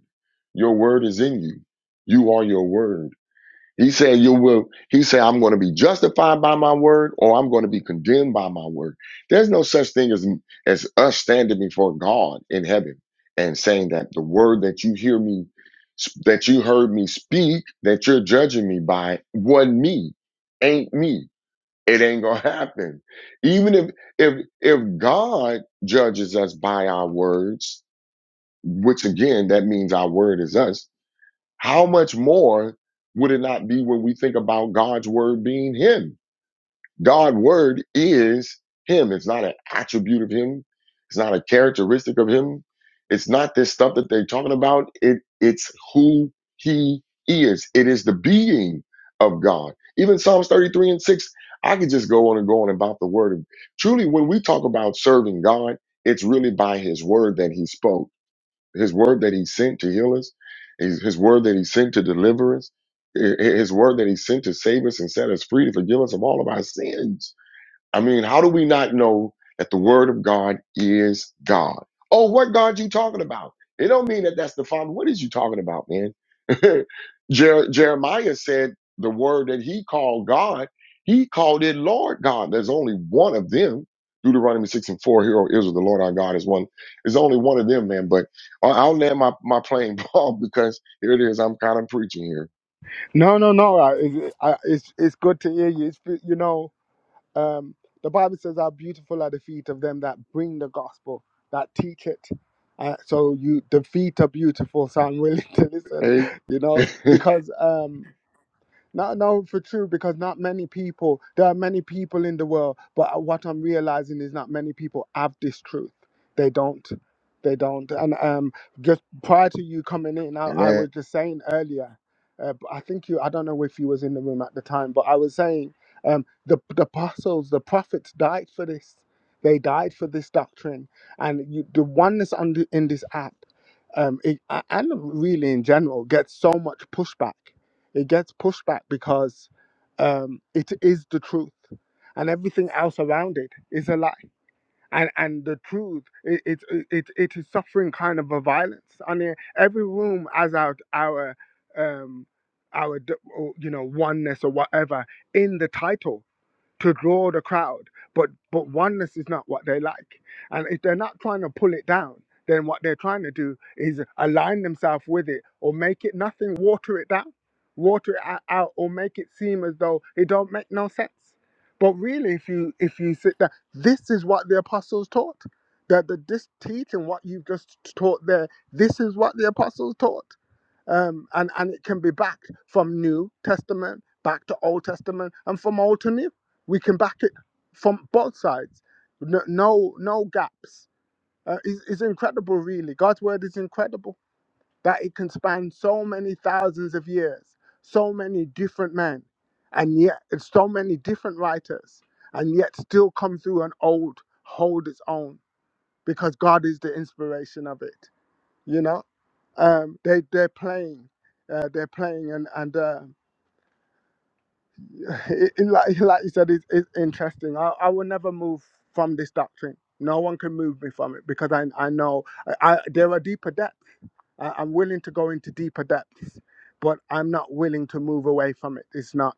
C: Your word is in you. You are your word. He said, You will, he said, I'm going to be justified by my word or I'm going to be condemned by my word. There's no such thing as, as us standing before God in heaven and saying that the word that you hear me, that you heard me speak, that you're judging me by, wasn't me, ain't me. It ain't gonna happen. Even if if if God judges us by our words, which again that means our word is us, how much more would it not be when we think about God's word being Him? God's word is Him. It's not an attribute of Him. It's not a characteristic of Him. It's not this stuff that they're talking about. It it's who He is. It is the being of God. Even Psalms 33 and 6, I could just go on and go on about the word. Truly, when we talk about serving God, it's really by His word that He spoke his word that he sent to heal us, his, his word that he sent to deliver us, hi- his word that he sent to save us and set us free to forgive us of all of our sins. I mean, how do we not know that the word of God is God? Oh, what God you talking about? It don't mean that that's the Father. What is you talking about, man? Jer- Jeremiah said the word that he called God, he called it Lord God. There's only one of them. Deuteronomy 6 and 4, Hero Israel, the Lord our God is one. There's only one of them, man. But I- I'll land my, my plane, Paul, because here it is. I'm kind of preaching
I: No, no, no. I, it, I, it's it's good to hear you. It's, you know, um, the Bible says how beautiful are the feet of them that bring the gospel, that teach it. Uh, so you, the feet are beautiful. So I'm willing to listen.
C: here.
I: You know,
C: Hey,
I: because um, not no, for true, because not many people, there are many people in the world, but what I'm realizing is not many people have this truth. They don't. They don't. And um, just prior to you coming in, I, I
C: man.
I: was just saying earlier, uh, I think you, I don't know if you was in the room at the time, but I was saying um, the, the apostles, the prophets died for this. They died for this doctrine. And you, the oneness on the, in this app, um, it, a- and really in general, gets so much pushback it gets pushed back because um, it is the truth, and everything else around it is a lie. And and the truth, it it it, it is suffering kind of a violence. I mean, every room has our our um, our d- or, you know oneness or whatever in the title to draw the crowd. But but oneness is not what they like. And if they're not trying to pull it down, then what they're trying to do is align themselves with it or make it nothing, water it down, water it o- out, or make it seem as though it don't make no sense. But really, if you if you sit down, this is what the apostles taught. That the this teaching what you've just taught there, this is what the apostles taught um, and and it can be backed from New Testament back to Old Testament and from Old to New. We can back it from both sides. No no, no gaps. Uh, it's, it's incredible, really. God's word is incredible that it can span so many thousands of years, so many different men, and yet it's so many different writers, and yet still come through and old hold its own because God is the inspiration of it you know um they they're playing uh, they're playing and and uh, it, it- like like you said it's, it's interesting I, I will never move from this doctrine no one can move me from it because i i know i, I there are deeper depths I, i'm willing to go into deeper depths but i'm not willing to move away from it it's not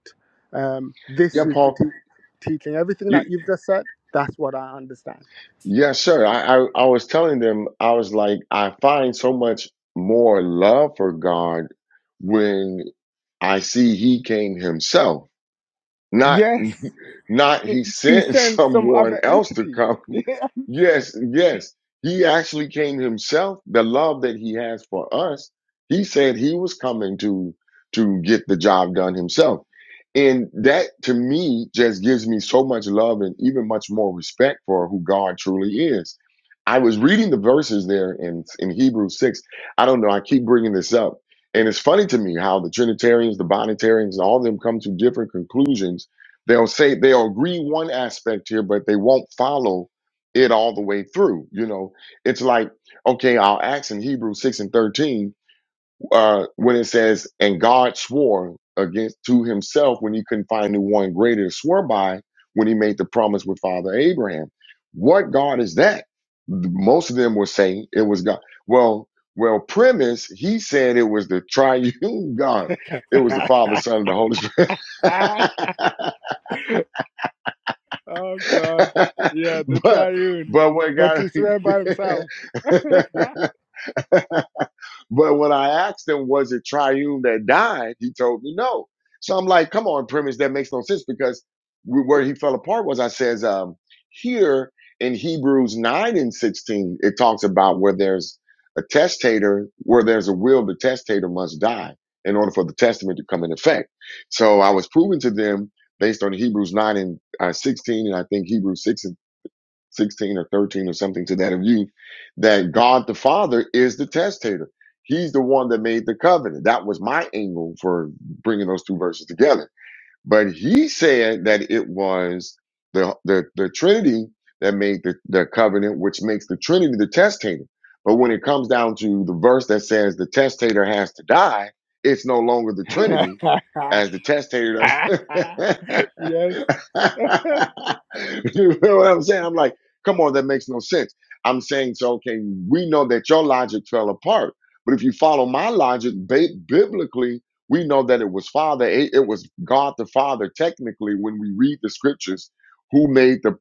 I: um this
C: Yeah,
I: is the
C: Paul.
I: te- teaching everything that you've just said that's what i understand
C: Yes, sir. I, I, I was telling them, I was like, I find so much more love for God when I see He came Himself. Not
I: yes
C: not
I: he,
C: he
I: he
C: sent
I: sent some
C: someone
I: other
C: else to
I: entity
C: come. Yes, yes. He actually came himself. The love that he has for us, he said he was coming to to get the job done himself. And that to me just gives me so much love and even much more respect for who God truly is. I was reading the verses there in in Hebrews 6. I don't know, I keep bringing this up and it's funny to me how the Trinitarians, the Bonitarians, and all of them come to different conclusions. They'll say they'll agree one aspect here, but they won't follow it all the way through. You know, it's like, okay, I'll ask in Hebrews 6 and 13 uh, when it says, and God swore against to himself when he couldn't find any one greater to swear by when he made the promise with Father Abraham. What God is that? Most of them were saying it was God. Well, well, premise, he said it was the triune God. It was the Father, Son, and the Holy Spirit.
I: Oh God. Yeah, the
C: but
I: triune.
C: but what
I: But
C: God
I: to swear by himself.
C: But when I asked him, was it Triune that died? He told me no. So I'm like, come on, premise, that makes no sense because we, where he fell apart was I says, um, here in Hebrews 9 and 16, it talks about where there's a testator, where there's a will, the testator must die in order for the testament to come in effect. So I was proving to them based on Hebrews 9 and uh, 16, and I think Hebrews 6 and 16 or 13 or something to that of you, that God the Father is the testator. He's the one that made the covenant. That was my angle for bringing those two verses together but he said that it was the the, the Trinity that made the, the covenant, which makes the Trinity the testator. But when it comes down to the verse that says the testator has to die, it's no longer the
I: yes.
C: Trinity as the testator. does- you know what I'm saying? I'm like, come on, that makes no sense. I'm saying, so okay, we know that your logic fell apart. But if you follow my logic, ba- biblically, we know that it was Father, it it was God the Father, technically, when we read the scriptures, who made the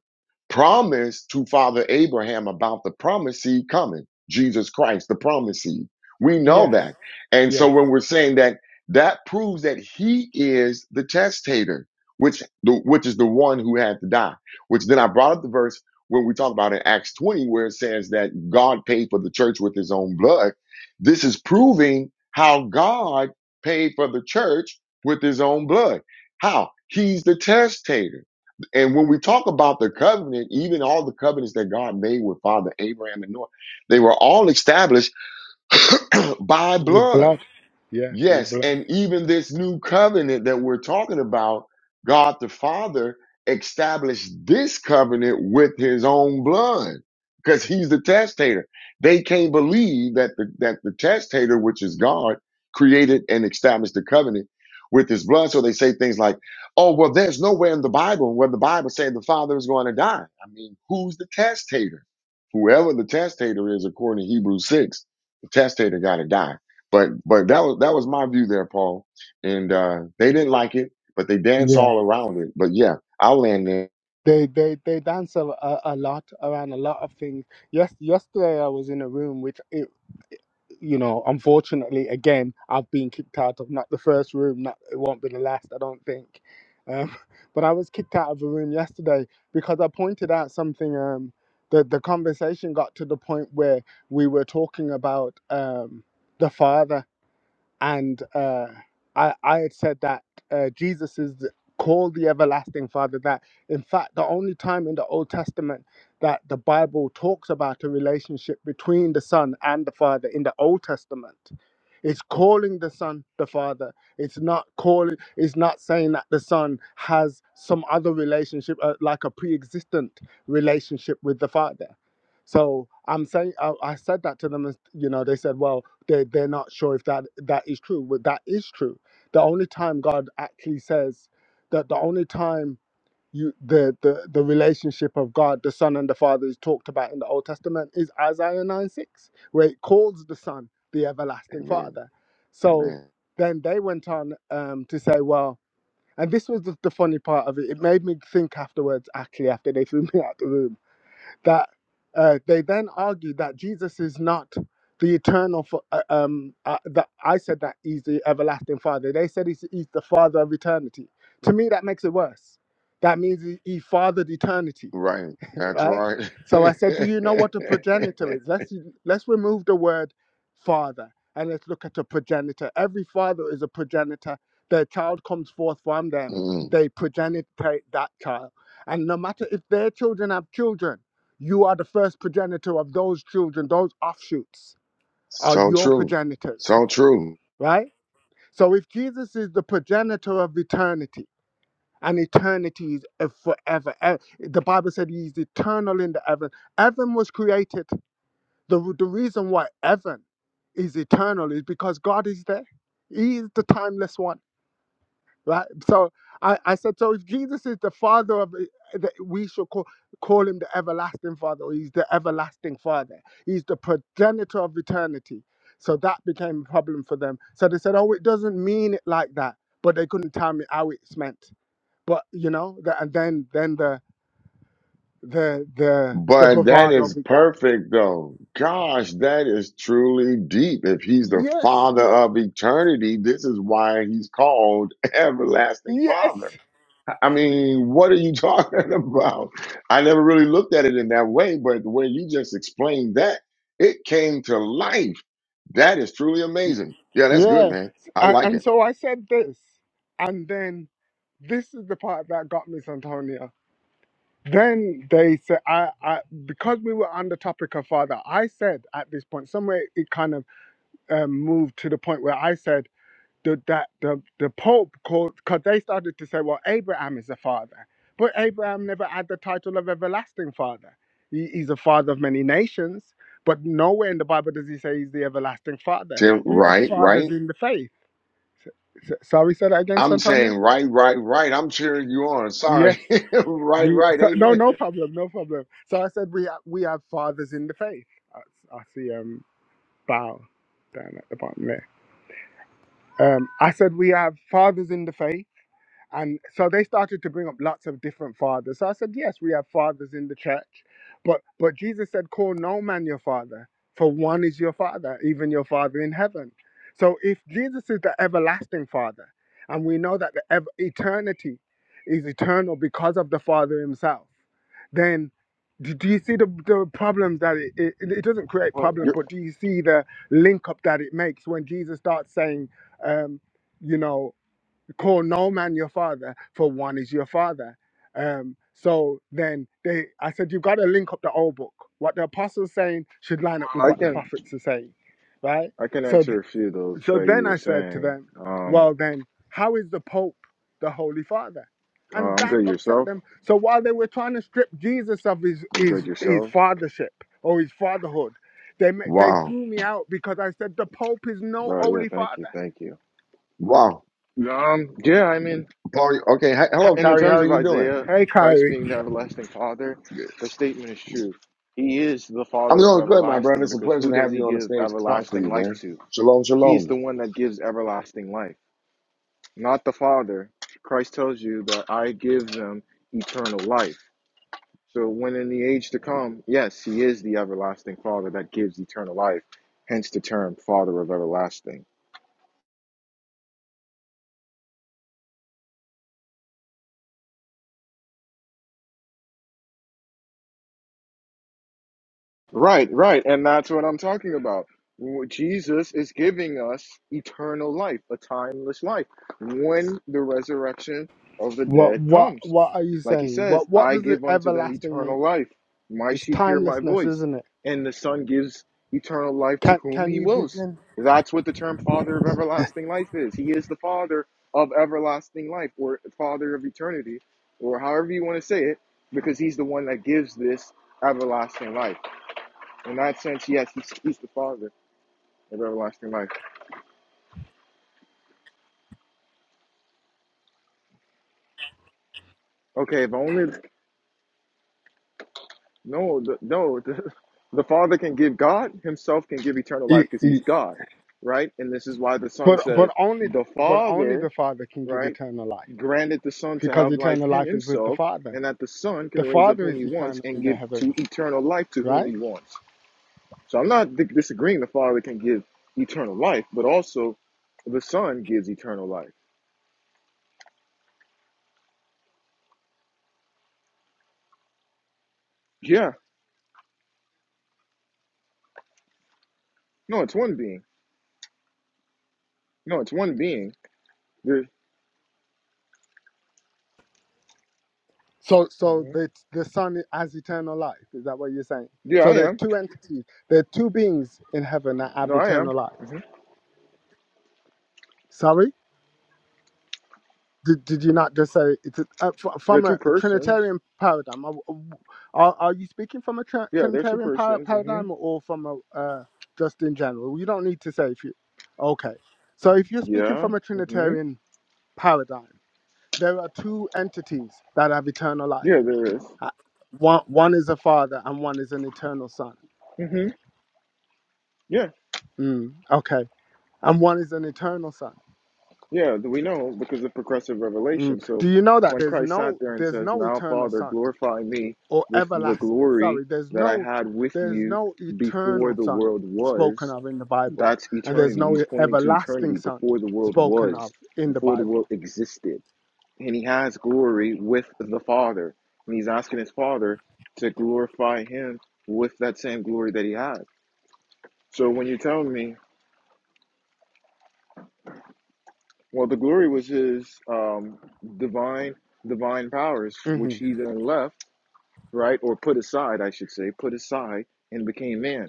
C: promise to Father Abraham about the Promised seed coming, Jesus Christ, the Promised seed. We know
I: Yes.
C: that. And so
I: Yes.
C: when we're saying that, that proves that he is the testator, which the, which is the one who had to die. Which then I brought up the verse when we talk about in Acts 20, where it says that God paid for the church with his own blood. This is proving how God paid for the church with his own blood. How? He's the testator. And when we talk about the covenant, even all the covenants that God made with Father Abraham and Noah, they were all established by
I: With
C: blood
I: blood. Yes, with
C: Yes,
I: blood.
C: and even this new covenant that we're talking about, God the Father established this covenant with his own blood because he's the testator. They can't believe that the, that the testator, which is God, created and established the covenant with his blood. So they say things like, oh, well, there's nowhere in the Bible where the Bible said the Father is going to die. I mean, who's the testator? Whoever the testator is, according to Hebrews 6, the testator got to die but but that was that was my view there, Paul. And uh, they didn't like it, but they danced
I: Yeah.
C: all around it. But yeah, I'll land there.
I: They they they dance a, a, a lot around a lot of things. Yes, yesterday I was in a room which it you know, unfortunately, again, I've been kicked out of not the first room, not it won't be the last, I don't think. Um, but I was kicked out of a room yesterday because I pointed out something. Um, the the conversation got to the point where we were talking about um, the father and uh, I I had said that uh, Jesus is the- called the everlasting Father. That in fact, the only time in the Old Testament that the Bible talks about a relationship between the Son and the Father in the Old Testament, it's calling the Son the Father. It's not calling. It's not saying that the Son has some other relationship, uh, like a pre-existent relationship with the Father. So I'm saying I, I said that to them, and you know, they said, "Well." they they're not sure if that that is true but that is true the only time god actually says that the only time you the the, the relationship of god the son and the father is talked about in the old testament is isaiah 9 6 where it calls the son the everlasting
C: Amen.
I: father so
C: Amen.
I: then they went on um, to say well and this was the, the funny part of it it made me think afterwards actually after they threw me out the room that uh, they then argue that Jesus is not the eternal. fa- uh, Um, uh, that I said that he's the everlasting Father. They said he's, he's the Father of eternity. To me, that makes it worse. That means he, he fathered eternity
C: Right. That's
I: right?
C: right.
I: So I said, do you know what a progenitor is? Let's let's remove the word father and let's look at a progenitor. Every father is a progenitor. Their child comes forth from them.
C: Mm.
I: They progenitate that child. And no matter if their children have children, you are the first progenitor of those children. Those offshoots are
C: So
I: your
C: true.
I: progenitors,
C: So true.
I: right? So if Jesus is the progenitor of eternity, and eternity is uh, forever. E- The Bible said He is eternal in the heaven. Heaven was created. The, the reason why heaven is eternal is because God is there. He is the timeless one, right? So I, I said, so if Jesus is the Father of, eh, the, we should call, call him the everlasting Father. Or he's the everlasting Father. He's the progenitor of eternity. So that became a problem for them. So they said, oh, it doesn't mean it like that. But they couldn't tell me how it's meant but you know the, and then then the the the the
C: But that
I: bravado
C: is
I: began
C: perfect though. Gosh, that is truly deep. If he's the
I: yes
C: father of eternity, this is why he's called everlasting
I: yes
C: father. I mean, what are you talking about? I never really looked at it in that way, but the way you just explained that, it came to life. That is truly amazing. Yeah, that's good,
I: yeah
C: man. I
I: and,
C: like
I: and
C: it.
I: so i said this and then this is the part that got me santonia then they said I, I because we were on the topic of father i said at this point somewhere it kind of um, moved to the point where i said the that the the Pope called because they started to say, well, Abraham is a father, but Abraham never had the title of everlasting father. He, he's a father of many nations, but nowhere in the Bible does he say he's the everlasting father.
C: Tim,
I: We have
C: right,
I: fathers
C: right.
I: in the faith. S- sorry, say that again,
C: I'm
I: Santonio.
C: saying right, right, right. I'm cheering you on. Sorry.
I: Yes,
C: right,
I: we.
C: right.
I: So, no,
C: Amen.
I: no problem, no problem. So I said we have, we have fathers in the faith. I, I see um bow down at the bottom there. Um, I said we have fathers in the faith And so they started to bring up lots of different fathers. So I said, yes, we have fathers in the church, but but Jesus said, call no man your father, for one is your father, even your father in heaven. So if Jesus is the everlasting Father, and we know that the ev- eternity is eternal because of the Father Himself, then do, do you see the, the problems that it, it it doesn't create
J: Well,
I: problem,
J: you're,
I: but do you see the link up that it makes when Jesus starts saying, um, you know? call no man your father, for one is your father. Um, so then they, I said, you've got to link up the old book. What the apostles saying should line up with
J: well, I
I: what the
J: can
I: prophets are saying, right?
J: I can
I: So, th-
J: answer a few of those
I: so
J: that you
I: then
J: were
I: I said to
J: saying.
I: them,
J: Um,
I: well then, how is the Pope the Holy Father?
J: uh,
I: And
J: I'm
I: that
J: good
I: upset
J: yourself.
I: them. So while they were trying to strip Jesus of his
J: I'm good
I: his his
J: yourselves.
I: fathership or his fatherhood, they ma- they
C: Wow.
I: threw me out because I said the Pope is no
J: But yeah,
I: Holy
J: thank you,
I: Father.
J: thank you.
C: Wow.
J: Um, yeah, I mean,
C: Paul, okay. Hi- Hello,
J: in the
C: Kyrie. How
J: terms
C: are
J: of
C: you doing?
J: Isaiah,
I: Hey,
J: Christ
I: Kyrie.
J: being the everlasting Father,
C: Good.
J: the statement is true. He is the
C: I'm
J: Father of
C: doing good, my brother.
J: everlasting
C: It's a
J: because
C: pleasure
J: who
C: to
J: does
C: have
J: He
C: you on the
J: give
C: stage to talk to
J: everlasting
C: you,
J: life
C: man.
J: to?
C: Shalom,
J: He's
C: shalom.
J: the one that gives everlasting life, not the Father. Christ tells you that I give them eternal life. So when in the age to come, yes, he is the everlasting Father that gives eternal life, hence the term Father of everlasting. Right, right. And that's what I'm talking about. W- Jesus is giving us eternal life, a timeless life, when the resurrection of the
I: What
J: dead
I: what
J: comes.
I: what are you
J: Like he
I: saying?
J: says,
I: What what
J: I
I: does it
J: give unto them
I: everlasting mean?
J: eternal life. My
I: It's
J: sheep hear my
I: timelessness,
J: voice,
I: isn't it?
J: and the Son gives eternal life to
I: Can
J: whom
I: can
J: he
I: you
J: wills.
I: begin?
J: That's what the term Father of everlasting life is. He is the Father of everlasting life, or Father of eternity, or however you want to say it, because he's the one that gives this everlasting life. In that sense, yes, he's, he's the Father of everlasting life. Okay, if only no, the, no, the, the Father can give God Himself can give eternal life
I: E-
J: because He's
I: e-
J: God, right? And this is why the Son
I: But
J: says
I: but only
J: the
I: but only
J: Father,
I: the Father can give
J: right,
I: eternal life
J: granted the Son to
I: because
J: have life
I: eternal
J: in
I: life is with the
J: Himself,
I: Father.
J: and that the Son
I: The
J: can raise up
I: Father
J: whom
I: is
J: He wants
I: eternal
J: and
I: in the
J: give to
I: heavens,
J: eternal life to whom
I: right?
J: He wants. So I'm not di- disagreeing the Father can give eternal life, but also the Son gives eternal life. Yeah, no, it's one being. No, it's one being There,
I: So so
J: hmm
I: the the Son has eternal life. Is that what you're saying?
J: Yeah, I
I: So there's
J: am.
I: two entities. There are two beings in heaven that
J: No,
I: have
J: I am.
I: eternal life.
J: hmm
I: Sorry. Did, did you not just say it's a, uh, fr-
J: They're
I: from
J: two
I: a
J: persons.
I: Trinitarian paradigm? Are, are, are you speaking from a tr-
J: Yeah, they're two
I: Trinitarian par-
J: persons. hmm
I: paradigm or from a uh, just in general? You don't need to say if you. Okay, so if you're speaking
J: Yeah.
I: from a
J: hmm
I: Trinitarian paradigm, there are two entities that have eternal life.
J: Yeah, there is.
I: Uh, One one is a father and one is an eternal son.
J: Mm-hmm. Yeah.
I: Mm, okay, and one is an eternal son.
J: Yeah, th- we know because of progressive
I: Mm.
J: revelation.
I: Do
J: So
I: you know that
J: when
I: there's
J: Christ sat
I: no
J: there and
I: there's
J: says,
I: no
J: Now,
I: eternal
J: Father,
I: son?
J: glorify me
I: or
J: with the
I: everlasting
J: glory
I: sorry there's
J: that I
I: no
J: had with
I: there's
J: you
I: no
J: before
I: eternal
J: the
I: son
J: world
I: spoken
J: was,
I: of in the bible
J: that's
I: and there's
J: eternity.
I: no
J: He's pointing to eternity
I: everlasting son
J: before the world
I: spoken
J: was,
I: of in the
J: before the world
I: bible
J: existed. and he has glory with the Father. And he's asking his Father to glorify him with that same glory that he has. So when you tell me, well, the glory was his um, divine divine powers, which
I: hmm
J: he then left, right, or put aside, I should say, put aside and became man.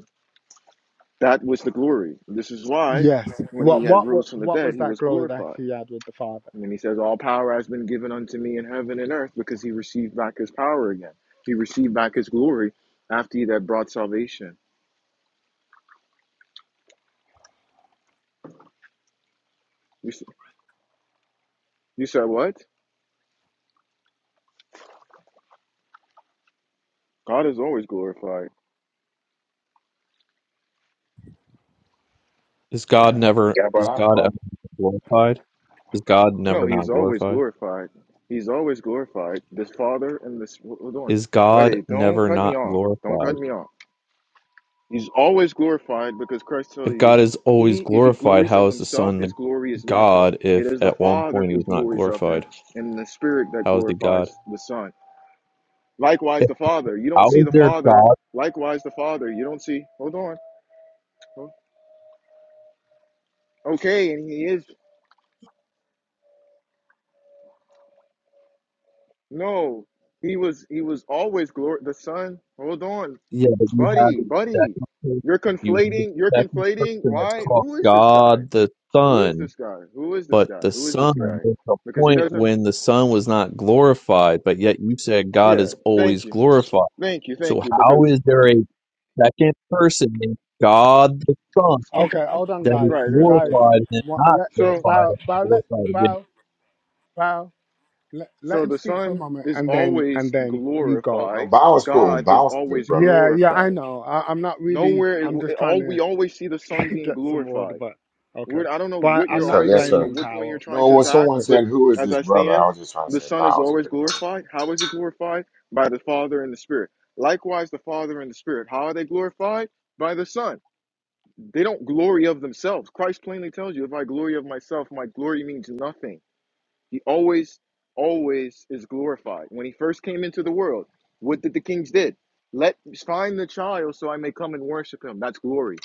J: That was the glory. This is why
I: yes
J: when he
I: what
J: had
I: what wa-
J: rose from the
I: what
J: dead,
I: was
J: he
I: that
J: was
I: glory that
J: glorified.
I: he had with the father
J: And then he says, All power has been given unto me in heaven and earth because he received back his power again. He received back his glory after he that brought salvation. You, you said, What? God is always glorified.
K: Is God
I: okay
K: never
C: Yeah, but
K: is
C: I,
K: God ever glorified? Is God
J: No,
K: never
J: he is
K: not
J: always
K: glorified?
J: glorified. He's always glorified. This Father and this. Hold on.
K: Is God
J: Buddy, don't
K: never
J: cut me
K: not
J: off. Don't
K: glorified?
J: cut me off. He's always glorified because Christ tell
K: If
J: you,
K: God is always
J: he if he
K: glorified,
J: glories of
K: how is the
J: himself,
K: Son
J: his
K: the
J: glory is nothing.
K: God
J: It
K: if
J: is the
K: at one
J: Father
K: point he
J: who
K: was not
J: glories of him,
K: glorified?
J: and the Spirit that
K: How is he
J: glorifies
K: God?
J: the Son. Likewise,
K: If
J: the Father. You don't
K: how
J: see
K: is
J: the
K: there
J: Father.
K: God?
J: Likewise, the Father. You don't see. Hold on. Okay, and he is no. He was. He was always glory. The Son. Hold on,
K: Yeah, but you have
J: buddy,
K: a
J: buddy.
K: second person.
J: You're
K: You have
J: conflating. You're
K: a second
J: conflating.
K: person that's
J: Why?
K: called
J: Who is this guy?
K: God the
J: Who is
K: Son.
J: this guy? Who is this
K: But
J: guy?
K: the
J: Who is
K: Son,
J: this guy?
K: there's a
J: Because he
K: point
J: doesn't.
K: when the Son was not glorified, but yet you said God
J: Yeah.
K: is
J: Thank
K: always
J: you.
K: glorified.
J: Thank you.
K: So
J: Thank you.
K: how
J: Because
K: is there a second person named God the Son
I: okay hold on
K: that is
I: guys
J: right. Right.
I: guys
J: Thank you.
K: glorified and
I: what
K: not
I: let
J: So.
K: glorified
I: bow
K: and
I: bow let
K: glorified again?
I: bow bow let, let
J: So
I: him
J: the
I: speak for a
J: Son
I: moment
J: is
I: and then
J: always
I: and then you go
C: no,
J: glorified.
C: Bow is cool.
J: God is
C: Bow is good,
J: always
C: brother.
I: yeah yeah
J: glorified
I: i know I, i'm not really
J: Nowhere, it,
I: i'm just trying
J: all
I: to
J: we always see the Son being
I: get some order,
J: glorified.
I: but okay.
J: We're, I don't know
I: But I,
J: what
I: I'm
C: Yes,
J: you're
C: sir.
I: not
C: Yes,
J: arguing or
C: sir.
I: blaming
J: what point you're
I: Bao.
J: trying
C: No,
J: to
C: well,
I: entirely,
J: attack,
C: someone
I: just-
J: but
C: said, "Who is
J: as
C: this
J: I
C: brother?" I
J: stand,
C: was just trying to
J: the
C: say,
J: Son is
C: "Bow's a
J: always
C: good brother."
J: glorified. How is he glorified? By the Father and the Spirit. Likewise, the Father and the Spirit. How are they glorified? By the Son. They don't glory of themselves. Christ plainly tells you, if I glory of myself, my glory means nothing. He always, always is glorified. When he first came into the world, what did the kings did? Let find the child so I may come and worship him. That's glory.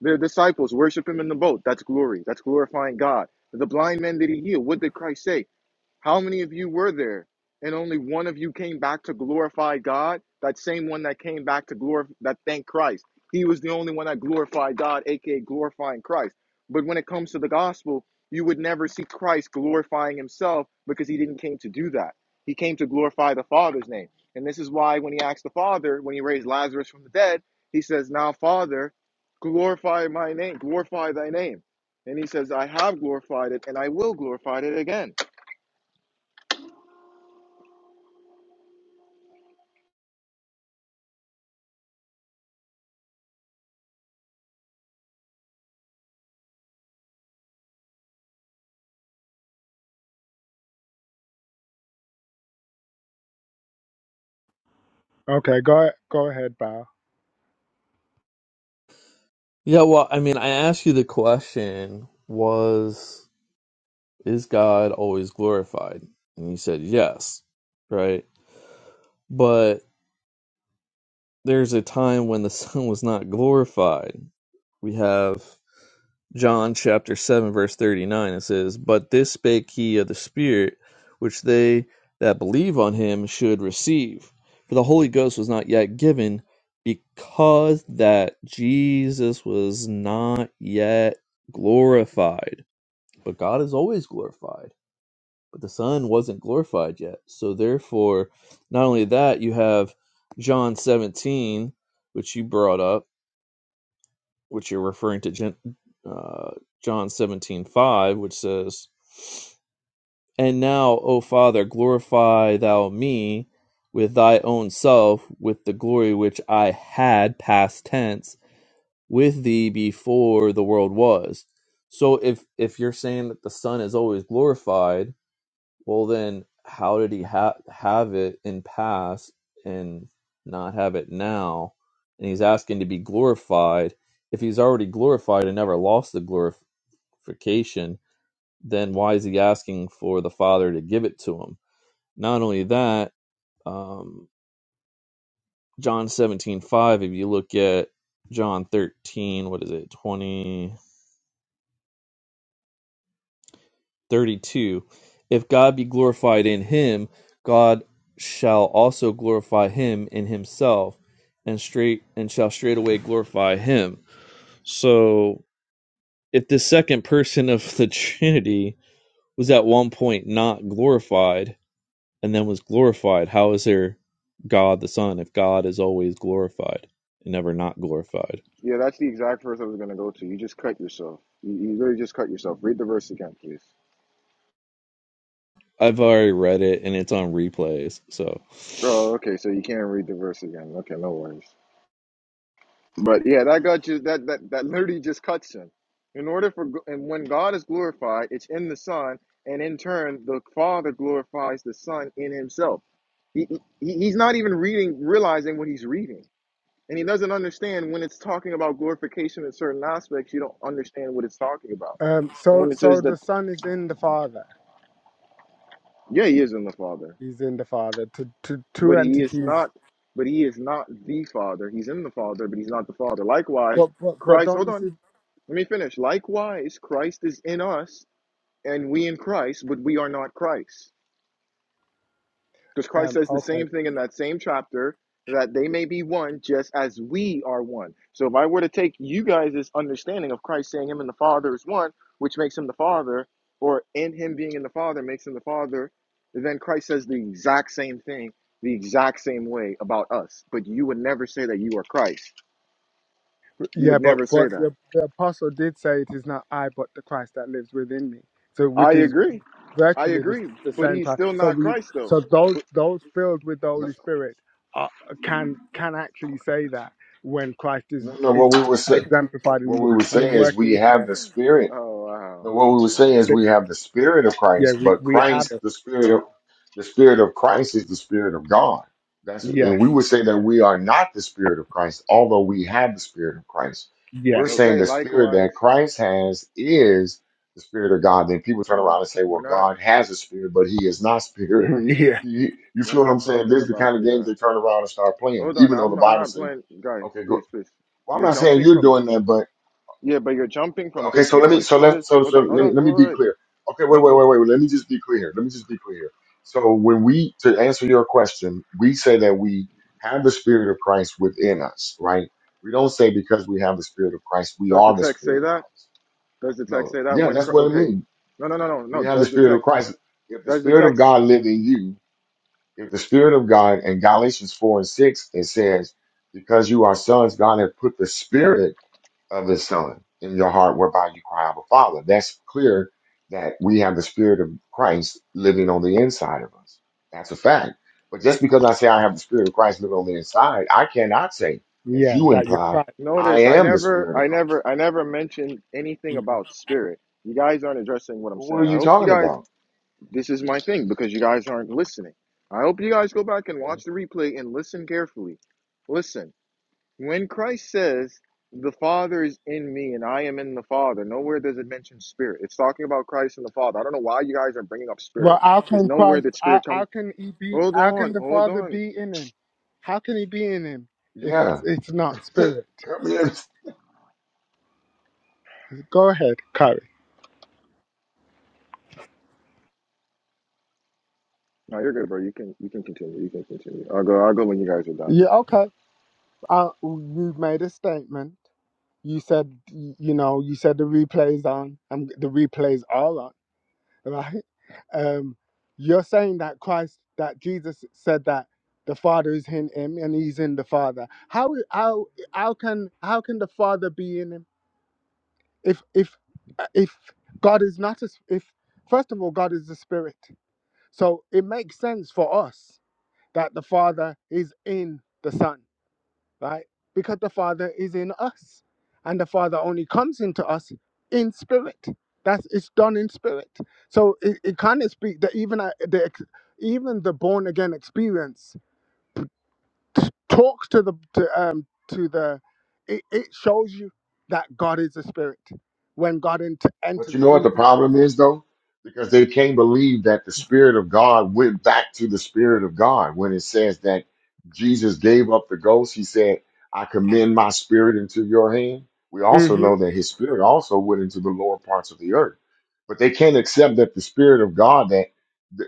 J: The disciples worship him in the boat. That's glory. That's glorifying God. The blind men that he healed, what did Christ say? How many of you were there? And only one of you came back to glorify God? That same one that came back to glorify, that thanked Christ. He was the only one that glorified God, aka glorifying Christ. But when it comes to the gospel, you would never see Christ glorifying himself because he didn't came to do that. He came to glorify the Father's name. And this is why when he asked the Father, when he raised Lazarus from the dead, he says, Now, Father, glorify my name, glorify thy name. And he says, I have glorified it and I will glorify it again.
I: Okay, go go ahead, Bao.
K: Yeah, well, I mean, I asked you the question was, is God always glorified? And you said yes, right? But there's a time when the Son was not glorified. We have John chapter 7, verse 39, it says, But this spake he of the Spirit, which they that believe on him should receive. For the Holy Ghost was not yet given, because that Jesus was not yet glorified. But God is always glorified. But the Son wasn't glorified yet. So therefore, not only that, you have John 17, which you brought up which you're referring to Gen, uh, John 17:5, which says, "And now, O Father, glorify thou me with thy own self, with the glory which I had past tense with thee before the world was." So if if you're saying that the Son is always glorified, well, then, how did he ha- have it in past and not have it now? And he's asking to be glorified. If he's already glorified and never lost the glorification, then why is he asking for the Father to give it to him? Not only that, um, John seventeen five. if you look at John 13, what is it, 20? 32 If God be glorified in him, God shall also glorify him in himself, and straight and shall straightway glorify him. So if the second person of the Trinity was at one point not glorified and then was glorified, how is there God the Son if God is always glorified and never not glorified?
J: Yeah, that's the exact verse I was going to go to. You just cut yourself. You, you literally just cut yourself. Read the verse again, please.
K: I've already read it and it's on replays, so
J: Oh, okay. So you can't read the verse again. Okay, no worries. But yeah, that got you. That that that literally just cuts him. In order for and when God is glorified, it's in the Son, and in turn, the Father glorifies the Son in Himself. He, he he's not even reading, realizing what he's reading, and he doesn't understand when it's talking about glorification in certain aspects. You don't understand what it's talking about,
I: Um,
J: and
I: so
J: when it says
I: so
J: that,
I: the son is in the father.
J: yeah, he is in the Father.
I: He's in the father. To to two
J: but he is
I: entities.
J: not but he is not the father he's in the father but he's not the father likewise
I: But but but
J: christ
I: don't
J: hold
I: you
J: on
I: see?
J: let me finish likewise christ is in us and we in christ but we are not christ because Christ
I: Um,
J: says the
I: okay,
J: same thing in that same chapter that they may be one just as we are one. So if I were to take you guys' understanding of Christ saying him and the Father is one, which makes him the Father, or in him being in the Father makes him the Father, then Christ says the exact same thing the exact same way about us. But you would never say that you are Christ. You
I: yeah,
J: would
I: but
J: never say
I: but
J: that.
I: the, the apostle did say it is not I but the Christ that lives within me. So
J: I
I: which is
J: agree. I
I: virtually the,
J: agree.
I: the
J: But
I: same
J: he's
I: time.
J: still
I: So
J: not
I: we
J: Christ though.
I: so those those filled with the
C: No,
I: Holy Spirit are, can can actually say that when Christ is
C: no, no.
I: is
C: What we
I: uh,
C: were say,
I: exemplified
C: what
I: and,
C: we were
I: and
C: saying is,
I: working
C: we
I: in
C: have
I: them.
C: the spirit.
J: Oh wow.
C: No, what we were
J: This
C: saying is
I: They-
C: we have the spirit of
I: yeah,
C: Christ,
I: we,
C: but
I: we have
C: Christ,
I: it.
C: the spirit of the spirit of Christ is the spirit of God. That's
I: Yes,
C: and we would say that we are not the spirit of Christ, although we have the spirit of Christ.
I: yes,
C: We're saying
J: Okay,
C: the spirit
J: likewise.
C: that Christ has is the spirit of God. Then people turn
J: Um,
C: around and say, "Well,
J: We're not.
C: God has a spirit, but He is not spirit."
I: yeah,
C: You, you
J: We're
C: feel what I'm
J: not
C: saying?
J: talking
C: This is the
J: about
C: kind of
J: the.
C: games
J: Uh,
C: they turn around and start playing,
J: hold on,
C: even though the
J: I'm I'm
C: Bible
J: not
C: says,
J: playing, guy.
C: "Okay, go."
J: Please, please.
C: Well, I'm
J: You're
C: not saying
J: jumping
C: you're
J: from. Di-
C: doing that, but.
J: yeah, but you're jumping from
C: Okay, so
J: different
C: let me
J: points.
C: so let
J: Notice.
C: so
J: Hold
C: so
J: on, hold
C: let me
J: on,
C: let me
J: wait, wait.
C: be
J: wait.
C: clear. Okay,
J: No,
C: wait, wait,
J: wait.
C: wait, wait. Let me just be clear. Let me just be clear. So when we to answer your question, we say that we have the spirit of Christ within us, right? We don't say because we have the spirit of Christ, we
J: Does the
C: are the
J: text say
C: spirit of
J: that?
C: Christ.
J: Does the text
C: No,
J: say that
C: yeah,
J: when?
C: that's
J: Cr-
C: what it
J: okay.
C: means.
J: No, no, no, no, no.
C: We have the
J: Does the
C: spirit of
J: text?
C: Christ. If the
J: Does the
C: spirit of
J: text?
C: God lived in you, if the spirit of God in Galatians four and six, it says, because you are sons, God has put the spirit of his son in your heart whereby you cry out, Father. That's clear that we have the spirit of Christ living on the inside of us. That's a fact. But just because I say I have the spirit of Christ living on the inside, I cannot say, as
I: yeah.
C: you
I: That you're
C: imply,
I: Christ.
C: I
J: Notice, I
C: am the
J: never,
C: spirit of
J: I
C: Christ.
J: never, I never mentioned anything
I: Yeah.
J: about spirit. You guys aren't addressing what I'm
C: Well, what are
J: saying. I
C: you
J: hope you
C: talking
J: guys.
C: about?
J: This is my thing because you guys aren't listening. I hope you guys go back and
C: Okay.
J: watch the replay and listen carefully. Listen. When Christ says, the Father is in me and I am in the Father, nowhere does it mention spirit. It's talking about Christ and the Father. I don't know why you guys are bringing up
I: Well,
J: spirit
I: how
J: because
I: can
J: nowhere
I: Christ?
J: did spirit
I: How, how
J: come.
I: can he be?
J: Hold
I: How can
J: on,
I: the
J: hold
I: Father
J: on.
I: be in him? How can he be in him if it's
C: Yeah.
I: it's not spirit?
C: I mean,
I: Go ahead, Kyrie.
J: No, you're good, bro. You can you can continue. You can continue. I'll go. I'll go when you guys are done.
I: Yeah, okay. Uh, you made a statement. You said, y- you know, you said the replays on, and the replays are on, right? Um, you're saying that Christ, that Jesus said that the Father is in Him and He's in the Father. How how how can how can the Father be in Him if if uh, if God is not a, s- if first of all God is the Spirit, so it makes sense for us that the Father is in the Son right? Because the Father is in us, and the Father only comes into us in spirit. That's it's done in spirit. So it, it kind of speak that even uh, the ex- even the born again experience t- talks to the to, um to the it, it shows you that God is a spirit when God ent-
C: But
I: enters
C: you know what the
I: into
C: problem is, though? Because they can't believe that the Spirit of God went back to the Spirit of God. When it says that Jesus gave up the ghost, he said, I commend my spirit into your hand. We
I: man.
C: also
I: hmm
C: know that his spirit also went into the lower parts of the earth. But they can't accept that the Spirit of God, that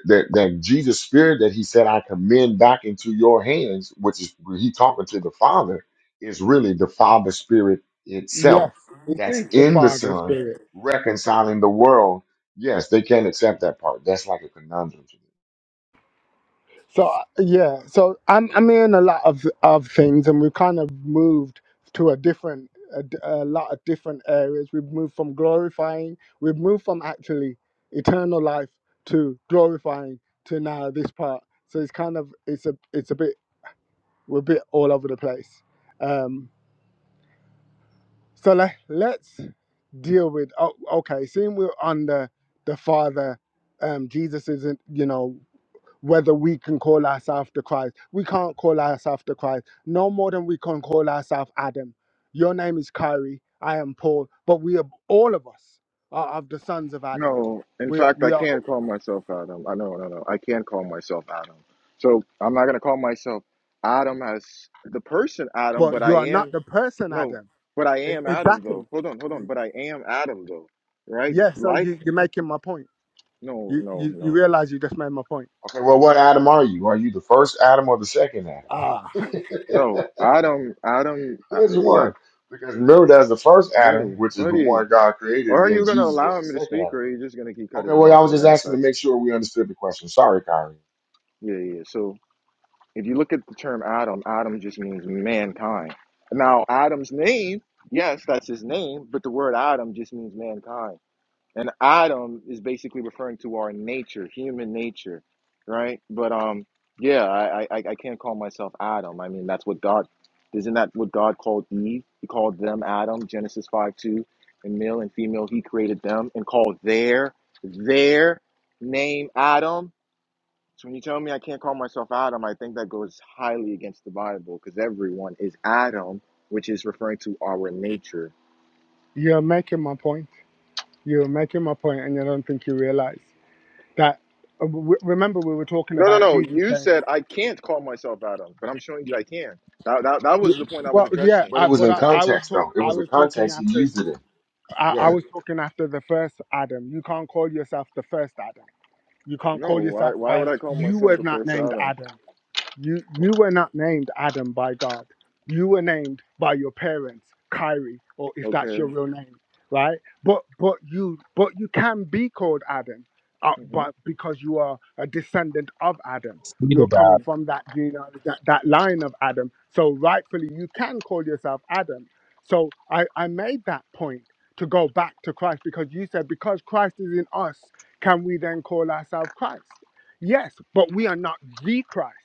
C: that, that Jesus' spirit that he said, I commend back into your hands, which is he talking to the Father, is really the Father's spirit
I: Yes,
C: itself
I: it
C: that's
I: is the
C: in the
I: Father
C: Son
I: spirit.
C: reconciling the world. Yes, they can't accept that part. That's like a conundrum to them.
I: So uh, yeah, so I'm I'm in a lot of of things, and we've kind of moved to a different a, d- a lot of different areas. We've moved from glorifying, we've moved from actually eternal life to glorifying to now this part. So it's kind of it's a it's a bit we're a bit all over the place. Um, so let let's deal with oh, okay. Seeing we're on the the Father, um, Jesus isn't you know whether we can call ourselves the Christ. We can't call ourselves the Christ, no more than we can call ourselves Adam. Your name is Kyrie, I am Paul, but we are all of us are of the sons of Adam.
J: No, in
I: We are,
J: fact, I
I: we are,
J: can call myself Adam. I know, no, no. I can call myself Adam. So I'm not gonna call myself Adam as the person Adam, but
I: but you
J: I
I: are not
J: am.
I: the person
J: No,
I: Adam.
J: but I
I: E-
J: am Adam though.
I: Exactly.
J: Hold on, hold on. But I am Adam though, right?
I: Yeah. So
J: Like,
I: you, you're making my point.
J: no,
I: You,
J: no,
I: you you
J: no,
I: realize you just made my point.
C: Okay, well, what Adam are you? Are you the first Adam or the second
I: Ah,
C: Adam?
J: no. Adam, Adam, uh,
C: Which
J: yeah,
C: one? Because remember, that's the first Adam,
J: buddy,
C: which is the
J: buddy.
C: one God created, and
J: Or are
C: then
J: you gonna
C: Jesus was
J: allow
C: the
J: me to
C: second
J: speak,
C: Adam.
J: or are you just gonna keep
C: Okay,
J: cutting me
C: well,
J: off
C: I was
J: and
C: just asking to
J: manifest?
C: make sure we understood the question. Sorry, Kyrie.
J: Yeah, yeah. yeah. So if you look at the term Adam, Adam just means mankind. Now, Adam's name, yes, that's his name, but the word Adam just means mankind. And Adam is basically referring to our nature, human nature, right? But um, yeah, I, I I can't call myself Adam. I mean, that's what God isn't that what God called Eve? He called them Adam, Genesis five two, and male and female He created them and called their their name Adam. So when you tell me I can't call myself Adam, I think that goes highly against the Bible because everyone is Adam, which is referring to our nature
I: you're making my point. You're making my point, and I don't think you realize that. uh, w- Remember, we were talking
J: No, no,
I: about
J: no.
I: Jesus
J: You
I: saying.
J: said I can't call myself Adam, but I'm showing you I can. That, that, that
I: Yeah,
J: was the point I was
I: Well, yeah,
J: addressing.
C: But it
I: I,
C: was
I: but
C: in
I: I, I was
C: context,
I: talk
C: though. It
I: I
C: was a
I: was talking
C: context he
I: after
C: used it in.
I: I,
C: Yeah.
I: I was talking after the first Adam. You can't call yourself the first Adam. You can't
J: No,
I: call
J: why,
I: yourself
J: why would
I: by
J: I call
I: you
J: myself
I: were
J: the
I: not
J: first
I: named
J: Adam?
I: Adam. You you were not named Adam by God. You were named by your parents, Kyrie, or if that's your
J: Okay.
I: real name, right? But but you but you can be called Adam, uh,
J: hmm
I: but because you are a descendant of Adam,
K: Read
I: you're
K: about
I: coming
J: hmm
I: from that genealogy, that, that line of Adam. So rightfully, you can call yourself Adam. So I I made that point to go back to Christ because you said because Christ is in us, can we then call ourselves Christ? Yes, but we are not the Christ.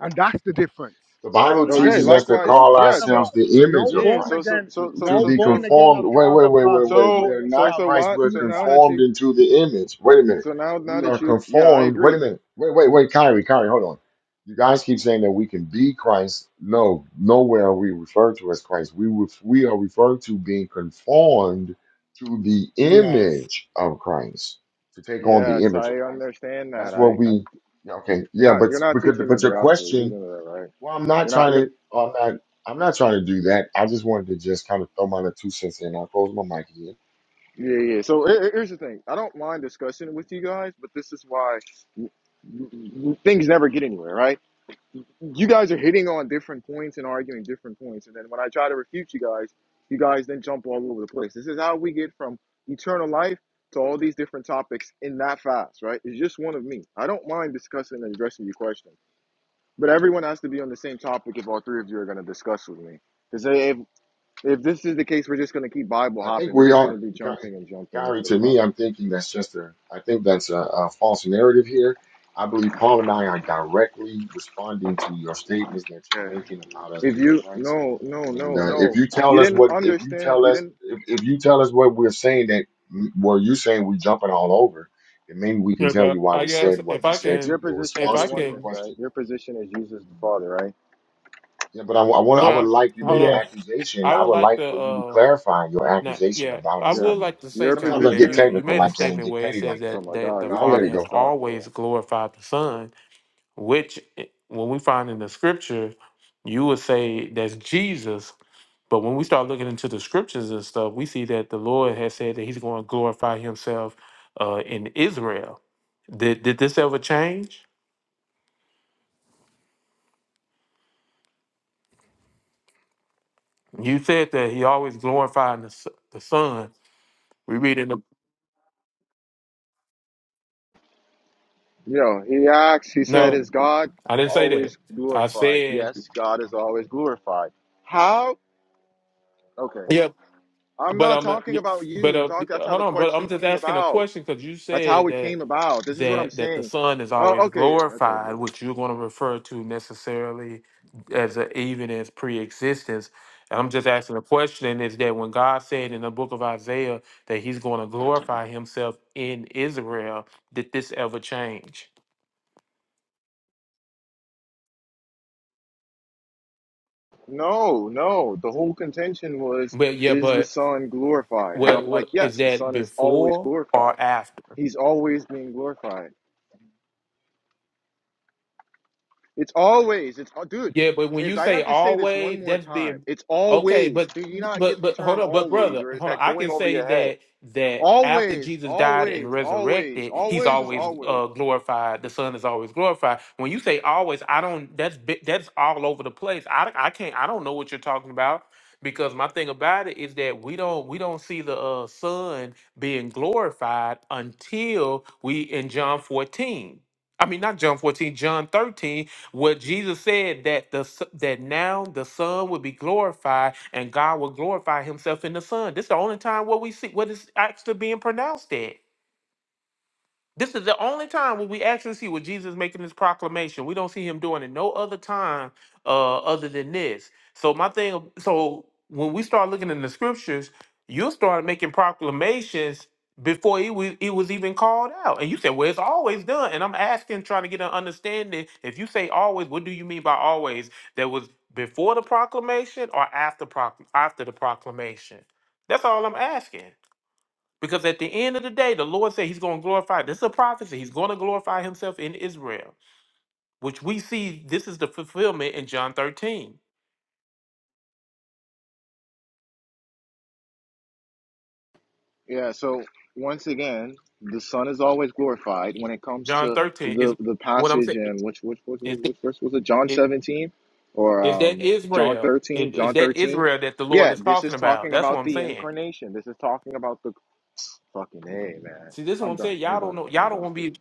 I: And that's the difference,
C: The Bible
I: right?
J: Okay.
C: teaches us
I: No,
C: to
J: Likewise,
I: no
C: call
I: child
J: yeah.
I: of
J: So,
C: ourselves
I: God,
C: the
I: no
C: image of
J: yeah.
I: born
J: So,
C: Christ,
J: so,
I: again,
J: so,
C: to,
J: so,
C: to
I: no
J: so,
C: be
I: born
J: so,
I: again
C: conformed.
I: of
C: Wait,
I: child
C: wait,
I: of
C: wait, wait,
I: God will
C: wait. We
J: so,
I: call
C: are
J: so,
C: not
I: themselves
J: so
C: Christ.
J: what?
C: We're
I: the
J: So now
I: Christ.
J: that
C: conformed
J: you,
C: into the image. Wait a minute.
J: so now, now
C: We are
J: that you, yeah, I
C: conformed. Wait
J: agree.
C: a minute. Wait, wait, wait, Kyrie, Kyrie, hold on. You guys keep saying that we can be Christ. No, nowhere are we referred to as Christ. We ref- we are referred to being conformed to the
I: Yes.
C: image of Christ, to take on the
J: Yes,
C: image
J: I
C: of Christ.
J: understand that.
C: That's what
J: I, I,
C: we. yeah, Okay,
J: you're
C: yeah,
J: not,
C: but
J: you're not
C: because
J: teaching me
C: but
J: the
C: your
J: gospel. You do
C: question
J: know that, right?
C: well, I'm not
J: You're not.
C: trying
J: You're.
C: to. I'm not. I'm not trying to do that. I just wanted to just kind of throw my little two cents in. I'll close my mic again.
J: Yeah, yeah. So here- here- here's the thing. I don't mind discussing it with you guys, but this is why w- w- things never get anywhere, right? You guys are hitting on different points and arguing different points, and then when I try to refute you guys, you guys then jump all over the place. This is how we get from eternal life to all these different topics in that fast, right? It's just one of me. I don't mind discussing and addressing your question, but everyone has to be on the same topic if all three of you are going to discuss with me. Because if this is the case, we're just gonna keep Bible
C: I think
J: hopping. We're
C: we
J: just gonna
C: are,
J: be
C: Ky-
J: jumping and jumping
C: Kyrie.
J: over the
C: To
J: Bible.
C: me, I'm thinking that's just a. I think that's a, a false narrative here. I believe Paul and I are directly responding to your statements that you're
J: Okay.
C: making about us
J: If
C: being
J: you
C: Christ.
J: no no
C: And
J: no
C: uh, if
J: no,
C: you
J: you
C: tell us
J: didn't
C: what, if you
J: understand.
C: tell
J: You
C: us,
J: didn't.
C: if, if you tell us what we're saying that, well, you're saying we're jumping all over, then maybe we can
A: Yeah,
C: tell you
A: but
C: why
A: I
C: we
A: guess
C: said
A: if
C: what we
A: I
C: said to
J: Your
A: can,
C: you in
J: position
A: if
J: is the
C: response
A: I
C: to your
J: oneness,
A: can,
C: question
J: right? Your position is Jesus the Father, right?
C: Yeah, but I, wa- I
I: Y-
C: want I would
A: well,
C: like you made
A: hold
C: an
A: on.
I: Yes.
C: accusation.
A: I
C: I
A: would
C: would
A: like
C: like for you to
A: to.
C: clarify your
A: Now,
C: accusation
A: yeah,
C: about
A: I
C: us. I
J: Yeah.
A: would
C: mean,
A: like to say,
J: Your
C: sometimes
A: Kyrie,
C: I
A: that
C: get
A: you
J: position.
A: you
C: technical
A: made a
C: like that and
A: statement
C: get
A: where it
C: petty
A: says
C: like that,
J: Oh
A: that
J: my
A: that
J: God,
C: but
A: the
J: you
C: I'll
J: can't
C: let
A: Father
C: it
J: even
A: has
C: go.
J: talk,
A: always
J: bro.
A: glorified the Son, which eh, when we find in the Scripture, you would say that's Jesus. But when we start looking into the Scriptures and stuff, we see that the Lord has said that He's going to glorify Himself uh, in Israel. Did did this ever change? You said that He always glorified the S- the Son. We read in the
J: You know, he asked. He said, "Is
A: no,
J: God
A: I didn't say that.
J: always
A: I
J: glorified?"
A: said.
J: Yes, God is always glorified. How? Okay.
A: yeah,
J: I'm
A: But
J: not
A: um,
J: talking
A: yeah,
J: about you.
A: but
J: I'm
A: uh,
J: talking. That's how
A: hold
J: the
A: on, but I'm
J: question
A: just
J: came
A: asking a
J: about.
A: question because you
J: That's how
A: said
J: it
A: that
J: came about. This is what I'm
A: that that the
J: saying.
A: Son is
J: Oh,
A: always
J: okay, okay. but
A: glorified, which you're going to refer to necessarily as a, even as pre-existence. And I'm just asking a question: Is that when God said in the book of Isaiah that He's going to glorify Himself in Israel, did this ever change?
J: No, no. The whole contention was,
A: But yeah,
J: is the
A: but
J: Son glorified? And
A: what
J: I'm like,
A: what is
J: yes, the
A: that
J: Son is always
A: before
J: glorified.
A: or after?
J: He's always being glorified. It's always. It's oh, dude.
A: Yeah, but when
J: If
A: you
J: I
A: say
J: have to say this one
A: always,
J: more
A: that's
J: time,
A: being
J: it's
A: okay.
J: always.
A: But
J: Do you not
A: but
J: get the
A: but hold
J: term
A: on, but
J: always,
A: brother,
J: or is
A: hold on.
J: that
A: I
J: going
A: can
J: over
A: say
J: your head?
A: that that after
J: Always,
A: Jesus died and
J: always, always,
A: resurrected, he's
J: always is
A: always
J: always.
A: uh, glorified. The Son is always glorified. When you say always, I don't. That's bi- that's all over the place. I I can't. I don't know what you're talking about because my thing about it is that we don't we don't see the uh, Son being glorified until we in John 14. I mean, not John 14, John 13, what Jesus said that the s- that now the Son will be glorified and God will glorify Himself in the Son. This is the only time what we see what is actually being pronounced at. This is the only time where we actually see where Jesus making this proclamation. We don't see him doing it no other time uh, other than this. So my thing, so when we start looking in the scriptures, you'll start making proclamations before it was, it was even called out. And you said, well, it's always done. And I'm asking, trying to get an understanding. If you say always, what do you mean by always? That was before the proclamation or after, proc- after the proclamation? That's all I'm asking. Because at the end of the day, the Lord said He's going to glorify. This is a prophecy. He's going to glorify Himself in Israel, which we see this is the fulfillment in John 13.
J: Yeah, so once again, the Son is always glorified when it comes
A: John
J: to
A: 13 is
J: the the
A: what I'm
J: passage
A: saying.
J: in which which which which,
A: Is,
J: which verse was it? John
A: is,
J: seventeen
A: is
J: or
A: that
J: um, John
A: Israel?
J: thirteen?
A: Is, is
J: John
A: that
J: thirteen.
A: Israel that the Lord
J: Yeah,
A: is
J: this is
A: talking about?
J: talking
A: That's what
J: about
A: I'm
J: the
A: saying.
J: incarnation. This is talking about the fucking hey man.
A: See, this is what
J: I'm
A: I'm
J: done.
A: saying.
J: I'm
A: Y'all don't
J: done.
A: know.
J: I'm
A: Y'all don't
J: done
A: want to
J: speaking.
A: be.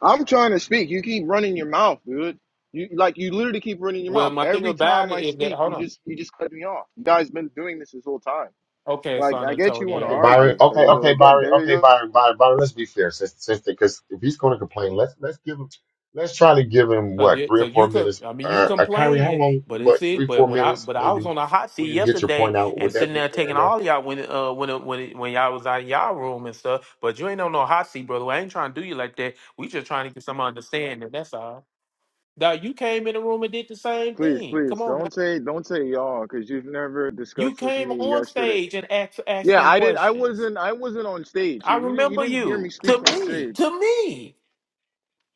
J: I'm trying to speak. You keep running your mouth, dude. You like you literally keep running your
A: Well,
J: mouth.
A: my thing
J: Every
A: about
J: time
A: it
J: I
A: is that,
J: speak,
A: hold
J: you
A: on.
J: just you just cut me off. You guys been doing this this whole time.
A: Okay,
J: Like
A: San
J: I get you want to
C: Okay,
A: Antonio.
C: Byron.
J: argue. There
C: Okay,
J: you go
C: okay,
J: again.
C: Byron.
J: There you
C: Okay,
J: go.
C: Byron. Byron. Byron. Let's be fair, sister. sister, Because if he's going to complain, let's let's give him. Let's try to give him
A: Cause
C: what
A: you,
C: three or
A: cause you
C: four
A: could,
C: minutes.
A: I mean, you
C: Uh, uh Kyrie, how
A: complaining,
C: long?
A: but it's
C: What
A: it.
C: three,
A: But
C: four
A: when I,
C: minutes
A: but I was
C: maybe
A: on a hot
C: for
A: seat
C: you to get your
A: yesterday
C: point out?
A: and
C: Would that
A: sitting
C: be
A: there
C: fair
A: taking
C: enough?
A: all y'all when, uh, when, it- when, it- when y'all was out in y'all room and stuff. But you ain't on no hot seat, brother. I ain't trying to do you like that. We just trying to get some understanding. That's all. Now you came in the room and did the same
J: Please,
A: thing. Come
J: please
A: on, now.
J: don't say don't say y'all because you've never
A: you
J: discussed with
A: came
J: me
A: on
J: yesterday.
A: stage and asked
J: Yeah,
A: asking
J: I did. I
A: questions.
J: wasn't. I wasn't on stage. So
A: I
J: you didn't. You
A: remember
J: didn't hear me
A: you
J: speak
A: to
J: on
A: me,
J: stage.
A: to me.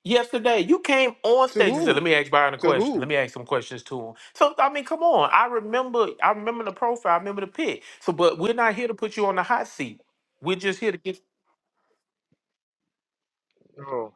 A: yesterday. You came on
J: To
A: stage and said, "Let
J: who?
A: me ask Byron a
J: To
A: question. Let
J: who?
A: me ask some questions to him." So I mean, come on. I remember. I remember the profile. I remember the pic. So, but we're not here to put you on the hot seat. We're just here to get.
J: No.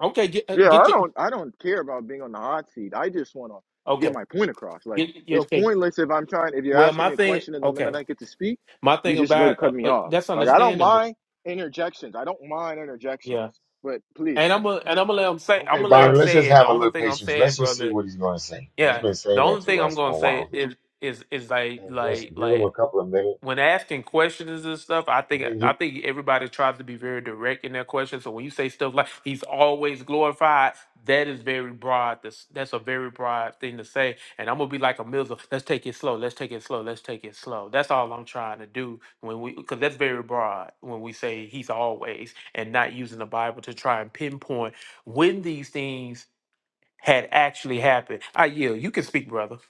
A: Okay, get uh,
J: Yeah,
A: get
J: I
A: your.
J: don't. I don't care about being on the hot seat. I just want to get
A: Okay,
J: my point across. Like
A: get your-
J: it's
A: okay.
J: pointless if I'm trying. If you're
A: Well,
J: asking
A: my
J: me a
A: thing.
J: question and the
A: Okay,
J: minute I get to speak,
A: my
J: you
A: thing
J: just go to
A: about uh,
J: cut me
A: uh,
J: off.
A: that's
J: Like I don't
A: understandable.
J: mind interjections. I don't mind interjections.
A: Yeah,
J: But please,
A: and I'm
J: bro.
A: gonna and I'm gonna let them say. I'm
C: Okay,
A: gonna let them
C: Byron. Let's
A: say
C: just
A: it. The
C: have a
A: only
C: little
A: thing I'm
C: patience.
A: saying,
C: Let's just see
A: brother.
C: what he's going to say. He's
A: Yeah,
C: been
A: the
C: saying that
A: only
C: to
A: thing I'm
C: us for
A: gonna
C: a
A: say
C: while.
A: is is is like
C: and just
A: like
C: give them
A: like
C: a couple of minutes,
A: when asking questions and stuff, I
C: and
A: think
C: then
A: I think everybody tries to be very direct in their questions. So when you say stuff like "He's always glorified," that is very broad. That's that's a very broad thing to say. And I'm gonna be like a missile. Let's take it slow. Let's take it slow. Let's take it slow. That's all I'm trying to do when we because that's very broad when we say "He's always" and not using the Bible to try and pinpoint when these things had actually happened. I yield. You can speak, brother.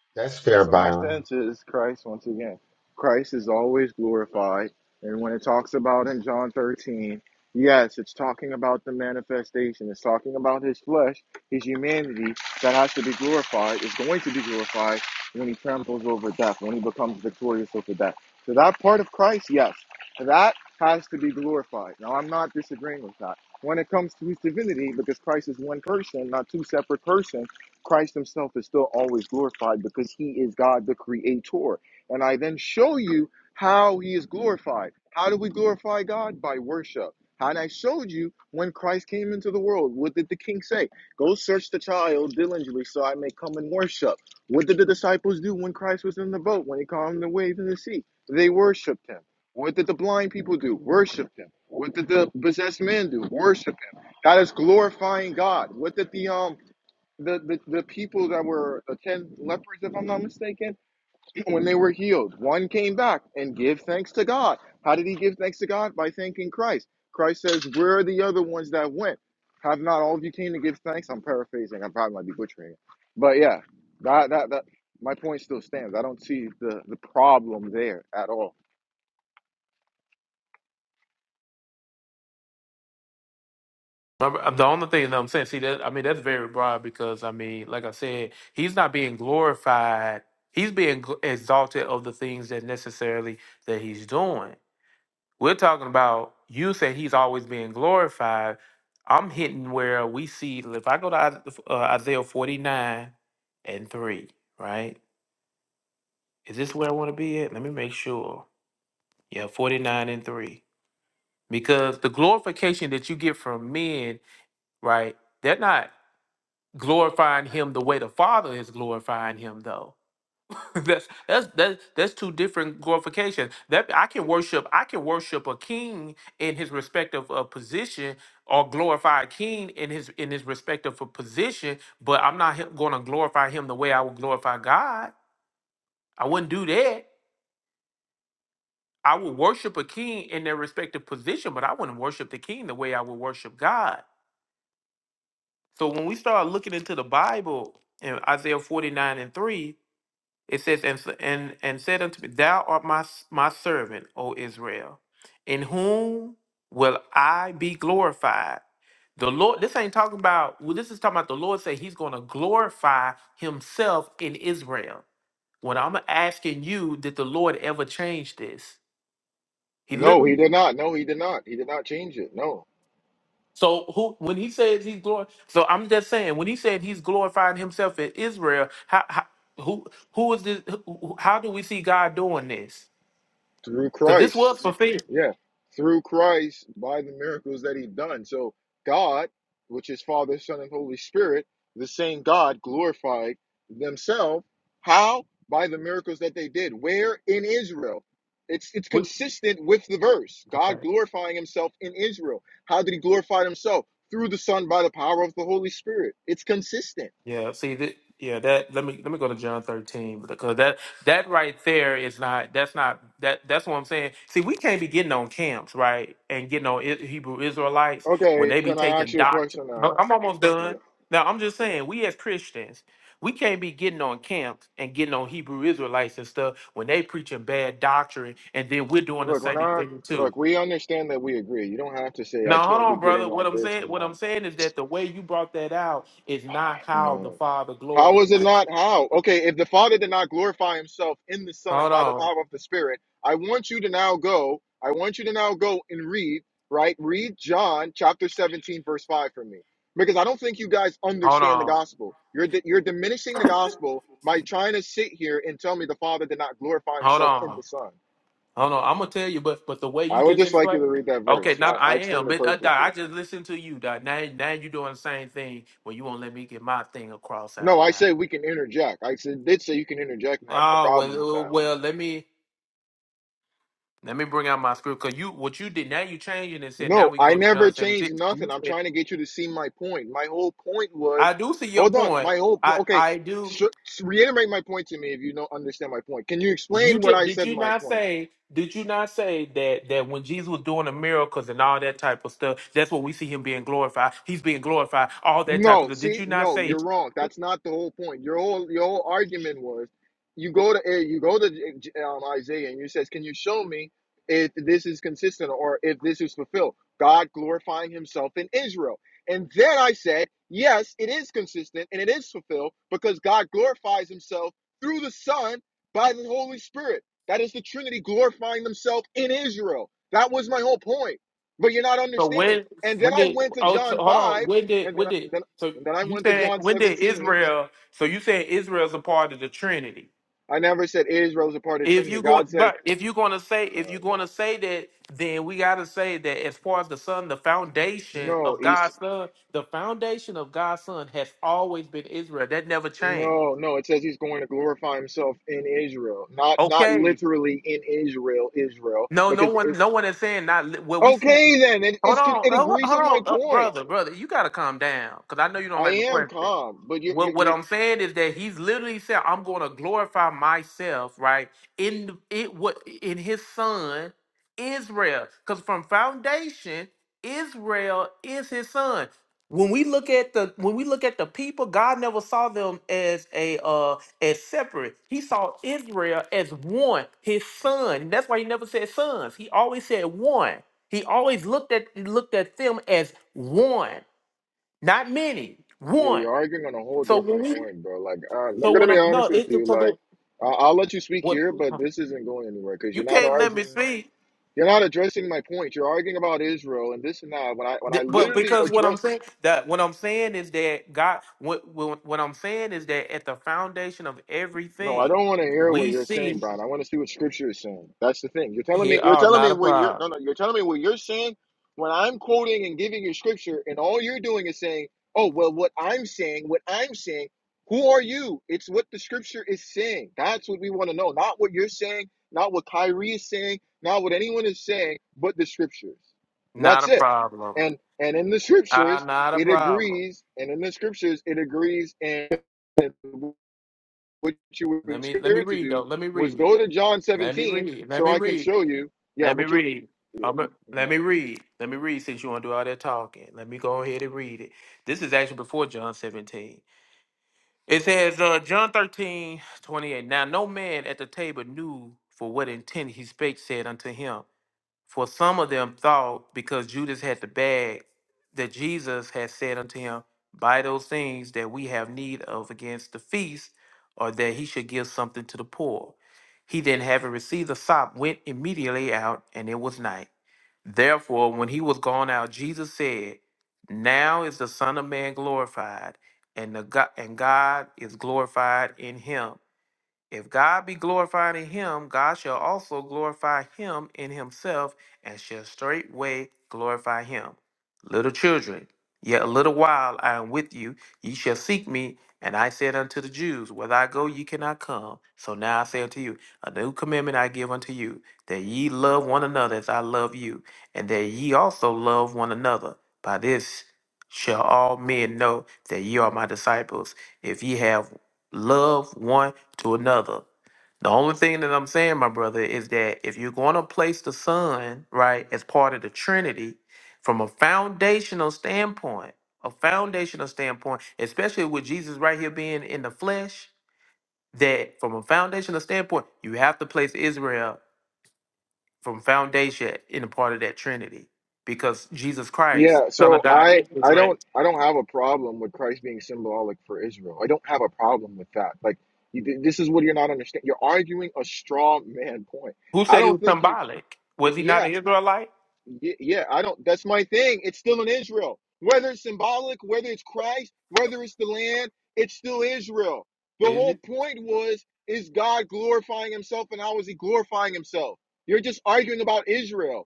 C: you—that's
J: Yeah,
C: fair,
J: so my
C: Byron.
J: stance is Christ once again. Christ is always glorified, and when it talks about in John 13, yes, it's talking about the manifestation. It's talking about his flesh, his humanity that has to be glorified, is going to be glorified when he tramples over death, when he becomes victorious over death. So that part of Christ, yes, that has to be glorified. Now I'm not disagreeing with that. When it comes to his divinity, because Christ is one person, not two separate persons Christ himself is still always glorified because he is God the creator. And I then show you how he is glorified. How do we glorify God? By worship. And I showed you when Christ came into the world, what did the king say? Go search the child diligently so I may come and worship. What did the disciples do when Christ was in the boat, when he calmed the waves in the sea? They worshiped him. What did the blind people do? Worship him. What did the possessed man do? Worship him. That is glorifying God. What did the um the, the, the people that were the 10 lepers, if I'm not mistaken, when they were healed, one came back and give thanks to God. How did he give thanks to God? By thanking Christ. Christ says, Where are the other ones that went? Have not all of you came to give thanks? I'm paraphrasing. I probably might be butchering it. But yeah, that, that, that, my point still stands. I don't see the, the problem there at all.
A: I'm- I'm- The only thing that I'm saying, see that I mean that's very broad because I mean, like I said, he's not being glorified. He's being gl- exalted of the things that necessarily that he's doing. We're talking about you say he's always being glorified. I'm hitting where we see. If I go to Isa- uh, Isaiah 49 and three, right? Is this where I want to be at? Let me make sure. Yeah, 49 and three, because the glorification that you get from men, right? They're not. glorifying him the way the father is glorifying him though that's that's that's that's two different glorifications that i can worship i can worship a king in his respective uh, position or glorify a king in his in his respective for position but i'm not going to glorify him the way i would glorify god i wouldn't do that i would worship a king in their respective position but i wouldn't worship the king the way i would worship god so when we start looking into the bible in isaiah 49 and 3 It says, and, s- and, and said unto me, Thou art my, s- my servant, O Israel, in whom will I be glorified? The Lord, this ain't talking about, well, this is talking about the Lord say he's going to glorify himself in Israel. When I'm asking you, did the Lord ever change this? He
J: No,
A: literally,
J: he did not. No, he did not. He did not change it. No,
A: so who, when he says he's glorified, so I'm just saying, when he said he's glorifying himself in Israel, how, how who, who is this, who, who- how do we see God doing this?
J: through
A: Because this was
J: Christ.
A: fulfilled.
J: Yeah, through Christ by the miracles that he done. So God, which is Father, Son, and Holy Spirit, the same God glorified themselves. How? By the miracles that they did. Where? In Israel. It's it's
A: What,
J: consistent with the verse. God
A: okay.
J: glorifying himself in Israel. How did he glorify himself? Through the Son by the power of the Holy Spirit. It's consistent.
A: Yeah. See that. Yeah. That. Let me. Let me go to John thirteen because that. That right there is not. That's not. That. That's what I'm saying. See, we can't be getting on camps, right? And getting on I- Hebrew Israelites when
J: Okay,
A: they be
J: can I ask
A: taking
J: you a
A: doctrine.
J: question
A: I-
J: now?
A: I'm almost
J: Yeah.
A: done. Now I'm just saying, we as Christians, we can't be getting on camps and getting on Hebrew Israelites and stuff when they preaching bad doctrine, and then we're doing the
J: Look, we're
A: same
J: not.
A: thing too.
J: Look, we understand that we agree. You don't have to say I
A: Now hold
J: can't be
A: on, brother.
J: getting
A: What
J: on
A: I'm
J: this
A: saying,
J: and
A: what
J: that.
A: I'm saying is that the way you brought that out is not how the
J: No.
A: Father
J: How is it
A: glorified.
J: not? How? Okay, if the Father did not glorify Himself in the Son
A: Hold
J: by the
A: on,
J: power of the Spirit, I want you to now go. I want you to now go and read. Right, read John chapter seventeen, verse five for me, because I don't think you guys
A: hold
J: understand the
A: on,
J: gospel. You're di- you're diminishing the gospel by trying to sit here and tell me the Father did not glorify
A: hold
J: Himself in
A: on,
J: the Son.
A: hold on. I'm gonna tell you, but but the way you
J: I would
A: just
J: just like you
A: explained.
J: to read that
A: Okay,
J: verse.
A: not
J: I, I
A: I am,
J: explained it
A: but uh, Doc,
J: perfectly.
A: I just listened to you. Doc. Now now you doing the same thing. Well, you won't let me get my thing across
J: No,
A: out
J: I said
A: now.
J: we can interject. I said did say you can interject me. I have no
A: Oh
J: problem with
A: well, uh,
J: that.
A: well let me let me bring out my script because you what you did now you changing and said now
J: No,
A: we can
J: I
A: go to
J: never
A: John
J: changed
A: 17. You
J: nothing. I'm
A: said,
J: trying to get you to see my point. My whole point was,
A: I do see your
J: hold on.
A: point.
J: My whole po-
A: I
J: okay.
A: I do.
J: sh- reiterate my point to me if you don't understand my point. Can you
A: Well, you
J: explain what
A: just
J: I
A: did
J: said?
A: you
J: My
A: not
J: point.
A: say did you not say that that when Jesus was doing the miracles and all that type of stuff, that's what we see him being glorified. He's being glorified, all that type of
J: No,
A: stuff. Did
J: see,
A: you not
J: no,
A: say
J: you're wrong. That's not the whole point. Your whole your whole argument was, you go to eh, you go to eh, um, Isaiah and you says, "Can you show me if this is consistent or if this is fulfilled?" God glorifying Himself in Israel, and then I said, "Yes, it is consistent and it is fulfilled because God glorifies Himself through the Son by the Holy Spirit. That is the Trinity glorifying themselves in Israel. That was my whole point." But you're not
A: so
J: understanding.
A: when
J: And then
A: when
J: I
A: did
J: went to
A: oh so,
J: John
A: hold
J: 5
A: on, when did
J: and then,
A: when
J: I-
A: did
J: then,
A: so
J: and then I
A: you
J: went to
A: said
J: John
A: when did
J: 17.
A: Israel so you said Israel's a part of the Trinity.
J: I never said Israel is a part of the
A: If
J: Trinity.
A: you go,
J: God says,
A: but if you're going to say, if
J: oh,
A: you're
J: man.
A: going to say that, then we got to say that as far as the son, the foundation
J: no,
A: of
J: he's
A: God's son, the foundation of God's son has always been Israel. That never changed.
J: no, no. It says he's going to glorify himself in Israel, not not
A: Okay.
J: literally in Israel, Israel,
A: No, no
J: because
A: one,
J: it,
A: no one is saying not. Well, we see.
J: okay, then it
A: Hold
J: it's,
A: on,
J: it
A: hold on,
J: agrees with my
A: hold on, uh,
J: point.
A: brother, brother. You gotta calm down, cause I know you don't
J: I
A: like my
J: am
A: question.
J: calm, but you're
A: What
J: you're
A: what
J: you're,
A: I'm saying is that he's literally said, "I'm going to glorify myself," right? In the- it what in his son Israel, cause from foundation Israel is his son. When we look at the when we look at the people, God never saw them as a uh as separate. He saw Israel as one, his son. And that's why he never said sons. He always said one. He always looked at he looked at them as one, not many,
J: you're
A: one.
J: you're arguing on a whole
A: So when
J: different
A: we,
J: point, bro. Like uh, I'm
A: so
J: gonna
A: when
J: be
A: I'm no,
J: honest with
A: it's the,
J: you,
A: so
J: like.
A: the-
J: I- I'll let you speak
A: what
J: here, but this isn't going anywhere because
A: you
J: you're not
A: can't let me
J: arguing.
A: speak.
J: You're not addressing my point. You're arguing about Israel and this and that. When I when I
A: Th- But
J: literally
A: because what I'm
J: address
A: saying that what I'm saying is that God, what what what I'm saying is that at the foundation of
J: No, I
A: everything,
J: don't want to hear what
A: we
J: you're saying,
A: see
J: Brian. I want to see what Scripture is saying. That's the thing. You're telling me.
A: here.
J: You're
A: Oh,
J: telling me
A: not a
J: what you're.
A: problem.
J: No, no. You're telling me what you're saying when I'm quoting and giving you Scripture, and all you're doing is saying, "Oh, well, what I'm saying, what I'm saying." Who are you? It's what the Scripture is saying. That's what we want to know. Not what you're saying. Not what Kyrie is saying. Not what anyone is saying. But the Scriptures.
A: Not
J: That's
A: a
J: it.
A: problem.
J: And and in the
A: Ah,
J: Scriptures,
A: not a
J: it
A: problem.
J: agrees. And in the Scriptures, it agrees. And what you were
A: Let me let me
J: scared to
A: read though.
J: do
A: Let me
J: was
A: read.
J: go to John
A: Let me
J: 17
A: read. Let
J: so
A: me
J: I can
A: read.
J: show you. Yeah,
A: Let me
J: what you're.
A: read.
J: Yeah,
A: I'm a-
J: mhm,
A: let me
J: mhm.
A: read. Let me read since you want to do all that talking. Let me go ahead and read it. This is actually before John 17. It says, uh, John 13, 28. Now, no man at the table knew for what intent he spake, said unto him. For some of them thought, because Judas had the bag, that Jesus had said unto him, Buy those things that we have need of against the feast, or that he should give something to the poor. He then, having received the sop, went immediately out, and it was night. Therefore, when he was gone out, Jesus said, Now is the Son of Man glorified, and, the God, and God is glorified in him. If God be glorified in him, God shall also glorify him in himself and shall straightway glorify him. Little children, yet a little while I am with you, ye shall seek me. And I said unto the Jews, Whither I go, ye cannot come. So now I say unto you, A new commandment I give unto you, that ye love one another as I love you, and that ye also love one another. By this shall all men know that ye are my disciples, if ye have love one to another. The only thing that I'm saying, my brother, is that if you're going to place the Son, right, as part of the Trinity, from a foundational standpoint, a foundational standpoint, especially with Jesus right here being in the flesh, that from a foundational standpoint, you have to place Israel from foundation in a part of that Trinity because Jesus Christ,
J: Yeah,
A: Son of
J: so
A: God,
J: I
A: is
J: I
A: Israel.
J: don't I don't have a problem with Christ being symbolic for Israel. I don't have a problem with that. Like you, this is what you're not understanding. You're arguing a straw man point.
A: Who
J: I
A: said he
J: don't
A: was
J: think you.
A: symbolic? Was he
J: Yeah,
A: not an Israelite?
J: Ye- Yeah, I don't. That's my thing. It's still in Israel. Whether it's symbolic, whether it's Christ, whether it's the land, it's still Israel. The whole point was, is God glorifying Himself, and how is He glorifying Himself? You're just arguing about Israel.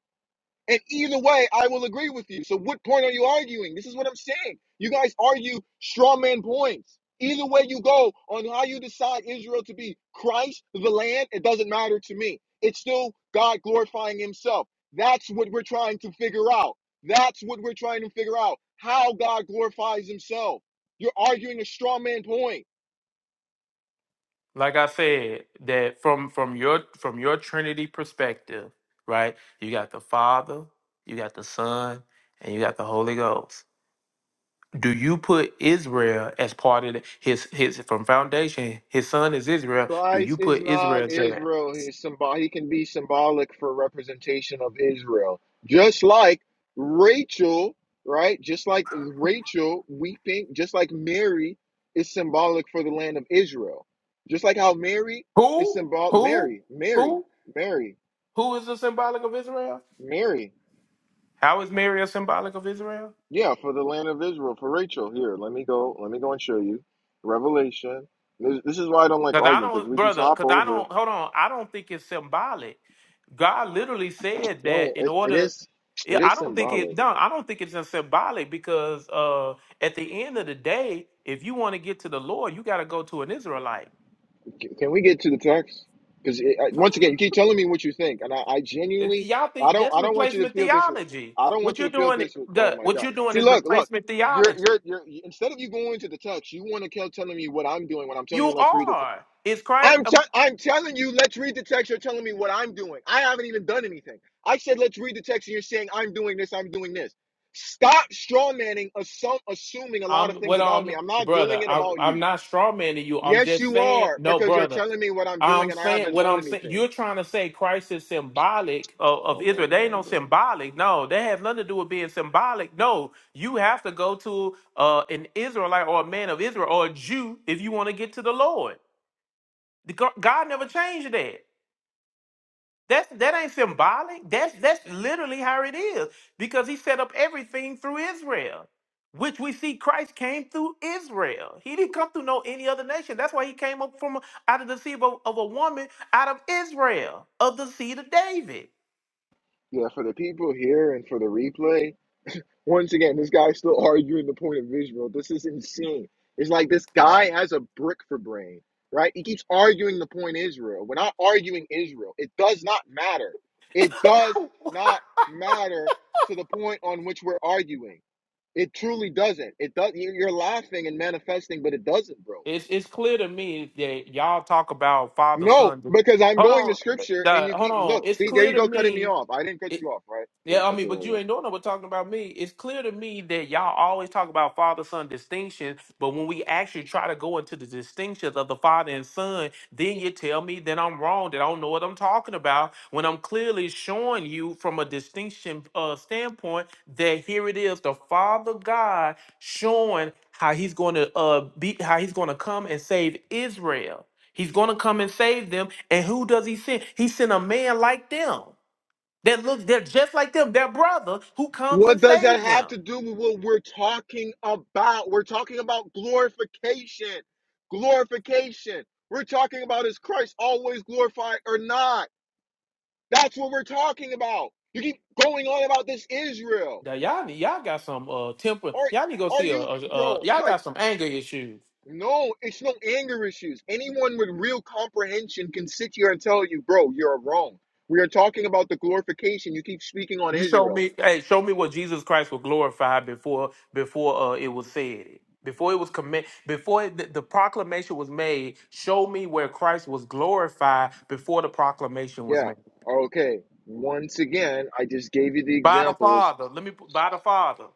J: And either way, I will agree with you. So what point are you arguing? This is what I'm saying. You guys argue straw man points. Either way you go on how you decide Israel to be Christ, the land, it doesn't matter to me. It's still God glorifying himself. That's what we're trying to figure out. That's what we're trying to figure out. How God glorifies himself. You're arguing a straw man point.
A: like I said, that from from your from your Trinity perspective, right? You got the Father, you got the Son, and you got the Holy Ghost. Do you put Israel as part of the, his his from foundation? His son is Israel. Do
J: Christ
A: you
J: is
A: put Israel
J: not
A: there?
J: Israel. He is symbol. He can be symbolic for representation of Israel, just like Rachel, right? Just like Rachel weeping, just like Mary is symbolic for the land of Israel, just like how Mary is
A: Who?
J: symbolic.
A: Who?
J: Mary, Mary,
A: Who?
J: Mary,
A: Who is the symbolic of Israel?
J: Mary.
A: How is Mary a symbolic of Israel?
J: Yeah, for the land of Israel, for Rachel. Here, let me go. Let me go and show you Revelation. This, this is why I don't like
A: Because I
J: arguing because
A: don't,
J: we just
A: brother.
J: hop
A: Because I
J: over.
A: don't. Hold on. I don't think it's symbolic. God literally said
J: No,
A: that in
J: it, it
A: order
J: is,
A: Yeah,
J: it
A: I
J: is
A: don't think
J: symbolic.
A: it. No, I don't think it's just symbolic because uh, at the end of the day, if you want to get to the Lord, you got to go to an Israelite.
J: Can can we get to the text? Because once again, you keep telling me what you think, and I, I
A: And
J: genuinely,
A: Y'all
J: I
A: think
J: don't,
A: that's
J: I don't want you to
A: replacement
J: feel this.
A: theology?
J: I don't want
A: What
J: you
A: you're
J: to feel
A: doing,
J: this. Oh
A: the
J: my
A: what
J: God!
A: you're doing
J: See,
A: is
J: look, look.
A: replacement
J: You're, you're,
A: theology.
J: you're. Instead of you going to the text, you want to keep telling me what I'm doing when I'm telling you
A: You
J: let's read the. Te-
A: are. It's Christ.
J: I'm, te- I'm telling you let's read the text. You're telling me what I'm doing. I haven't even done anything. I said let's read the text, and you're saying I'm doing this. I'm doing this. Stop strawmanning, assum- assuming a lot
A: I'm
J: of things
A: what
J: about me.
A: I'm
J: I'm not doing
A: brother.
J: it
A: I'm
J: about
A: I'm
J: you.
A: not straw manning you. I'm
J: Yes,
A: just
J: you
A: saying
J: are,
A: no,
J: because you're
A: brother.
J: telling me what I'm doing
A: I'm
J: and I
A: saying
J: haven't
A: what
J: done
A: I'm saying.
J: anything.
A: You're trying to say Christ is symbolic of, of
J: Oh my
A: Israel. They ain't no
J: God, bro.
A: symbolic. No, they have nothing to do with being symbolic. No, you have to go to uh, an Israelite or a man of Israel or a Jew if you want to get to the Lord. The go- God never changed that. That's that ain't symbolic. That's that's literally how it is. Because he set up everything through Israel, which we see Christ came through Israel. He didn't come through no any other nation. That's why he came up from out of the seed of, of a woman out of Israel, of the seed of David.
J: Yeah, for the people here and for the replay, once again, this guy's still arguing the point of Israel. This is insane. It's like this
A: That-
J: guy has a brick for brain, right? He keeps arguing the point Israel. We're not arguing Israel. It does not matter. It does not matter to the point on which we're arguing. It truly doesn't. It does. you- You're laughing and manifesting, but it doesn't, bro.
A: it's it's clear to me that y'all talk about father
J: No,
A: son.
J: because I'm
A: Hold
J: going to
A: on,
J: scripture and
A: the-
J: you
A: hold
J: keep
A: on.
J: look,
A: It's
J: see, there
A: clear
J: you
A: to
J: go cutting me
A: me.
J: off. I didn't cut you off, right? There,
A: Yeah, I
J: okay,
A: mean, but
J: all
A: you
J: right.
A: ain't doing nothing but talking about me. It's clear to me that y'all always talk about father son distinction, but when we actually try to go into the distinctions of the father and son, then you tell me that I'm wrong, that I don't know what I'm talking about, when I'm clearly showing you from a distinction uh, standpoint that here it is the father God showing how he's going to uh, be, how he's going to come and save Israel. He's going to come and save them. And who does he send? He sent a man like them that look they're just like them, their brother who comes
J: What
A: and
J: does that
A: saves
J: have
A: them.
J: to do with what we're talking about? We're talking about glorification. Glorification. We're talking about is Christ always glorified or not? That's what we're talking about. You keep going on about this Israel.
A: Now y'all need y'all got some uh temper. Y'all need to go
J: Are are
A: see a,
J: you
A: a, a
J: bro,
A: y'all
J: like
A: got some anger issues.
J: No, it's no anger issues. Anyone with real comprehension can sit here and tell you, bro, you're wrong. We are talking about the glorification. You keep speaking on
A: You show
J: Israel.
A: me, hey, show me what Jesus Christ was glorified before before uh, it was said. Before it was commit, before it, the, the proclamation was made, show me where Christ was glorified before the proclamation was
J: Yeah.
A: made.
J: Okay. Once again, I just gave you the
A: By the
J: examples.
A: Father, let me by the Father.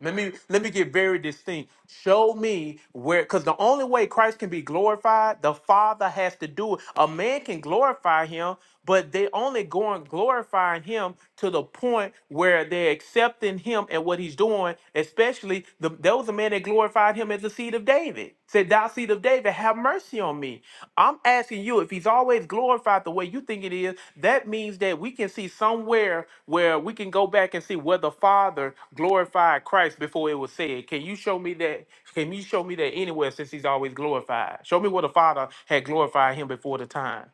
A: Let me let me get very distinct. Show me where because the only way Christ can be glorified, the Father has to do it. A man can glorify him, but they only going glorifying him to the point where they're accepting him and what he's doing, especially the there was a man that glorified him as the seed of David. Thou seed of David, have mercy on me. I'm asking you if he's always glorified the way you think it is, that means that we can see somewhere where we can go back and see where the Father glorified Christ before it was said. Can you show me that? Can you show me that anywhere since he's always glorified? Show me where the Father had glorified him before the time.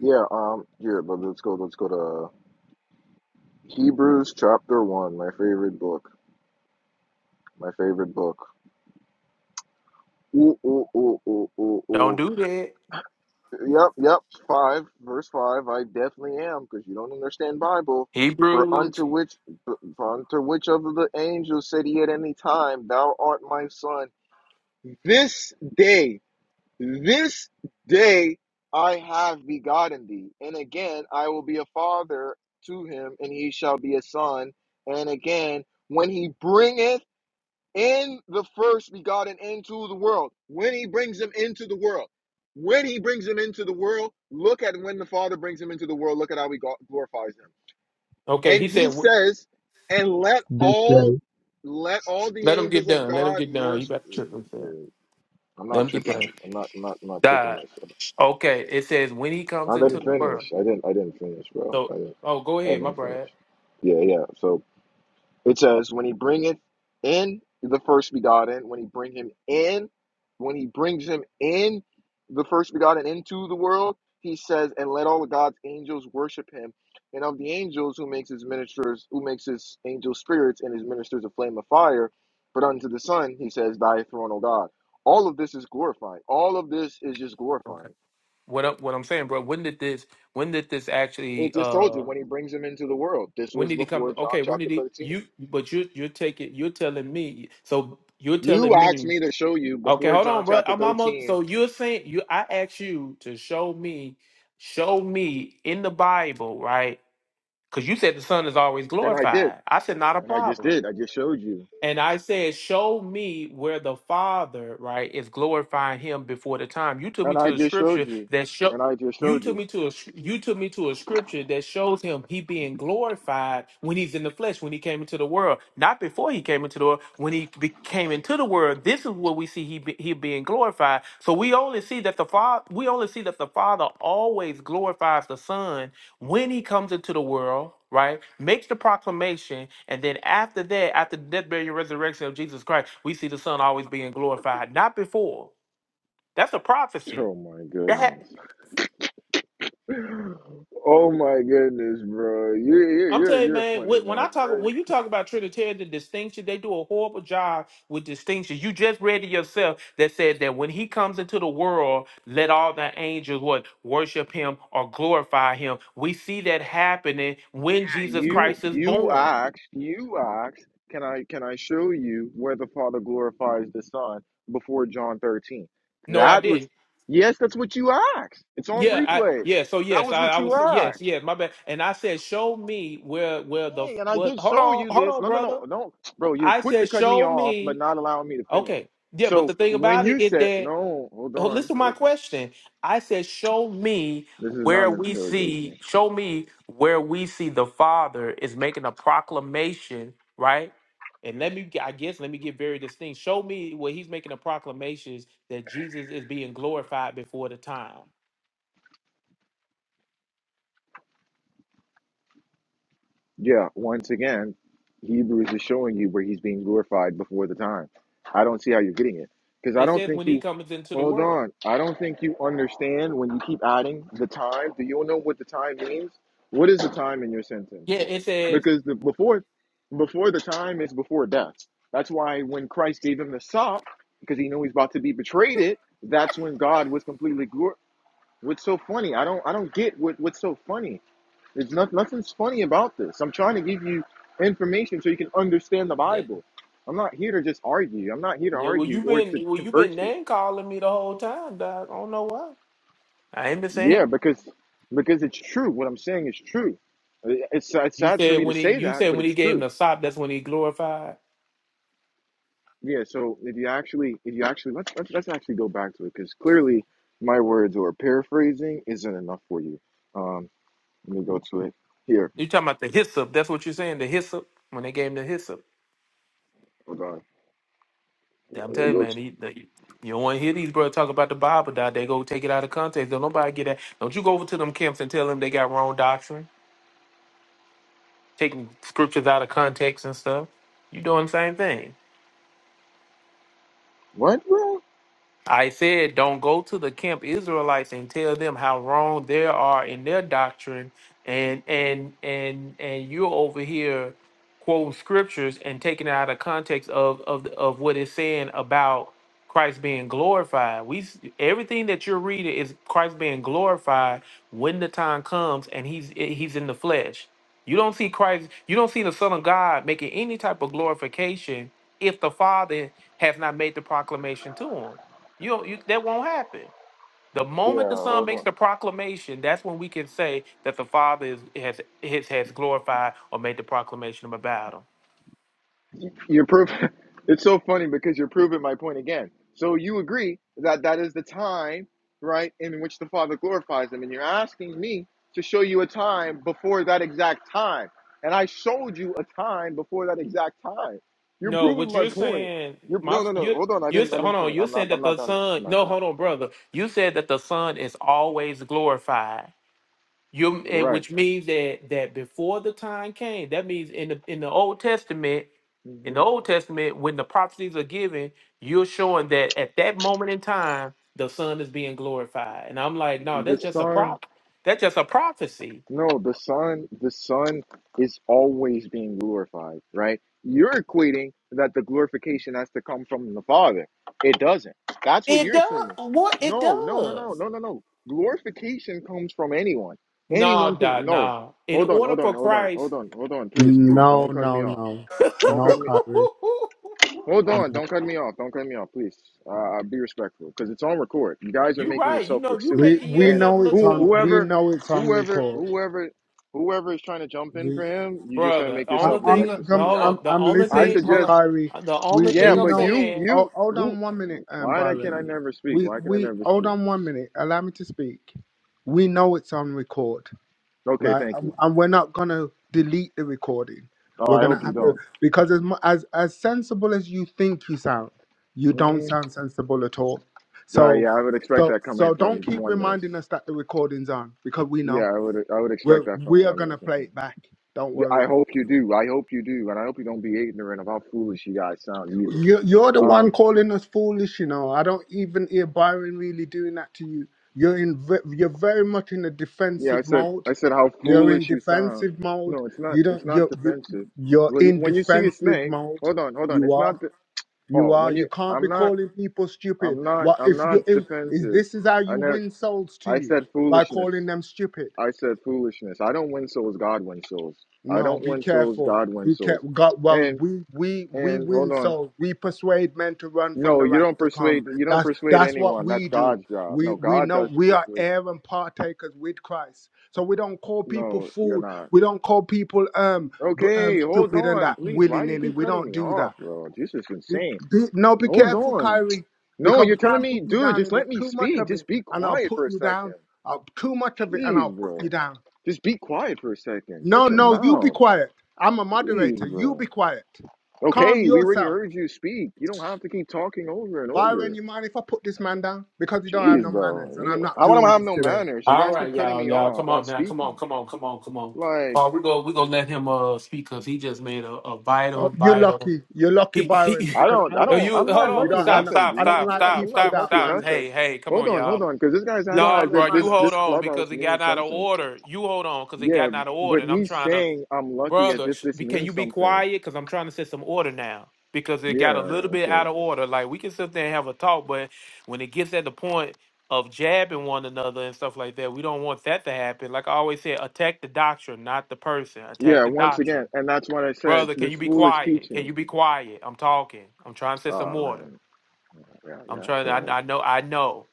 J: Yeah, um, yeah, but let's go, let's go to Hebrews chapter one, my favorite book. My favorite book. Ooh, ooh, ooh, ooh, ooh,
A: Don't
J: ooh.
A: do that.
J: Yep, yep. Five, verse five. I definitely am, because you don't understand Bible. For unto
A: Hebrews.
J: which, for unto which of the angels said he at any time, Thou art my son. This day, this day, I have begotten thee, and again I will be a father to him, and he shall be a son. And again, when he bringeth in the first begotten into the world. When he brings him into the world, when he brings him into the world, look at when the Father brings him into the world. Look at how he go- glorifies him.
A: Okay, he
J: And
A: said,
J: he
A: wh-
J: says, "And let
K: this
J: all,
K: day.
J: let all the
A: let him get
J: angels of
A: done. Let him
J: God
A: get done. He
J: worship
A: about to trip
J: you."
A: himself.
J: Yeah, I'm
A: Let
J: not
A: him get
J: tripping
A: done.
J: myself. I'm not, I'm not, I'm not tripping
A: God.
J: myself.
A: Okay, it says, when he comes
J: I
A: into
J: didn't
A: the world.
J: finish. I didn't. I didn't finish, bro. I
A: So,
J: didn't.
A: oh, go
J: I
A: ahead, my
J: didn't
A: Brad.
J: finish. Yeah, yeah. So It says, when he bringeth in the first begotten, when he bring him in, when he brings him in the first begotten into the world, he says, and let all of God's angels worship him. And of the angels who makes his ministers, who makes his angels spirits and his ministers a flame of fire, but unto the Son, he says, thy throne, O God. All of this is glorifying. All of this is just
A: Okay.
J: glorifying.
A: What up? What I'm saying, bro? When did this? When did this
J: It
A: actually?
J: just told you
A: uh
J: when he brings him into the world. This
A: When
J: was
A: did it come?
J: before John
A: Okay. When
J: chapter
A: did he?
J: 13.
A: You? But you? You're taking. You're telling me. So you're
J: You
A: telling
J: asked
A: me.
J: me to show you
A: Okay,
J: before
A: hold
J: John
A: on, bro.
J: chapter
A: I'm almost.
J: 13,
A: So you're saying you? I asked you to show me, show me in the Bible, right? Because you said the Son is always
J: and I did.
A: glorified. I said not a
J: And I just
A: problem.
J: did. I just showed you.
A: And I said, Show me where the Father, right, is glorifying him before the time. You took me
J: And I
A: to a
J: just showed
A: scripture
J: you.
A: that show
J: And I just
A: you
J: showed
A: took
J: you.
A: me to a sc- you took me to a scripture that shows him he being glorified when he's in the flesh, when he came into the world. Not before he came into the world, when he be, came into the world, this is what we see he be, he being glorified. So we only see that the Father we only see that the Father always glorifies the Son when he comes into the world, right, makes the proclamation, and then after that, after the death, burial, and resurrection of Jesus Christ, we see the Son always being glorified, not before. That's a prophecy.
J: Oh my
A: That ha-
J: goodness. Oh my goodness, bro. you you
A: I'm
J: you're,
A: telling you,
J: you're
A: man.
J: funny,
A: wh- When I
J: man.
A: talk,
J: You're,
A: when you talk about Trinitarian the distinction, they do a horrible job with distinction. You just read it yourself that said that when he comes into the world, let all the angels what worship him or glorify him. We see that happening when
J: yeah,
A: Jesus
J: you
A: Christ is
J: you
A: born.
J: asked, you asked, can I can I show you where the Father glorifies the Son before John 13?
A: No, I
J: That
A: didn't.
J: was yes, that's what you asked. It's on
A: Yeah, I
J: replay.
A: yeah, so
J: That
A: yes,
J: was
A: I,
J: what
A: I
J: you
A: was
J: asked.
A: yes, yes, my bad. And I said, show me where where the
J: Hey, and I
A: what
J: did
A: hold
J: show
A: on,
J: you
A: hold
J: this.
A: on,
J: No, no, no,
A: brother.
J: no, bro. You're
A: I
J: quick to
A: said,
J: cut me
A: show
J: off, but
A: me.
J: not allowing me to finish.
A: Okay. Yeah, but
J: So
A: the thing
J: when
A: about
J: you
A: it is
J: said
A: that
J: no, hold
A: oh, listen
J: on,
A: to
J: hold
A: my
J: on.
A: question. I said, show me
J: This is not
A: where
J: an
A: we see,
J: interrogation.
A: show me where we see the Father is making a proclamation, right? And let me I guess let me get very distinct. Show me where he's making a proclamation that Jesus is being glorified before the time.
J: Yeah, once again, Hebrews is showing you where he's being glorified before the time. I don't see how you're getting it because I
A: It
J: don't
A: says
J: think
A: when he
J: you.
A: comes into the
J: Hold
A: world.
J: on. I don't think you understand when you keep adding the time. Do you know what the time means? What is the time in your sentence?
A: Yeah, it says
J: because the, before before the time is before death. That's why when Christ gave him the sop, because he knew he's about to be betrayed, it that's when God was completely glor- What's so funny? I don't I don't get what what's so funny. There's not, nothing's funny about this. I'm trying to give you information so you can understand the
A: that.
J: Bible. I'm not here to just argue. I'm not here to
A: Yeah, well,
J: argue
A: you've
J: or
A: been
J: to
A: well, you've
J: convert
A: been
J: you.
A: name calling me the whole time, dog. I don't know why. I ain't been saying.
J: Yeah, because because it's true. What I'm saying is true. It's it's
A: You
J: sad for
A: said
J: me to
A: when he,
J: say
A: you
J: that,
A: said
J: but
A: when he
J: it's
A: gave him
J: true
A: the sop, that's when he glorified.
J: Yeah, so if you actually, if you actually, let's let's, let's actually go back to it because clearly my words or paraphrasing isn't enough for you. Um, let me go to it here.
A: You talking about the hyssop? That's what you're saying. The hyssop when they gave him the hyssop.
J: Hold on.
A: Yeah, I'm
J: Let me
A: telling you,
J: go to,
A: man. He, the, you don't want to hear these brothers talk about the Bible, dog. They go take it out of context. Don't nobody get that. Don't you go over to them camps and tell them they got wrong doctrine, taking scriptures out of context and stuff. You doing the same thing.
J: what, bro?
A: I said, don't go to the camp Israelites and tell them how wrong they are in their doctrine, and and and and you're over here quoting scriptures and taking it out of context of of of what it's saying about Christ being glorified. We s- everything that you're reading is Christ being glorified when the time comes and he's he's in the flesh. You don't see Christ. You don't see the Son of God making any type of glorification if the Father has not made the proclamation to him. You don't, you that won't happen. The moment
J: Yeah,
A: the Son
J: hold on.
A: makes the proclamation, that's when we can say that the Father is, has has has glorified or made the proclamation about him.
J: You're proving. It's so funny because you're proving my point again. So you agree that that is the time, right, in which the Father glorifies Him, and you're asking me to show you a time before that exact time, and I showed you a time before that exact time. You're
A: No, what
J: proving my
A: you're
J: point.
A: saying,
J: You're
A: my
J: no, no, no.
A: you
J: Hold on. I
A: you
J: didn't. I
A: hold
J: didn't
A: on.
J: finish.
A: You're
J: I'm not.
A: saying
J: I'm
A: that
J: not
A: the
J: done.
A: Son.
J: I'm not
A: No,
J: done.
A: hold on, brother. You said that the Son is always glorified. You
J: You're
A: and
J: right.
A: which means that that before the time came, that means in the in the Old Testament, in the
J: hmm
A: Old Testament, when the prophecies are given, you're showing that at that moment in time, the Son is being glorified. And I'm like, no,
J: The
A: that's just a
J: Son
A: prop. That's just a prophecy.
J: No, the Son, the Son is always being glorified, right? You're equating that the glorification has to come from the Father. It doesn't. That's what
A: It
J: you're
A: does
J: assuming.
A: what it
J: No, no, no, no,
A: does.
J: no, no, no. Glorification comes from anyone. Anyone
A: No,
J: can.
A: dot,
J: No.
A: no. In
J: Hold on,
A: order
J: hold on,
A: for
J: hold on,
A: Christ,
J: hold on, hold on. Please, please,
I: No,
J: don't cut me
I: no,
J: off.
I: no.
J: Don't
I: No,
J: cut me.
I: Kyrie.
J: Hold on,
I: No.
J: don't cut me off. Don't cut me off, please. Uh, be respectful because it's on record. You guys are
A: you
J: making
A: right. You
J: yourself
A: know,
J: look
A: you
J: silly.
I: We
A: making
I: we
J: And
A: yourself
I: know
A: look
I: it's
J: who,
I: on
A: stupid.
I: we
J: whoever,
I: know it's on
J: whoever,
I: record.
J: whoever, whoever is trying to jump in for
I: We
J: him, you're just
A: Bro,
J: gonna
A: the
J: make
I: I,
A: only
J: yourself look
I: I'm
A: thing,
J: extra
I: not.
A: the,
I: Com-
J: silly.
A: hold
J: I,
I: I'm.
A: on, the
I: I'm
A: only
J: I
I: listening
A: thing,
I: to you,
A: hold
J: suggest,
I: Kyrie.
A: on, the
I: We
A: only
J: yeah,
A: thing
I: we
A: I'm
J: but
I: know.
J: you,
A: saying.
I: Oh,
J: you,
I: hold
J: who?
I: on one minute, um,
J: Why that can
I: Byron.
J: I never speak?
I: We
J: Why can I
I: we
J: never
I: hold
J: speak?
I: on one minute. Allow me to speak. We know it's on record,
J: Okay,
I: right?
J: thank
I: And,
J: you.
I: and we're not gonna delete the recording.
J: Oh,
I: We're
J: I
I: gonna
J: hope you
I: have to
J: don't.
I: because as mu- as as sensible as you think you sound, you don't
J: hmm
I: sound sensible at all. So
J: yeah, I would expect
I: so
J: that coming
I: so don't
J: from
I: keep
J: oneness.
I: reminding us that the recording's on because we know
J: Yeah, I would, I would expect
I: we're
J: that from
I: we are
J: oneness.
I: gonna
J: Mhm.
I: play it back. Don't
J: Yeah, I
I: worry.
J: hope you do. I hope you do, and I hope you don't be ignorant of how foolish you guys sound either.
I: You, you're the one
J: Um,
I: calling us foolish, you know. I don't even hear Byron really doing that to you. You're in, ve- you're very much in a
J: yeah, I
I: defensive
J: said,
I: mode.
J: I said how
I: You're in
J: foolish you sound.
I: defensive mode.
J: No, it's not.
I: You
J: It's
I: don't,
J: not
I: you're, you,
J: defensive.
I: you're
J: Well, you,
I: in
J: when you see a
I: defensive
J: snake,
I: mode.
J: hold on, hold on.
I: You
J: It's
I: are,
J: not the,
I: you
J: Paul.
I: are.
J: When
I: You
J: you,
I: can't be
J: I'm not,
I: calling people stupid.
J: I'm not,
I: What
J: I'm
I: if
J: not
I: you? If, is
J: defensive.
I: this is how
J: I
I: you
J: know.
I: win souls to
J: I
I: you
J: said
I: by
J: foolishness.
I: calling them stupid?
J: I said foolishness. I don't win souls. God wins souls. I
I: No,
J: don't
I: be
J: win souls.
I: careful.
J: God wins
I: Be
J: souls.
I: careful. God, well,
J: And
I: we we we
J: and hold
I: win
J: on.
I: souls. We persuade men to run from
J: No,
I: the
J: you
I: wrath
J: don't
I: to come.
J: persuade. You don't
I: That's
J: persuade
I: that's what
J: anyone. That's
I: we do.
J: God's job.
I: We
J: No,
I: we
J: God does
I: know
J: the
I: we are
J: persuading.
I: heir and partakers with Christ. So we don't call people
J: No, you're
I: fool.
J: not.
I: We don't call people um b- um
J: Okay, hold
I: stupid and
J: on,
I: that
J: please.
I: willy
J: Why do you
I: nilly.
J: keep
I: We
J: cutting
I: don't
J: me
I: do that.
J: off, bro? This is
I: Be,
J: insane.
I: be, no, be
J: Hold
I: careful,
J: on.
I: Kyrie,
J: No,
I: because
J: you're
I: we
J: telling
I: can't put
J: me,
I: you
J: dude.
I: down
J: Just
I: in the
J: let me
I: too much
J: speak.
I: of
J: Just
I: it,
J: be
I: and I'll
J: quiet
I: put
J: for a
I: you down.
J: second.
I: I'll, too much of it, and I'll
J: Jeez,
I: put
J: bro.
I: you down.
J: Just be quiet for a second.
I: No,
J: Shut your
I: no, you be
J: mouth.
I: quiet. I'm a moderator.
J: Jeez,
I: You be
J: bro.
I: quiet. Calm
J: Okay, we already
I: yourself.
J: heard you speak. You don't have to keep talking over and
I: Byron,
J: over.
I: you mind if I put this man down? Because you don't have
J: Jeez,
I: no manners, and
J: bro.
I: I'm not
J: I don't
I: doing
J: have
I: this
J: no
I: today.
J: manners. You
A: All
J: guys keep
A: right,
J: cutting
A: y'all,
J: me
A: y'all,
J: off.
A: come
J: I'm
A: on now, come on,
J: speaking.
A: come on, come on, come on.
J: Like
A: Paul, we go, we gonna let him uh speak because he just made a, a
I: Oh,
A: vital,
I: you're
A: vital.
I: lucky. You're lucky,
A: He, he,
I: Byron,
J: I
I: because
J: don't,
I: I
J: I
I: would
A: Oh,
I: have
J: don't,
I: put
A: you
I: you
A: hold
J: I'm not
I: down. You
A: on,
J: lucky
I: don't. I,
A: stop,
I: know,
J: nothing,
A: stop,
I: I
J: dude.
I: don't
A: stop,
J: I'm
I: like
J: not,
A: stop,
J: I'm
I: people
J: not
A: stop,
J: lucky
I: without
A: stop.
J: nothing.
A: Hey,
I: manners.
A: hey, come
J: Hold
A: on,
J: on, hold
A: y'all.
J: on, because this guy's
I: You don't
J: acting
I: have
A: No,
J: as
I: no
A: bro,
J: if
A: you
J: this
I: manners.
A: hold
J: this
A: on because
J: clubhouse
A: it got
J: means
A: out of
J: something.
A: order. You hold on because it
J: Yeah,
A: got out of order,
J: but
A: and I'm
J: he's
A: trying to.
J: saying I'm lucky as
A: brother
J: if
A: sh-
J: this
A: be- can you
J: means
A: be
J: something.
A: quiet because i'm trying to set some order now because it
J: Yeah,
A: got a little bit out
J: okay.
A: of order like we can sit there and have a talk but when it gets at the point of jabbing one another and stuff like that we don't want that to happen like i always say attack the doctrine not the person attack
J: Yeah,
A: the
J: once again,
A: doctrine
J: and that's what I said.
A: brother can
J: This
A: you be
J: foolish
A: quiet can
J: teaching.
A: you be quiet i'm talking i'm trying to set some
J: Oh
A: order
J: man. Yeah,
A: I'm
J: yeah.
A: trying. To,
J: Go ahead.
A: I I know. I know.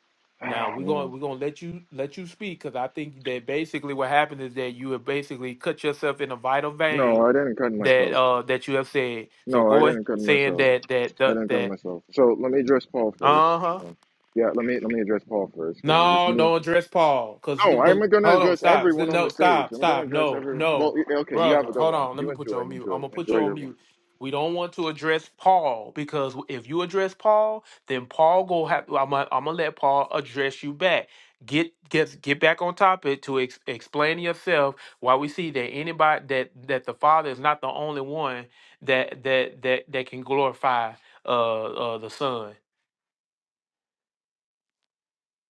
A: Now
J: Ah
A: we're going.
J: man.
A: We're going to let you let you speak because I think that basically what happened is that you have basically cut yourself in a vital
J: No,
A: vein
J: I didn't cut
A: that
J: myself.
A: uh that you have said. So
J: No, I
A: go ahead
J: didn't cut
A: saying
J: myself.
A: that that
J: I
A: that
J: didn't cut
A: that.
J: myself. So let me address Paul first.
A: Uh huh.
J: Um, yeah, let me let me address Paul first because it's just
A: No,
J: me.
A: don't address Paul. Cause,
J: No, I'm
A: 'cause-
J: going to
A: hold on,
J: address
A: stop.
J: everyone on
A: No,
J: the stage.
A: stop,
J: I'm going to
A: stop.
J: address
A: No,
J: every. Well,
A: no,
J: y- okay, you have
A: brother.
J: a good
A: Hold
J: one.
A: on. Let
J: You
A: me put you
J: enjoy,
A: on mute.
J: enjoy,
A: I'm gonna put
J: enjoy
A: you on
J: your room.
A: mute. We don't want to address Paul because if you address Paul, then Paul go have. I'm gonna, I'm gonna let Paul address you back. Get get get back on topic to ex- explain yourself. Why we see that anybody that that the Father is not the only one that that that that can glorify uh, uh the Son.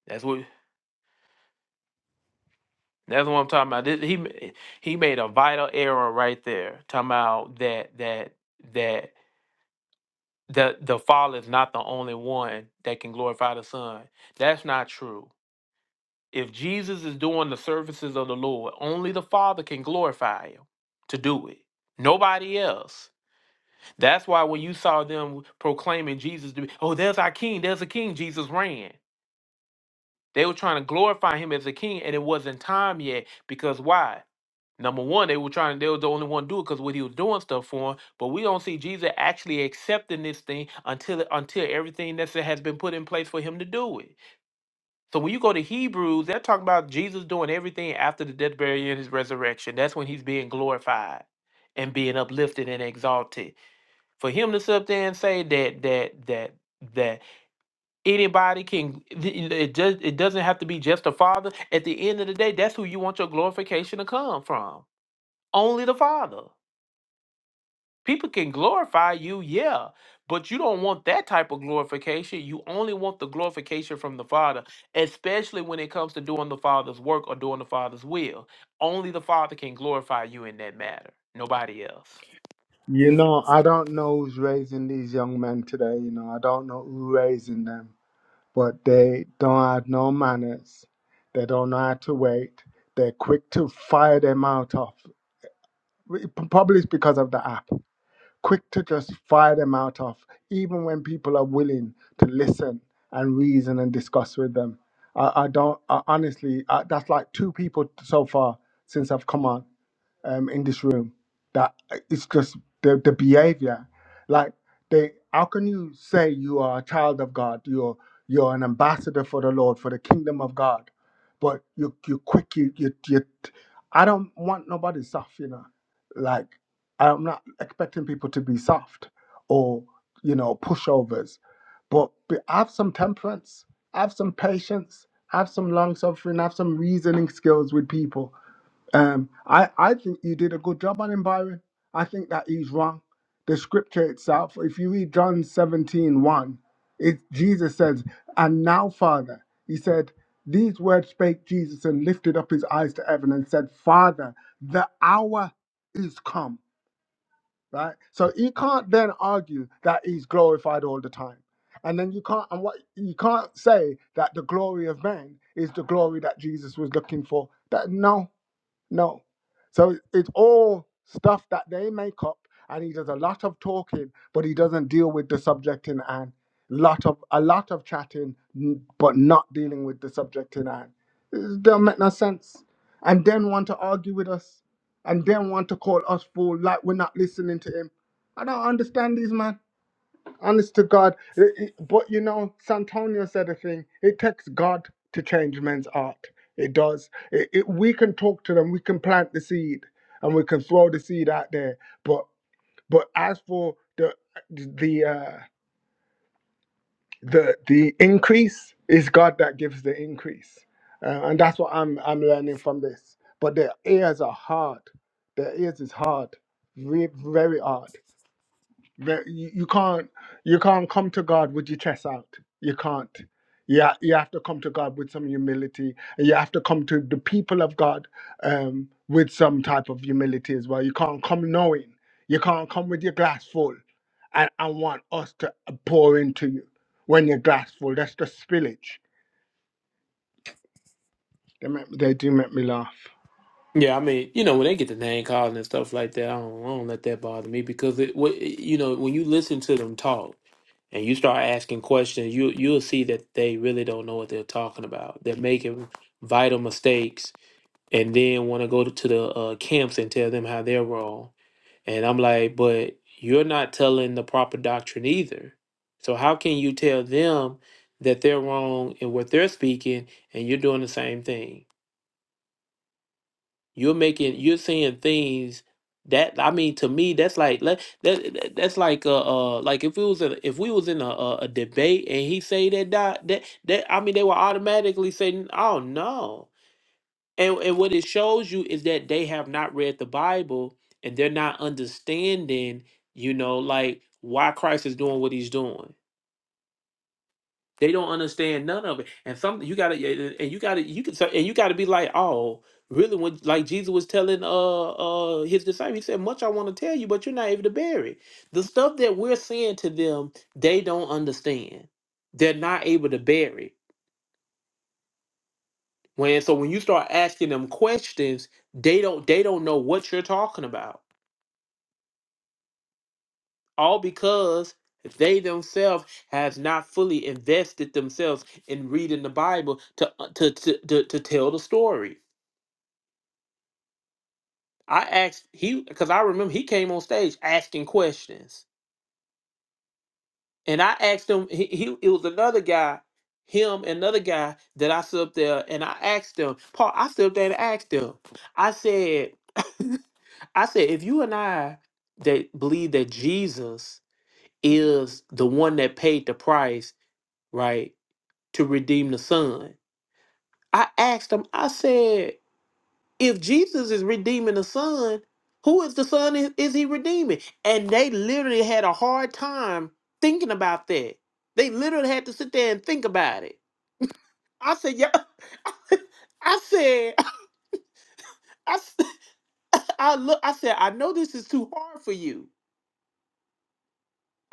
A: That's what. That's what I'm talking about. This- he ma- he made a vital error right there. Talking about that that that the the Father is not the only one that can glorify the Son. That's not true. If Jesus is doing the services of the Lord, only the Father can glorify him to do it. Nobody else. That's why when you saw them proclaiming Jesus to be, oh, there's our king, there's a king, Jesus ran. They were trying to glorify him as a king, and it wasn't time yet. Because why? Number one, they were trying, they were the only one to do it because what he was doing stuff for him. But we don't see Jesus actually accepting this thing until it- until everything that's that has been put in place for him to do it. So when you go to Hebrews, they're talking about Jesus doing everything after the death, burial, and his resurrection. That's when he's being glorified and being uplifted and exalted. For him to sit up there and say that that that that anybody can it just it doesn't have to be just the father at the end of the day that's who you want your glorification to come from only the father People can glorify you, yeah, but you don't want that type of glorification. You only want the glorification from the Father, especially when it comes to doing the Father's work or doing the Father's will. Only the Father can glorify you in that matter, nobody else.
I: You know, I don't know who's raising these young men today. You know, I don't know who raising them, but they don't have no manners. They don't know how to wait. They're quick to fire their mouth off. probably it's because of the app. Quick to just fire them out of, even when people are willing to listen and reason and discuss with them. I, I don't I, honestly. I, that's like two people so far since I've come on um, in this room that it's just the, the behavior. Like they, how can you say you are a child of God? You're you're an ambassador for the Lord for the kingdom of God, but you you quick you you. you I don't want nobody soft, you know. Like I'm not expecting people to be soft or you know pushovers, but be, have some temperance, have some patience, have some long suffering, have some reasoning skills with people um, I, I think you did a good job on him, Byron. I think that he's wrong. The scripture itself, if you read John seventeen one, it, Jesus says, And now, Father, he said, These words spake Jesus and lifted up his eyes to heaven and said, Father, the hour is come. Right? So he can't then argue that he's glorified all the time. And then you can't and what you can't say that the glory of man is the glory that Jesus was looking for. That no, no. So it's all stuff that they make up, and he does a lot of talking, but he doesn't deal with the subject in hand. Lot of a lot of chatting, n- but not dealing with the subject in hand. It don't make no sense. And then want to argue with us, and then want to call us fool like we're not listening to him. I don't understand these man honest to God, it- it- but you know, Santonio said a thing. It takes God to change men's art. It does. It, it, we can talk to them. We can plant the seed, and we can throw the seed out there. But but as for the the uh, the the increase, it's God that gives the increase, uh, and that's what I'm I'm learning from this. But their ears are hard. Their ears is hard, re- very hard. Ve- You you can't you can't come to God with your chest out. You can't. You, ha- you have to come to God with some humility. and You have to come to the people of God um, with some type of humility as well. You can't come knowing. You can't come with your glass full and, and want us to pour into you when your glass full. That's the spillage. They, make, they do make me laugh.
A: Yeah, I mean, you know, when they get the name calling and stuff like that, I don't, I don't let that bother me because it, what, you know, when you listen to them talk and you start asking questions, you you'll see that they really don't know what they're talking about. They're making vital mistakes and then want to go to the uh, camps and tell them how they're wrong. And I'm like, but you're not telling the proper doctrine either. So how can you tell them that they're wrong in what they're speaking and you're doing the same thing? You're making you're saying things that I mean to me that's like let- that, that that's like uh, uh like if it was a, if we was in a, a, a debate and he say that doc- that that I mean they will automatically say oh no and, and what it shows you is that they have not read the Bible and they're not understanding, you know, like why Christ is doing what he's doing. They don't understand none of it. And some you gotta yeah, and and you gotta you can so- and you gotta be like, oh, really when like Jesus was telling uh uh his disciples, he said, Much I want to tell you, but you're not able to bear it. The stuff that we're saying to them, they don't understand. They're not able to bear it When so when you start asking them questions, they don't they don't know what you're talking about. All because they themselves has not fully invested themselves in reading the Bible to uh, to to, to, to tell the story. I asked he because I remember he came on stage asking questions. And I asked him he, he it was another guy, him another guy that I stood up there and I asked them, Paul, I stood up there and asked them. I said I said, if you and I that believe that Jesus is the one that paid the price, right, to redeem the son, I asked him, I said, if Jesus is redeeming the son, who is the son is, is he redeeming? And they literally had a hard time thinking about that. They literally had to sit there and think about it. I said, yeah. I said, I, s- I look, I said, I know this is too hard for you.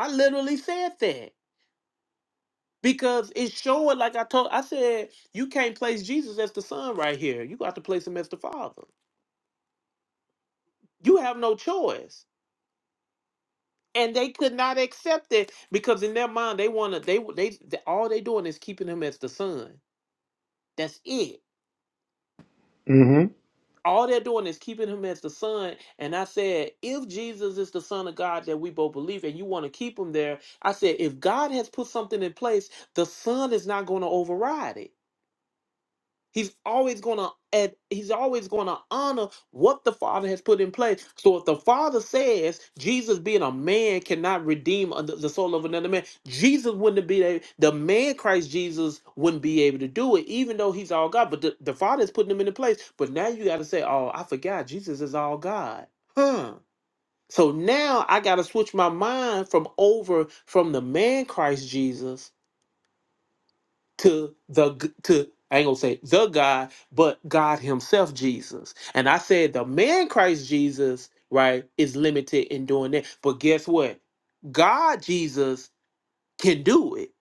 A: I literally said that. Because it's showing, like I told, I said, you can't place Jesus as the son right here. You got to place him as the father. You have no choice. And they could not accept it because in their mind they want to. They they they- all they doing is keeping him as the son. That's it.
I: hmm
A: All they're doing is keeping him as the son. And I said, if Jesus is the son of God that we both believe, and you want to keep him there, I said, if God has put something in place, the son is not going to override it. He's always gonna and he's always gonna honor what the Father has put in place. So if the Father says Jesus being a man cannot redeem a- the soul of another man, Jesus wouldn't be a, the man Christ Jesus wouldn't be able to do it, even though he's all God. But the, the Father is putting him into place. But now you gotta say, Oh, I forgot Jesus is all God. Huh. So now I gotta switch my mind from over from the man Christ Jesus to the to I ain't gonna say the God, but God Himself, Jesus. And I said the man Christ Jesus, right, is limited in doing that. But guess what? God Jesus can do it.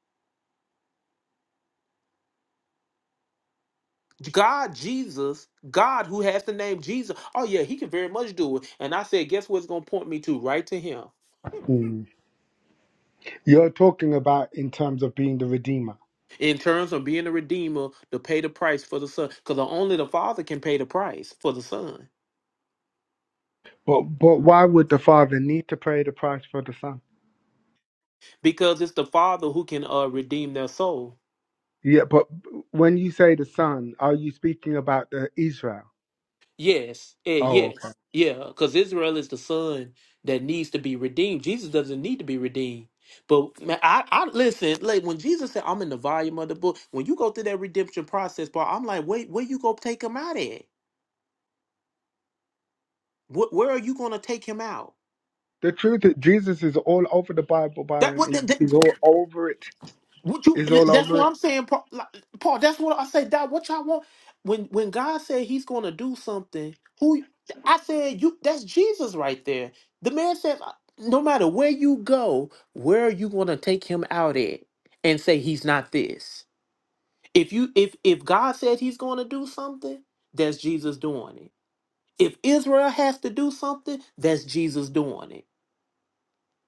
A: God Jesus, God who has the name Jesus. Oh yeah, He can very much do it. And I said, guess what's gonna point me to? Right to Him.
I: Mm. You're talking about in terms of being the redeemer.
A: In terms of being a redeemer to pay the price for the son, because only the father can pay the price for the son,
I: But but why would the father need to pay the price for the son?
A: because it's the father who can uh, redeem their soul.
I: Yeah, but when you say the Son, are you speaking about the Israel?
A: Yes, eh,
I: Oh, okay.
A: yes, yeah, because Israel is the son that needs to be redeemed. Jesus doesn't need to be redeemed. But man, I, I listen, like when Jesus said, I'm in the volume of the book, when you go through that redemption process, Paul, I'm like, wait, where you gonna take him out at? What where are you gonna take him out?
I: The truth is Jesus is all over the Bible,
A: That
I: Byron.
A: what
I: He,
A: that,
I: he's all over it.
A: Would you?
I: He's all
A: That's
I: over
A: what
I: it.
A: I'm saying, Paul. like, Paul, that's what I say. That what y'all want when when God said He's going to do something. Who I said you? That's Jesus right there. The man says, no matter where you go, where are you going to take him out at and say he's not this? If you if if God said He's going to do something, that's Jesus doing it. If Israel has to do something, that's Jesus doing it.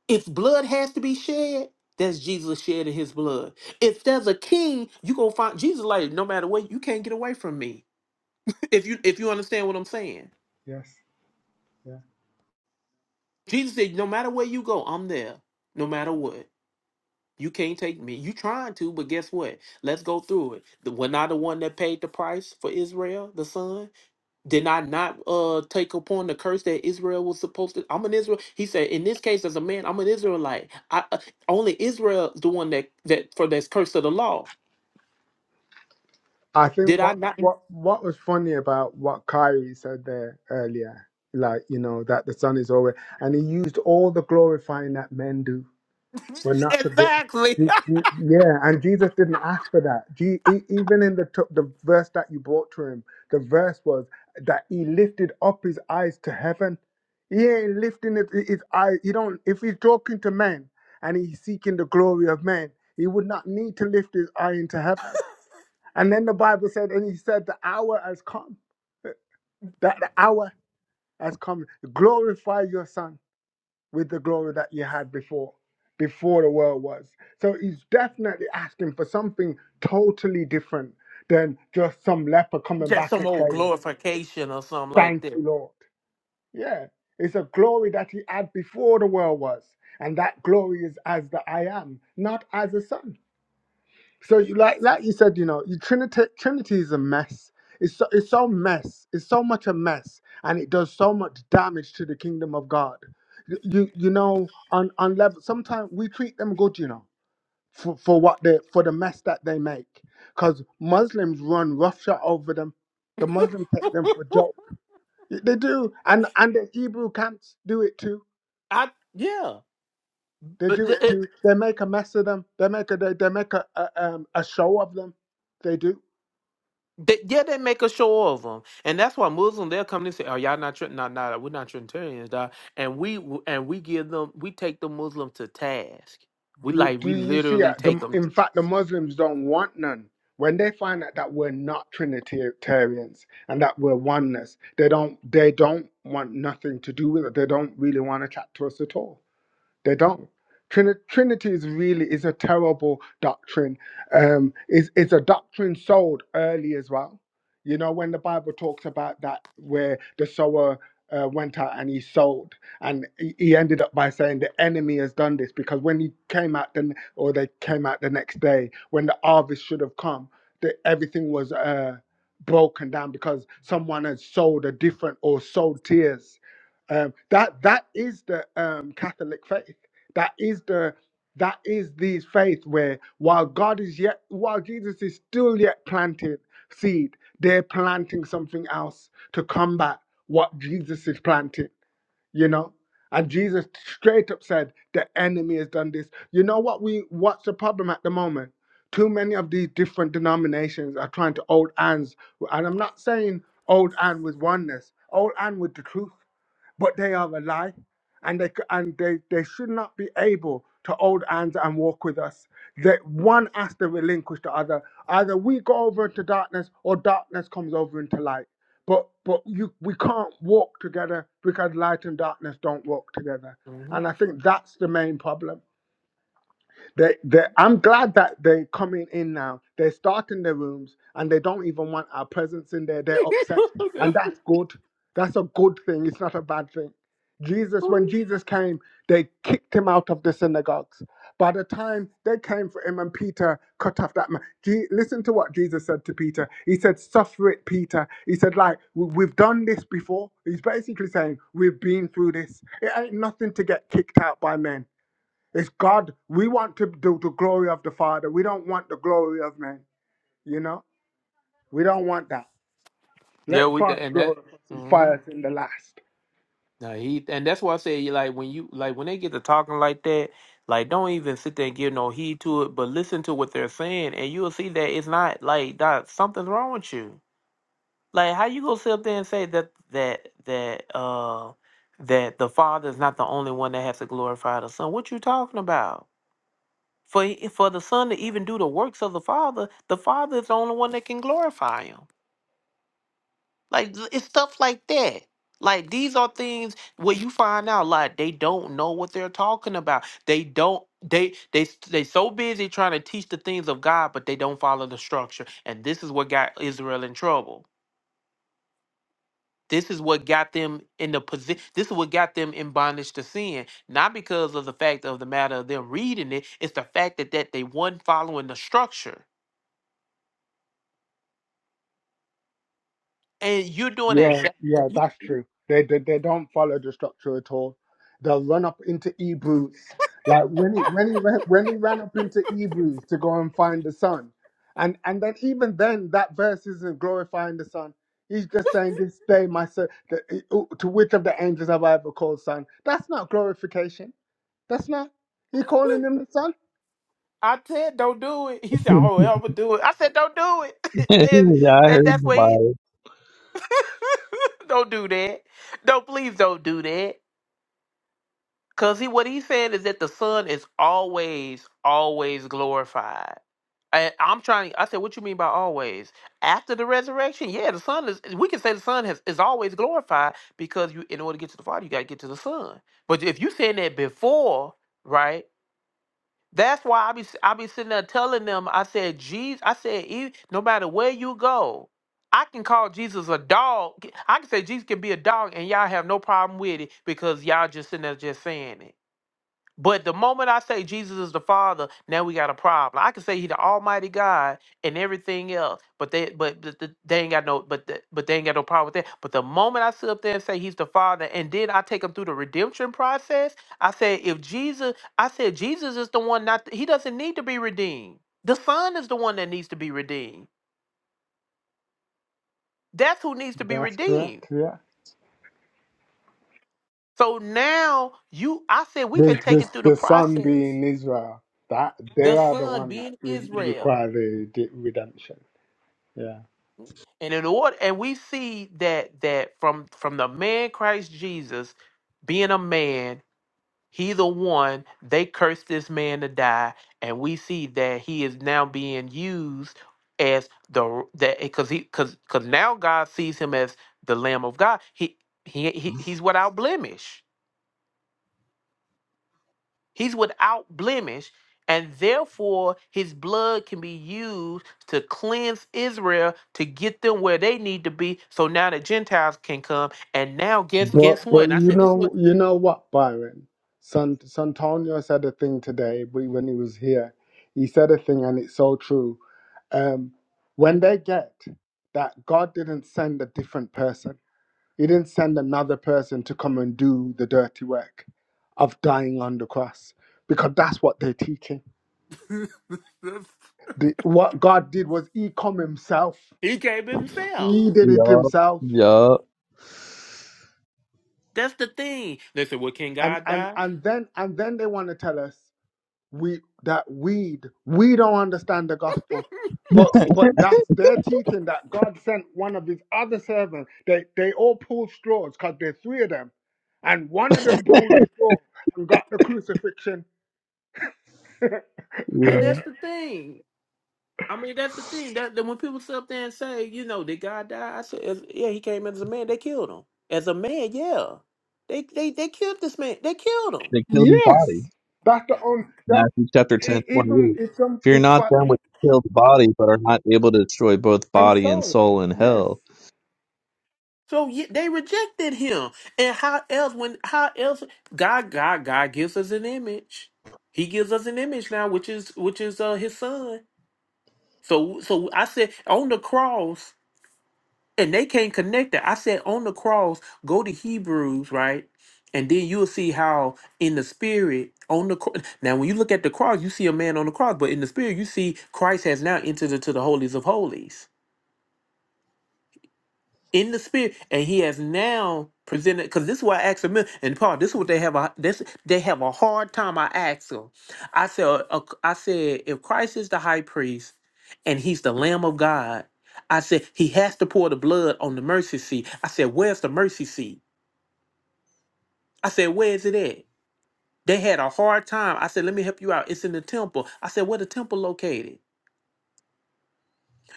A: If blood has to be shed, that's Jesus shedding his blood. If there's a king, you gonna find Jesus like no matter what, you can't get away from me. If you if you understand what I'm saying.
I: Yes. Yeah.
A: Jesus said, No matter where you go, I'm there. No matter what. You can't take me. You trying to, but guess what? Let's go through it. The, we're not the one that paid the price for Israel, the son. Did I not uh take upon the curse that Israel was supposed to? I'm an Israel. He said, in this case, as a man, I'm an Israelite. I uh, only Israel's the one that that for this curse of the law.
I: I
A: Did
I: think what
A: I not?
I: what what was funny about what Kyrie said there earlier, like you know that the Son is always, and he used all the glorifying that men do. We're not to go.
A: exactly.
I: You- you- Yeah, and Jesus didn't ask for that. Je- e- Even in the t- the verse that you brought to him, the verse was that he lifted up his eyes to heaven. He ain't lifting it, his eyes. He don't. If he's talking to men and he's seeking the glory of men, he would not need to lift his eye into heaven. And then the Bible said, and he said, the hour has come. That the hour has come. Glorify your son with the glory that you had before, before the world was. So he's definitely asking for something totally different than just some leper coming
A: Just
I: back
A: some
I: and
A: old
I: saying,
A: glorification or something like
I: Thank you,
A: that.
I: Lord. Yeah, it's a glory that he had before the world was. And that glory is as the I am, not as a son. So you like like you said, you know, you Trinity Trinity is a mess. It's so, it's so mess. It's so much a mess, and it does so much damage to the kingdom of God. You you you know on on level. Sometimes we treat them good, you know, for for what they for the mess that they make, because Muslims run roughshod over them. The Muslims take them for joke. They do, and and the Hebrew camps do it too.
A: I yeah,
I: They
A: but
I: do it
A: th-
I: too. They make a mess of them. They make a they, they make a, a um a show of them. They do
A: They, yeah, they make a show of them, and that's why Muslims they'll come and say, "Oh, y'all not, not, not, we're not Trinitarians, dog." And we and we give them, we take the Muslim to task. We
I: Do,
A: like,
I: do
A: we
I: you see
A: literally
I: it?
A: take
I: The,
A: them.
I: in fact, the Muslims don't want none. When they find out that we're not Trinitarians and that we're oneness, they don't they don't want nothing to do with it. They don't really want to chat to us at all. They don't. Trini- Trinity is really is a terrible doctrine. Um, is is a doctrine sold early as well. You know when the Bible talks about that, where the sower uh, went out and he sowed, and he he ended up by saying the enemy has done this because when he came out then, or they came out the next day when the harvest should have come, that everything was uh, broken down because someone had sowed a different or sowed tears um, that that is the um, Catholic faith. That is the that is these faith where while God is yet while Jesus is still yet planting seed, they're planting something else to combat what Jesus is planting. You know, and Jesus straight up said the enemy has done this. You know what we what's the problem at the moment? Too many of these different denominations are trying to hold hands, and I'm not saying old hand with oneness, old hand with the truth but they are a lie and they c- and they, they should not be able to hold hands and walk with us that one has to relinquish the other either we go over into darkness or darkness comes over into light but but you we can't walk together because light and darkness don't walk together
A: Mhm.
I: and i think that's the main problem they, they, I'm glad that they're coming in now. They're starting their rooms and they don't even want our presence in there. They're upset. And that's good. That's a good thing. It's not a bad thing. Jesus, when Jesus came, they kicked him out of the synagogues. By the time they came for him and Peter cut off that man, Je- listen to what Jesus said to Peter. He said, Suffer it, Peter. He said, like, "We- we've done this before. He's basically saying, we've been through this. It ain't nothing to get kicked out by men. It's God. We want to do the glory of the Father. We don't want the glory of man. You know, we don't want that.
A: Yeah,
I: Let
A: we d-
I: Father
A: and that.
I: glorify us and fire
A: mhm.
I: us in the last.
A: No, he and that's why I say like when you like when they get to talking like that, like don't even sit there and give no heed to it, but listen to what they're saying, and you'll see that it's not like that something's wrong with you. Like how you gonna sit up there and say that that that uh that the father is not the only one that has to glorify the son? What you talking about? For he- for the son to even do the works of the father, the father is the only one that can glorify him. Like l- it's stuff like that. Like these are things where you find out like they don't know what they're talking about. They don't they they s- they so busy trying to teach the things of God, but they don't follow the structure. And this is what got Israel in trouble. This is what got them in the position. This is what got them in bondage to sin, not because of the fact of the matter of them reading it. It's the fact that that they weren't following the structure. And you're doing it.
I: Yeah, yeah, that's true. They, they they don't follow the structure at all. They'll run up into Hebrews. Like when he when he ran- when he ran up into Hebrews to go and find the Son, and and then even then that verse isn't glorifying the Son. He's just saying, "This day, my son, the, to which of the angels have I ever called son?" That's not glorification. That's not. He calling them the son.
A: I said, don't do it. He said, oh, I'm going to do it. I said, don't do it. and,
K: yeah, I
A: and
K: heard
A: that's
K: you
A: what he, don't do that. No, please don't do that. Because he, what he's saying is that the son is always, always glorified. And I'm trying, I said, what you mean by always? After the resurrection? Yeah, the son is, we can say the son has, is always glorified because you, in order to get to the father, you got to get to the son. But if you saying that before, right? That's why I be I be sitting there telling them. I said, Jesus. I said, "E- no matter where you go, I can call Jesus a dog. I can say Jesus can be a dog, and y'all have no problem with it because y'all just sitting there just saying it. But the moment I say Jesus is the Father, now we got a problem. I can say He the Almighty God and everything else, but they but th- th- they ain't got no but th- but they ain't got no problem with that. But the moment I sit up there and say He's the Father, and then I take them through the redemption process, I said if Jesus, I said Jesus is the one not He doesn't need to be redeemed. The Son is the one that needs to be redeemed. That's who needs to be
I: That's correct.
A: redeemed.
I: Yeah.
A: So now you, I said we can
I: This
A: take
I: this
A: it through the
I: the son
A: process.
I: being Israel. That they
A: The
I: are the
A: Son
I: one that
A: being
I: re-
A: Israel.
I: require the de- redemption. Yeah.
A: And in order, and we see that that from from the man Christ Jesus being a man, he the one they cursed this man to die, and we see that he is now being used as the that because he because because now God sees him as the Lamb of God. He he, he he's without blemish. He's without blemish, and therefore his blood can be used to cleanse Israel to get them where they need to be. So now the Gentiles can come. And now guess guess
I: But
A: what?
I: but
A: And I
I: you
A: said, this is
I: know
A: what
I: you know what Byron, Sant Santonio said a thing today w- when he was here. He said a thing and it's so true. Um, when they get that God didn't send a different person. He didn't send another person to come and do the dirty work of dying on the cross because that's what they're teaching. The, what God did was he come himself.
A: he came himself.
I: He did it
K: Yup.
I: himself.
K: Yup.
A: That's the thing. They said, Well, can
I: And
A: God
I: and
A: die?
I: and then and then they want to tell us we that we we don't understand the gospel. But but that's their teaching that God sent one of his other servants. They they all pulled straws because there's three of them. And one of them pulled a straw and got the crucifixion
A: And
K: Yeah.
A: that's the thing. I mean, that's the thing. That, that when people sit up there and say, you know, did God die? I said, "As- yeah, he came as a man. They killed him as a man. Yeah, they they they killed this man. They killed him.
K: They killed his body.
I: Yes, that's the only that
K: Matthew chapter 10,
I: e- even
K: twenty-eight.
I: it's some
K: Fear
I: it's
K: not
I: but
K: them which kill the body, but are not able to destroy both
I: and
K: body and
I: so
K: soul in
I: yes,
K: hell.
A: So ye- they rejected him. And how else when how else God God God gives us an image. He gives us an image now which is which is uh his son. So so I said on the cross and they can't connect it. I said on the cross go to Hebrews, right? And then you'll see how in the spirit on the cross. Now when you look at the cross, you see a man on the cross, but in the spirit you see Christ has now entered into the holies of holies. in the spirit, and he has now presented. Because this is why I asked him, and Paul, this is what they have. A, this they have a hard time. I asked him. I said, uh, uh, I said, if Christ is the high priest, and he's the Lamb of God, I said he has to pour the blood on the mercy seat. I said, where's the mercy seat? I said, where is it at? They had a hard time. I said, let me help you out. It's in the temple. I said, where the temple located?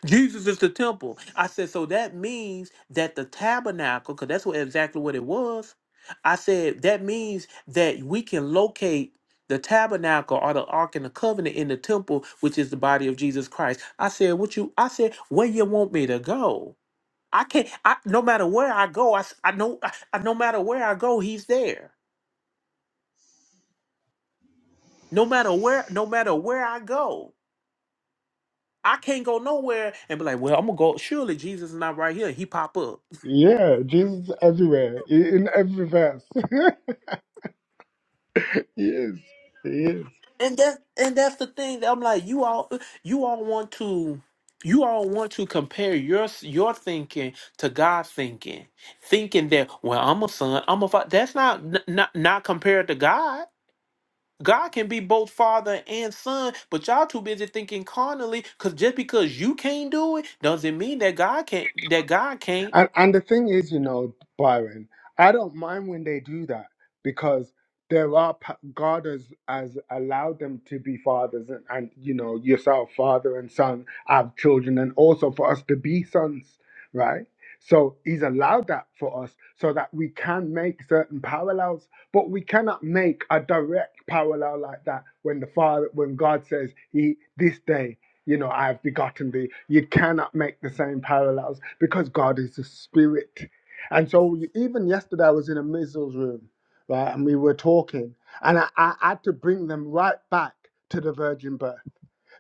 A: Jesus is the temple. I said, so that means that the tabernacle, because that's what exactly what it was. I said that means that we can locate the tabernacle or the ark and the covenant in the temple, which is the body of Jesus Christ. I said, what you? I said, where you want me to go? I can't. I no matter where I go, I s- I know. I, I- no matter where I go, He's there. No matter where, no matter where I go, I can't go nowhere and be like, well, I'm gonna go. Surely Jesus is not right here. He pop up.
I: yeah, Jesus is everywhere i- in every verse. yes, he is.
A: and that and that's the thing that I'm like you all you all want to you all want to compare your your thinking to God's thinking, thinking that well I'm a son I'm a father. That's not n- not not compared to God. God can be both father and son, but y'all too busy thinking carnally. Cause just because you can't do it doesn't mean that God can't. That God can't.
I: And and the thing is, you know, Byron, I don't mind when they do that because there are pa- God has, has allowed them to be fathers, and, and you know, yourself, father and son, have children, and also for us to be sons, right? So He's allowed that for us so that we can make certain parallels, but we cannot make a direct parallel like that when the Father, when God says He this day you know, I have begotten thee. You cannot make the same parallels because God is a spirit. And so even yesterday I was in a Mizzle's room, right, and we were talking, and I, I had to bring them right back to the virgin birth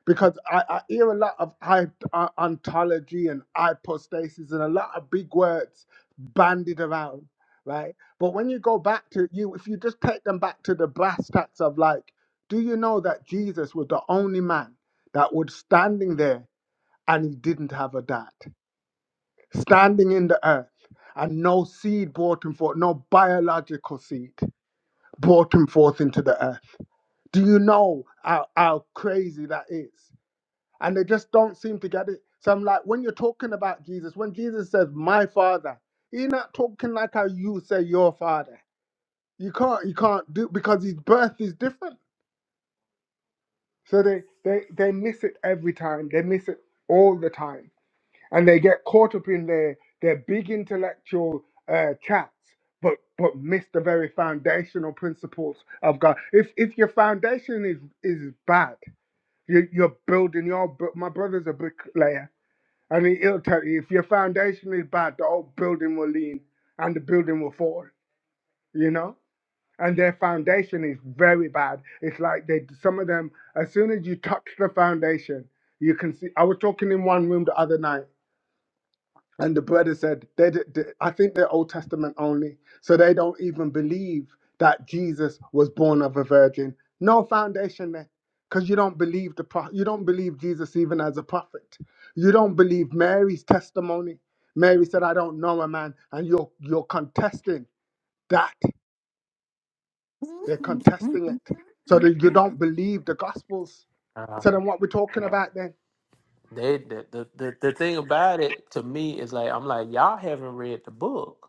I: because I, I hear a lot of hy- uh, ontology and hypostasis and a lot of big words bandied around, right? But when you go back to you, if you just take them back to the brass tacks of like, do you know that Jesus was the only man that was standing there and he didn't have a dad, standing in the earth, and no seed brought him forth, no biological seed brought him forth into the earth. Do you know how, how crazy that is? and they just don't seem to get it. So I'm like, when you're talking about Jesus, when Jesus says my father, he's not talking like how you say your father. You can't you can't do because his birth is different. So they they they miss it every time. They miss it all the time, and they get caught up in their their big intellectual uh, chats, but but miss the very foundational principles of God. If if your foundation is is bad, you, you're building your br- my brother's a bricklayer And it- it'll tell you if your foundation is bad, the whole building will lean and the building will fall, you know? And their foundation is very bad. It's like they, some of them, as soon as you touch the foundation, you can see. I was talking in one room the other night and the brother said, they, d- d- I think they're Old Testament only. So they don't even believe that Jesus was born of a virgin. No foundation there. Because you don't believe the pro- you don't believe Jesus even as a prophet. You don't believe Mary's testimony. Mary said, I don't know a man. And you're you're contesting that. They're contesting it. So that you don't believe the gospels.
A: Uh,
I: So then what we're talking about then?
A: they, the, the the the thing about it to me is like I'm like y'all haven't read the book.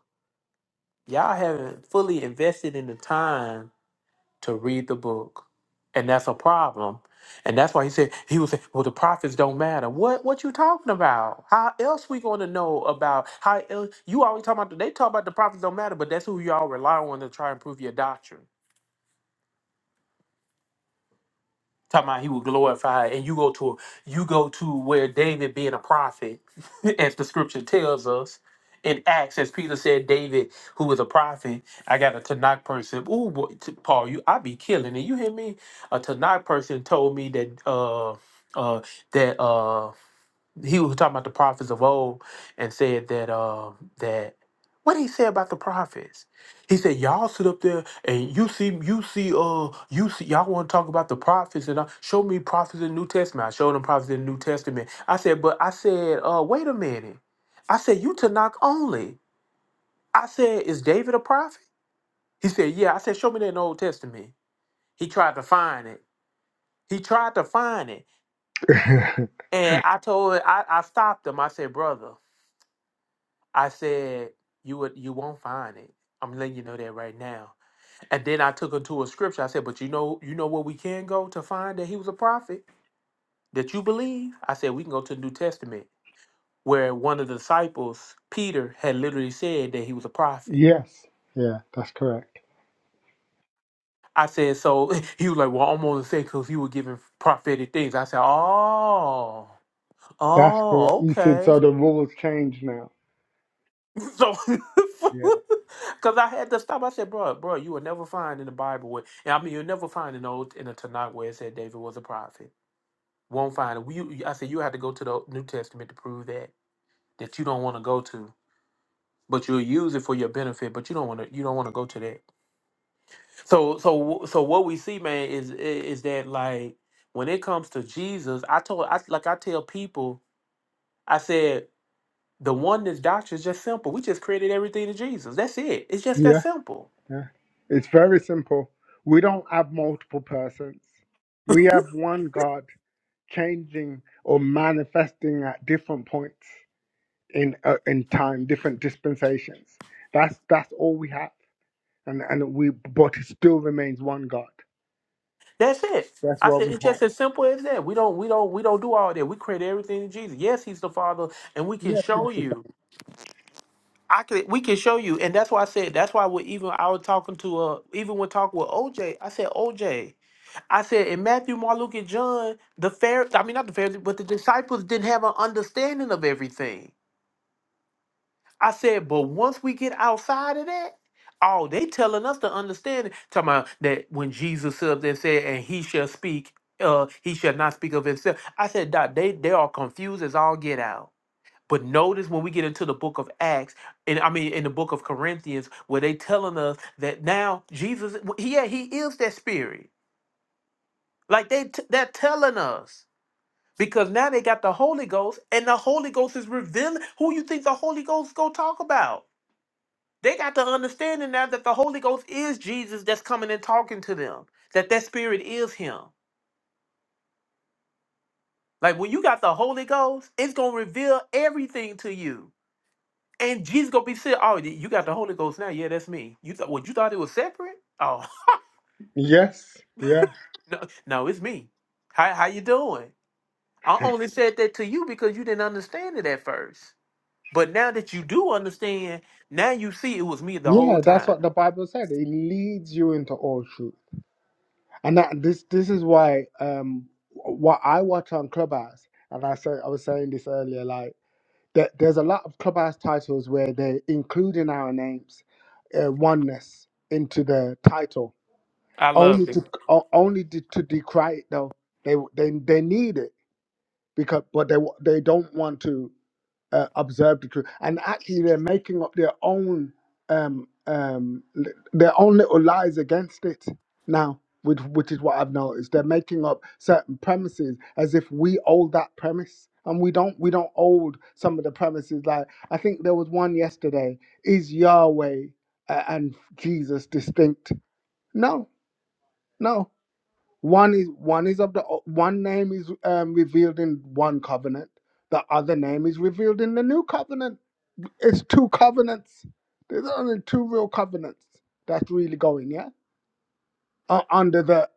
A: Y'all haven't fully invested in the time to read the book. And that's a problem. And that's why he said he was saying, Well, the prophets don't matter. What what you talking about? How else we gonna know about how else you always talking about they talk about the prophets don't matter, but that's who y'all rely on to try and prove your doctrine. talking about he would glorify and you go to you go to where david being a prophet as the scripture tells us in acts as peter said david who was a prophet i got a tanakh person Ooh, boy, T- paul you i be killing it you hear me a tanakh person told me that uh uh that uh he was talking about the prophets of old and said that uh, that what did he say about the prophets? He said y'all sit up there and you see you see uh you see y'all want to talk about the prophets and I, show me prophets in the New Testament. I showed them prophets in the New Testament. I said, but I said, uh, wait a minute. I said you Tanakh only. I said, is David a prophet? He said, yeah. I said, show me that in the Old Testament. He tried to find it. He tried to find it, and I told I, I stopped him. I said, brother. I said, "You would, you won't find it." I'm letting you know that right now. And then I took him to a scripture. I said, "But you know, you know where we can go to find that he was a prophet that you believe." I said, "We can go to the New Testament, where one of the disciples, Peter, had literally said that he was a prophet."
I: yes. Yeah, that's correct.
A: I said, "So he was like, well, I'm going to say because you were giving prophetic things." I said, "Oh,
I: That's correct.
A: oh,
I: You said
A: okay."
I: so. The rules change now.
A: So,
I: Yeah,
A: because I had to stop, I said, "Bro, bro, you will never find in the Bible where, and I mean, you'll never find in old in the Tanakh where it said David was a prophet. Won't find it. Well, You, I said you have to go to the New Testament to prove that that you don't want to go to, but you'll use it for your benefit. But you don't want to, you don't want to go to that. So, so, so what we see, man, is is that like when it comes to Jesus, I told, I like I tell people, I said the oneness doctrine is just simple. We just created everything to Jesus. That's it. It's just that
I: yeah,
A: simple.
I: yeah. It's very simple. We don't have multiple persons. We have one God changing or manifesting at different points in uh, in time, different dispensations. That's that's all we have, and and we but it still remains one God.
A: That's it.
I: That's
A: I
I: what
A: said
I: we
A: it's
I: have.
A: just as simple as that. We don't we don't we don't do all that. We credit everything to Jesus. Yes, he's the Father, and we can
I: Yes,
A: show
I: it's the
A: you.
I: same.
A: I can. we can show you, and that's why I said that's why we even I was talking to uh even when talking with OJ, I said OJ, I said in Matthew, Mark, Luke, and John, the fair I mean not the Pharisees, but the disciples didn't have an understanding of everything. I said, but once we get outside of that, oh, they telling us to understand it. Talking about that when Jesus stood up there and said, and he shall speak, uh, he shall not speak of himself. I said, Doc, they they are confused as all get out. But notice when we get into the book of Acts, and I mean in the book of Corinthians, where they telling us that now Jesus, yeah, he is that spirit. Like they t- they're telling us. Because now they got the Holy Ghost, and the Holy Ghost is revealing who you think the Holy Ghost go talk about. They got the understanding now that the Holy Ghost is Jesus that's coming and talking to them, that that spirit is him. Like when you got the Holy Ghost, it's going to reveal everything to you. And Jesus going to be saying, oh, you got the Holy Ghost now. Yeah, that's me. You thought, well, you thought it was separate? Oh,
I: yes, yeah,
A: no, no, it's me. How, how you doing? I only said that to you because you didn't understand it at first. But now that you do understand, now you see it was me the whole
I: yeah. That's
A: time.
I: what the Bible said. It leads you into all truth. And that, this this is why um what I watch on Clubhouse, and I say I was saying this earlier, like there, there's a lot of Clubhouse titles where they're including our names, uh, oneness into the title,
A: I love
I: only
A: it.
I: to o- only to, to decry it though. They they they need it because but they wa- they don't want to uh, observe the truth. And actually, they're making up their own um, um, li- their own little lies against it now, which, which is what I've noticed. They're making up certain premises as if we hold that premise. And we don't we don't hold some of the premises. Like I think there was one yesterday. Is Yahweh uh, and Jesus distinct? No, no. One is one is of the one name is um, revealed in one covenant. The other name is revealed in the new covenant it's two covenants. There's only two real covenants that's really going, yeah? Uh, under the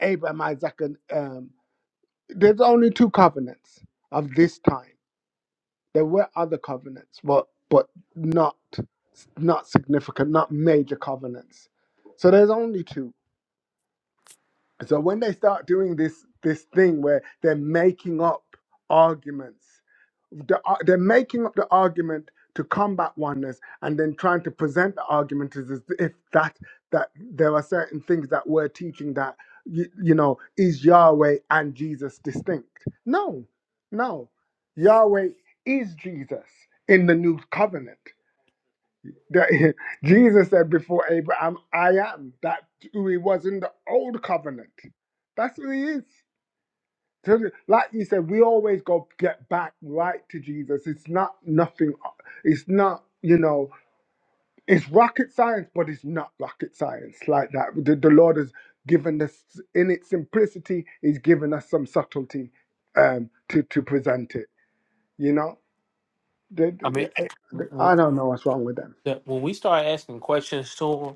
I: Abraham, Isaac, and um, there's only two covenants of this time. There were other covenants, but but not not significant, not major covenants. So there's only two. So when they start doing this this thing where they're making up arguments, the, ar- they're making up the argument to combat oneness, and then trying to present the argument as, as if that that there are certain things that we're teaching that you, you know is Yahweh and Jesus distinct? No, no, Yahweh is Jesus in the new covenant. That Jesus said before Abraham, I am. That's who he was in the old covenant. That's who he is. So, th- like you said, we always go get back right to Jesus. It's not nothing, it's not, you know, it's rocket science, but it's not rocket science like that. The, the Lord has given us, in its simplicity, He's given us some subtlety um, to, to present it, you know? The-
A: I
I: the-
A: mean,
I: the- I don't know what's wrong with them.
A: that when we start asking questions to them,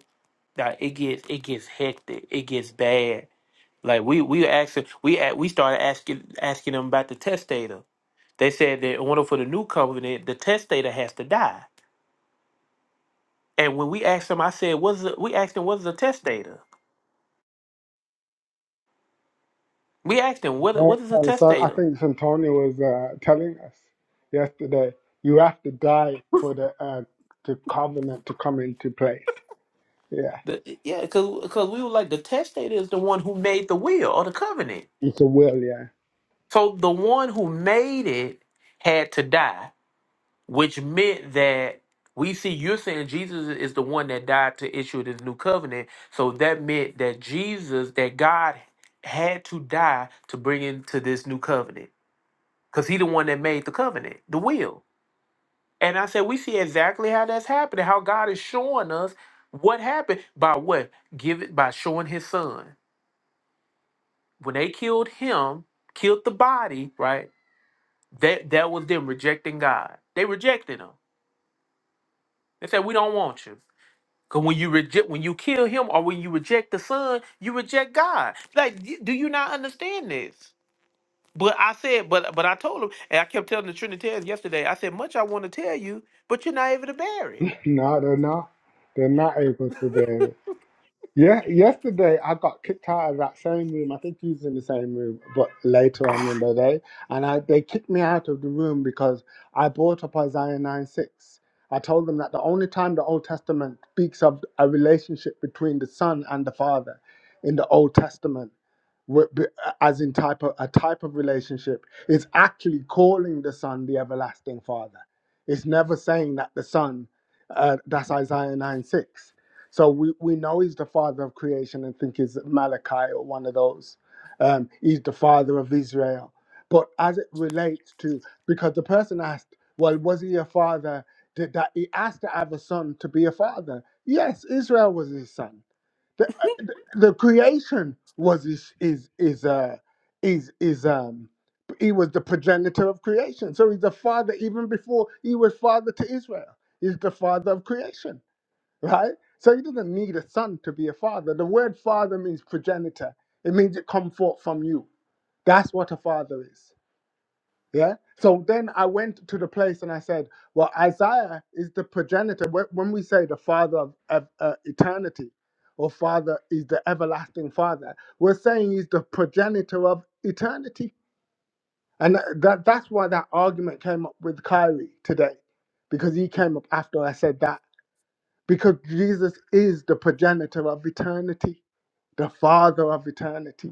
A: that it gets it gets hectic, it gets bad. Like we we actually we a- we started asking asking them about the testator. They said that in order for the new covenant, the testator has to die. And when we asked them, I said, "What's a, we asked them what is a testator? We asked them what
I: Yeah,
A: what is a
I: and so I
A: testator?
I: think Santonio was uh, telling us yesterday, you have to die for the uh, the covenant to come into place. Yeah,
A: The, yeah, because because we were like the testator is the one who made the will or the covenant.
I: it's a will. Yeah,
A: So the one who made it had to die which meant that we see you're saying Jesus is the one that died to issue this new covenant. So that meant that Jesus, that God had to die to bring into this new covenant because he the one that made the covenant, the will. And I said, we see exactly how that's happening, how God is showing us what happened by what? Give it by showing his son. When they killed him, killed the body, right? That that was them rejecting God. They rejected him. They said, We don't want you. Cause when you reject, when you kill him, or when you reject the son, you reject God. Like, y- do you not understand this? But I said, but but I told him, and I kept telling the Trinitarians yesterday. I said, much I want to tell you, but you're not able to bear it.
I: no, they're not. They're not able to do it. Yeah, yesterday I got kicked out of that same room. I think he was in the same room, but later on in
A: Ah,
I: the day, and I, they kicked me out of the room because I brought up Isaiah nine six. I told them that the only time the Old Testament speaks of a relationship between the Son and the Father in the Old Testament Wh- b- as in type of a type of relationship it's actually calling the son the everlasting father it's never saying that the son uh, that's isaiah 9 6 so we, we know he's the father of creation and think he's malachi or one of those um, he's the father of israel but as it relates to because the person asked well was he a father did that he asked to have a son to be a father yes israel was his son the creation was is is is uh is is um he was the progenitor of creation so he's the father even before he was father to israel he's the father of creation right so he doesn't need a son to be a father the word father means progenitor it means it come forth from you that's what a father is yeah. So then I went to the place and I said, Well, Isaiah is the progenitor. Wh- When we say the father of ev- uh, eternity or father is the everlasting father, we're saying he's the progenitor of eternity. And tha- that, that's why that argument came up with Kyrie today, because he came up after I said that. Because Jesus is the progenitor of eternity, the father of eternity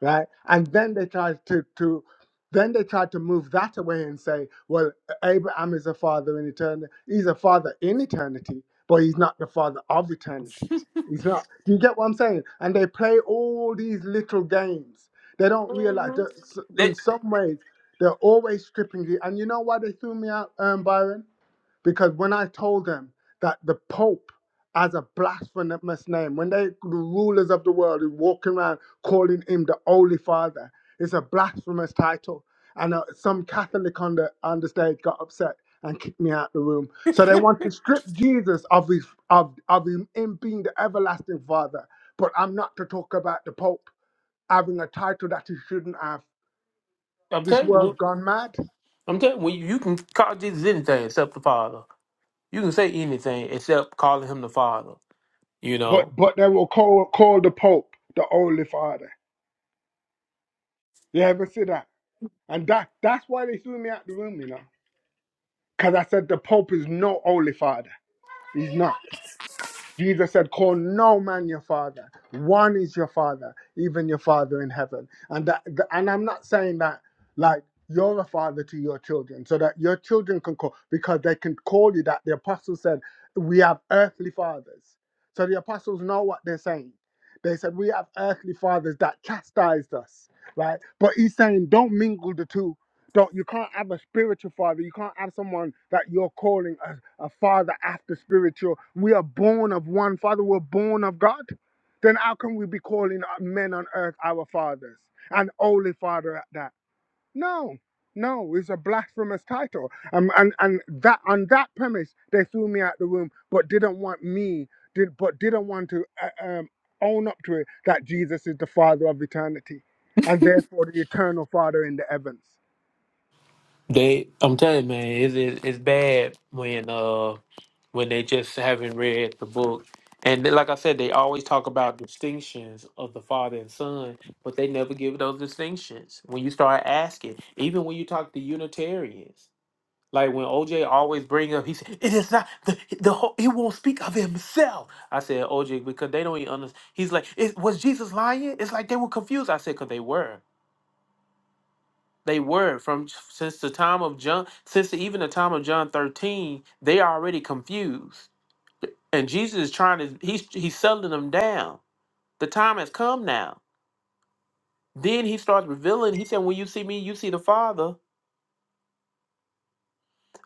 I: right? And then they tried to to then they tried to move that away and say, well, Abraham is a father in eternity. He's a father in eternity, but he's not the father of eternity. He's not. Do you get what I'm saying? And they play all these little games. They don't realize
A: mhm.
I: that s- in some ways they're always stripping you. And you know why they threw me out, um, Byron? because when I told them that the Pope as a blasphemous name, when they the rulers of the world is walking around calling him the Holy Father, it's a blasphemous title. And uh, some Catholic on the on the stage got upset and kicked me out the room.
A: That-
I: So they want to strip Jesus of his of of him, him being the everlasting Father. But I'm not to talk about the Pope having a title that he shouldn't have.
A: I'm
I: This
A: telling you,
I: world's
A: well,
I: gone mad.
A: I'm telling you, when you, you can call Jesus anything except the Father. You can say anything except calling him the Father. You know,
I: But but they will call call the Pope the Holy Father. You ever see that? And that that's why they threw me out the room, you know. Because I said the Pope is not holy father. He's not. Jesus said, Call no man your father. One is your father, even your father in heaven. And that th- and I'm not saying that like you're a father to your children, so that your children can call because they can call you that. The apostles said, We have earthly fathers. So the apostles know what they're saying. They said, We have earthly fathers that chastised us, right? But he's saying, Don't mingle the two don't you can't have a spiritual father. You can't have someone that you're calling a, a father after spiritual. We are born of one father. We're born of God. Then how can we be calling men on earth our fathers and only father at that? No, no, it's a blasphemous title. Um, and and that on that premise they threw me out the room, but didn't want me. Did but didn't want to uh, um, own up to it that Jesus is the Father of eternity, and therefore the eternal Father in the heavens.
A: they. I'm telling you, man, it's it's, it's bad when uh when they just haven't read the book. And then, like I said, they always talk about distinctions of the father and son, but they never give those distinctions. When you start asking, even when you talk to Unitarians, like when OJ always bring up, he said, "It is not the the whole, he won't speak of himself." I said, "OJ," because they don't even understand. He's like, it, "Was Jesus lying?" It's like they were confused. I said, "Cause they were." They were from since the time of John, since even the time of John 13, they are already confused and Jesus is trying to he's he's settling them down. The time has come now. Then he starts revealing. He said, "When you see me, you see the Father.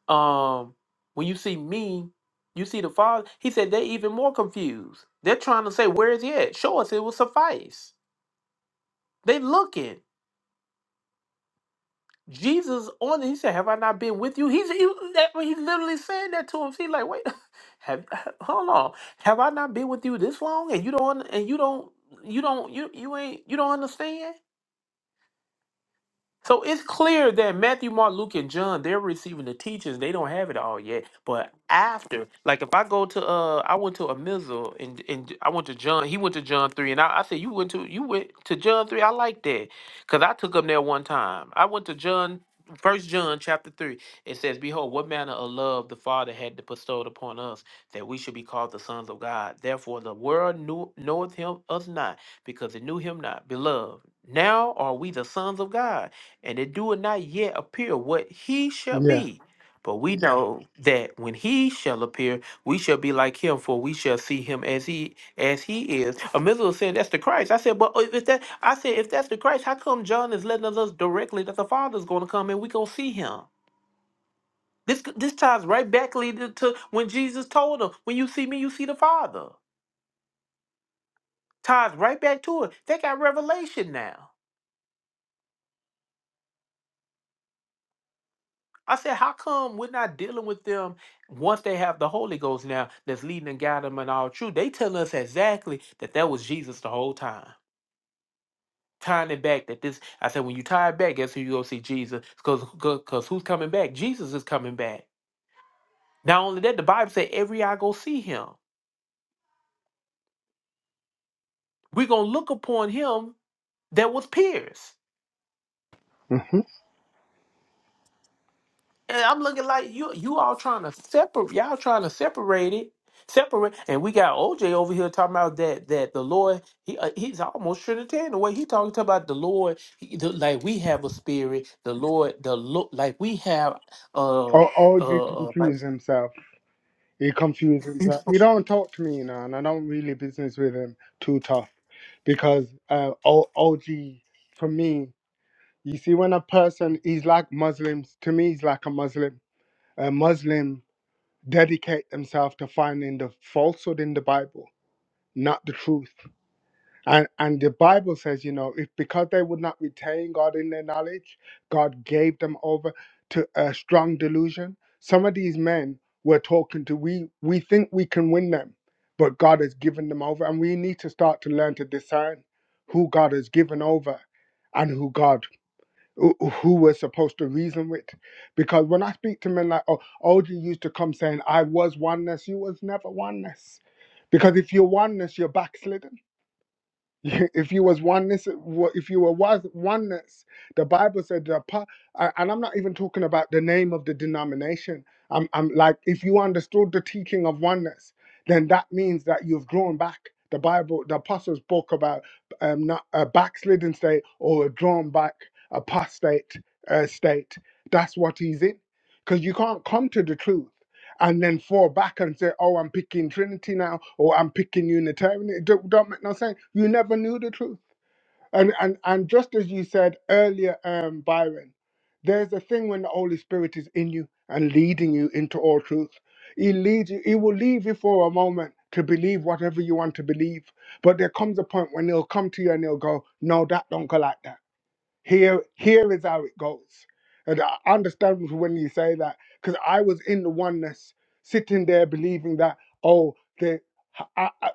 A: Um, when you see me, you see the Father." He said they're even more confused. They're trying to say, "Where is he at? Show us. It will suffice." They looking. Jesus on. it, He said, "Have I not been with you?" He's he, that, he's literally saying that to him. He's like, "Wait, have hold on. Have I not been with you this long? And you don't and you don't you don't you you ain't you don't understand?" So it's clear that Matthew, Mark, Luke, and John, they're receiving the teachings. They don't have it all yet. But after, like if I go to uh I went to a Mizzle and and I went to John, he went to John three and I, I said, You went to you went to John three. I like that. Cause I took him there one time. I went to John First John chapter three, it says, Behold, what manner of love the Father had bestowed upon us, that we should be called the sons of God. Therefore the world knew knoweth him us not, because it knew him not. Beloved, now are we the sons of God and it do not yet appear what he shall
I: Yeah.
A: be. But we know that when he shall appear, we shall be like him, for we shall see him as he as he is. A was saying that's the Christ. I said, but uh, if that I said if that's the Christ, how come John is letting us directly that the Father's going to come and we gonna see him? This this ties right back leading to when Jesus told him, "When you see me, you see the Father." Ties right back to it. They got revelation now. I said, how come we're not dealing with them once they have the Holy Ghost now that's leading and guiding them in all truth? They tell us exactly that that was Jesus the whole time. Tying it back that this, I said, when you tie it back, guess who you go see Jesus? Because because who's coming back? Jesus is coming back. Not only that, the Bible said, every eye go see him. We're going to look upon him that was pierced.
I: Mm-hmm.
A: And I'm looking like you you all trying to separate y'all trying to separate it. Separate and we got OJ over here talking about that that the Lord he uh, he's almost Trinitarian the way he talking to about the Lord he- the- like we have a spirit the Lord the Lord like we have uh
I: Or Audrey
A: uh uh, like
I: confused himself. He confused himself. He don't talk to me now, and I don't really business with him too tough, because uh, O- OG for me, you see, when a person he's like Muslims to me, he's like a Muslim. A Muslim dedicate themselves to finding the falsehood in the Bible, not the truth. And and the Bible says, you know, if because they would not retain God in their knowledge, God gave them over to a strong delusion. Some of these men we're talking to, we we think we can win them, but God has given them over, and we need to start to learn to discern who God has given over and who God who who we're supposed to reason with. Because when I speak to men like oh, OG used to come saying, I was oneness, you was never oneness. Because if you're oneness, you're backslidden if you was oneness if you were was oneness the bible said the pa- a- and i'm not even talking about the name of the denomination i'm i'm like if you understood the teaching of oneness then that means that you've drawn back the bible the apostles spoke about um not a backslidden state or a drawn back apostate uh, state that's what he's in because you can't come to the truth and then fall back and say, "Oh, I'm picking Trinity now," or "I'm picking Unitarian." It don't, don't make no sense. You never knew the truth, and and and just as you said earlier, um, Byron, there's a thing when the Holy Spirit is in you and leading you into all truth. He leads you. He will leave you for a moment to believe whatever you want to believe, but there comes a point when he'll come to you and he'll go, "No, that don't go like that." Here, here is how it goes. And I understand when you say that because I was in the oneness, sitting there believing that oh, the I, I,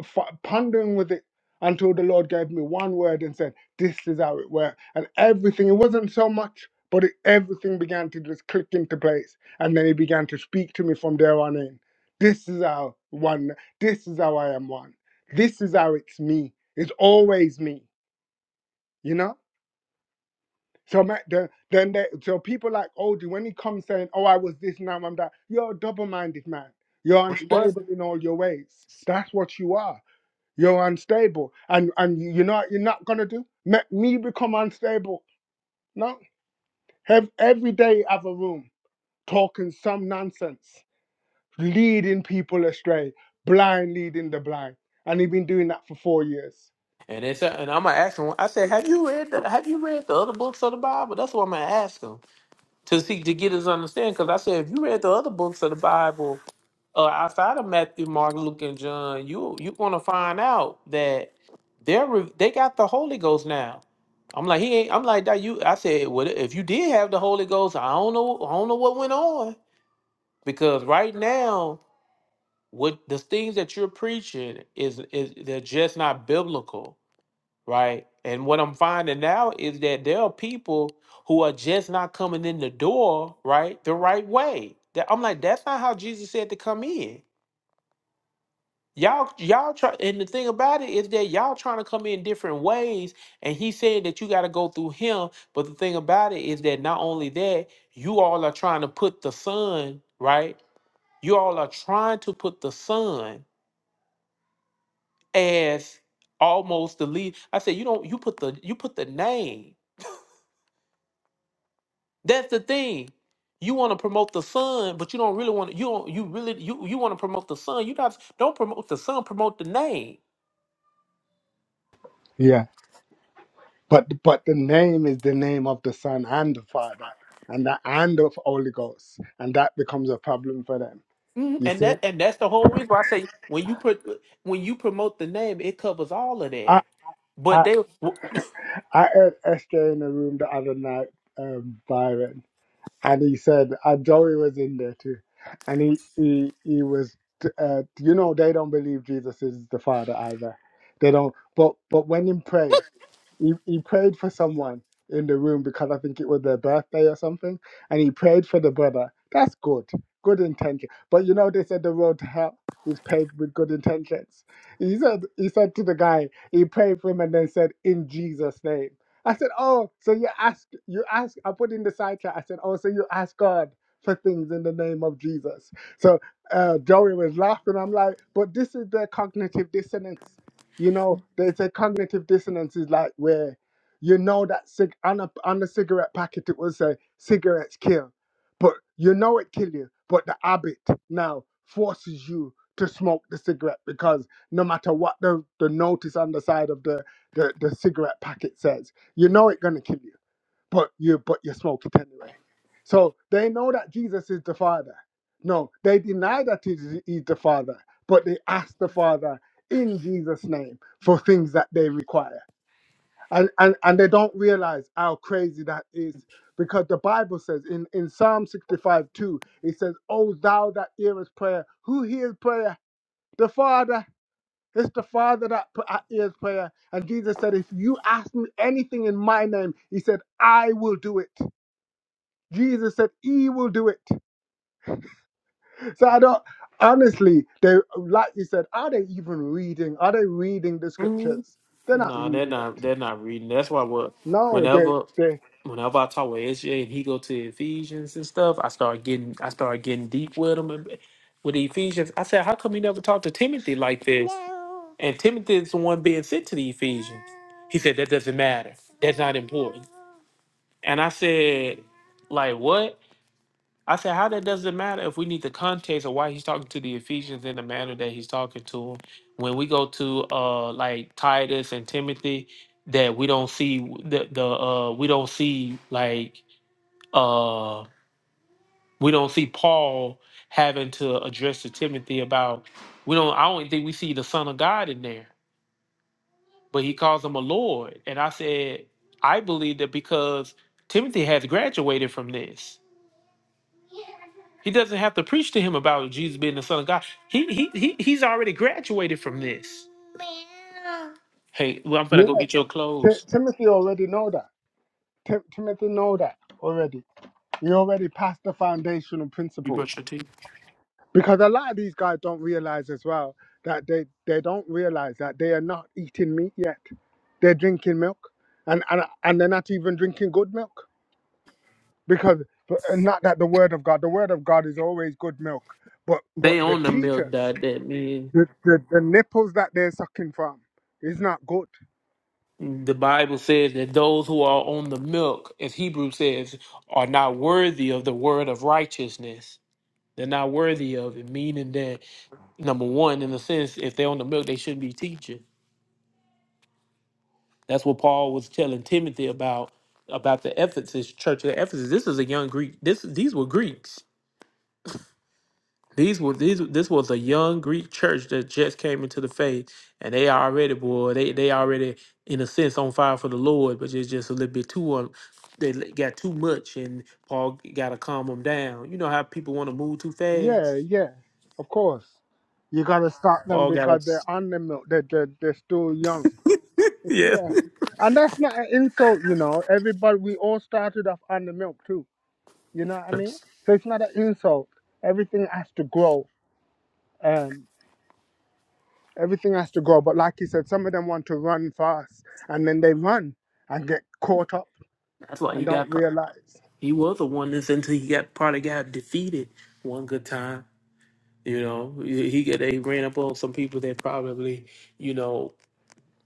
I: f- pondering with it until the Lord gave me one word and said, "This is how it works." And everything it wasn't so much, but it, everything began to just click into place. And then He began to speak to me from there on in. This is how one. This is how I am one. This is how it's me. It's always me. You know. So ma- then, then they, so people like Odie, when he comes saying, "Oh, I was this, now I'm that," you're a double-minded man. You're
A: we was
I: unstable in all your ways. That's what you are. You're unstable, and and you you know what you're not gonna do. Make me become unstable. No, have every day have a room talking some nonsense, leading people astray, blind leading the blind, and he's been doing that for four years.
A: and it's and I'm gonna ask him I said have you read the, have you read the other books of the Bible that's what I'm gonna ask him to see to get his understanding because I said if you read the other books of the Bible uh, outside of Matthew, Mark, Luke, and John, you you're gonna find out that they're re- they got the Holy Ghost now. I'm like he ain't. I'm like that. You, I said, well, if you did have the Holy Ghost, I don't know. I don't know what went on because right now, what the things that you're preaching is is they're just not biblical, right? And what I'm finding now is that there are people who are just not coming in the door, right, the right way. That I'm like, that's not how Jesus said to come in Y'all, y'all try, and the thing about it is that y'all trying to come in different ways, and he said that you got to go through him. But the thing about it is that not only that, you all are trying to put the son right. You all are trying to put the son as almost the lead. I said you don't. You put the you put the name. That's the thing. You want to promote the son, but you don't really want to. You don't. You really you you want to promote the son. You not don't promote the son. Promote the name.
I: But but the name is the name of the Son and the Father, and the and of Holy Ghost, and that becomes a problem for them.
A: Mhm.
I: You
A: And
I: see,
A: that and that's the whole reason why I say when you put when you promote the name, it covers all of that.
I: I
A: But
I: I
A: they,
I: I heard SJ in a room the other night, um, Byron, and he said, and Joey was in there too, and he he he was, uh, you know, they don't believe Jesus is the Father either. They don't. But but when in pray. he, he prayed for someone in the room because I think it was their birthday or something, and he prayed for the brother. That's good, good intention. But you know, they said the road to hell is paved with good intentions. He said, he said to the guy, he prayed for him and then said, "In Jesus' name." I said, "Oh, so you ask, you ask." I put in the side chat. I said, "Oh, so you ask God." For things in the name of Jesus. So uh, Joey was laughing. I'm like, but this is their cognitive dissonance you know, they say cognitive dissonance is like where you know that cig- on, a, on the cigarette packet it will say cigarettes kill, but you know it kill you, but the habit now forces you to smoke the cigarette because no matter what the, the notice on the side of the, the, the cigarette packet says, you know it's gonna kill you but you but you smoke it anyway. So they know that Jesus is the Father. No, they deny that he is he's the Father, but they ask the Father in Jesus' name for things that they require. And and, and they don't realize how crazy that is. Because the Bible says in, in Psalm 65 2, it says, "O thou that hearest prayer, who hears prayer? The Father. It's the Father that pr- uh, hears prayer. And Jesus said, If you ask me anything in my name, he said, I will do it. Jesus said he will do it. So I don't honestly they like you said, are they even reading? Are they reading the
A: Mhm.
I: scriptures? They're not
A: no, they're
I: reading
A: not.
I: it.
A: They're not reading. That's why what
I: No, they
A: whenever
I: they
A: whenever I talk with SJ and he go to Ephesians and stuff, I start getting I start getting deep with him and, with the Ephesians. I said, how come you never talk to Timothy like this? And Timothy is the one being sent to the Ephesians. He said that doesn't matter. That's not important. And I said, like what? I said, how that doesn't matter if we need the context of why he's talking to the Ephesians in the manner that he's talking to them. When we go to uh like Titus and Timothy, that we don't see the the uh we don't see like uh we don't see Paul having to address to Timothy about we don't I don't think we see the Son of God in there, but he calls him a Lord. And I said, I believe that because Timothy has graduated from this. He doesn't have to preach to him about Jesus being the Son of God. He he, he he's already graduated from this. Hey, well, I'm gonna
I: yeah.
A: go get your
I: Ti-
A: clothes.
I: Timothy already know that. Ti- Timothy know that already. He already passed the foundational
A: You
I: principles
A: brush your teeth.
I: because a lot of these guys don't realize as well that they they don't realize that they are not eating meat yet. They're drinking milk, and and and they're not even drinking good milk. because but, and not that the word of God, the word of God is always good milk, but but
A: They
I: the
A: on the milk,
I: teachers,
A: diet. That means
I: the the, the nipples that they're sucking from is not good.
A: the Bible says that those who are on the milk, as Hebrew says, are not worthy of the word of righteousness. They're not worthy of it, meaning that number one, in a sense, if they're on the milk, they shouldn't be teaching. That's what Paul was telling Timothy about about the Ephesus church of Ephesus. This is a young Greek. This these were Greeks These were these. This was a young Greek church that just came into the faith, and they already boy, they they already in a sense on fire for the Lord, but it's just a little bit too um, they l- got too much, and Paul got to calm them down. You know how people want to move too
I: Yeah,
A: fast.
I: yeah, of course. You gotta stop them
A: Paul got
I: because
A: to
I: they're on the milk. They're, they're they're still young.
A: yeah.
I: Yeah, and that's not an insult, you know. Everybody, we all started off on the milk too. You know what I mean?
A: That's
I: So it's not an insult. Everything has to grow. Um. Everything has to go. But like you said, some of them want to run fast and then they run and get caught up
A: why he
I: and don't
A: got ca-
I: realize.
A: he was a oneness until he got probably got defeated one good time. You know, he he get they ran up on some people that probably you know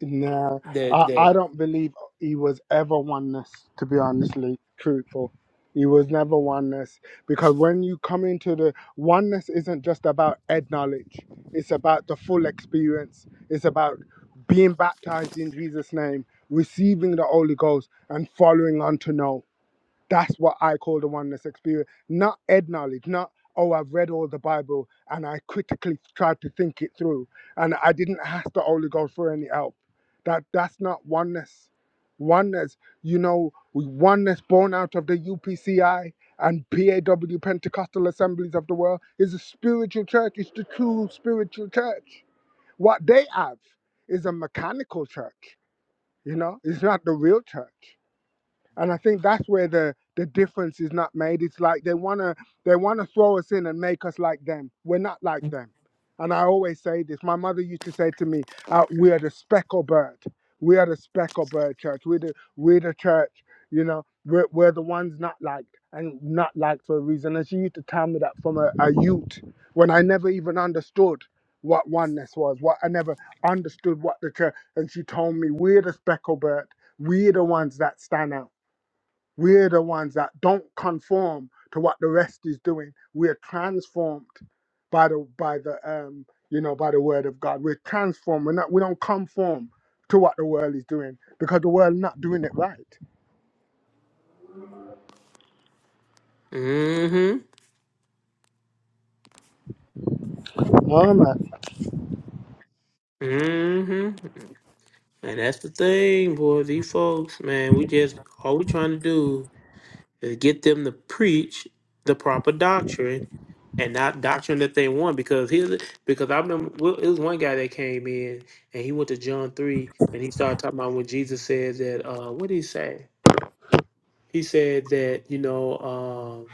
I: No,
A: that
I: I, I don't believe he was ever oneness, to be honestly truthful. He was never oneness because when you come into the oneness, isn't just about head knowledge, it's about the full experience, it's about being baptized in Jesus' name, receiving the Holy Ghost, and following on to know. That's what I call the oneness experience. Not head knowledge, not, oh, I've read all the Bible and I critically tried to think it through and I didn't ask the Holy Ghost for any help. That That's not oneness. Oneness, you know, oneness born out of the UPCI and PAW Pentecostal Assemblies of the World is a spiritual church. It's the true spiritual church. What they have is a mechanical church, you know, it's not the real church and I think that's where the the difference is not made. It's like they wanna they wanna throw us in and make us like them. We're not like them. And I always say this. My mother used to say to me, uh, "We are the speckled bird. We are the speckled bird church. We're the we're the church. You know, we're, we're the ones not liked and not liked for a reason." And she used to tell me that from a, a youth when I never even understood what oneness was. What I never understood what the church. And she told me, "We're the speckled bird. We're the ones that stand out." We're the ones that don't conform to what the rest is doing. We're transformed by the by the um you know by the word of God. We're transformed. We're not we don't conform to what the world is doing because the world not doing it right.
A: that.
I: Um, I,
A: hmm And that's the thing, boy. These folks, man, we just all we trying to do is get them to preach the proper doctrine and not doctrine that they want. Because here's the- because I remember well, it was one guy that came in and he went to John three and he started talking about when Jesus said that. Uh, what did he say? He said that you know um,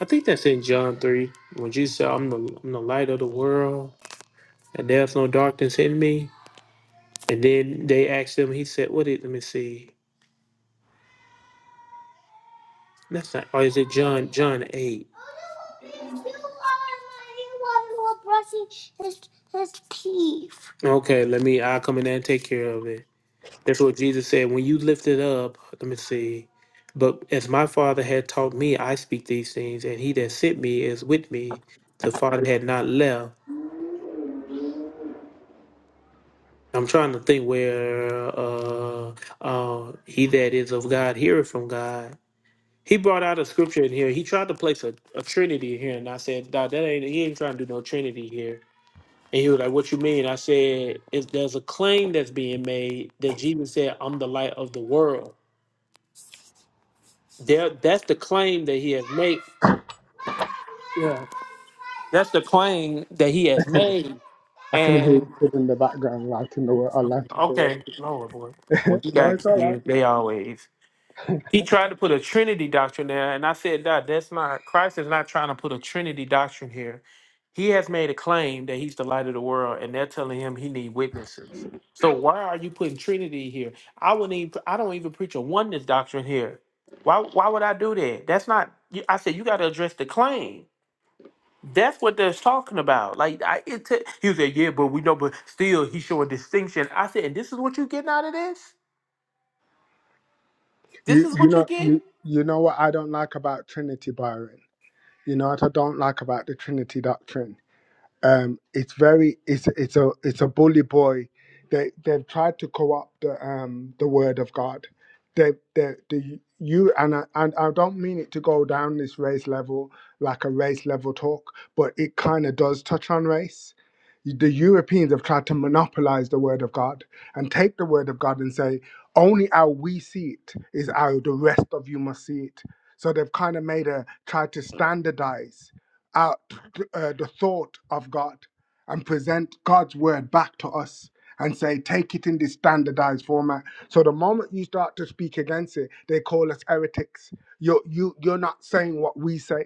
A: I think that's in John three when Jesus said, "I'm the I'm the light of the world and there's no darkness in me." And then they asked him, he said, What is let me see. That's not or is it John John eight? Okay, let me I'll come in there and take care of it. That's what Jesus said. When you lift it up, let me see. But as my father had taught me, I speak these things, and he that sent me is with me. The father had not left. I'm trying to think where uh uh he that is of God heareth from God. He brought out a scripture in here. He tried to place a, a Trinity here, and I said, nah, that ain't he ain't trying to do no Trinity here And he was like, What you mean? I said, If there's a claim that's being made that Jesus said, am the light of the world. There that's the claim that he has made. Yeah. That's the claim that he has made.
I: I can hear
A: And
I: it in the background lighting the world, a
A: okay,
I: light of the world.
A: okay. Lord boy. When
I: Yep,
A: you
I: No,
A: got
I: it's all right.
A: kids, they always He tried to put a Trinity doctrine there, and I said, "Nah, that's not Christ is not trying to put a Trinity doctrine here. He has made a claim that he's the light of the world, and they're telling him he need witnesses. So why are you putting Trinity here? I wouldn't even I don't even preach a oneness doctrine here. Why why would I do that? That's not you- I said you got to address the claim. That's what they're talking about. Like I it t- he was like, yeah, but we know, but still he's showing distinction. I said, and this is what you getting out of this? This
I: You
A: is
I: you
A: what you
I: know
A: getting?
I: you you know what I don't like about Trinity Byron. You know what I don't like about the Trinity doctrine um, it's very it's it's a it's a bully boy. They they've tried to co-opt the um, the word of God. They they the you and I, and I don't mean it to go down this race level like a race level talk, but it kind of does touch on race. The Europeans have tried to monopolize the word of God and take the word of God and say only how we see it is how the rest of you must see it. So they've kind of made a tried to standardize out uh, the thought of God and present God's word back to us and say, take it in this standardized format. So the moment you start to speak against it, they call us heretics. You're, you, you're not saying what we say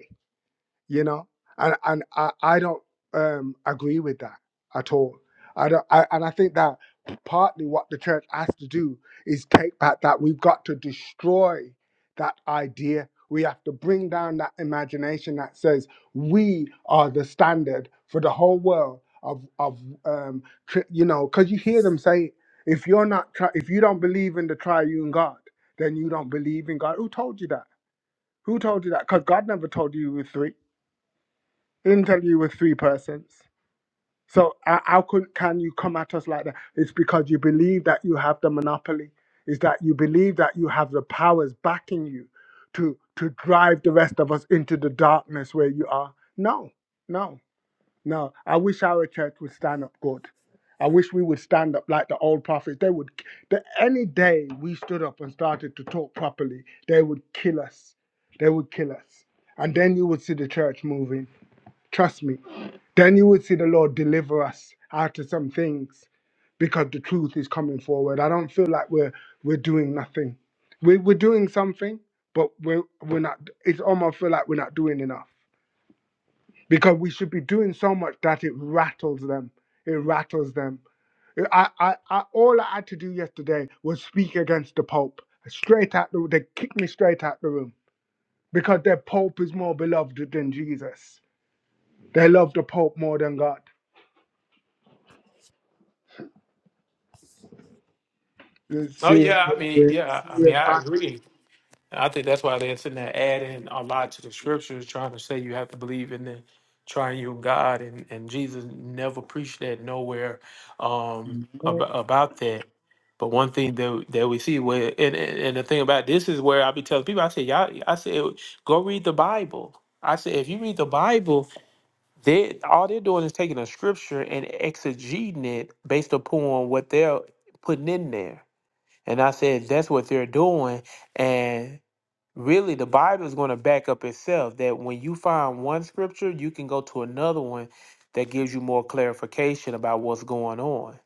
I: you know and and i, I don't um agree with that at all i don't I, and i think that partly what the church has to do is take back that we've got to destroy that idea we have to bring down that imagination that says we are the standard for the whole world of of um tr- you know because you hear them say if you're not tri- if you don't believe in the triune god then you don't believe in god who told you that who told you that because god never told you you were three interview with three persons. So how how can, can you come at us like that? It's because you believe that you have the monopoly. Is that you believe that you have the powers backing you to to drive the rest of us into the darkness where you are? No, no, no. I wish our church would stand up good. I wish we would stand up like the old prophets. They would. The, any day we stood up and started to talk properly, they would kill us. They would kill us. And then you would see the church moving Trust me. Then you would see the Lord deliver us out of some things because the truth is coming forward. I don't feel like we're we're doing nothing. We're we're doing something, but we're we're not. It's almost feel like we're not doing enough because we should be doing so much that it rattles them. It rattles them. I, I, I all I had to do yesterday was speak against the Pope. Straight out the they kicked me straight out the room. Because their Pope is more beloved than Jesus. They love the Pope more than God. The
A: Oh
I: serious,
A: yeah, I mean,
I: we're in a
A: yeah, I mean,
I: serious
A: I agree. I think that's why they're sitting there adding a lot to the scriptures, trying to say you have to believe in the triune God, and and Jesus never preached that nowhere um,
I: No.
A: about, about that. But one thing that that we see where, and, and and the thing about this is where I be telling people, I say, y'all, I said, go read the Bible. I said, if you read the Bible, they all they're doing is taking a scripture and exegeting it based upon what they're putting in there. And I said, that's what they're doing. And really, the Bible is going to back up itself that when you find one scripture, you can go to another one that gives you more clarification about what's going on.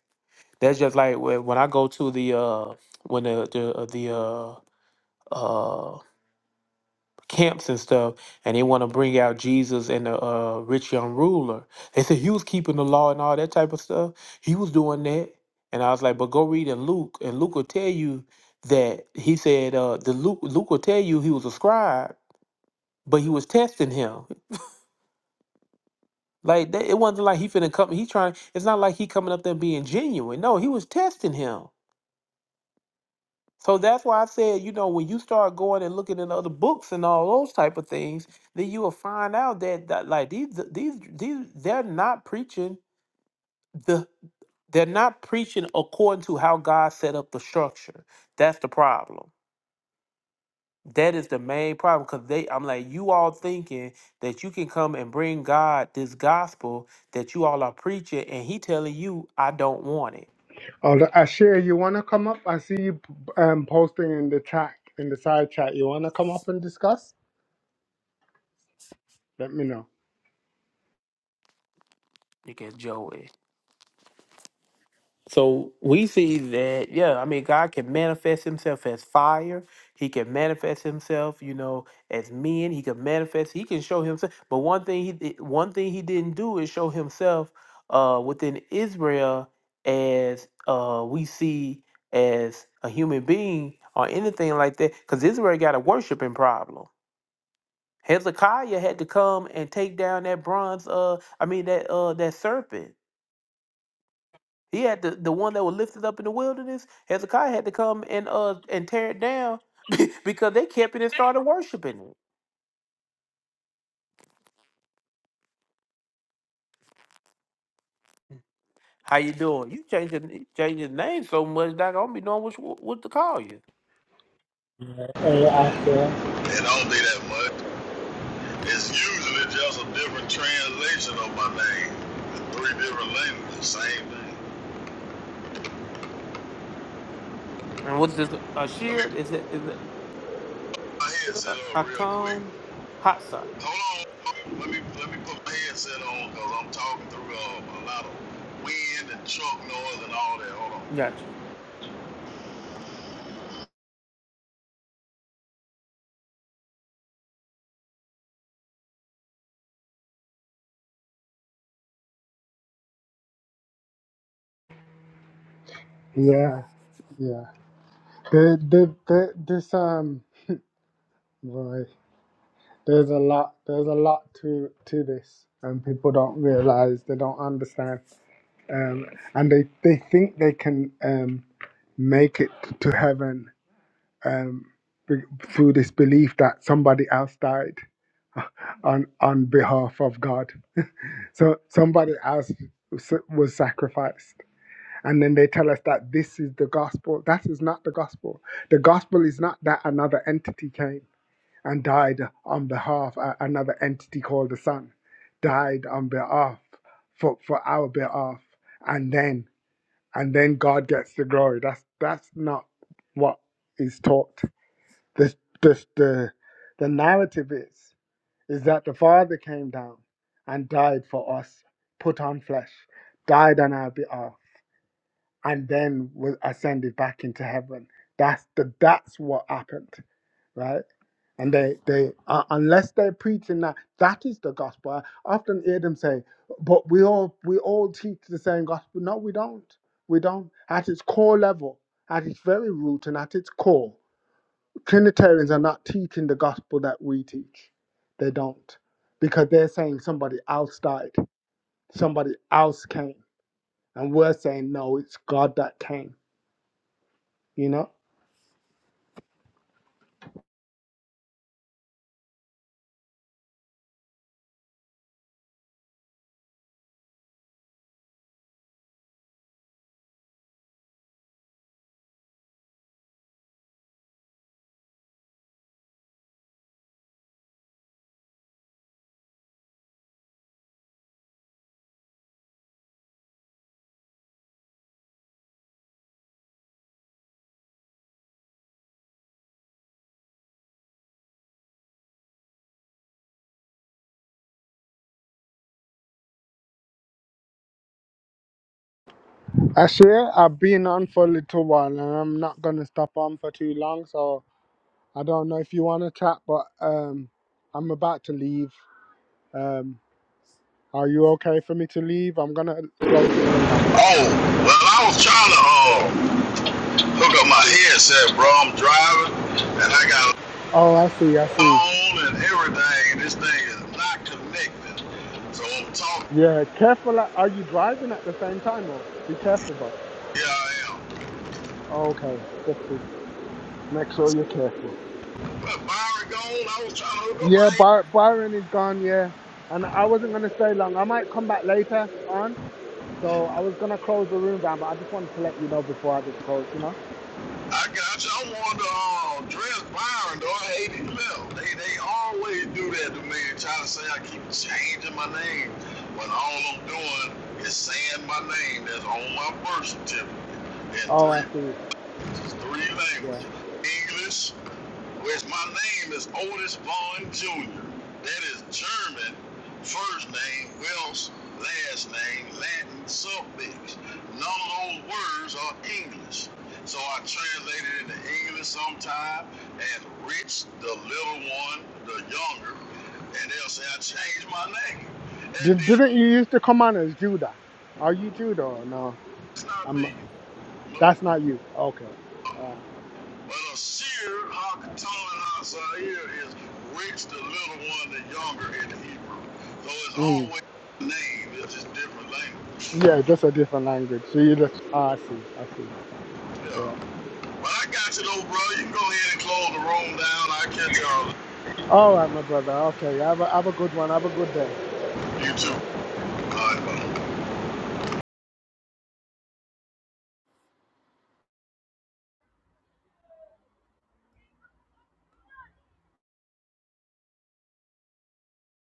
A: That's just like when when I go to the, uh, when the, the, uh, the, uh, uh, camps and stuff, and they want to bring out Jesus and the uh, rich young ruler. They said he was keeping the law and all that type of stuff. He was doing that, and I was like, but go read in Luke, and Luke will tell you that he said uh, the Luke Luke will tell you he was a scribe, but he was testing him. Like that, it wasn't like he finna come. He trying. It's not like he coming up there being genuine. No, he was testing him. So that's why I said, you know, when you start going and looking in other books and all those type of things, then you will find out that, that like these these these they're not preaching the they're not preaching according to how God set up the structure. That's the problem. That is the main problem because they I'm like you all thinking that you can come and bring God this gospel that you all are preaching and he telling you I don't want it.
I: Oh, Ashir, you want to come up? I see you um, posting in the chat, in the side chat. You want to come up and discuss? Let me know.
A: Look at Joey. So we see that, yeah, I mean, God can manifest himself as fire. He can manifest himself, you know, as men. He can manifest, he can show himself. But one thing he did- one thing he didn't do is show himself uh within Israel as uh we see as a human being or anything like that. Because Israel got a worshiping problem. Hezekiah had to come and take down that bronze uh I mean that uh that serpent. He had the, the one that was lifted up in the wilderness. Hezekiah had to come and uh and tear it down because they kept it and started worshiping it. How you doing? You changing changing name so much that I don't be knowing which what to call you.
I: Hey, Ashir.
L: It don't be that much. It's usually just a different translation of my name. Three different languages, same thing.
A: And what's this?
L: Let me
A: Ashir? Is it is it
L: put my headset
A: uh,
L: on real quick.
A: Hatan? Hatsa?
L: Hold on. Let me let me put my headset on because I'm talking through uh, a lot of wind and truck noise and all that. Hold on.
A: Gotcha.
I: Yeah, yeah. The, the, the, this um, boy, there's a lot. There's a lot to to this, and people don't realize. They don't understand. um, and they, they think they can um, make it to heaven um, be- through this belief that somebody else died on on behalf of God. So somebody else was sacrificed. And then they tell us that this is the gospel. That is not the gospel. The gospel is not that another entity came and died on behalf, uh, another entity called the Son died on behalf, for, for our behalf. And then, and then God gets the glory. That's, that's not what is taught the the the, the narrative is is that the Father came down and died for us, put on flesh, died on our behalf, and then was ascended back into heaven. That's the that's what happened, right? And they they uh, unless they're preaching that that is the gospel. I often hear them say, "But we all we all teach the same gospel." No, we don't. We don't. At its core level, at its very root and at its core. Trinitarians are not teaching the gospel that we teach. They don't. Because they're saying somebody else died, somebody else came. And we're saying, no, it's God that came, you know? Actually, I've been on for a little while and I'm not going to stop on for too long. So I don't know if you want to chat, but um, I'm about to leave. Um, are you okay for me to leave? I'm going to close the room down.
L: Oh, well, I was trying to uh, hook up my headset, bro. I'm driving and I got a
I: Oh, I see, I see.
L: phone and everything, this thing is not connected. So I'm talking.
I: Yeah, careful. uh, Are you driving at the same time or be careful, bro?
L: Yeah, I am.
I: Okay, that's it. Make sure you're careful.
L: But Byron gone. I was trying to hook up my
I: Yeah,
L: hand.
I: By- Byron is gone. Yeah, and I wasn't gonna stay long. I might come back later on. So I was gonna close the room down, but I just wanted to let you know before I just closed. You know.
L: I got you. I wanted to uh, dress Byron, though. I hate it left. They, they always do that to me, trying to say I keep changing my name. but all I'm doing is saying my name that's on my birth certificate in
I: Oh, I
L: three,
I: see.
L: three
I: Yeah.
L: languages English, which my name is Otis Vaughn Jr. That is German, first name, Welsh, last name, Latin suffix. None of those words are English. So I translated into English sometime, and Rich, the little one, the younger, and they'll say I changed my name. And
I: Did,
L: then
I: didn't you used to come on as Judah? Are you Judah? Or no,
L: it's not
I: I'm.
L: me. No.
I: That's not you. Okay. All right.
L: But Asir Hakatan Hazair is rich, the little one, the younger in the Hebrew. So it's
I: Mm.
L: always the name, it's just different language.
I: Yeah, just a different language. So you just. ah, I see. I see.
L: Yeah.
I: Yeah.
L: But I got you though, bro. You can go ahead and close the room down. I'll catch y'all.
I: All right, my brother. Okay. Have a have a good one. Have a good day.
L: You
I: God
L: too.
I: bless.
L: All right, bye.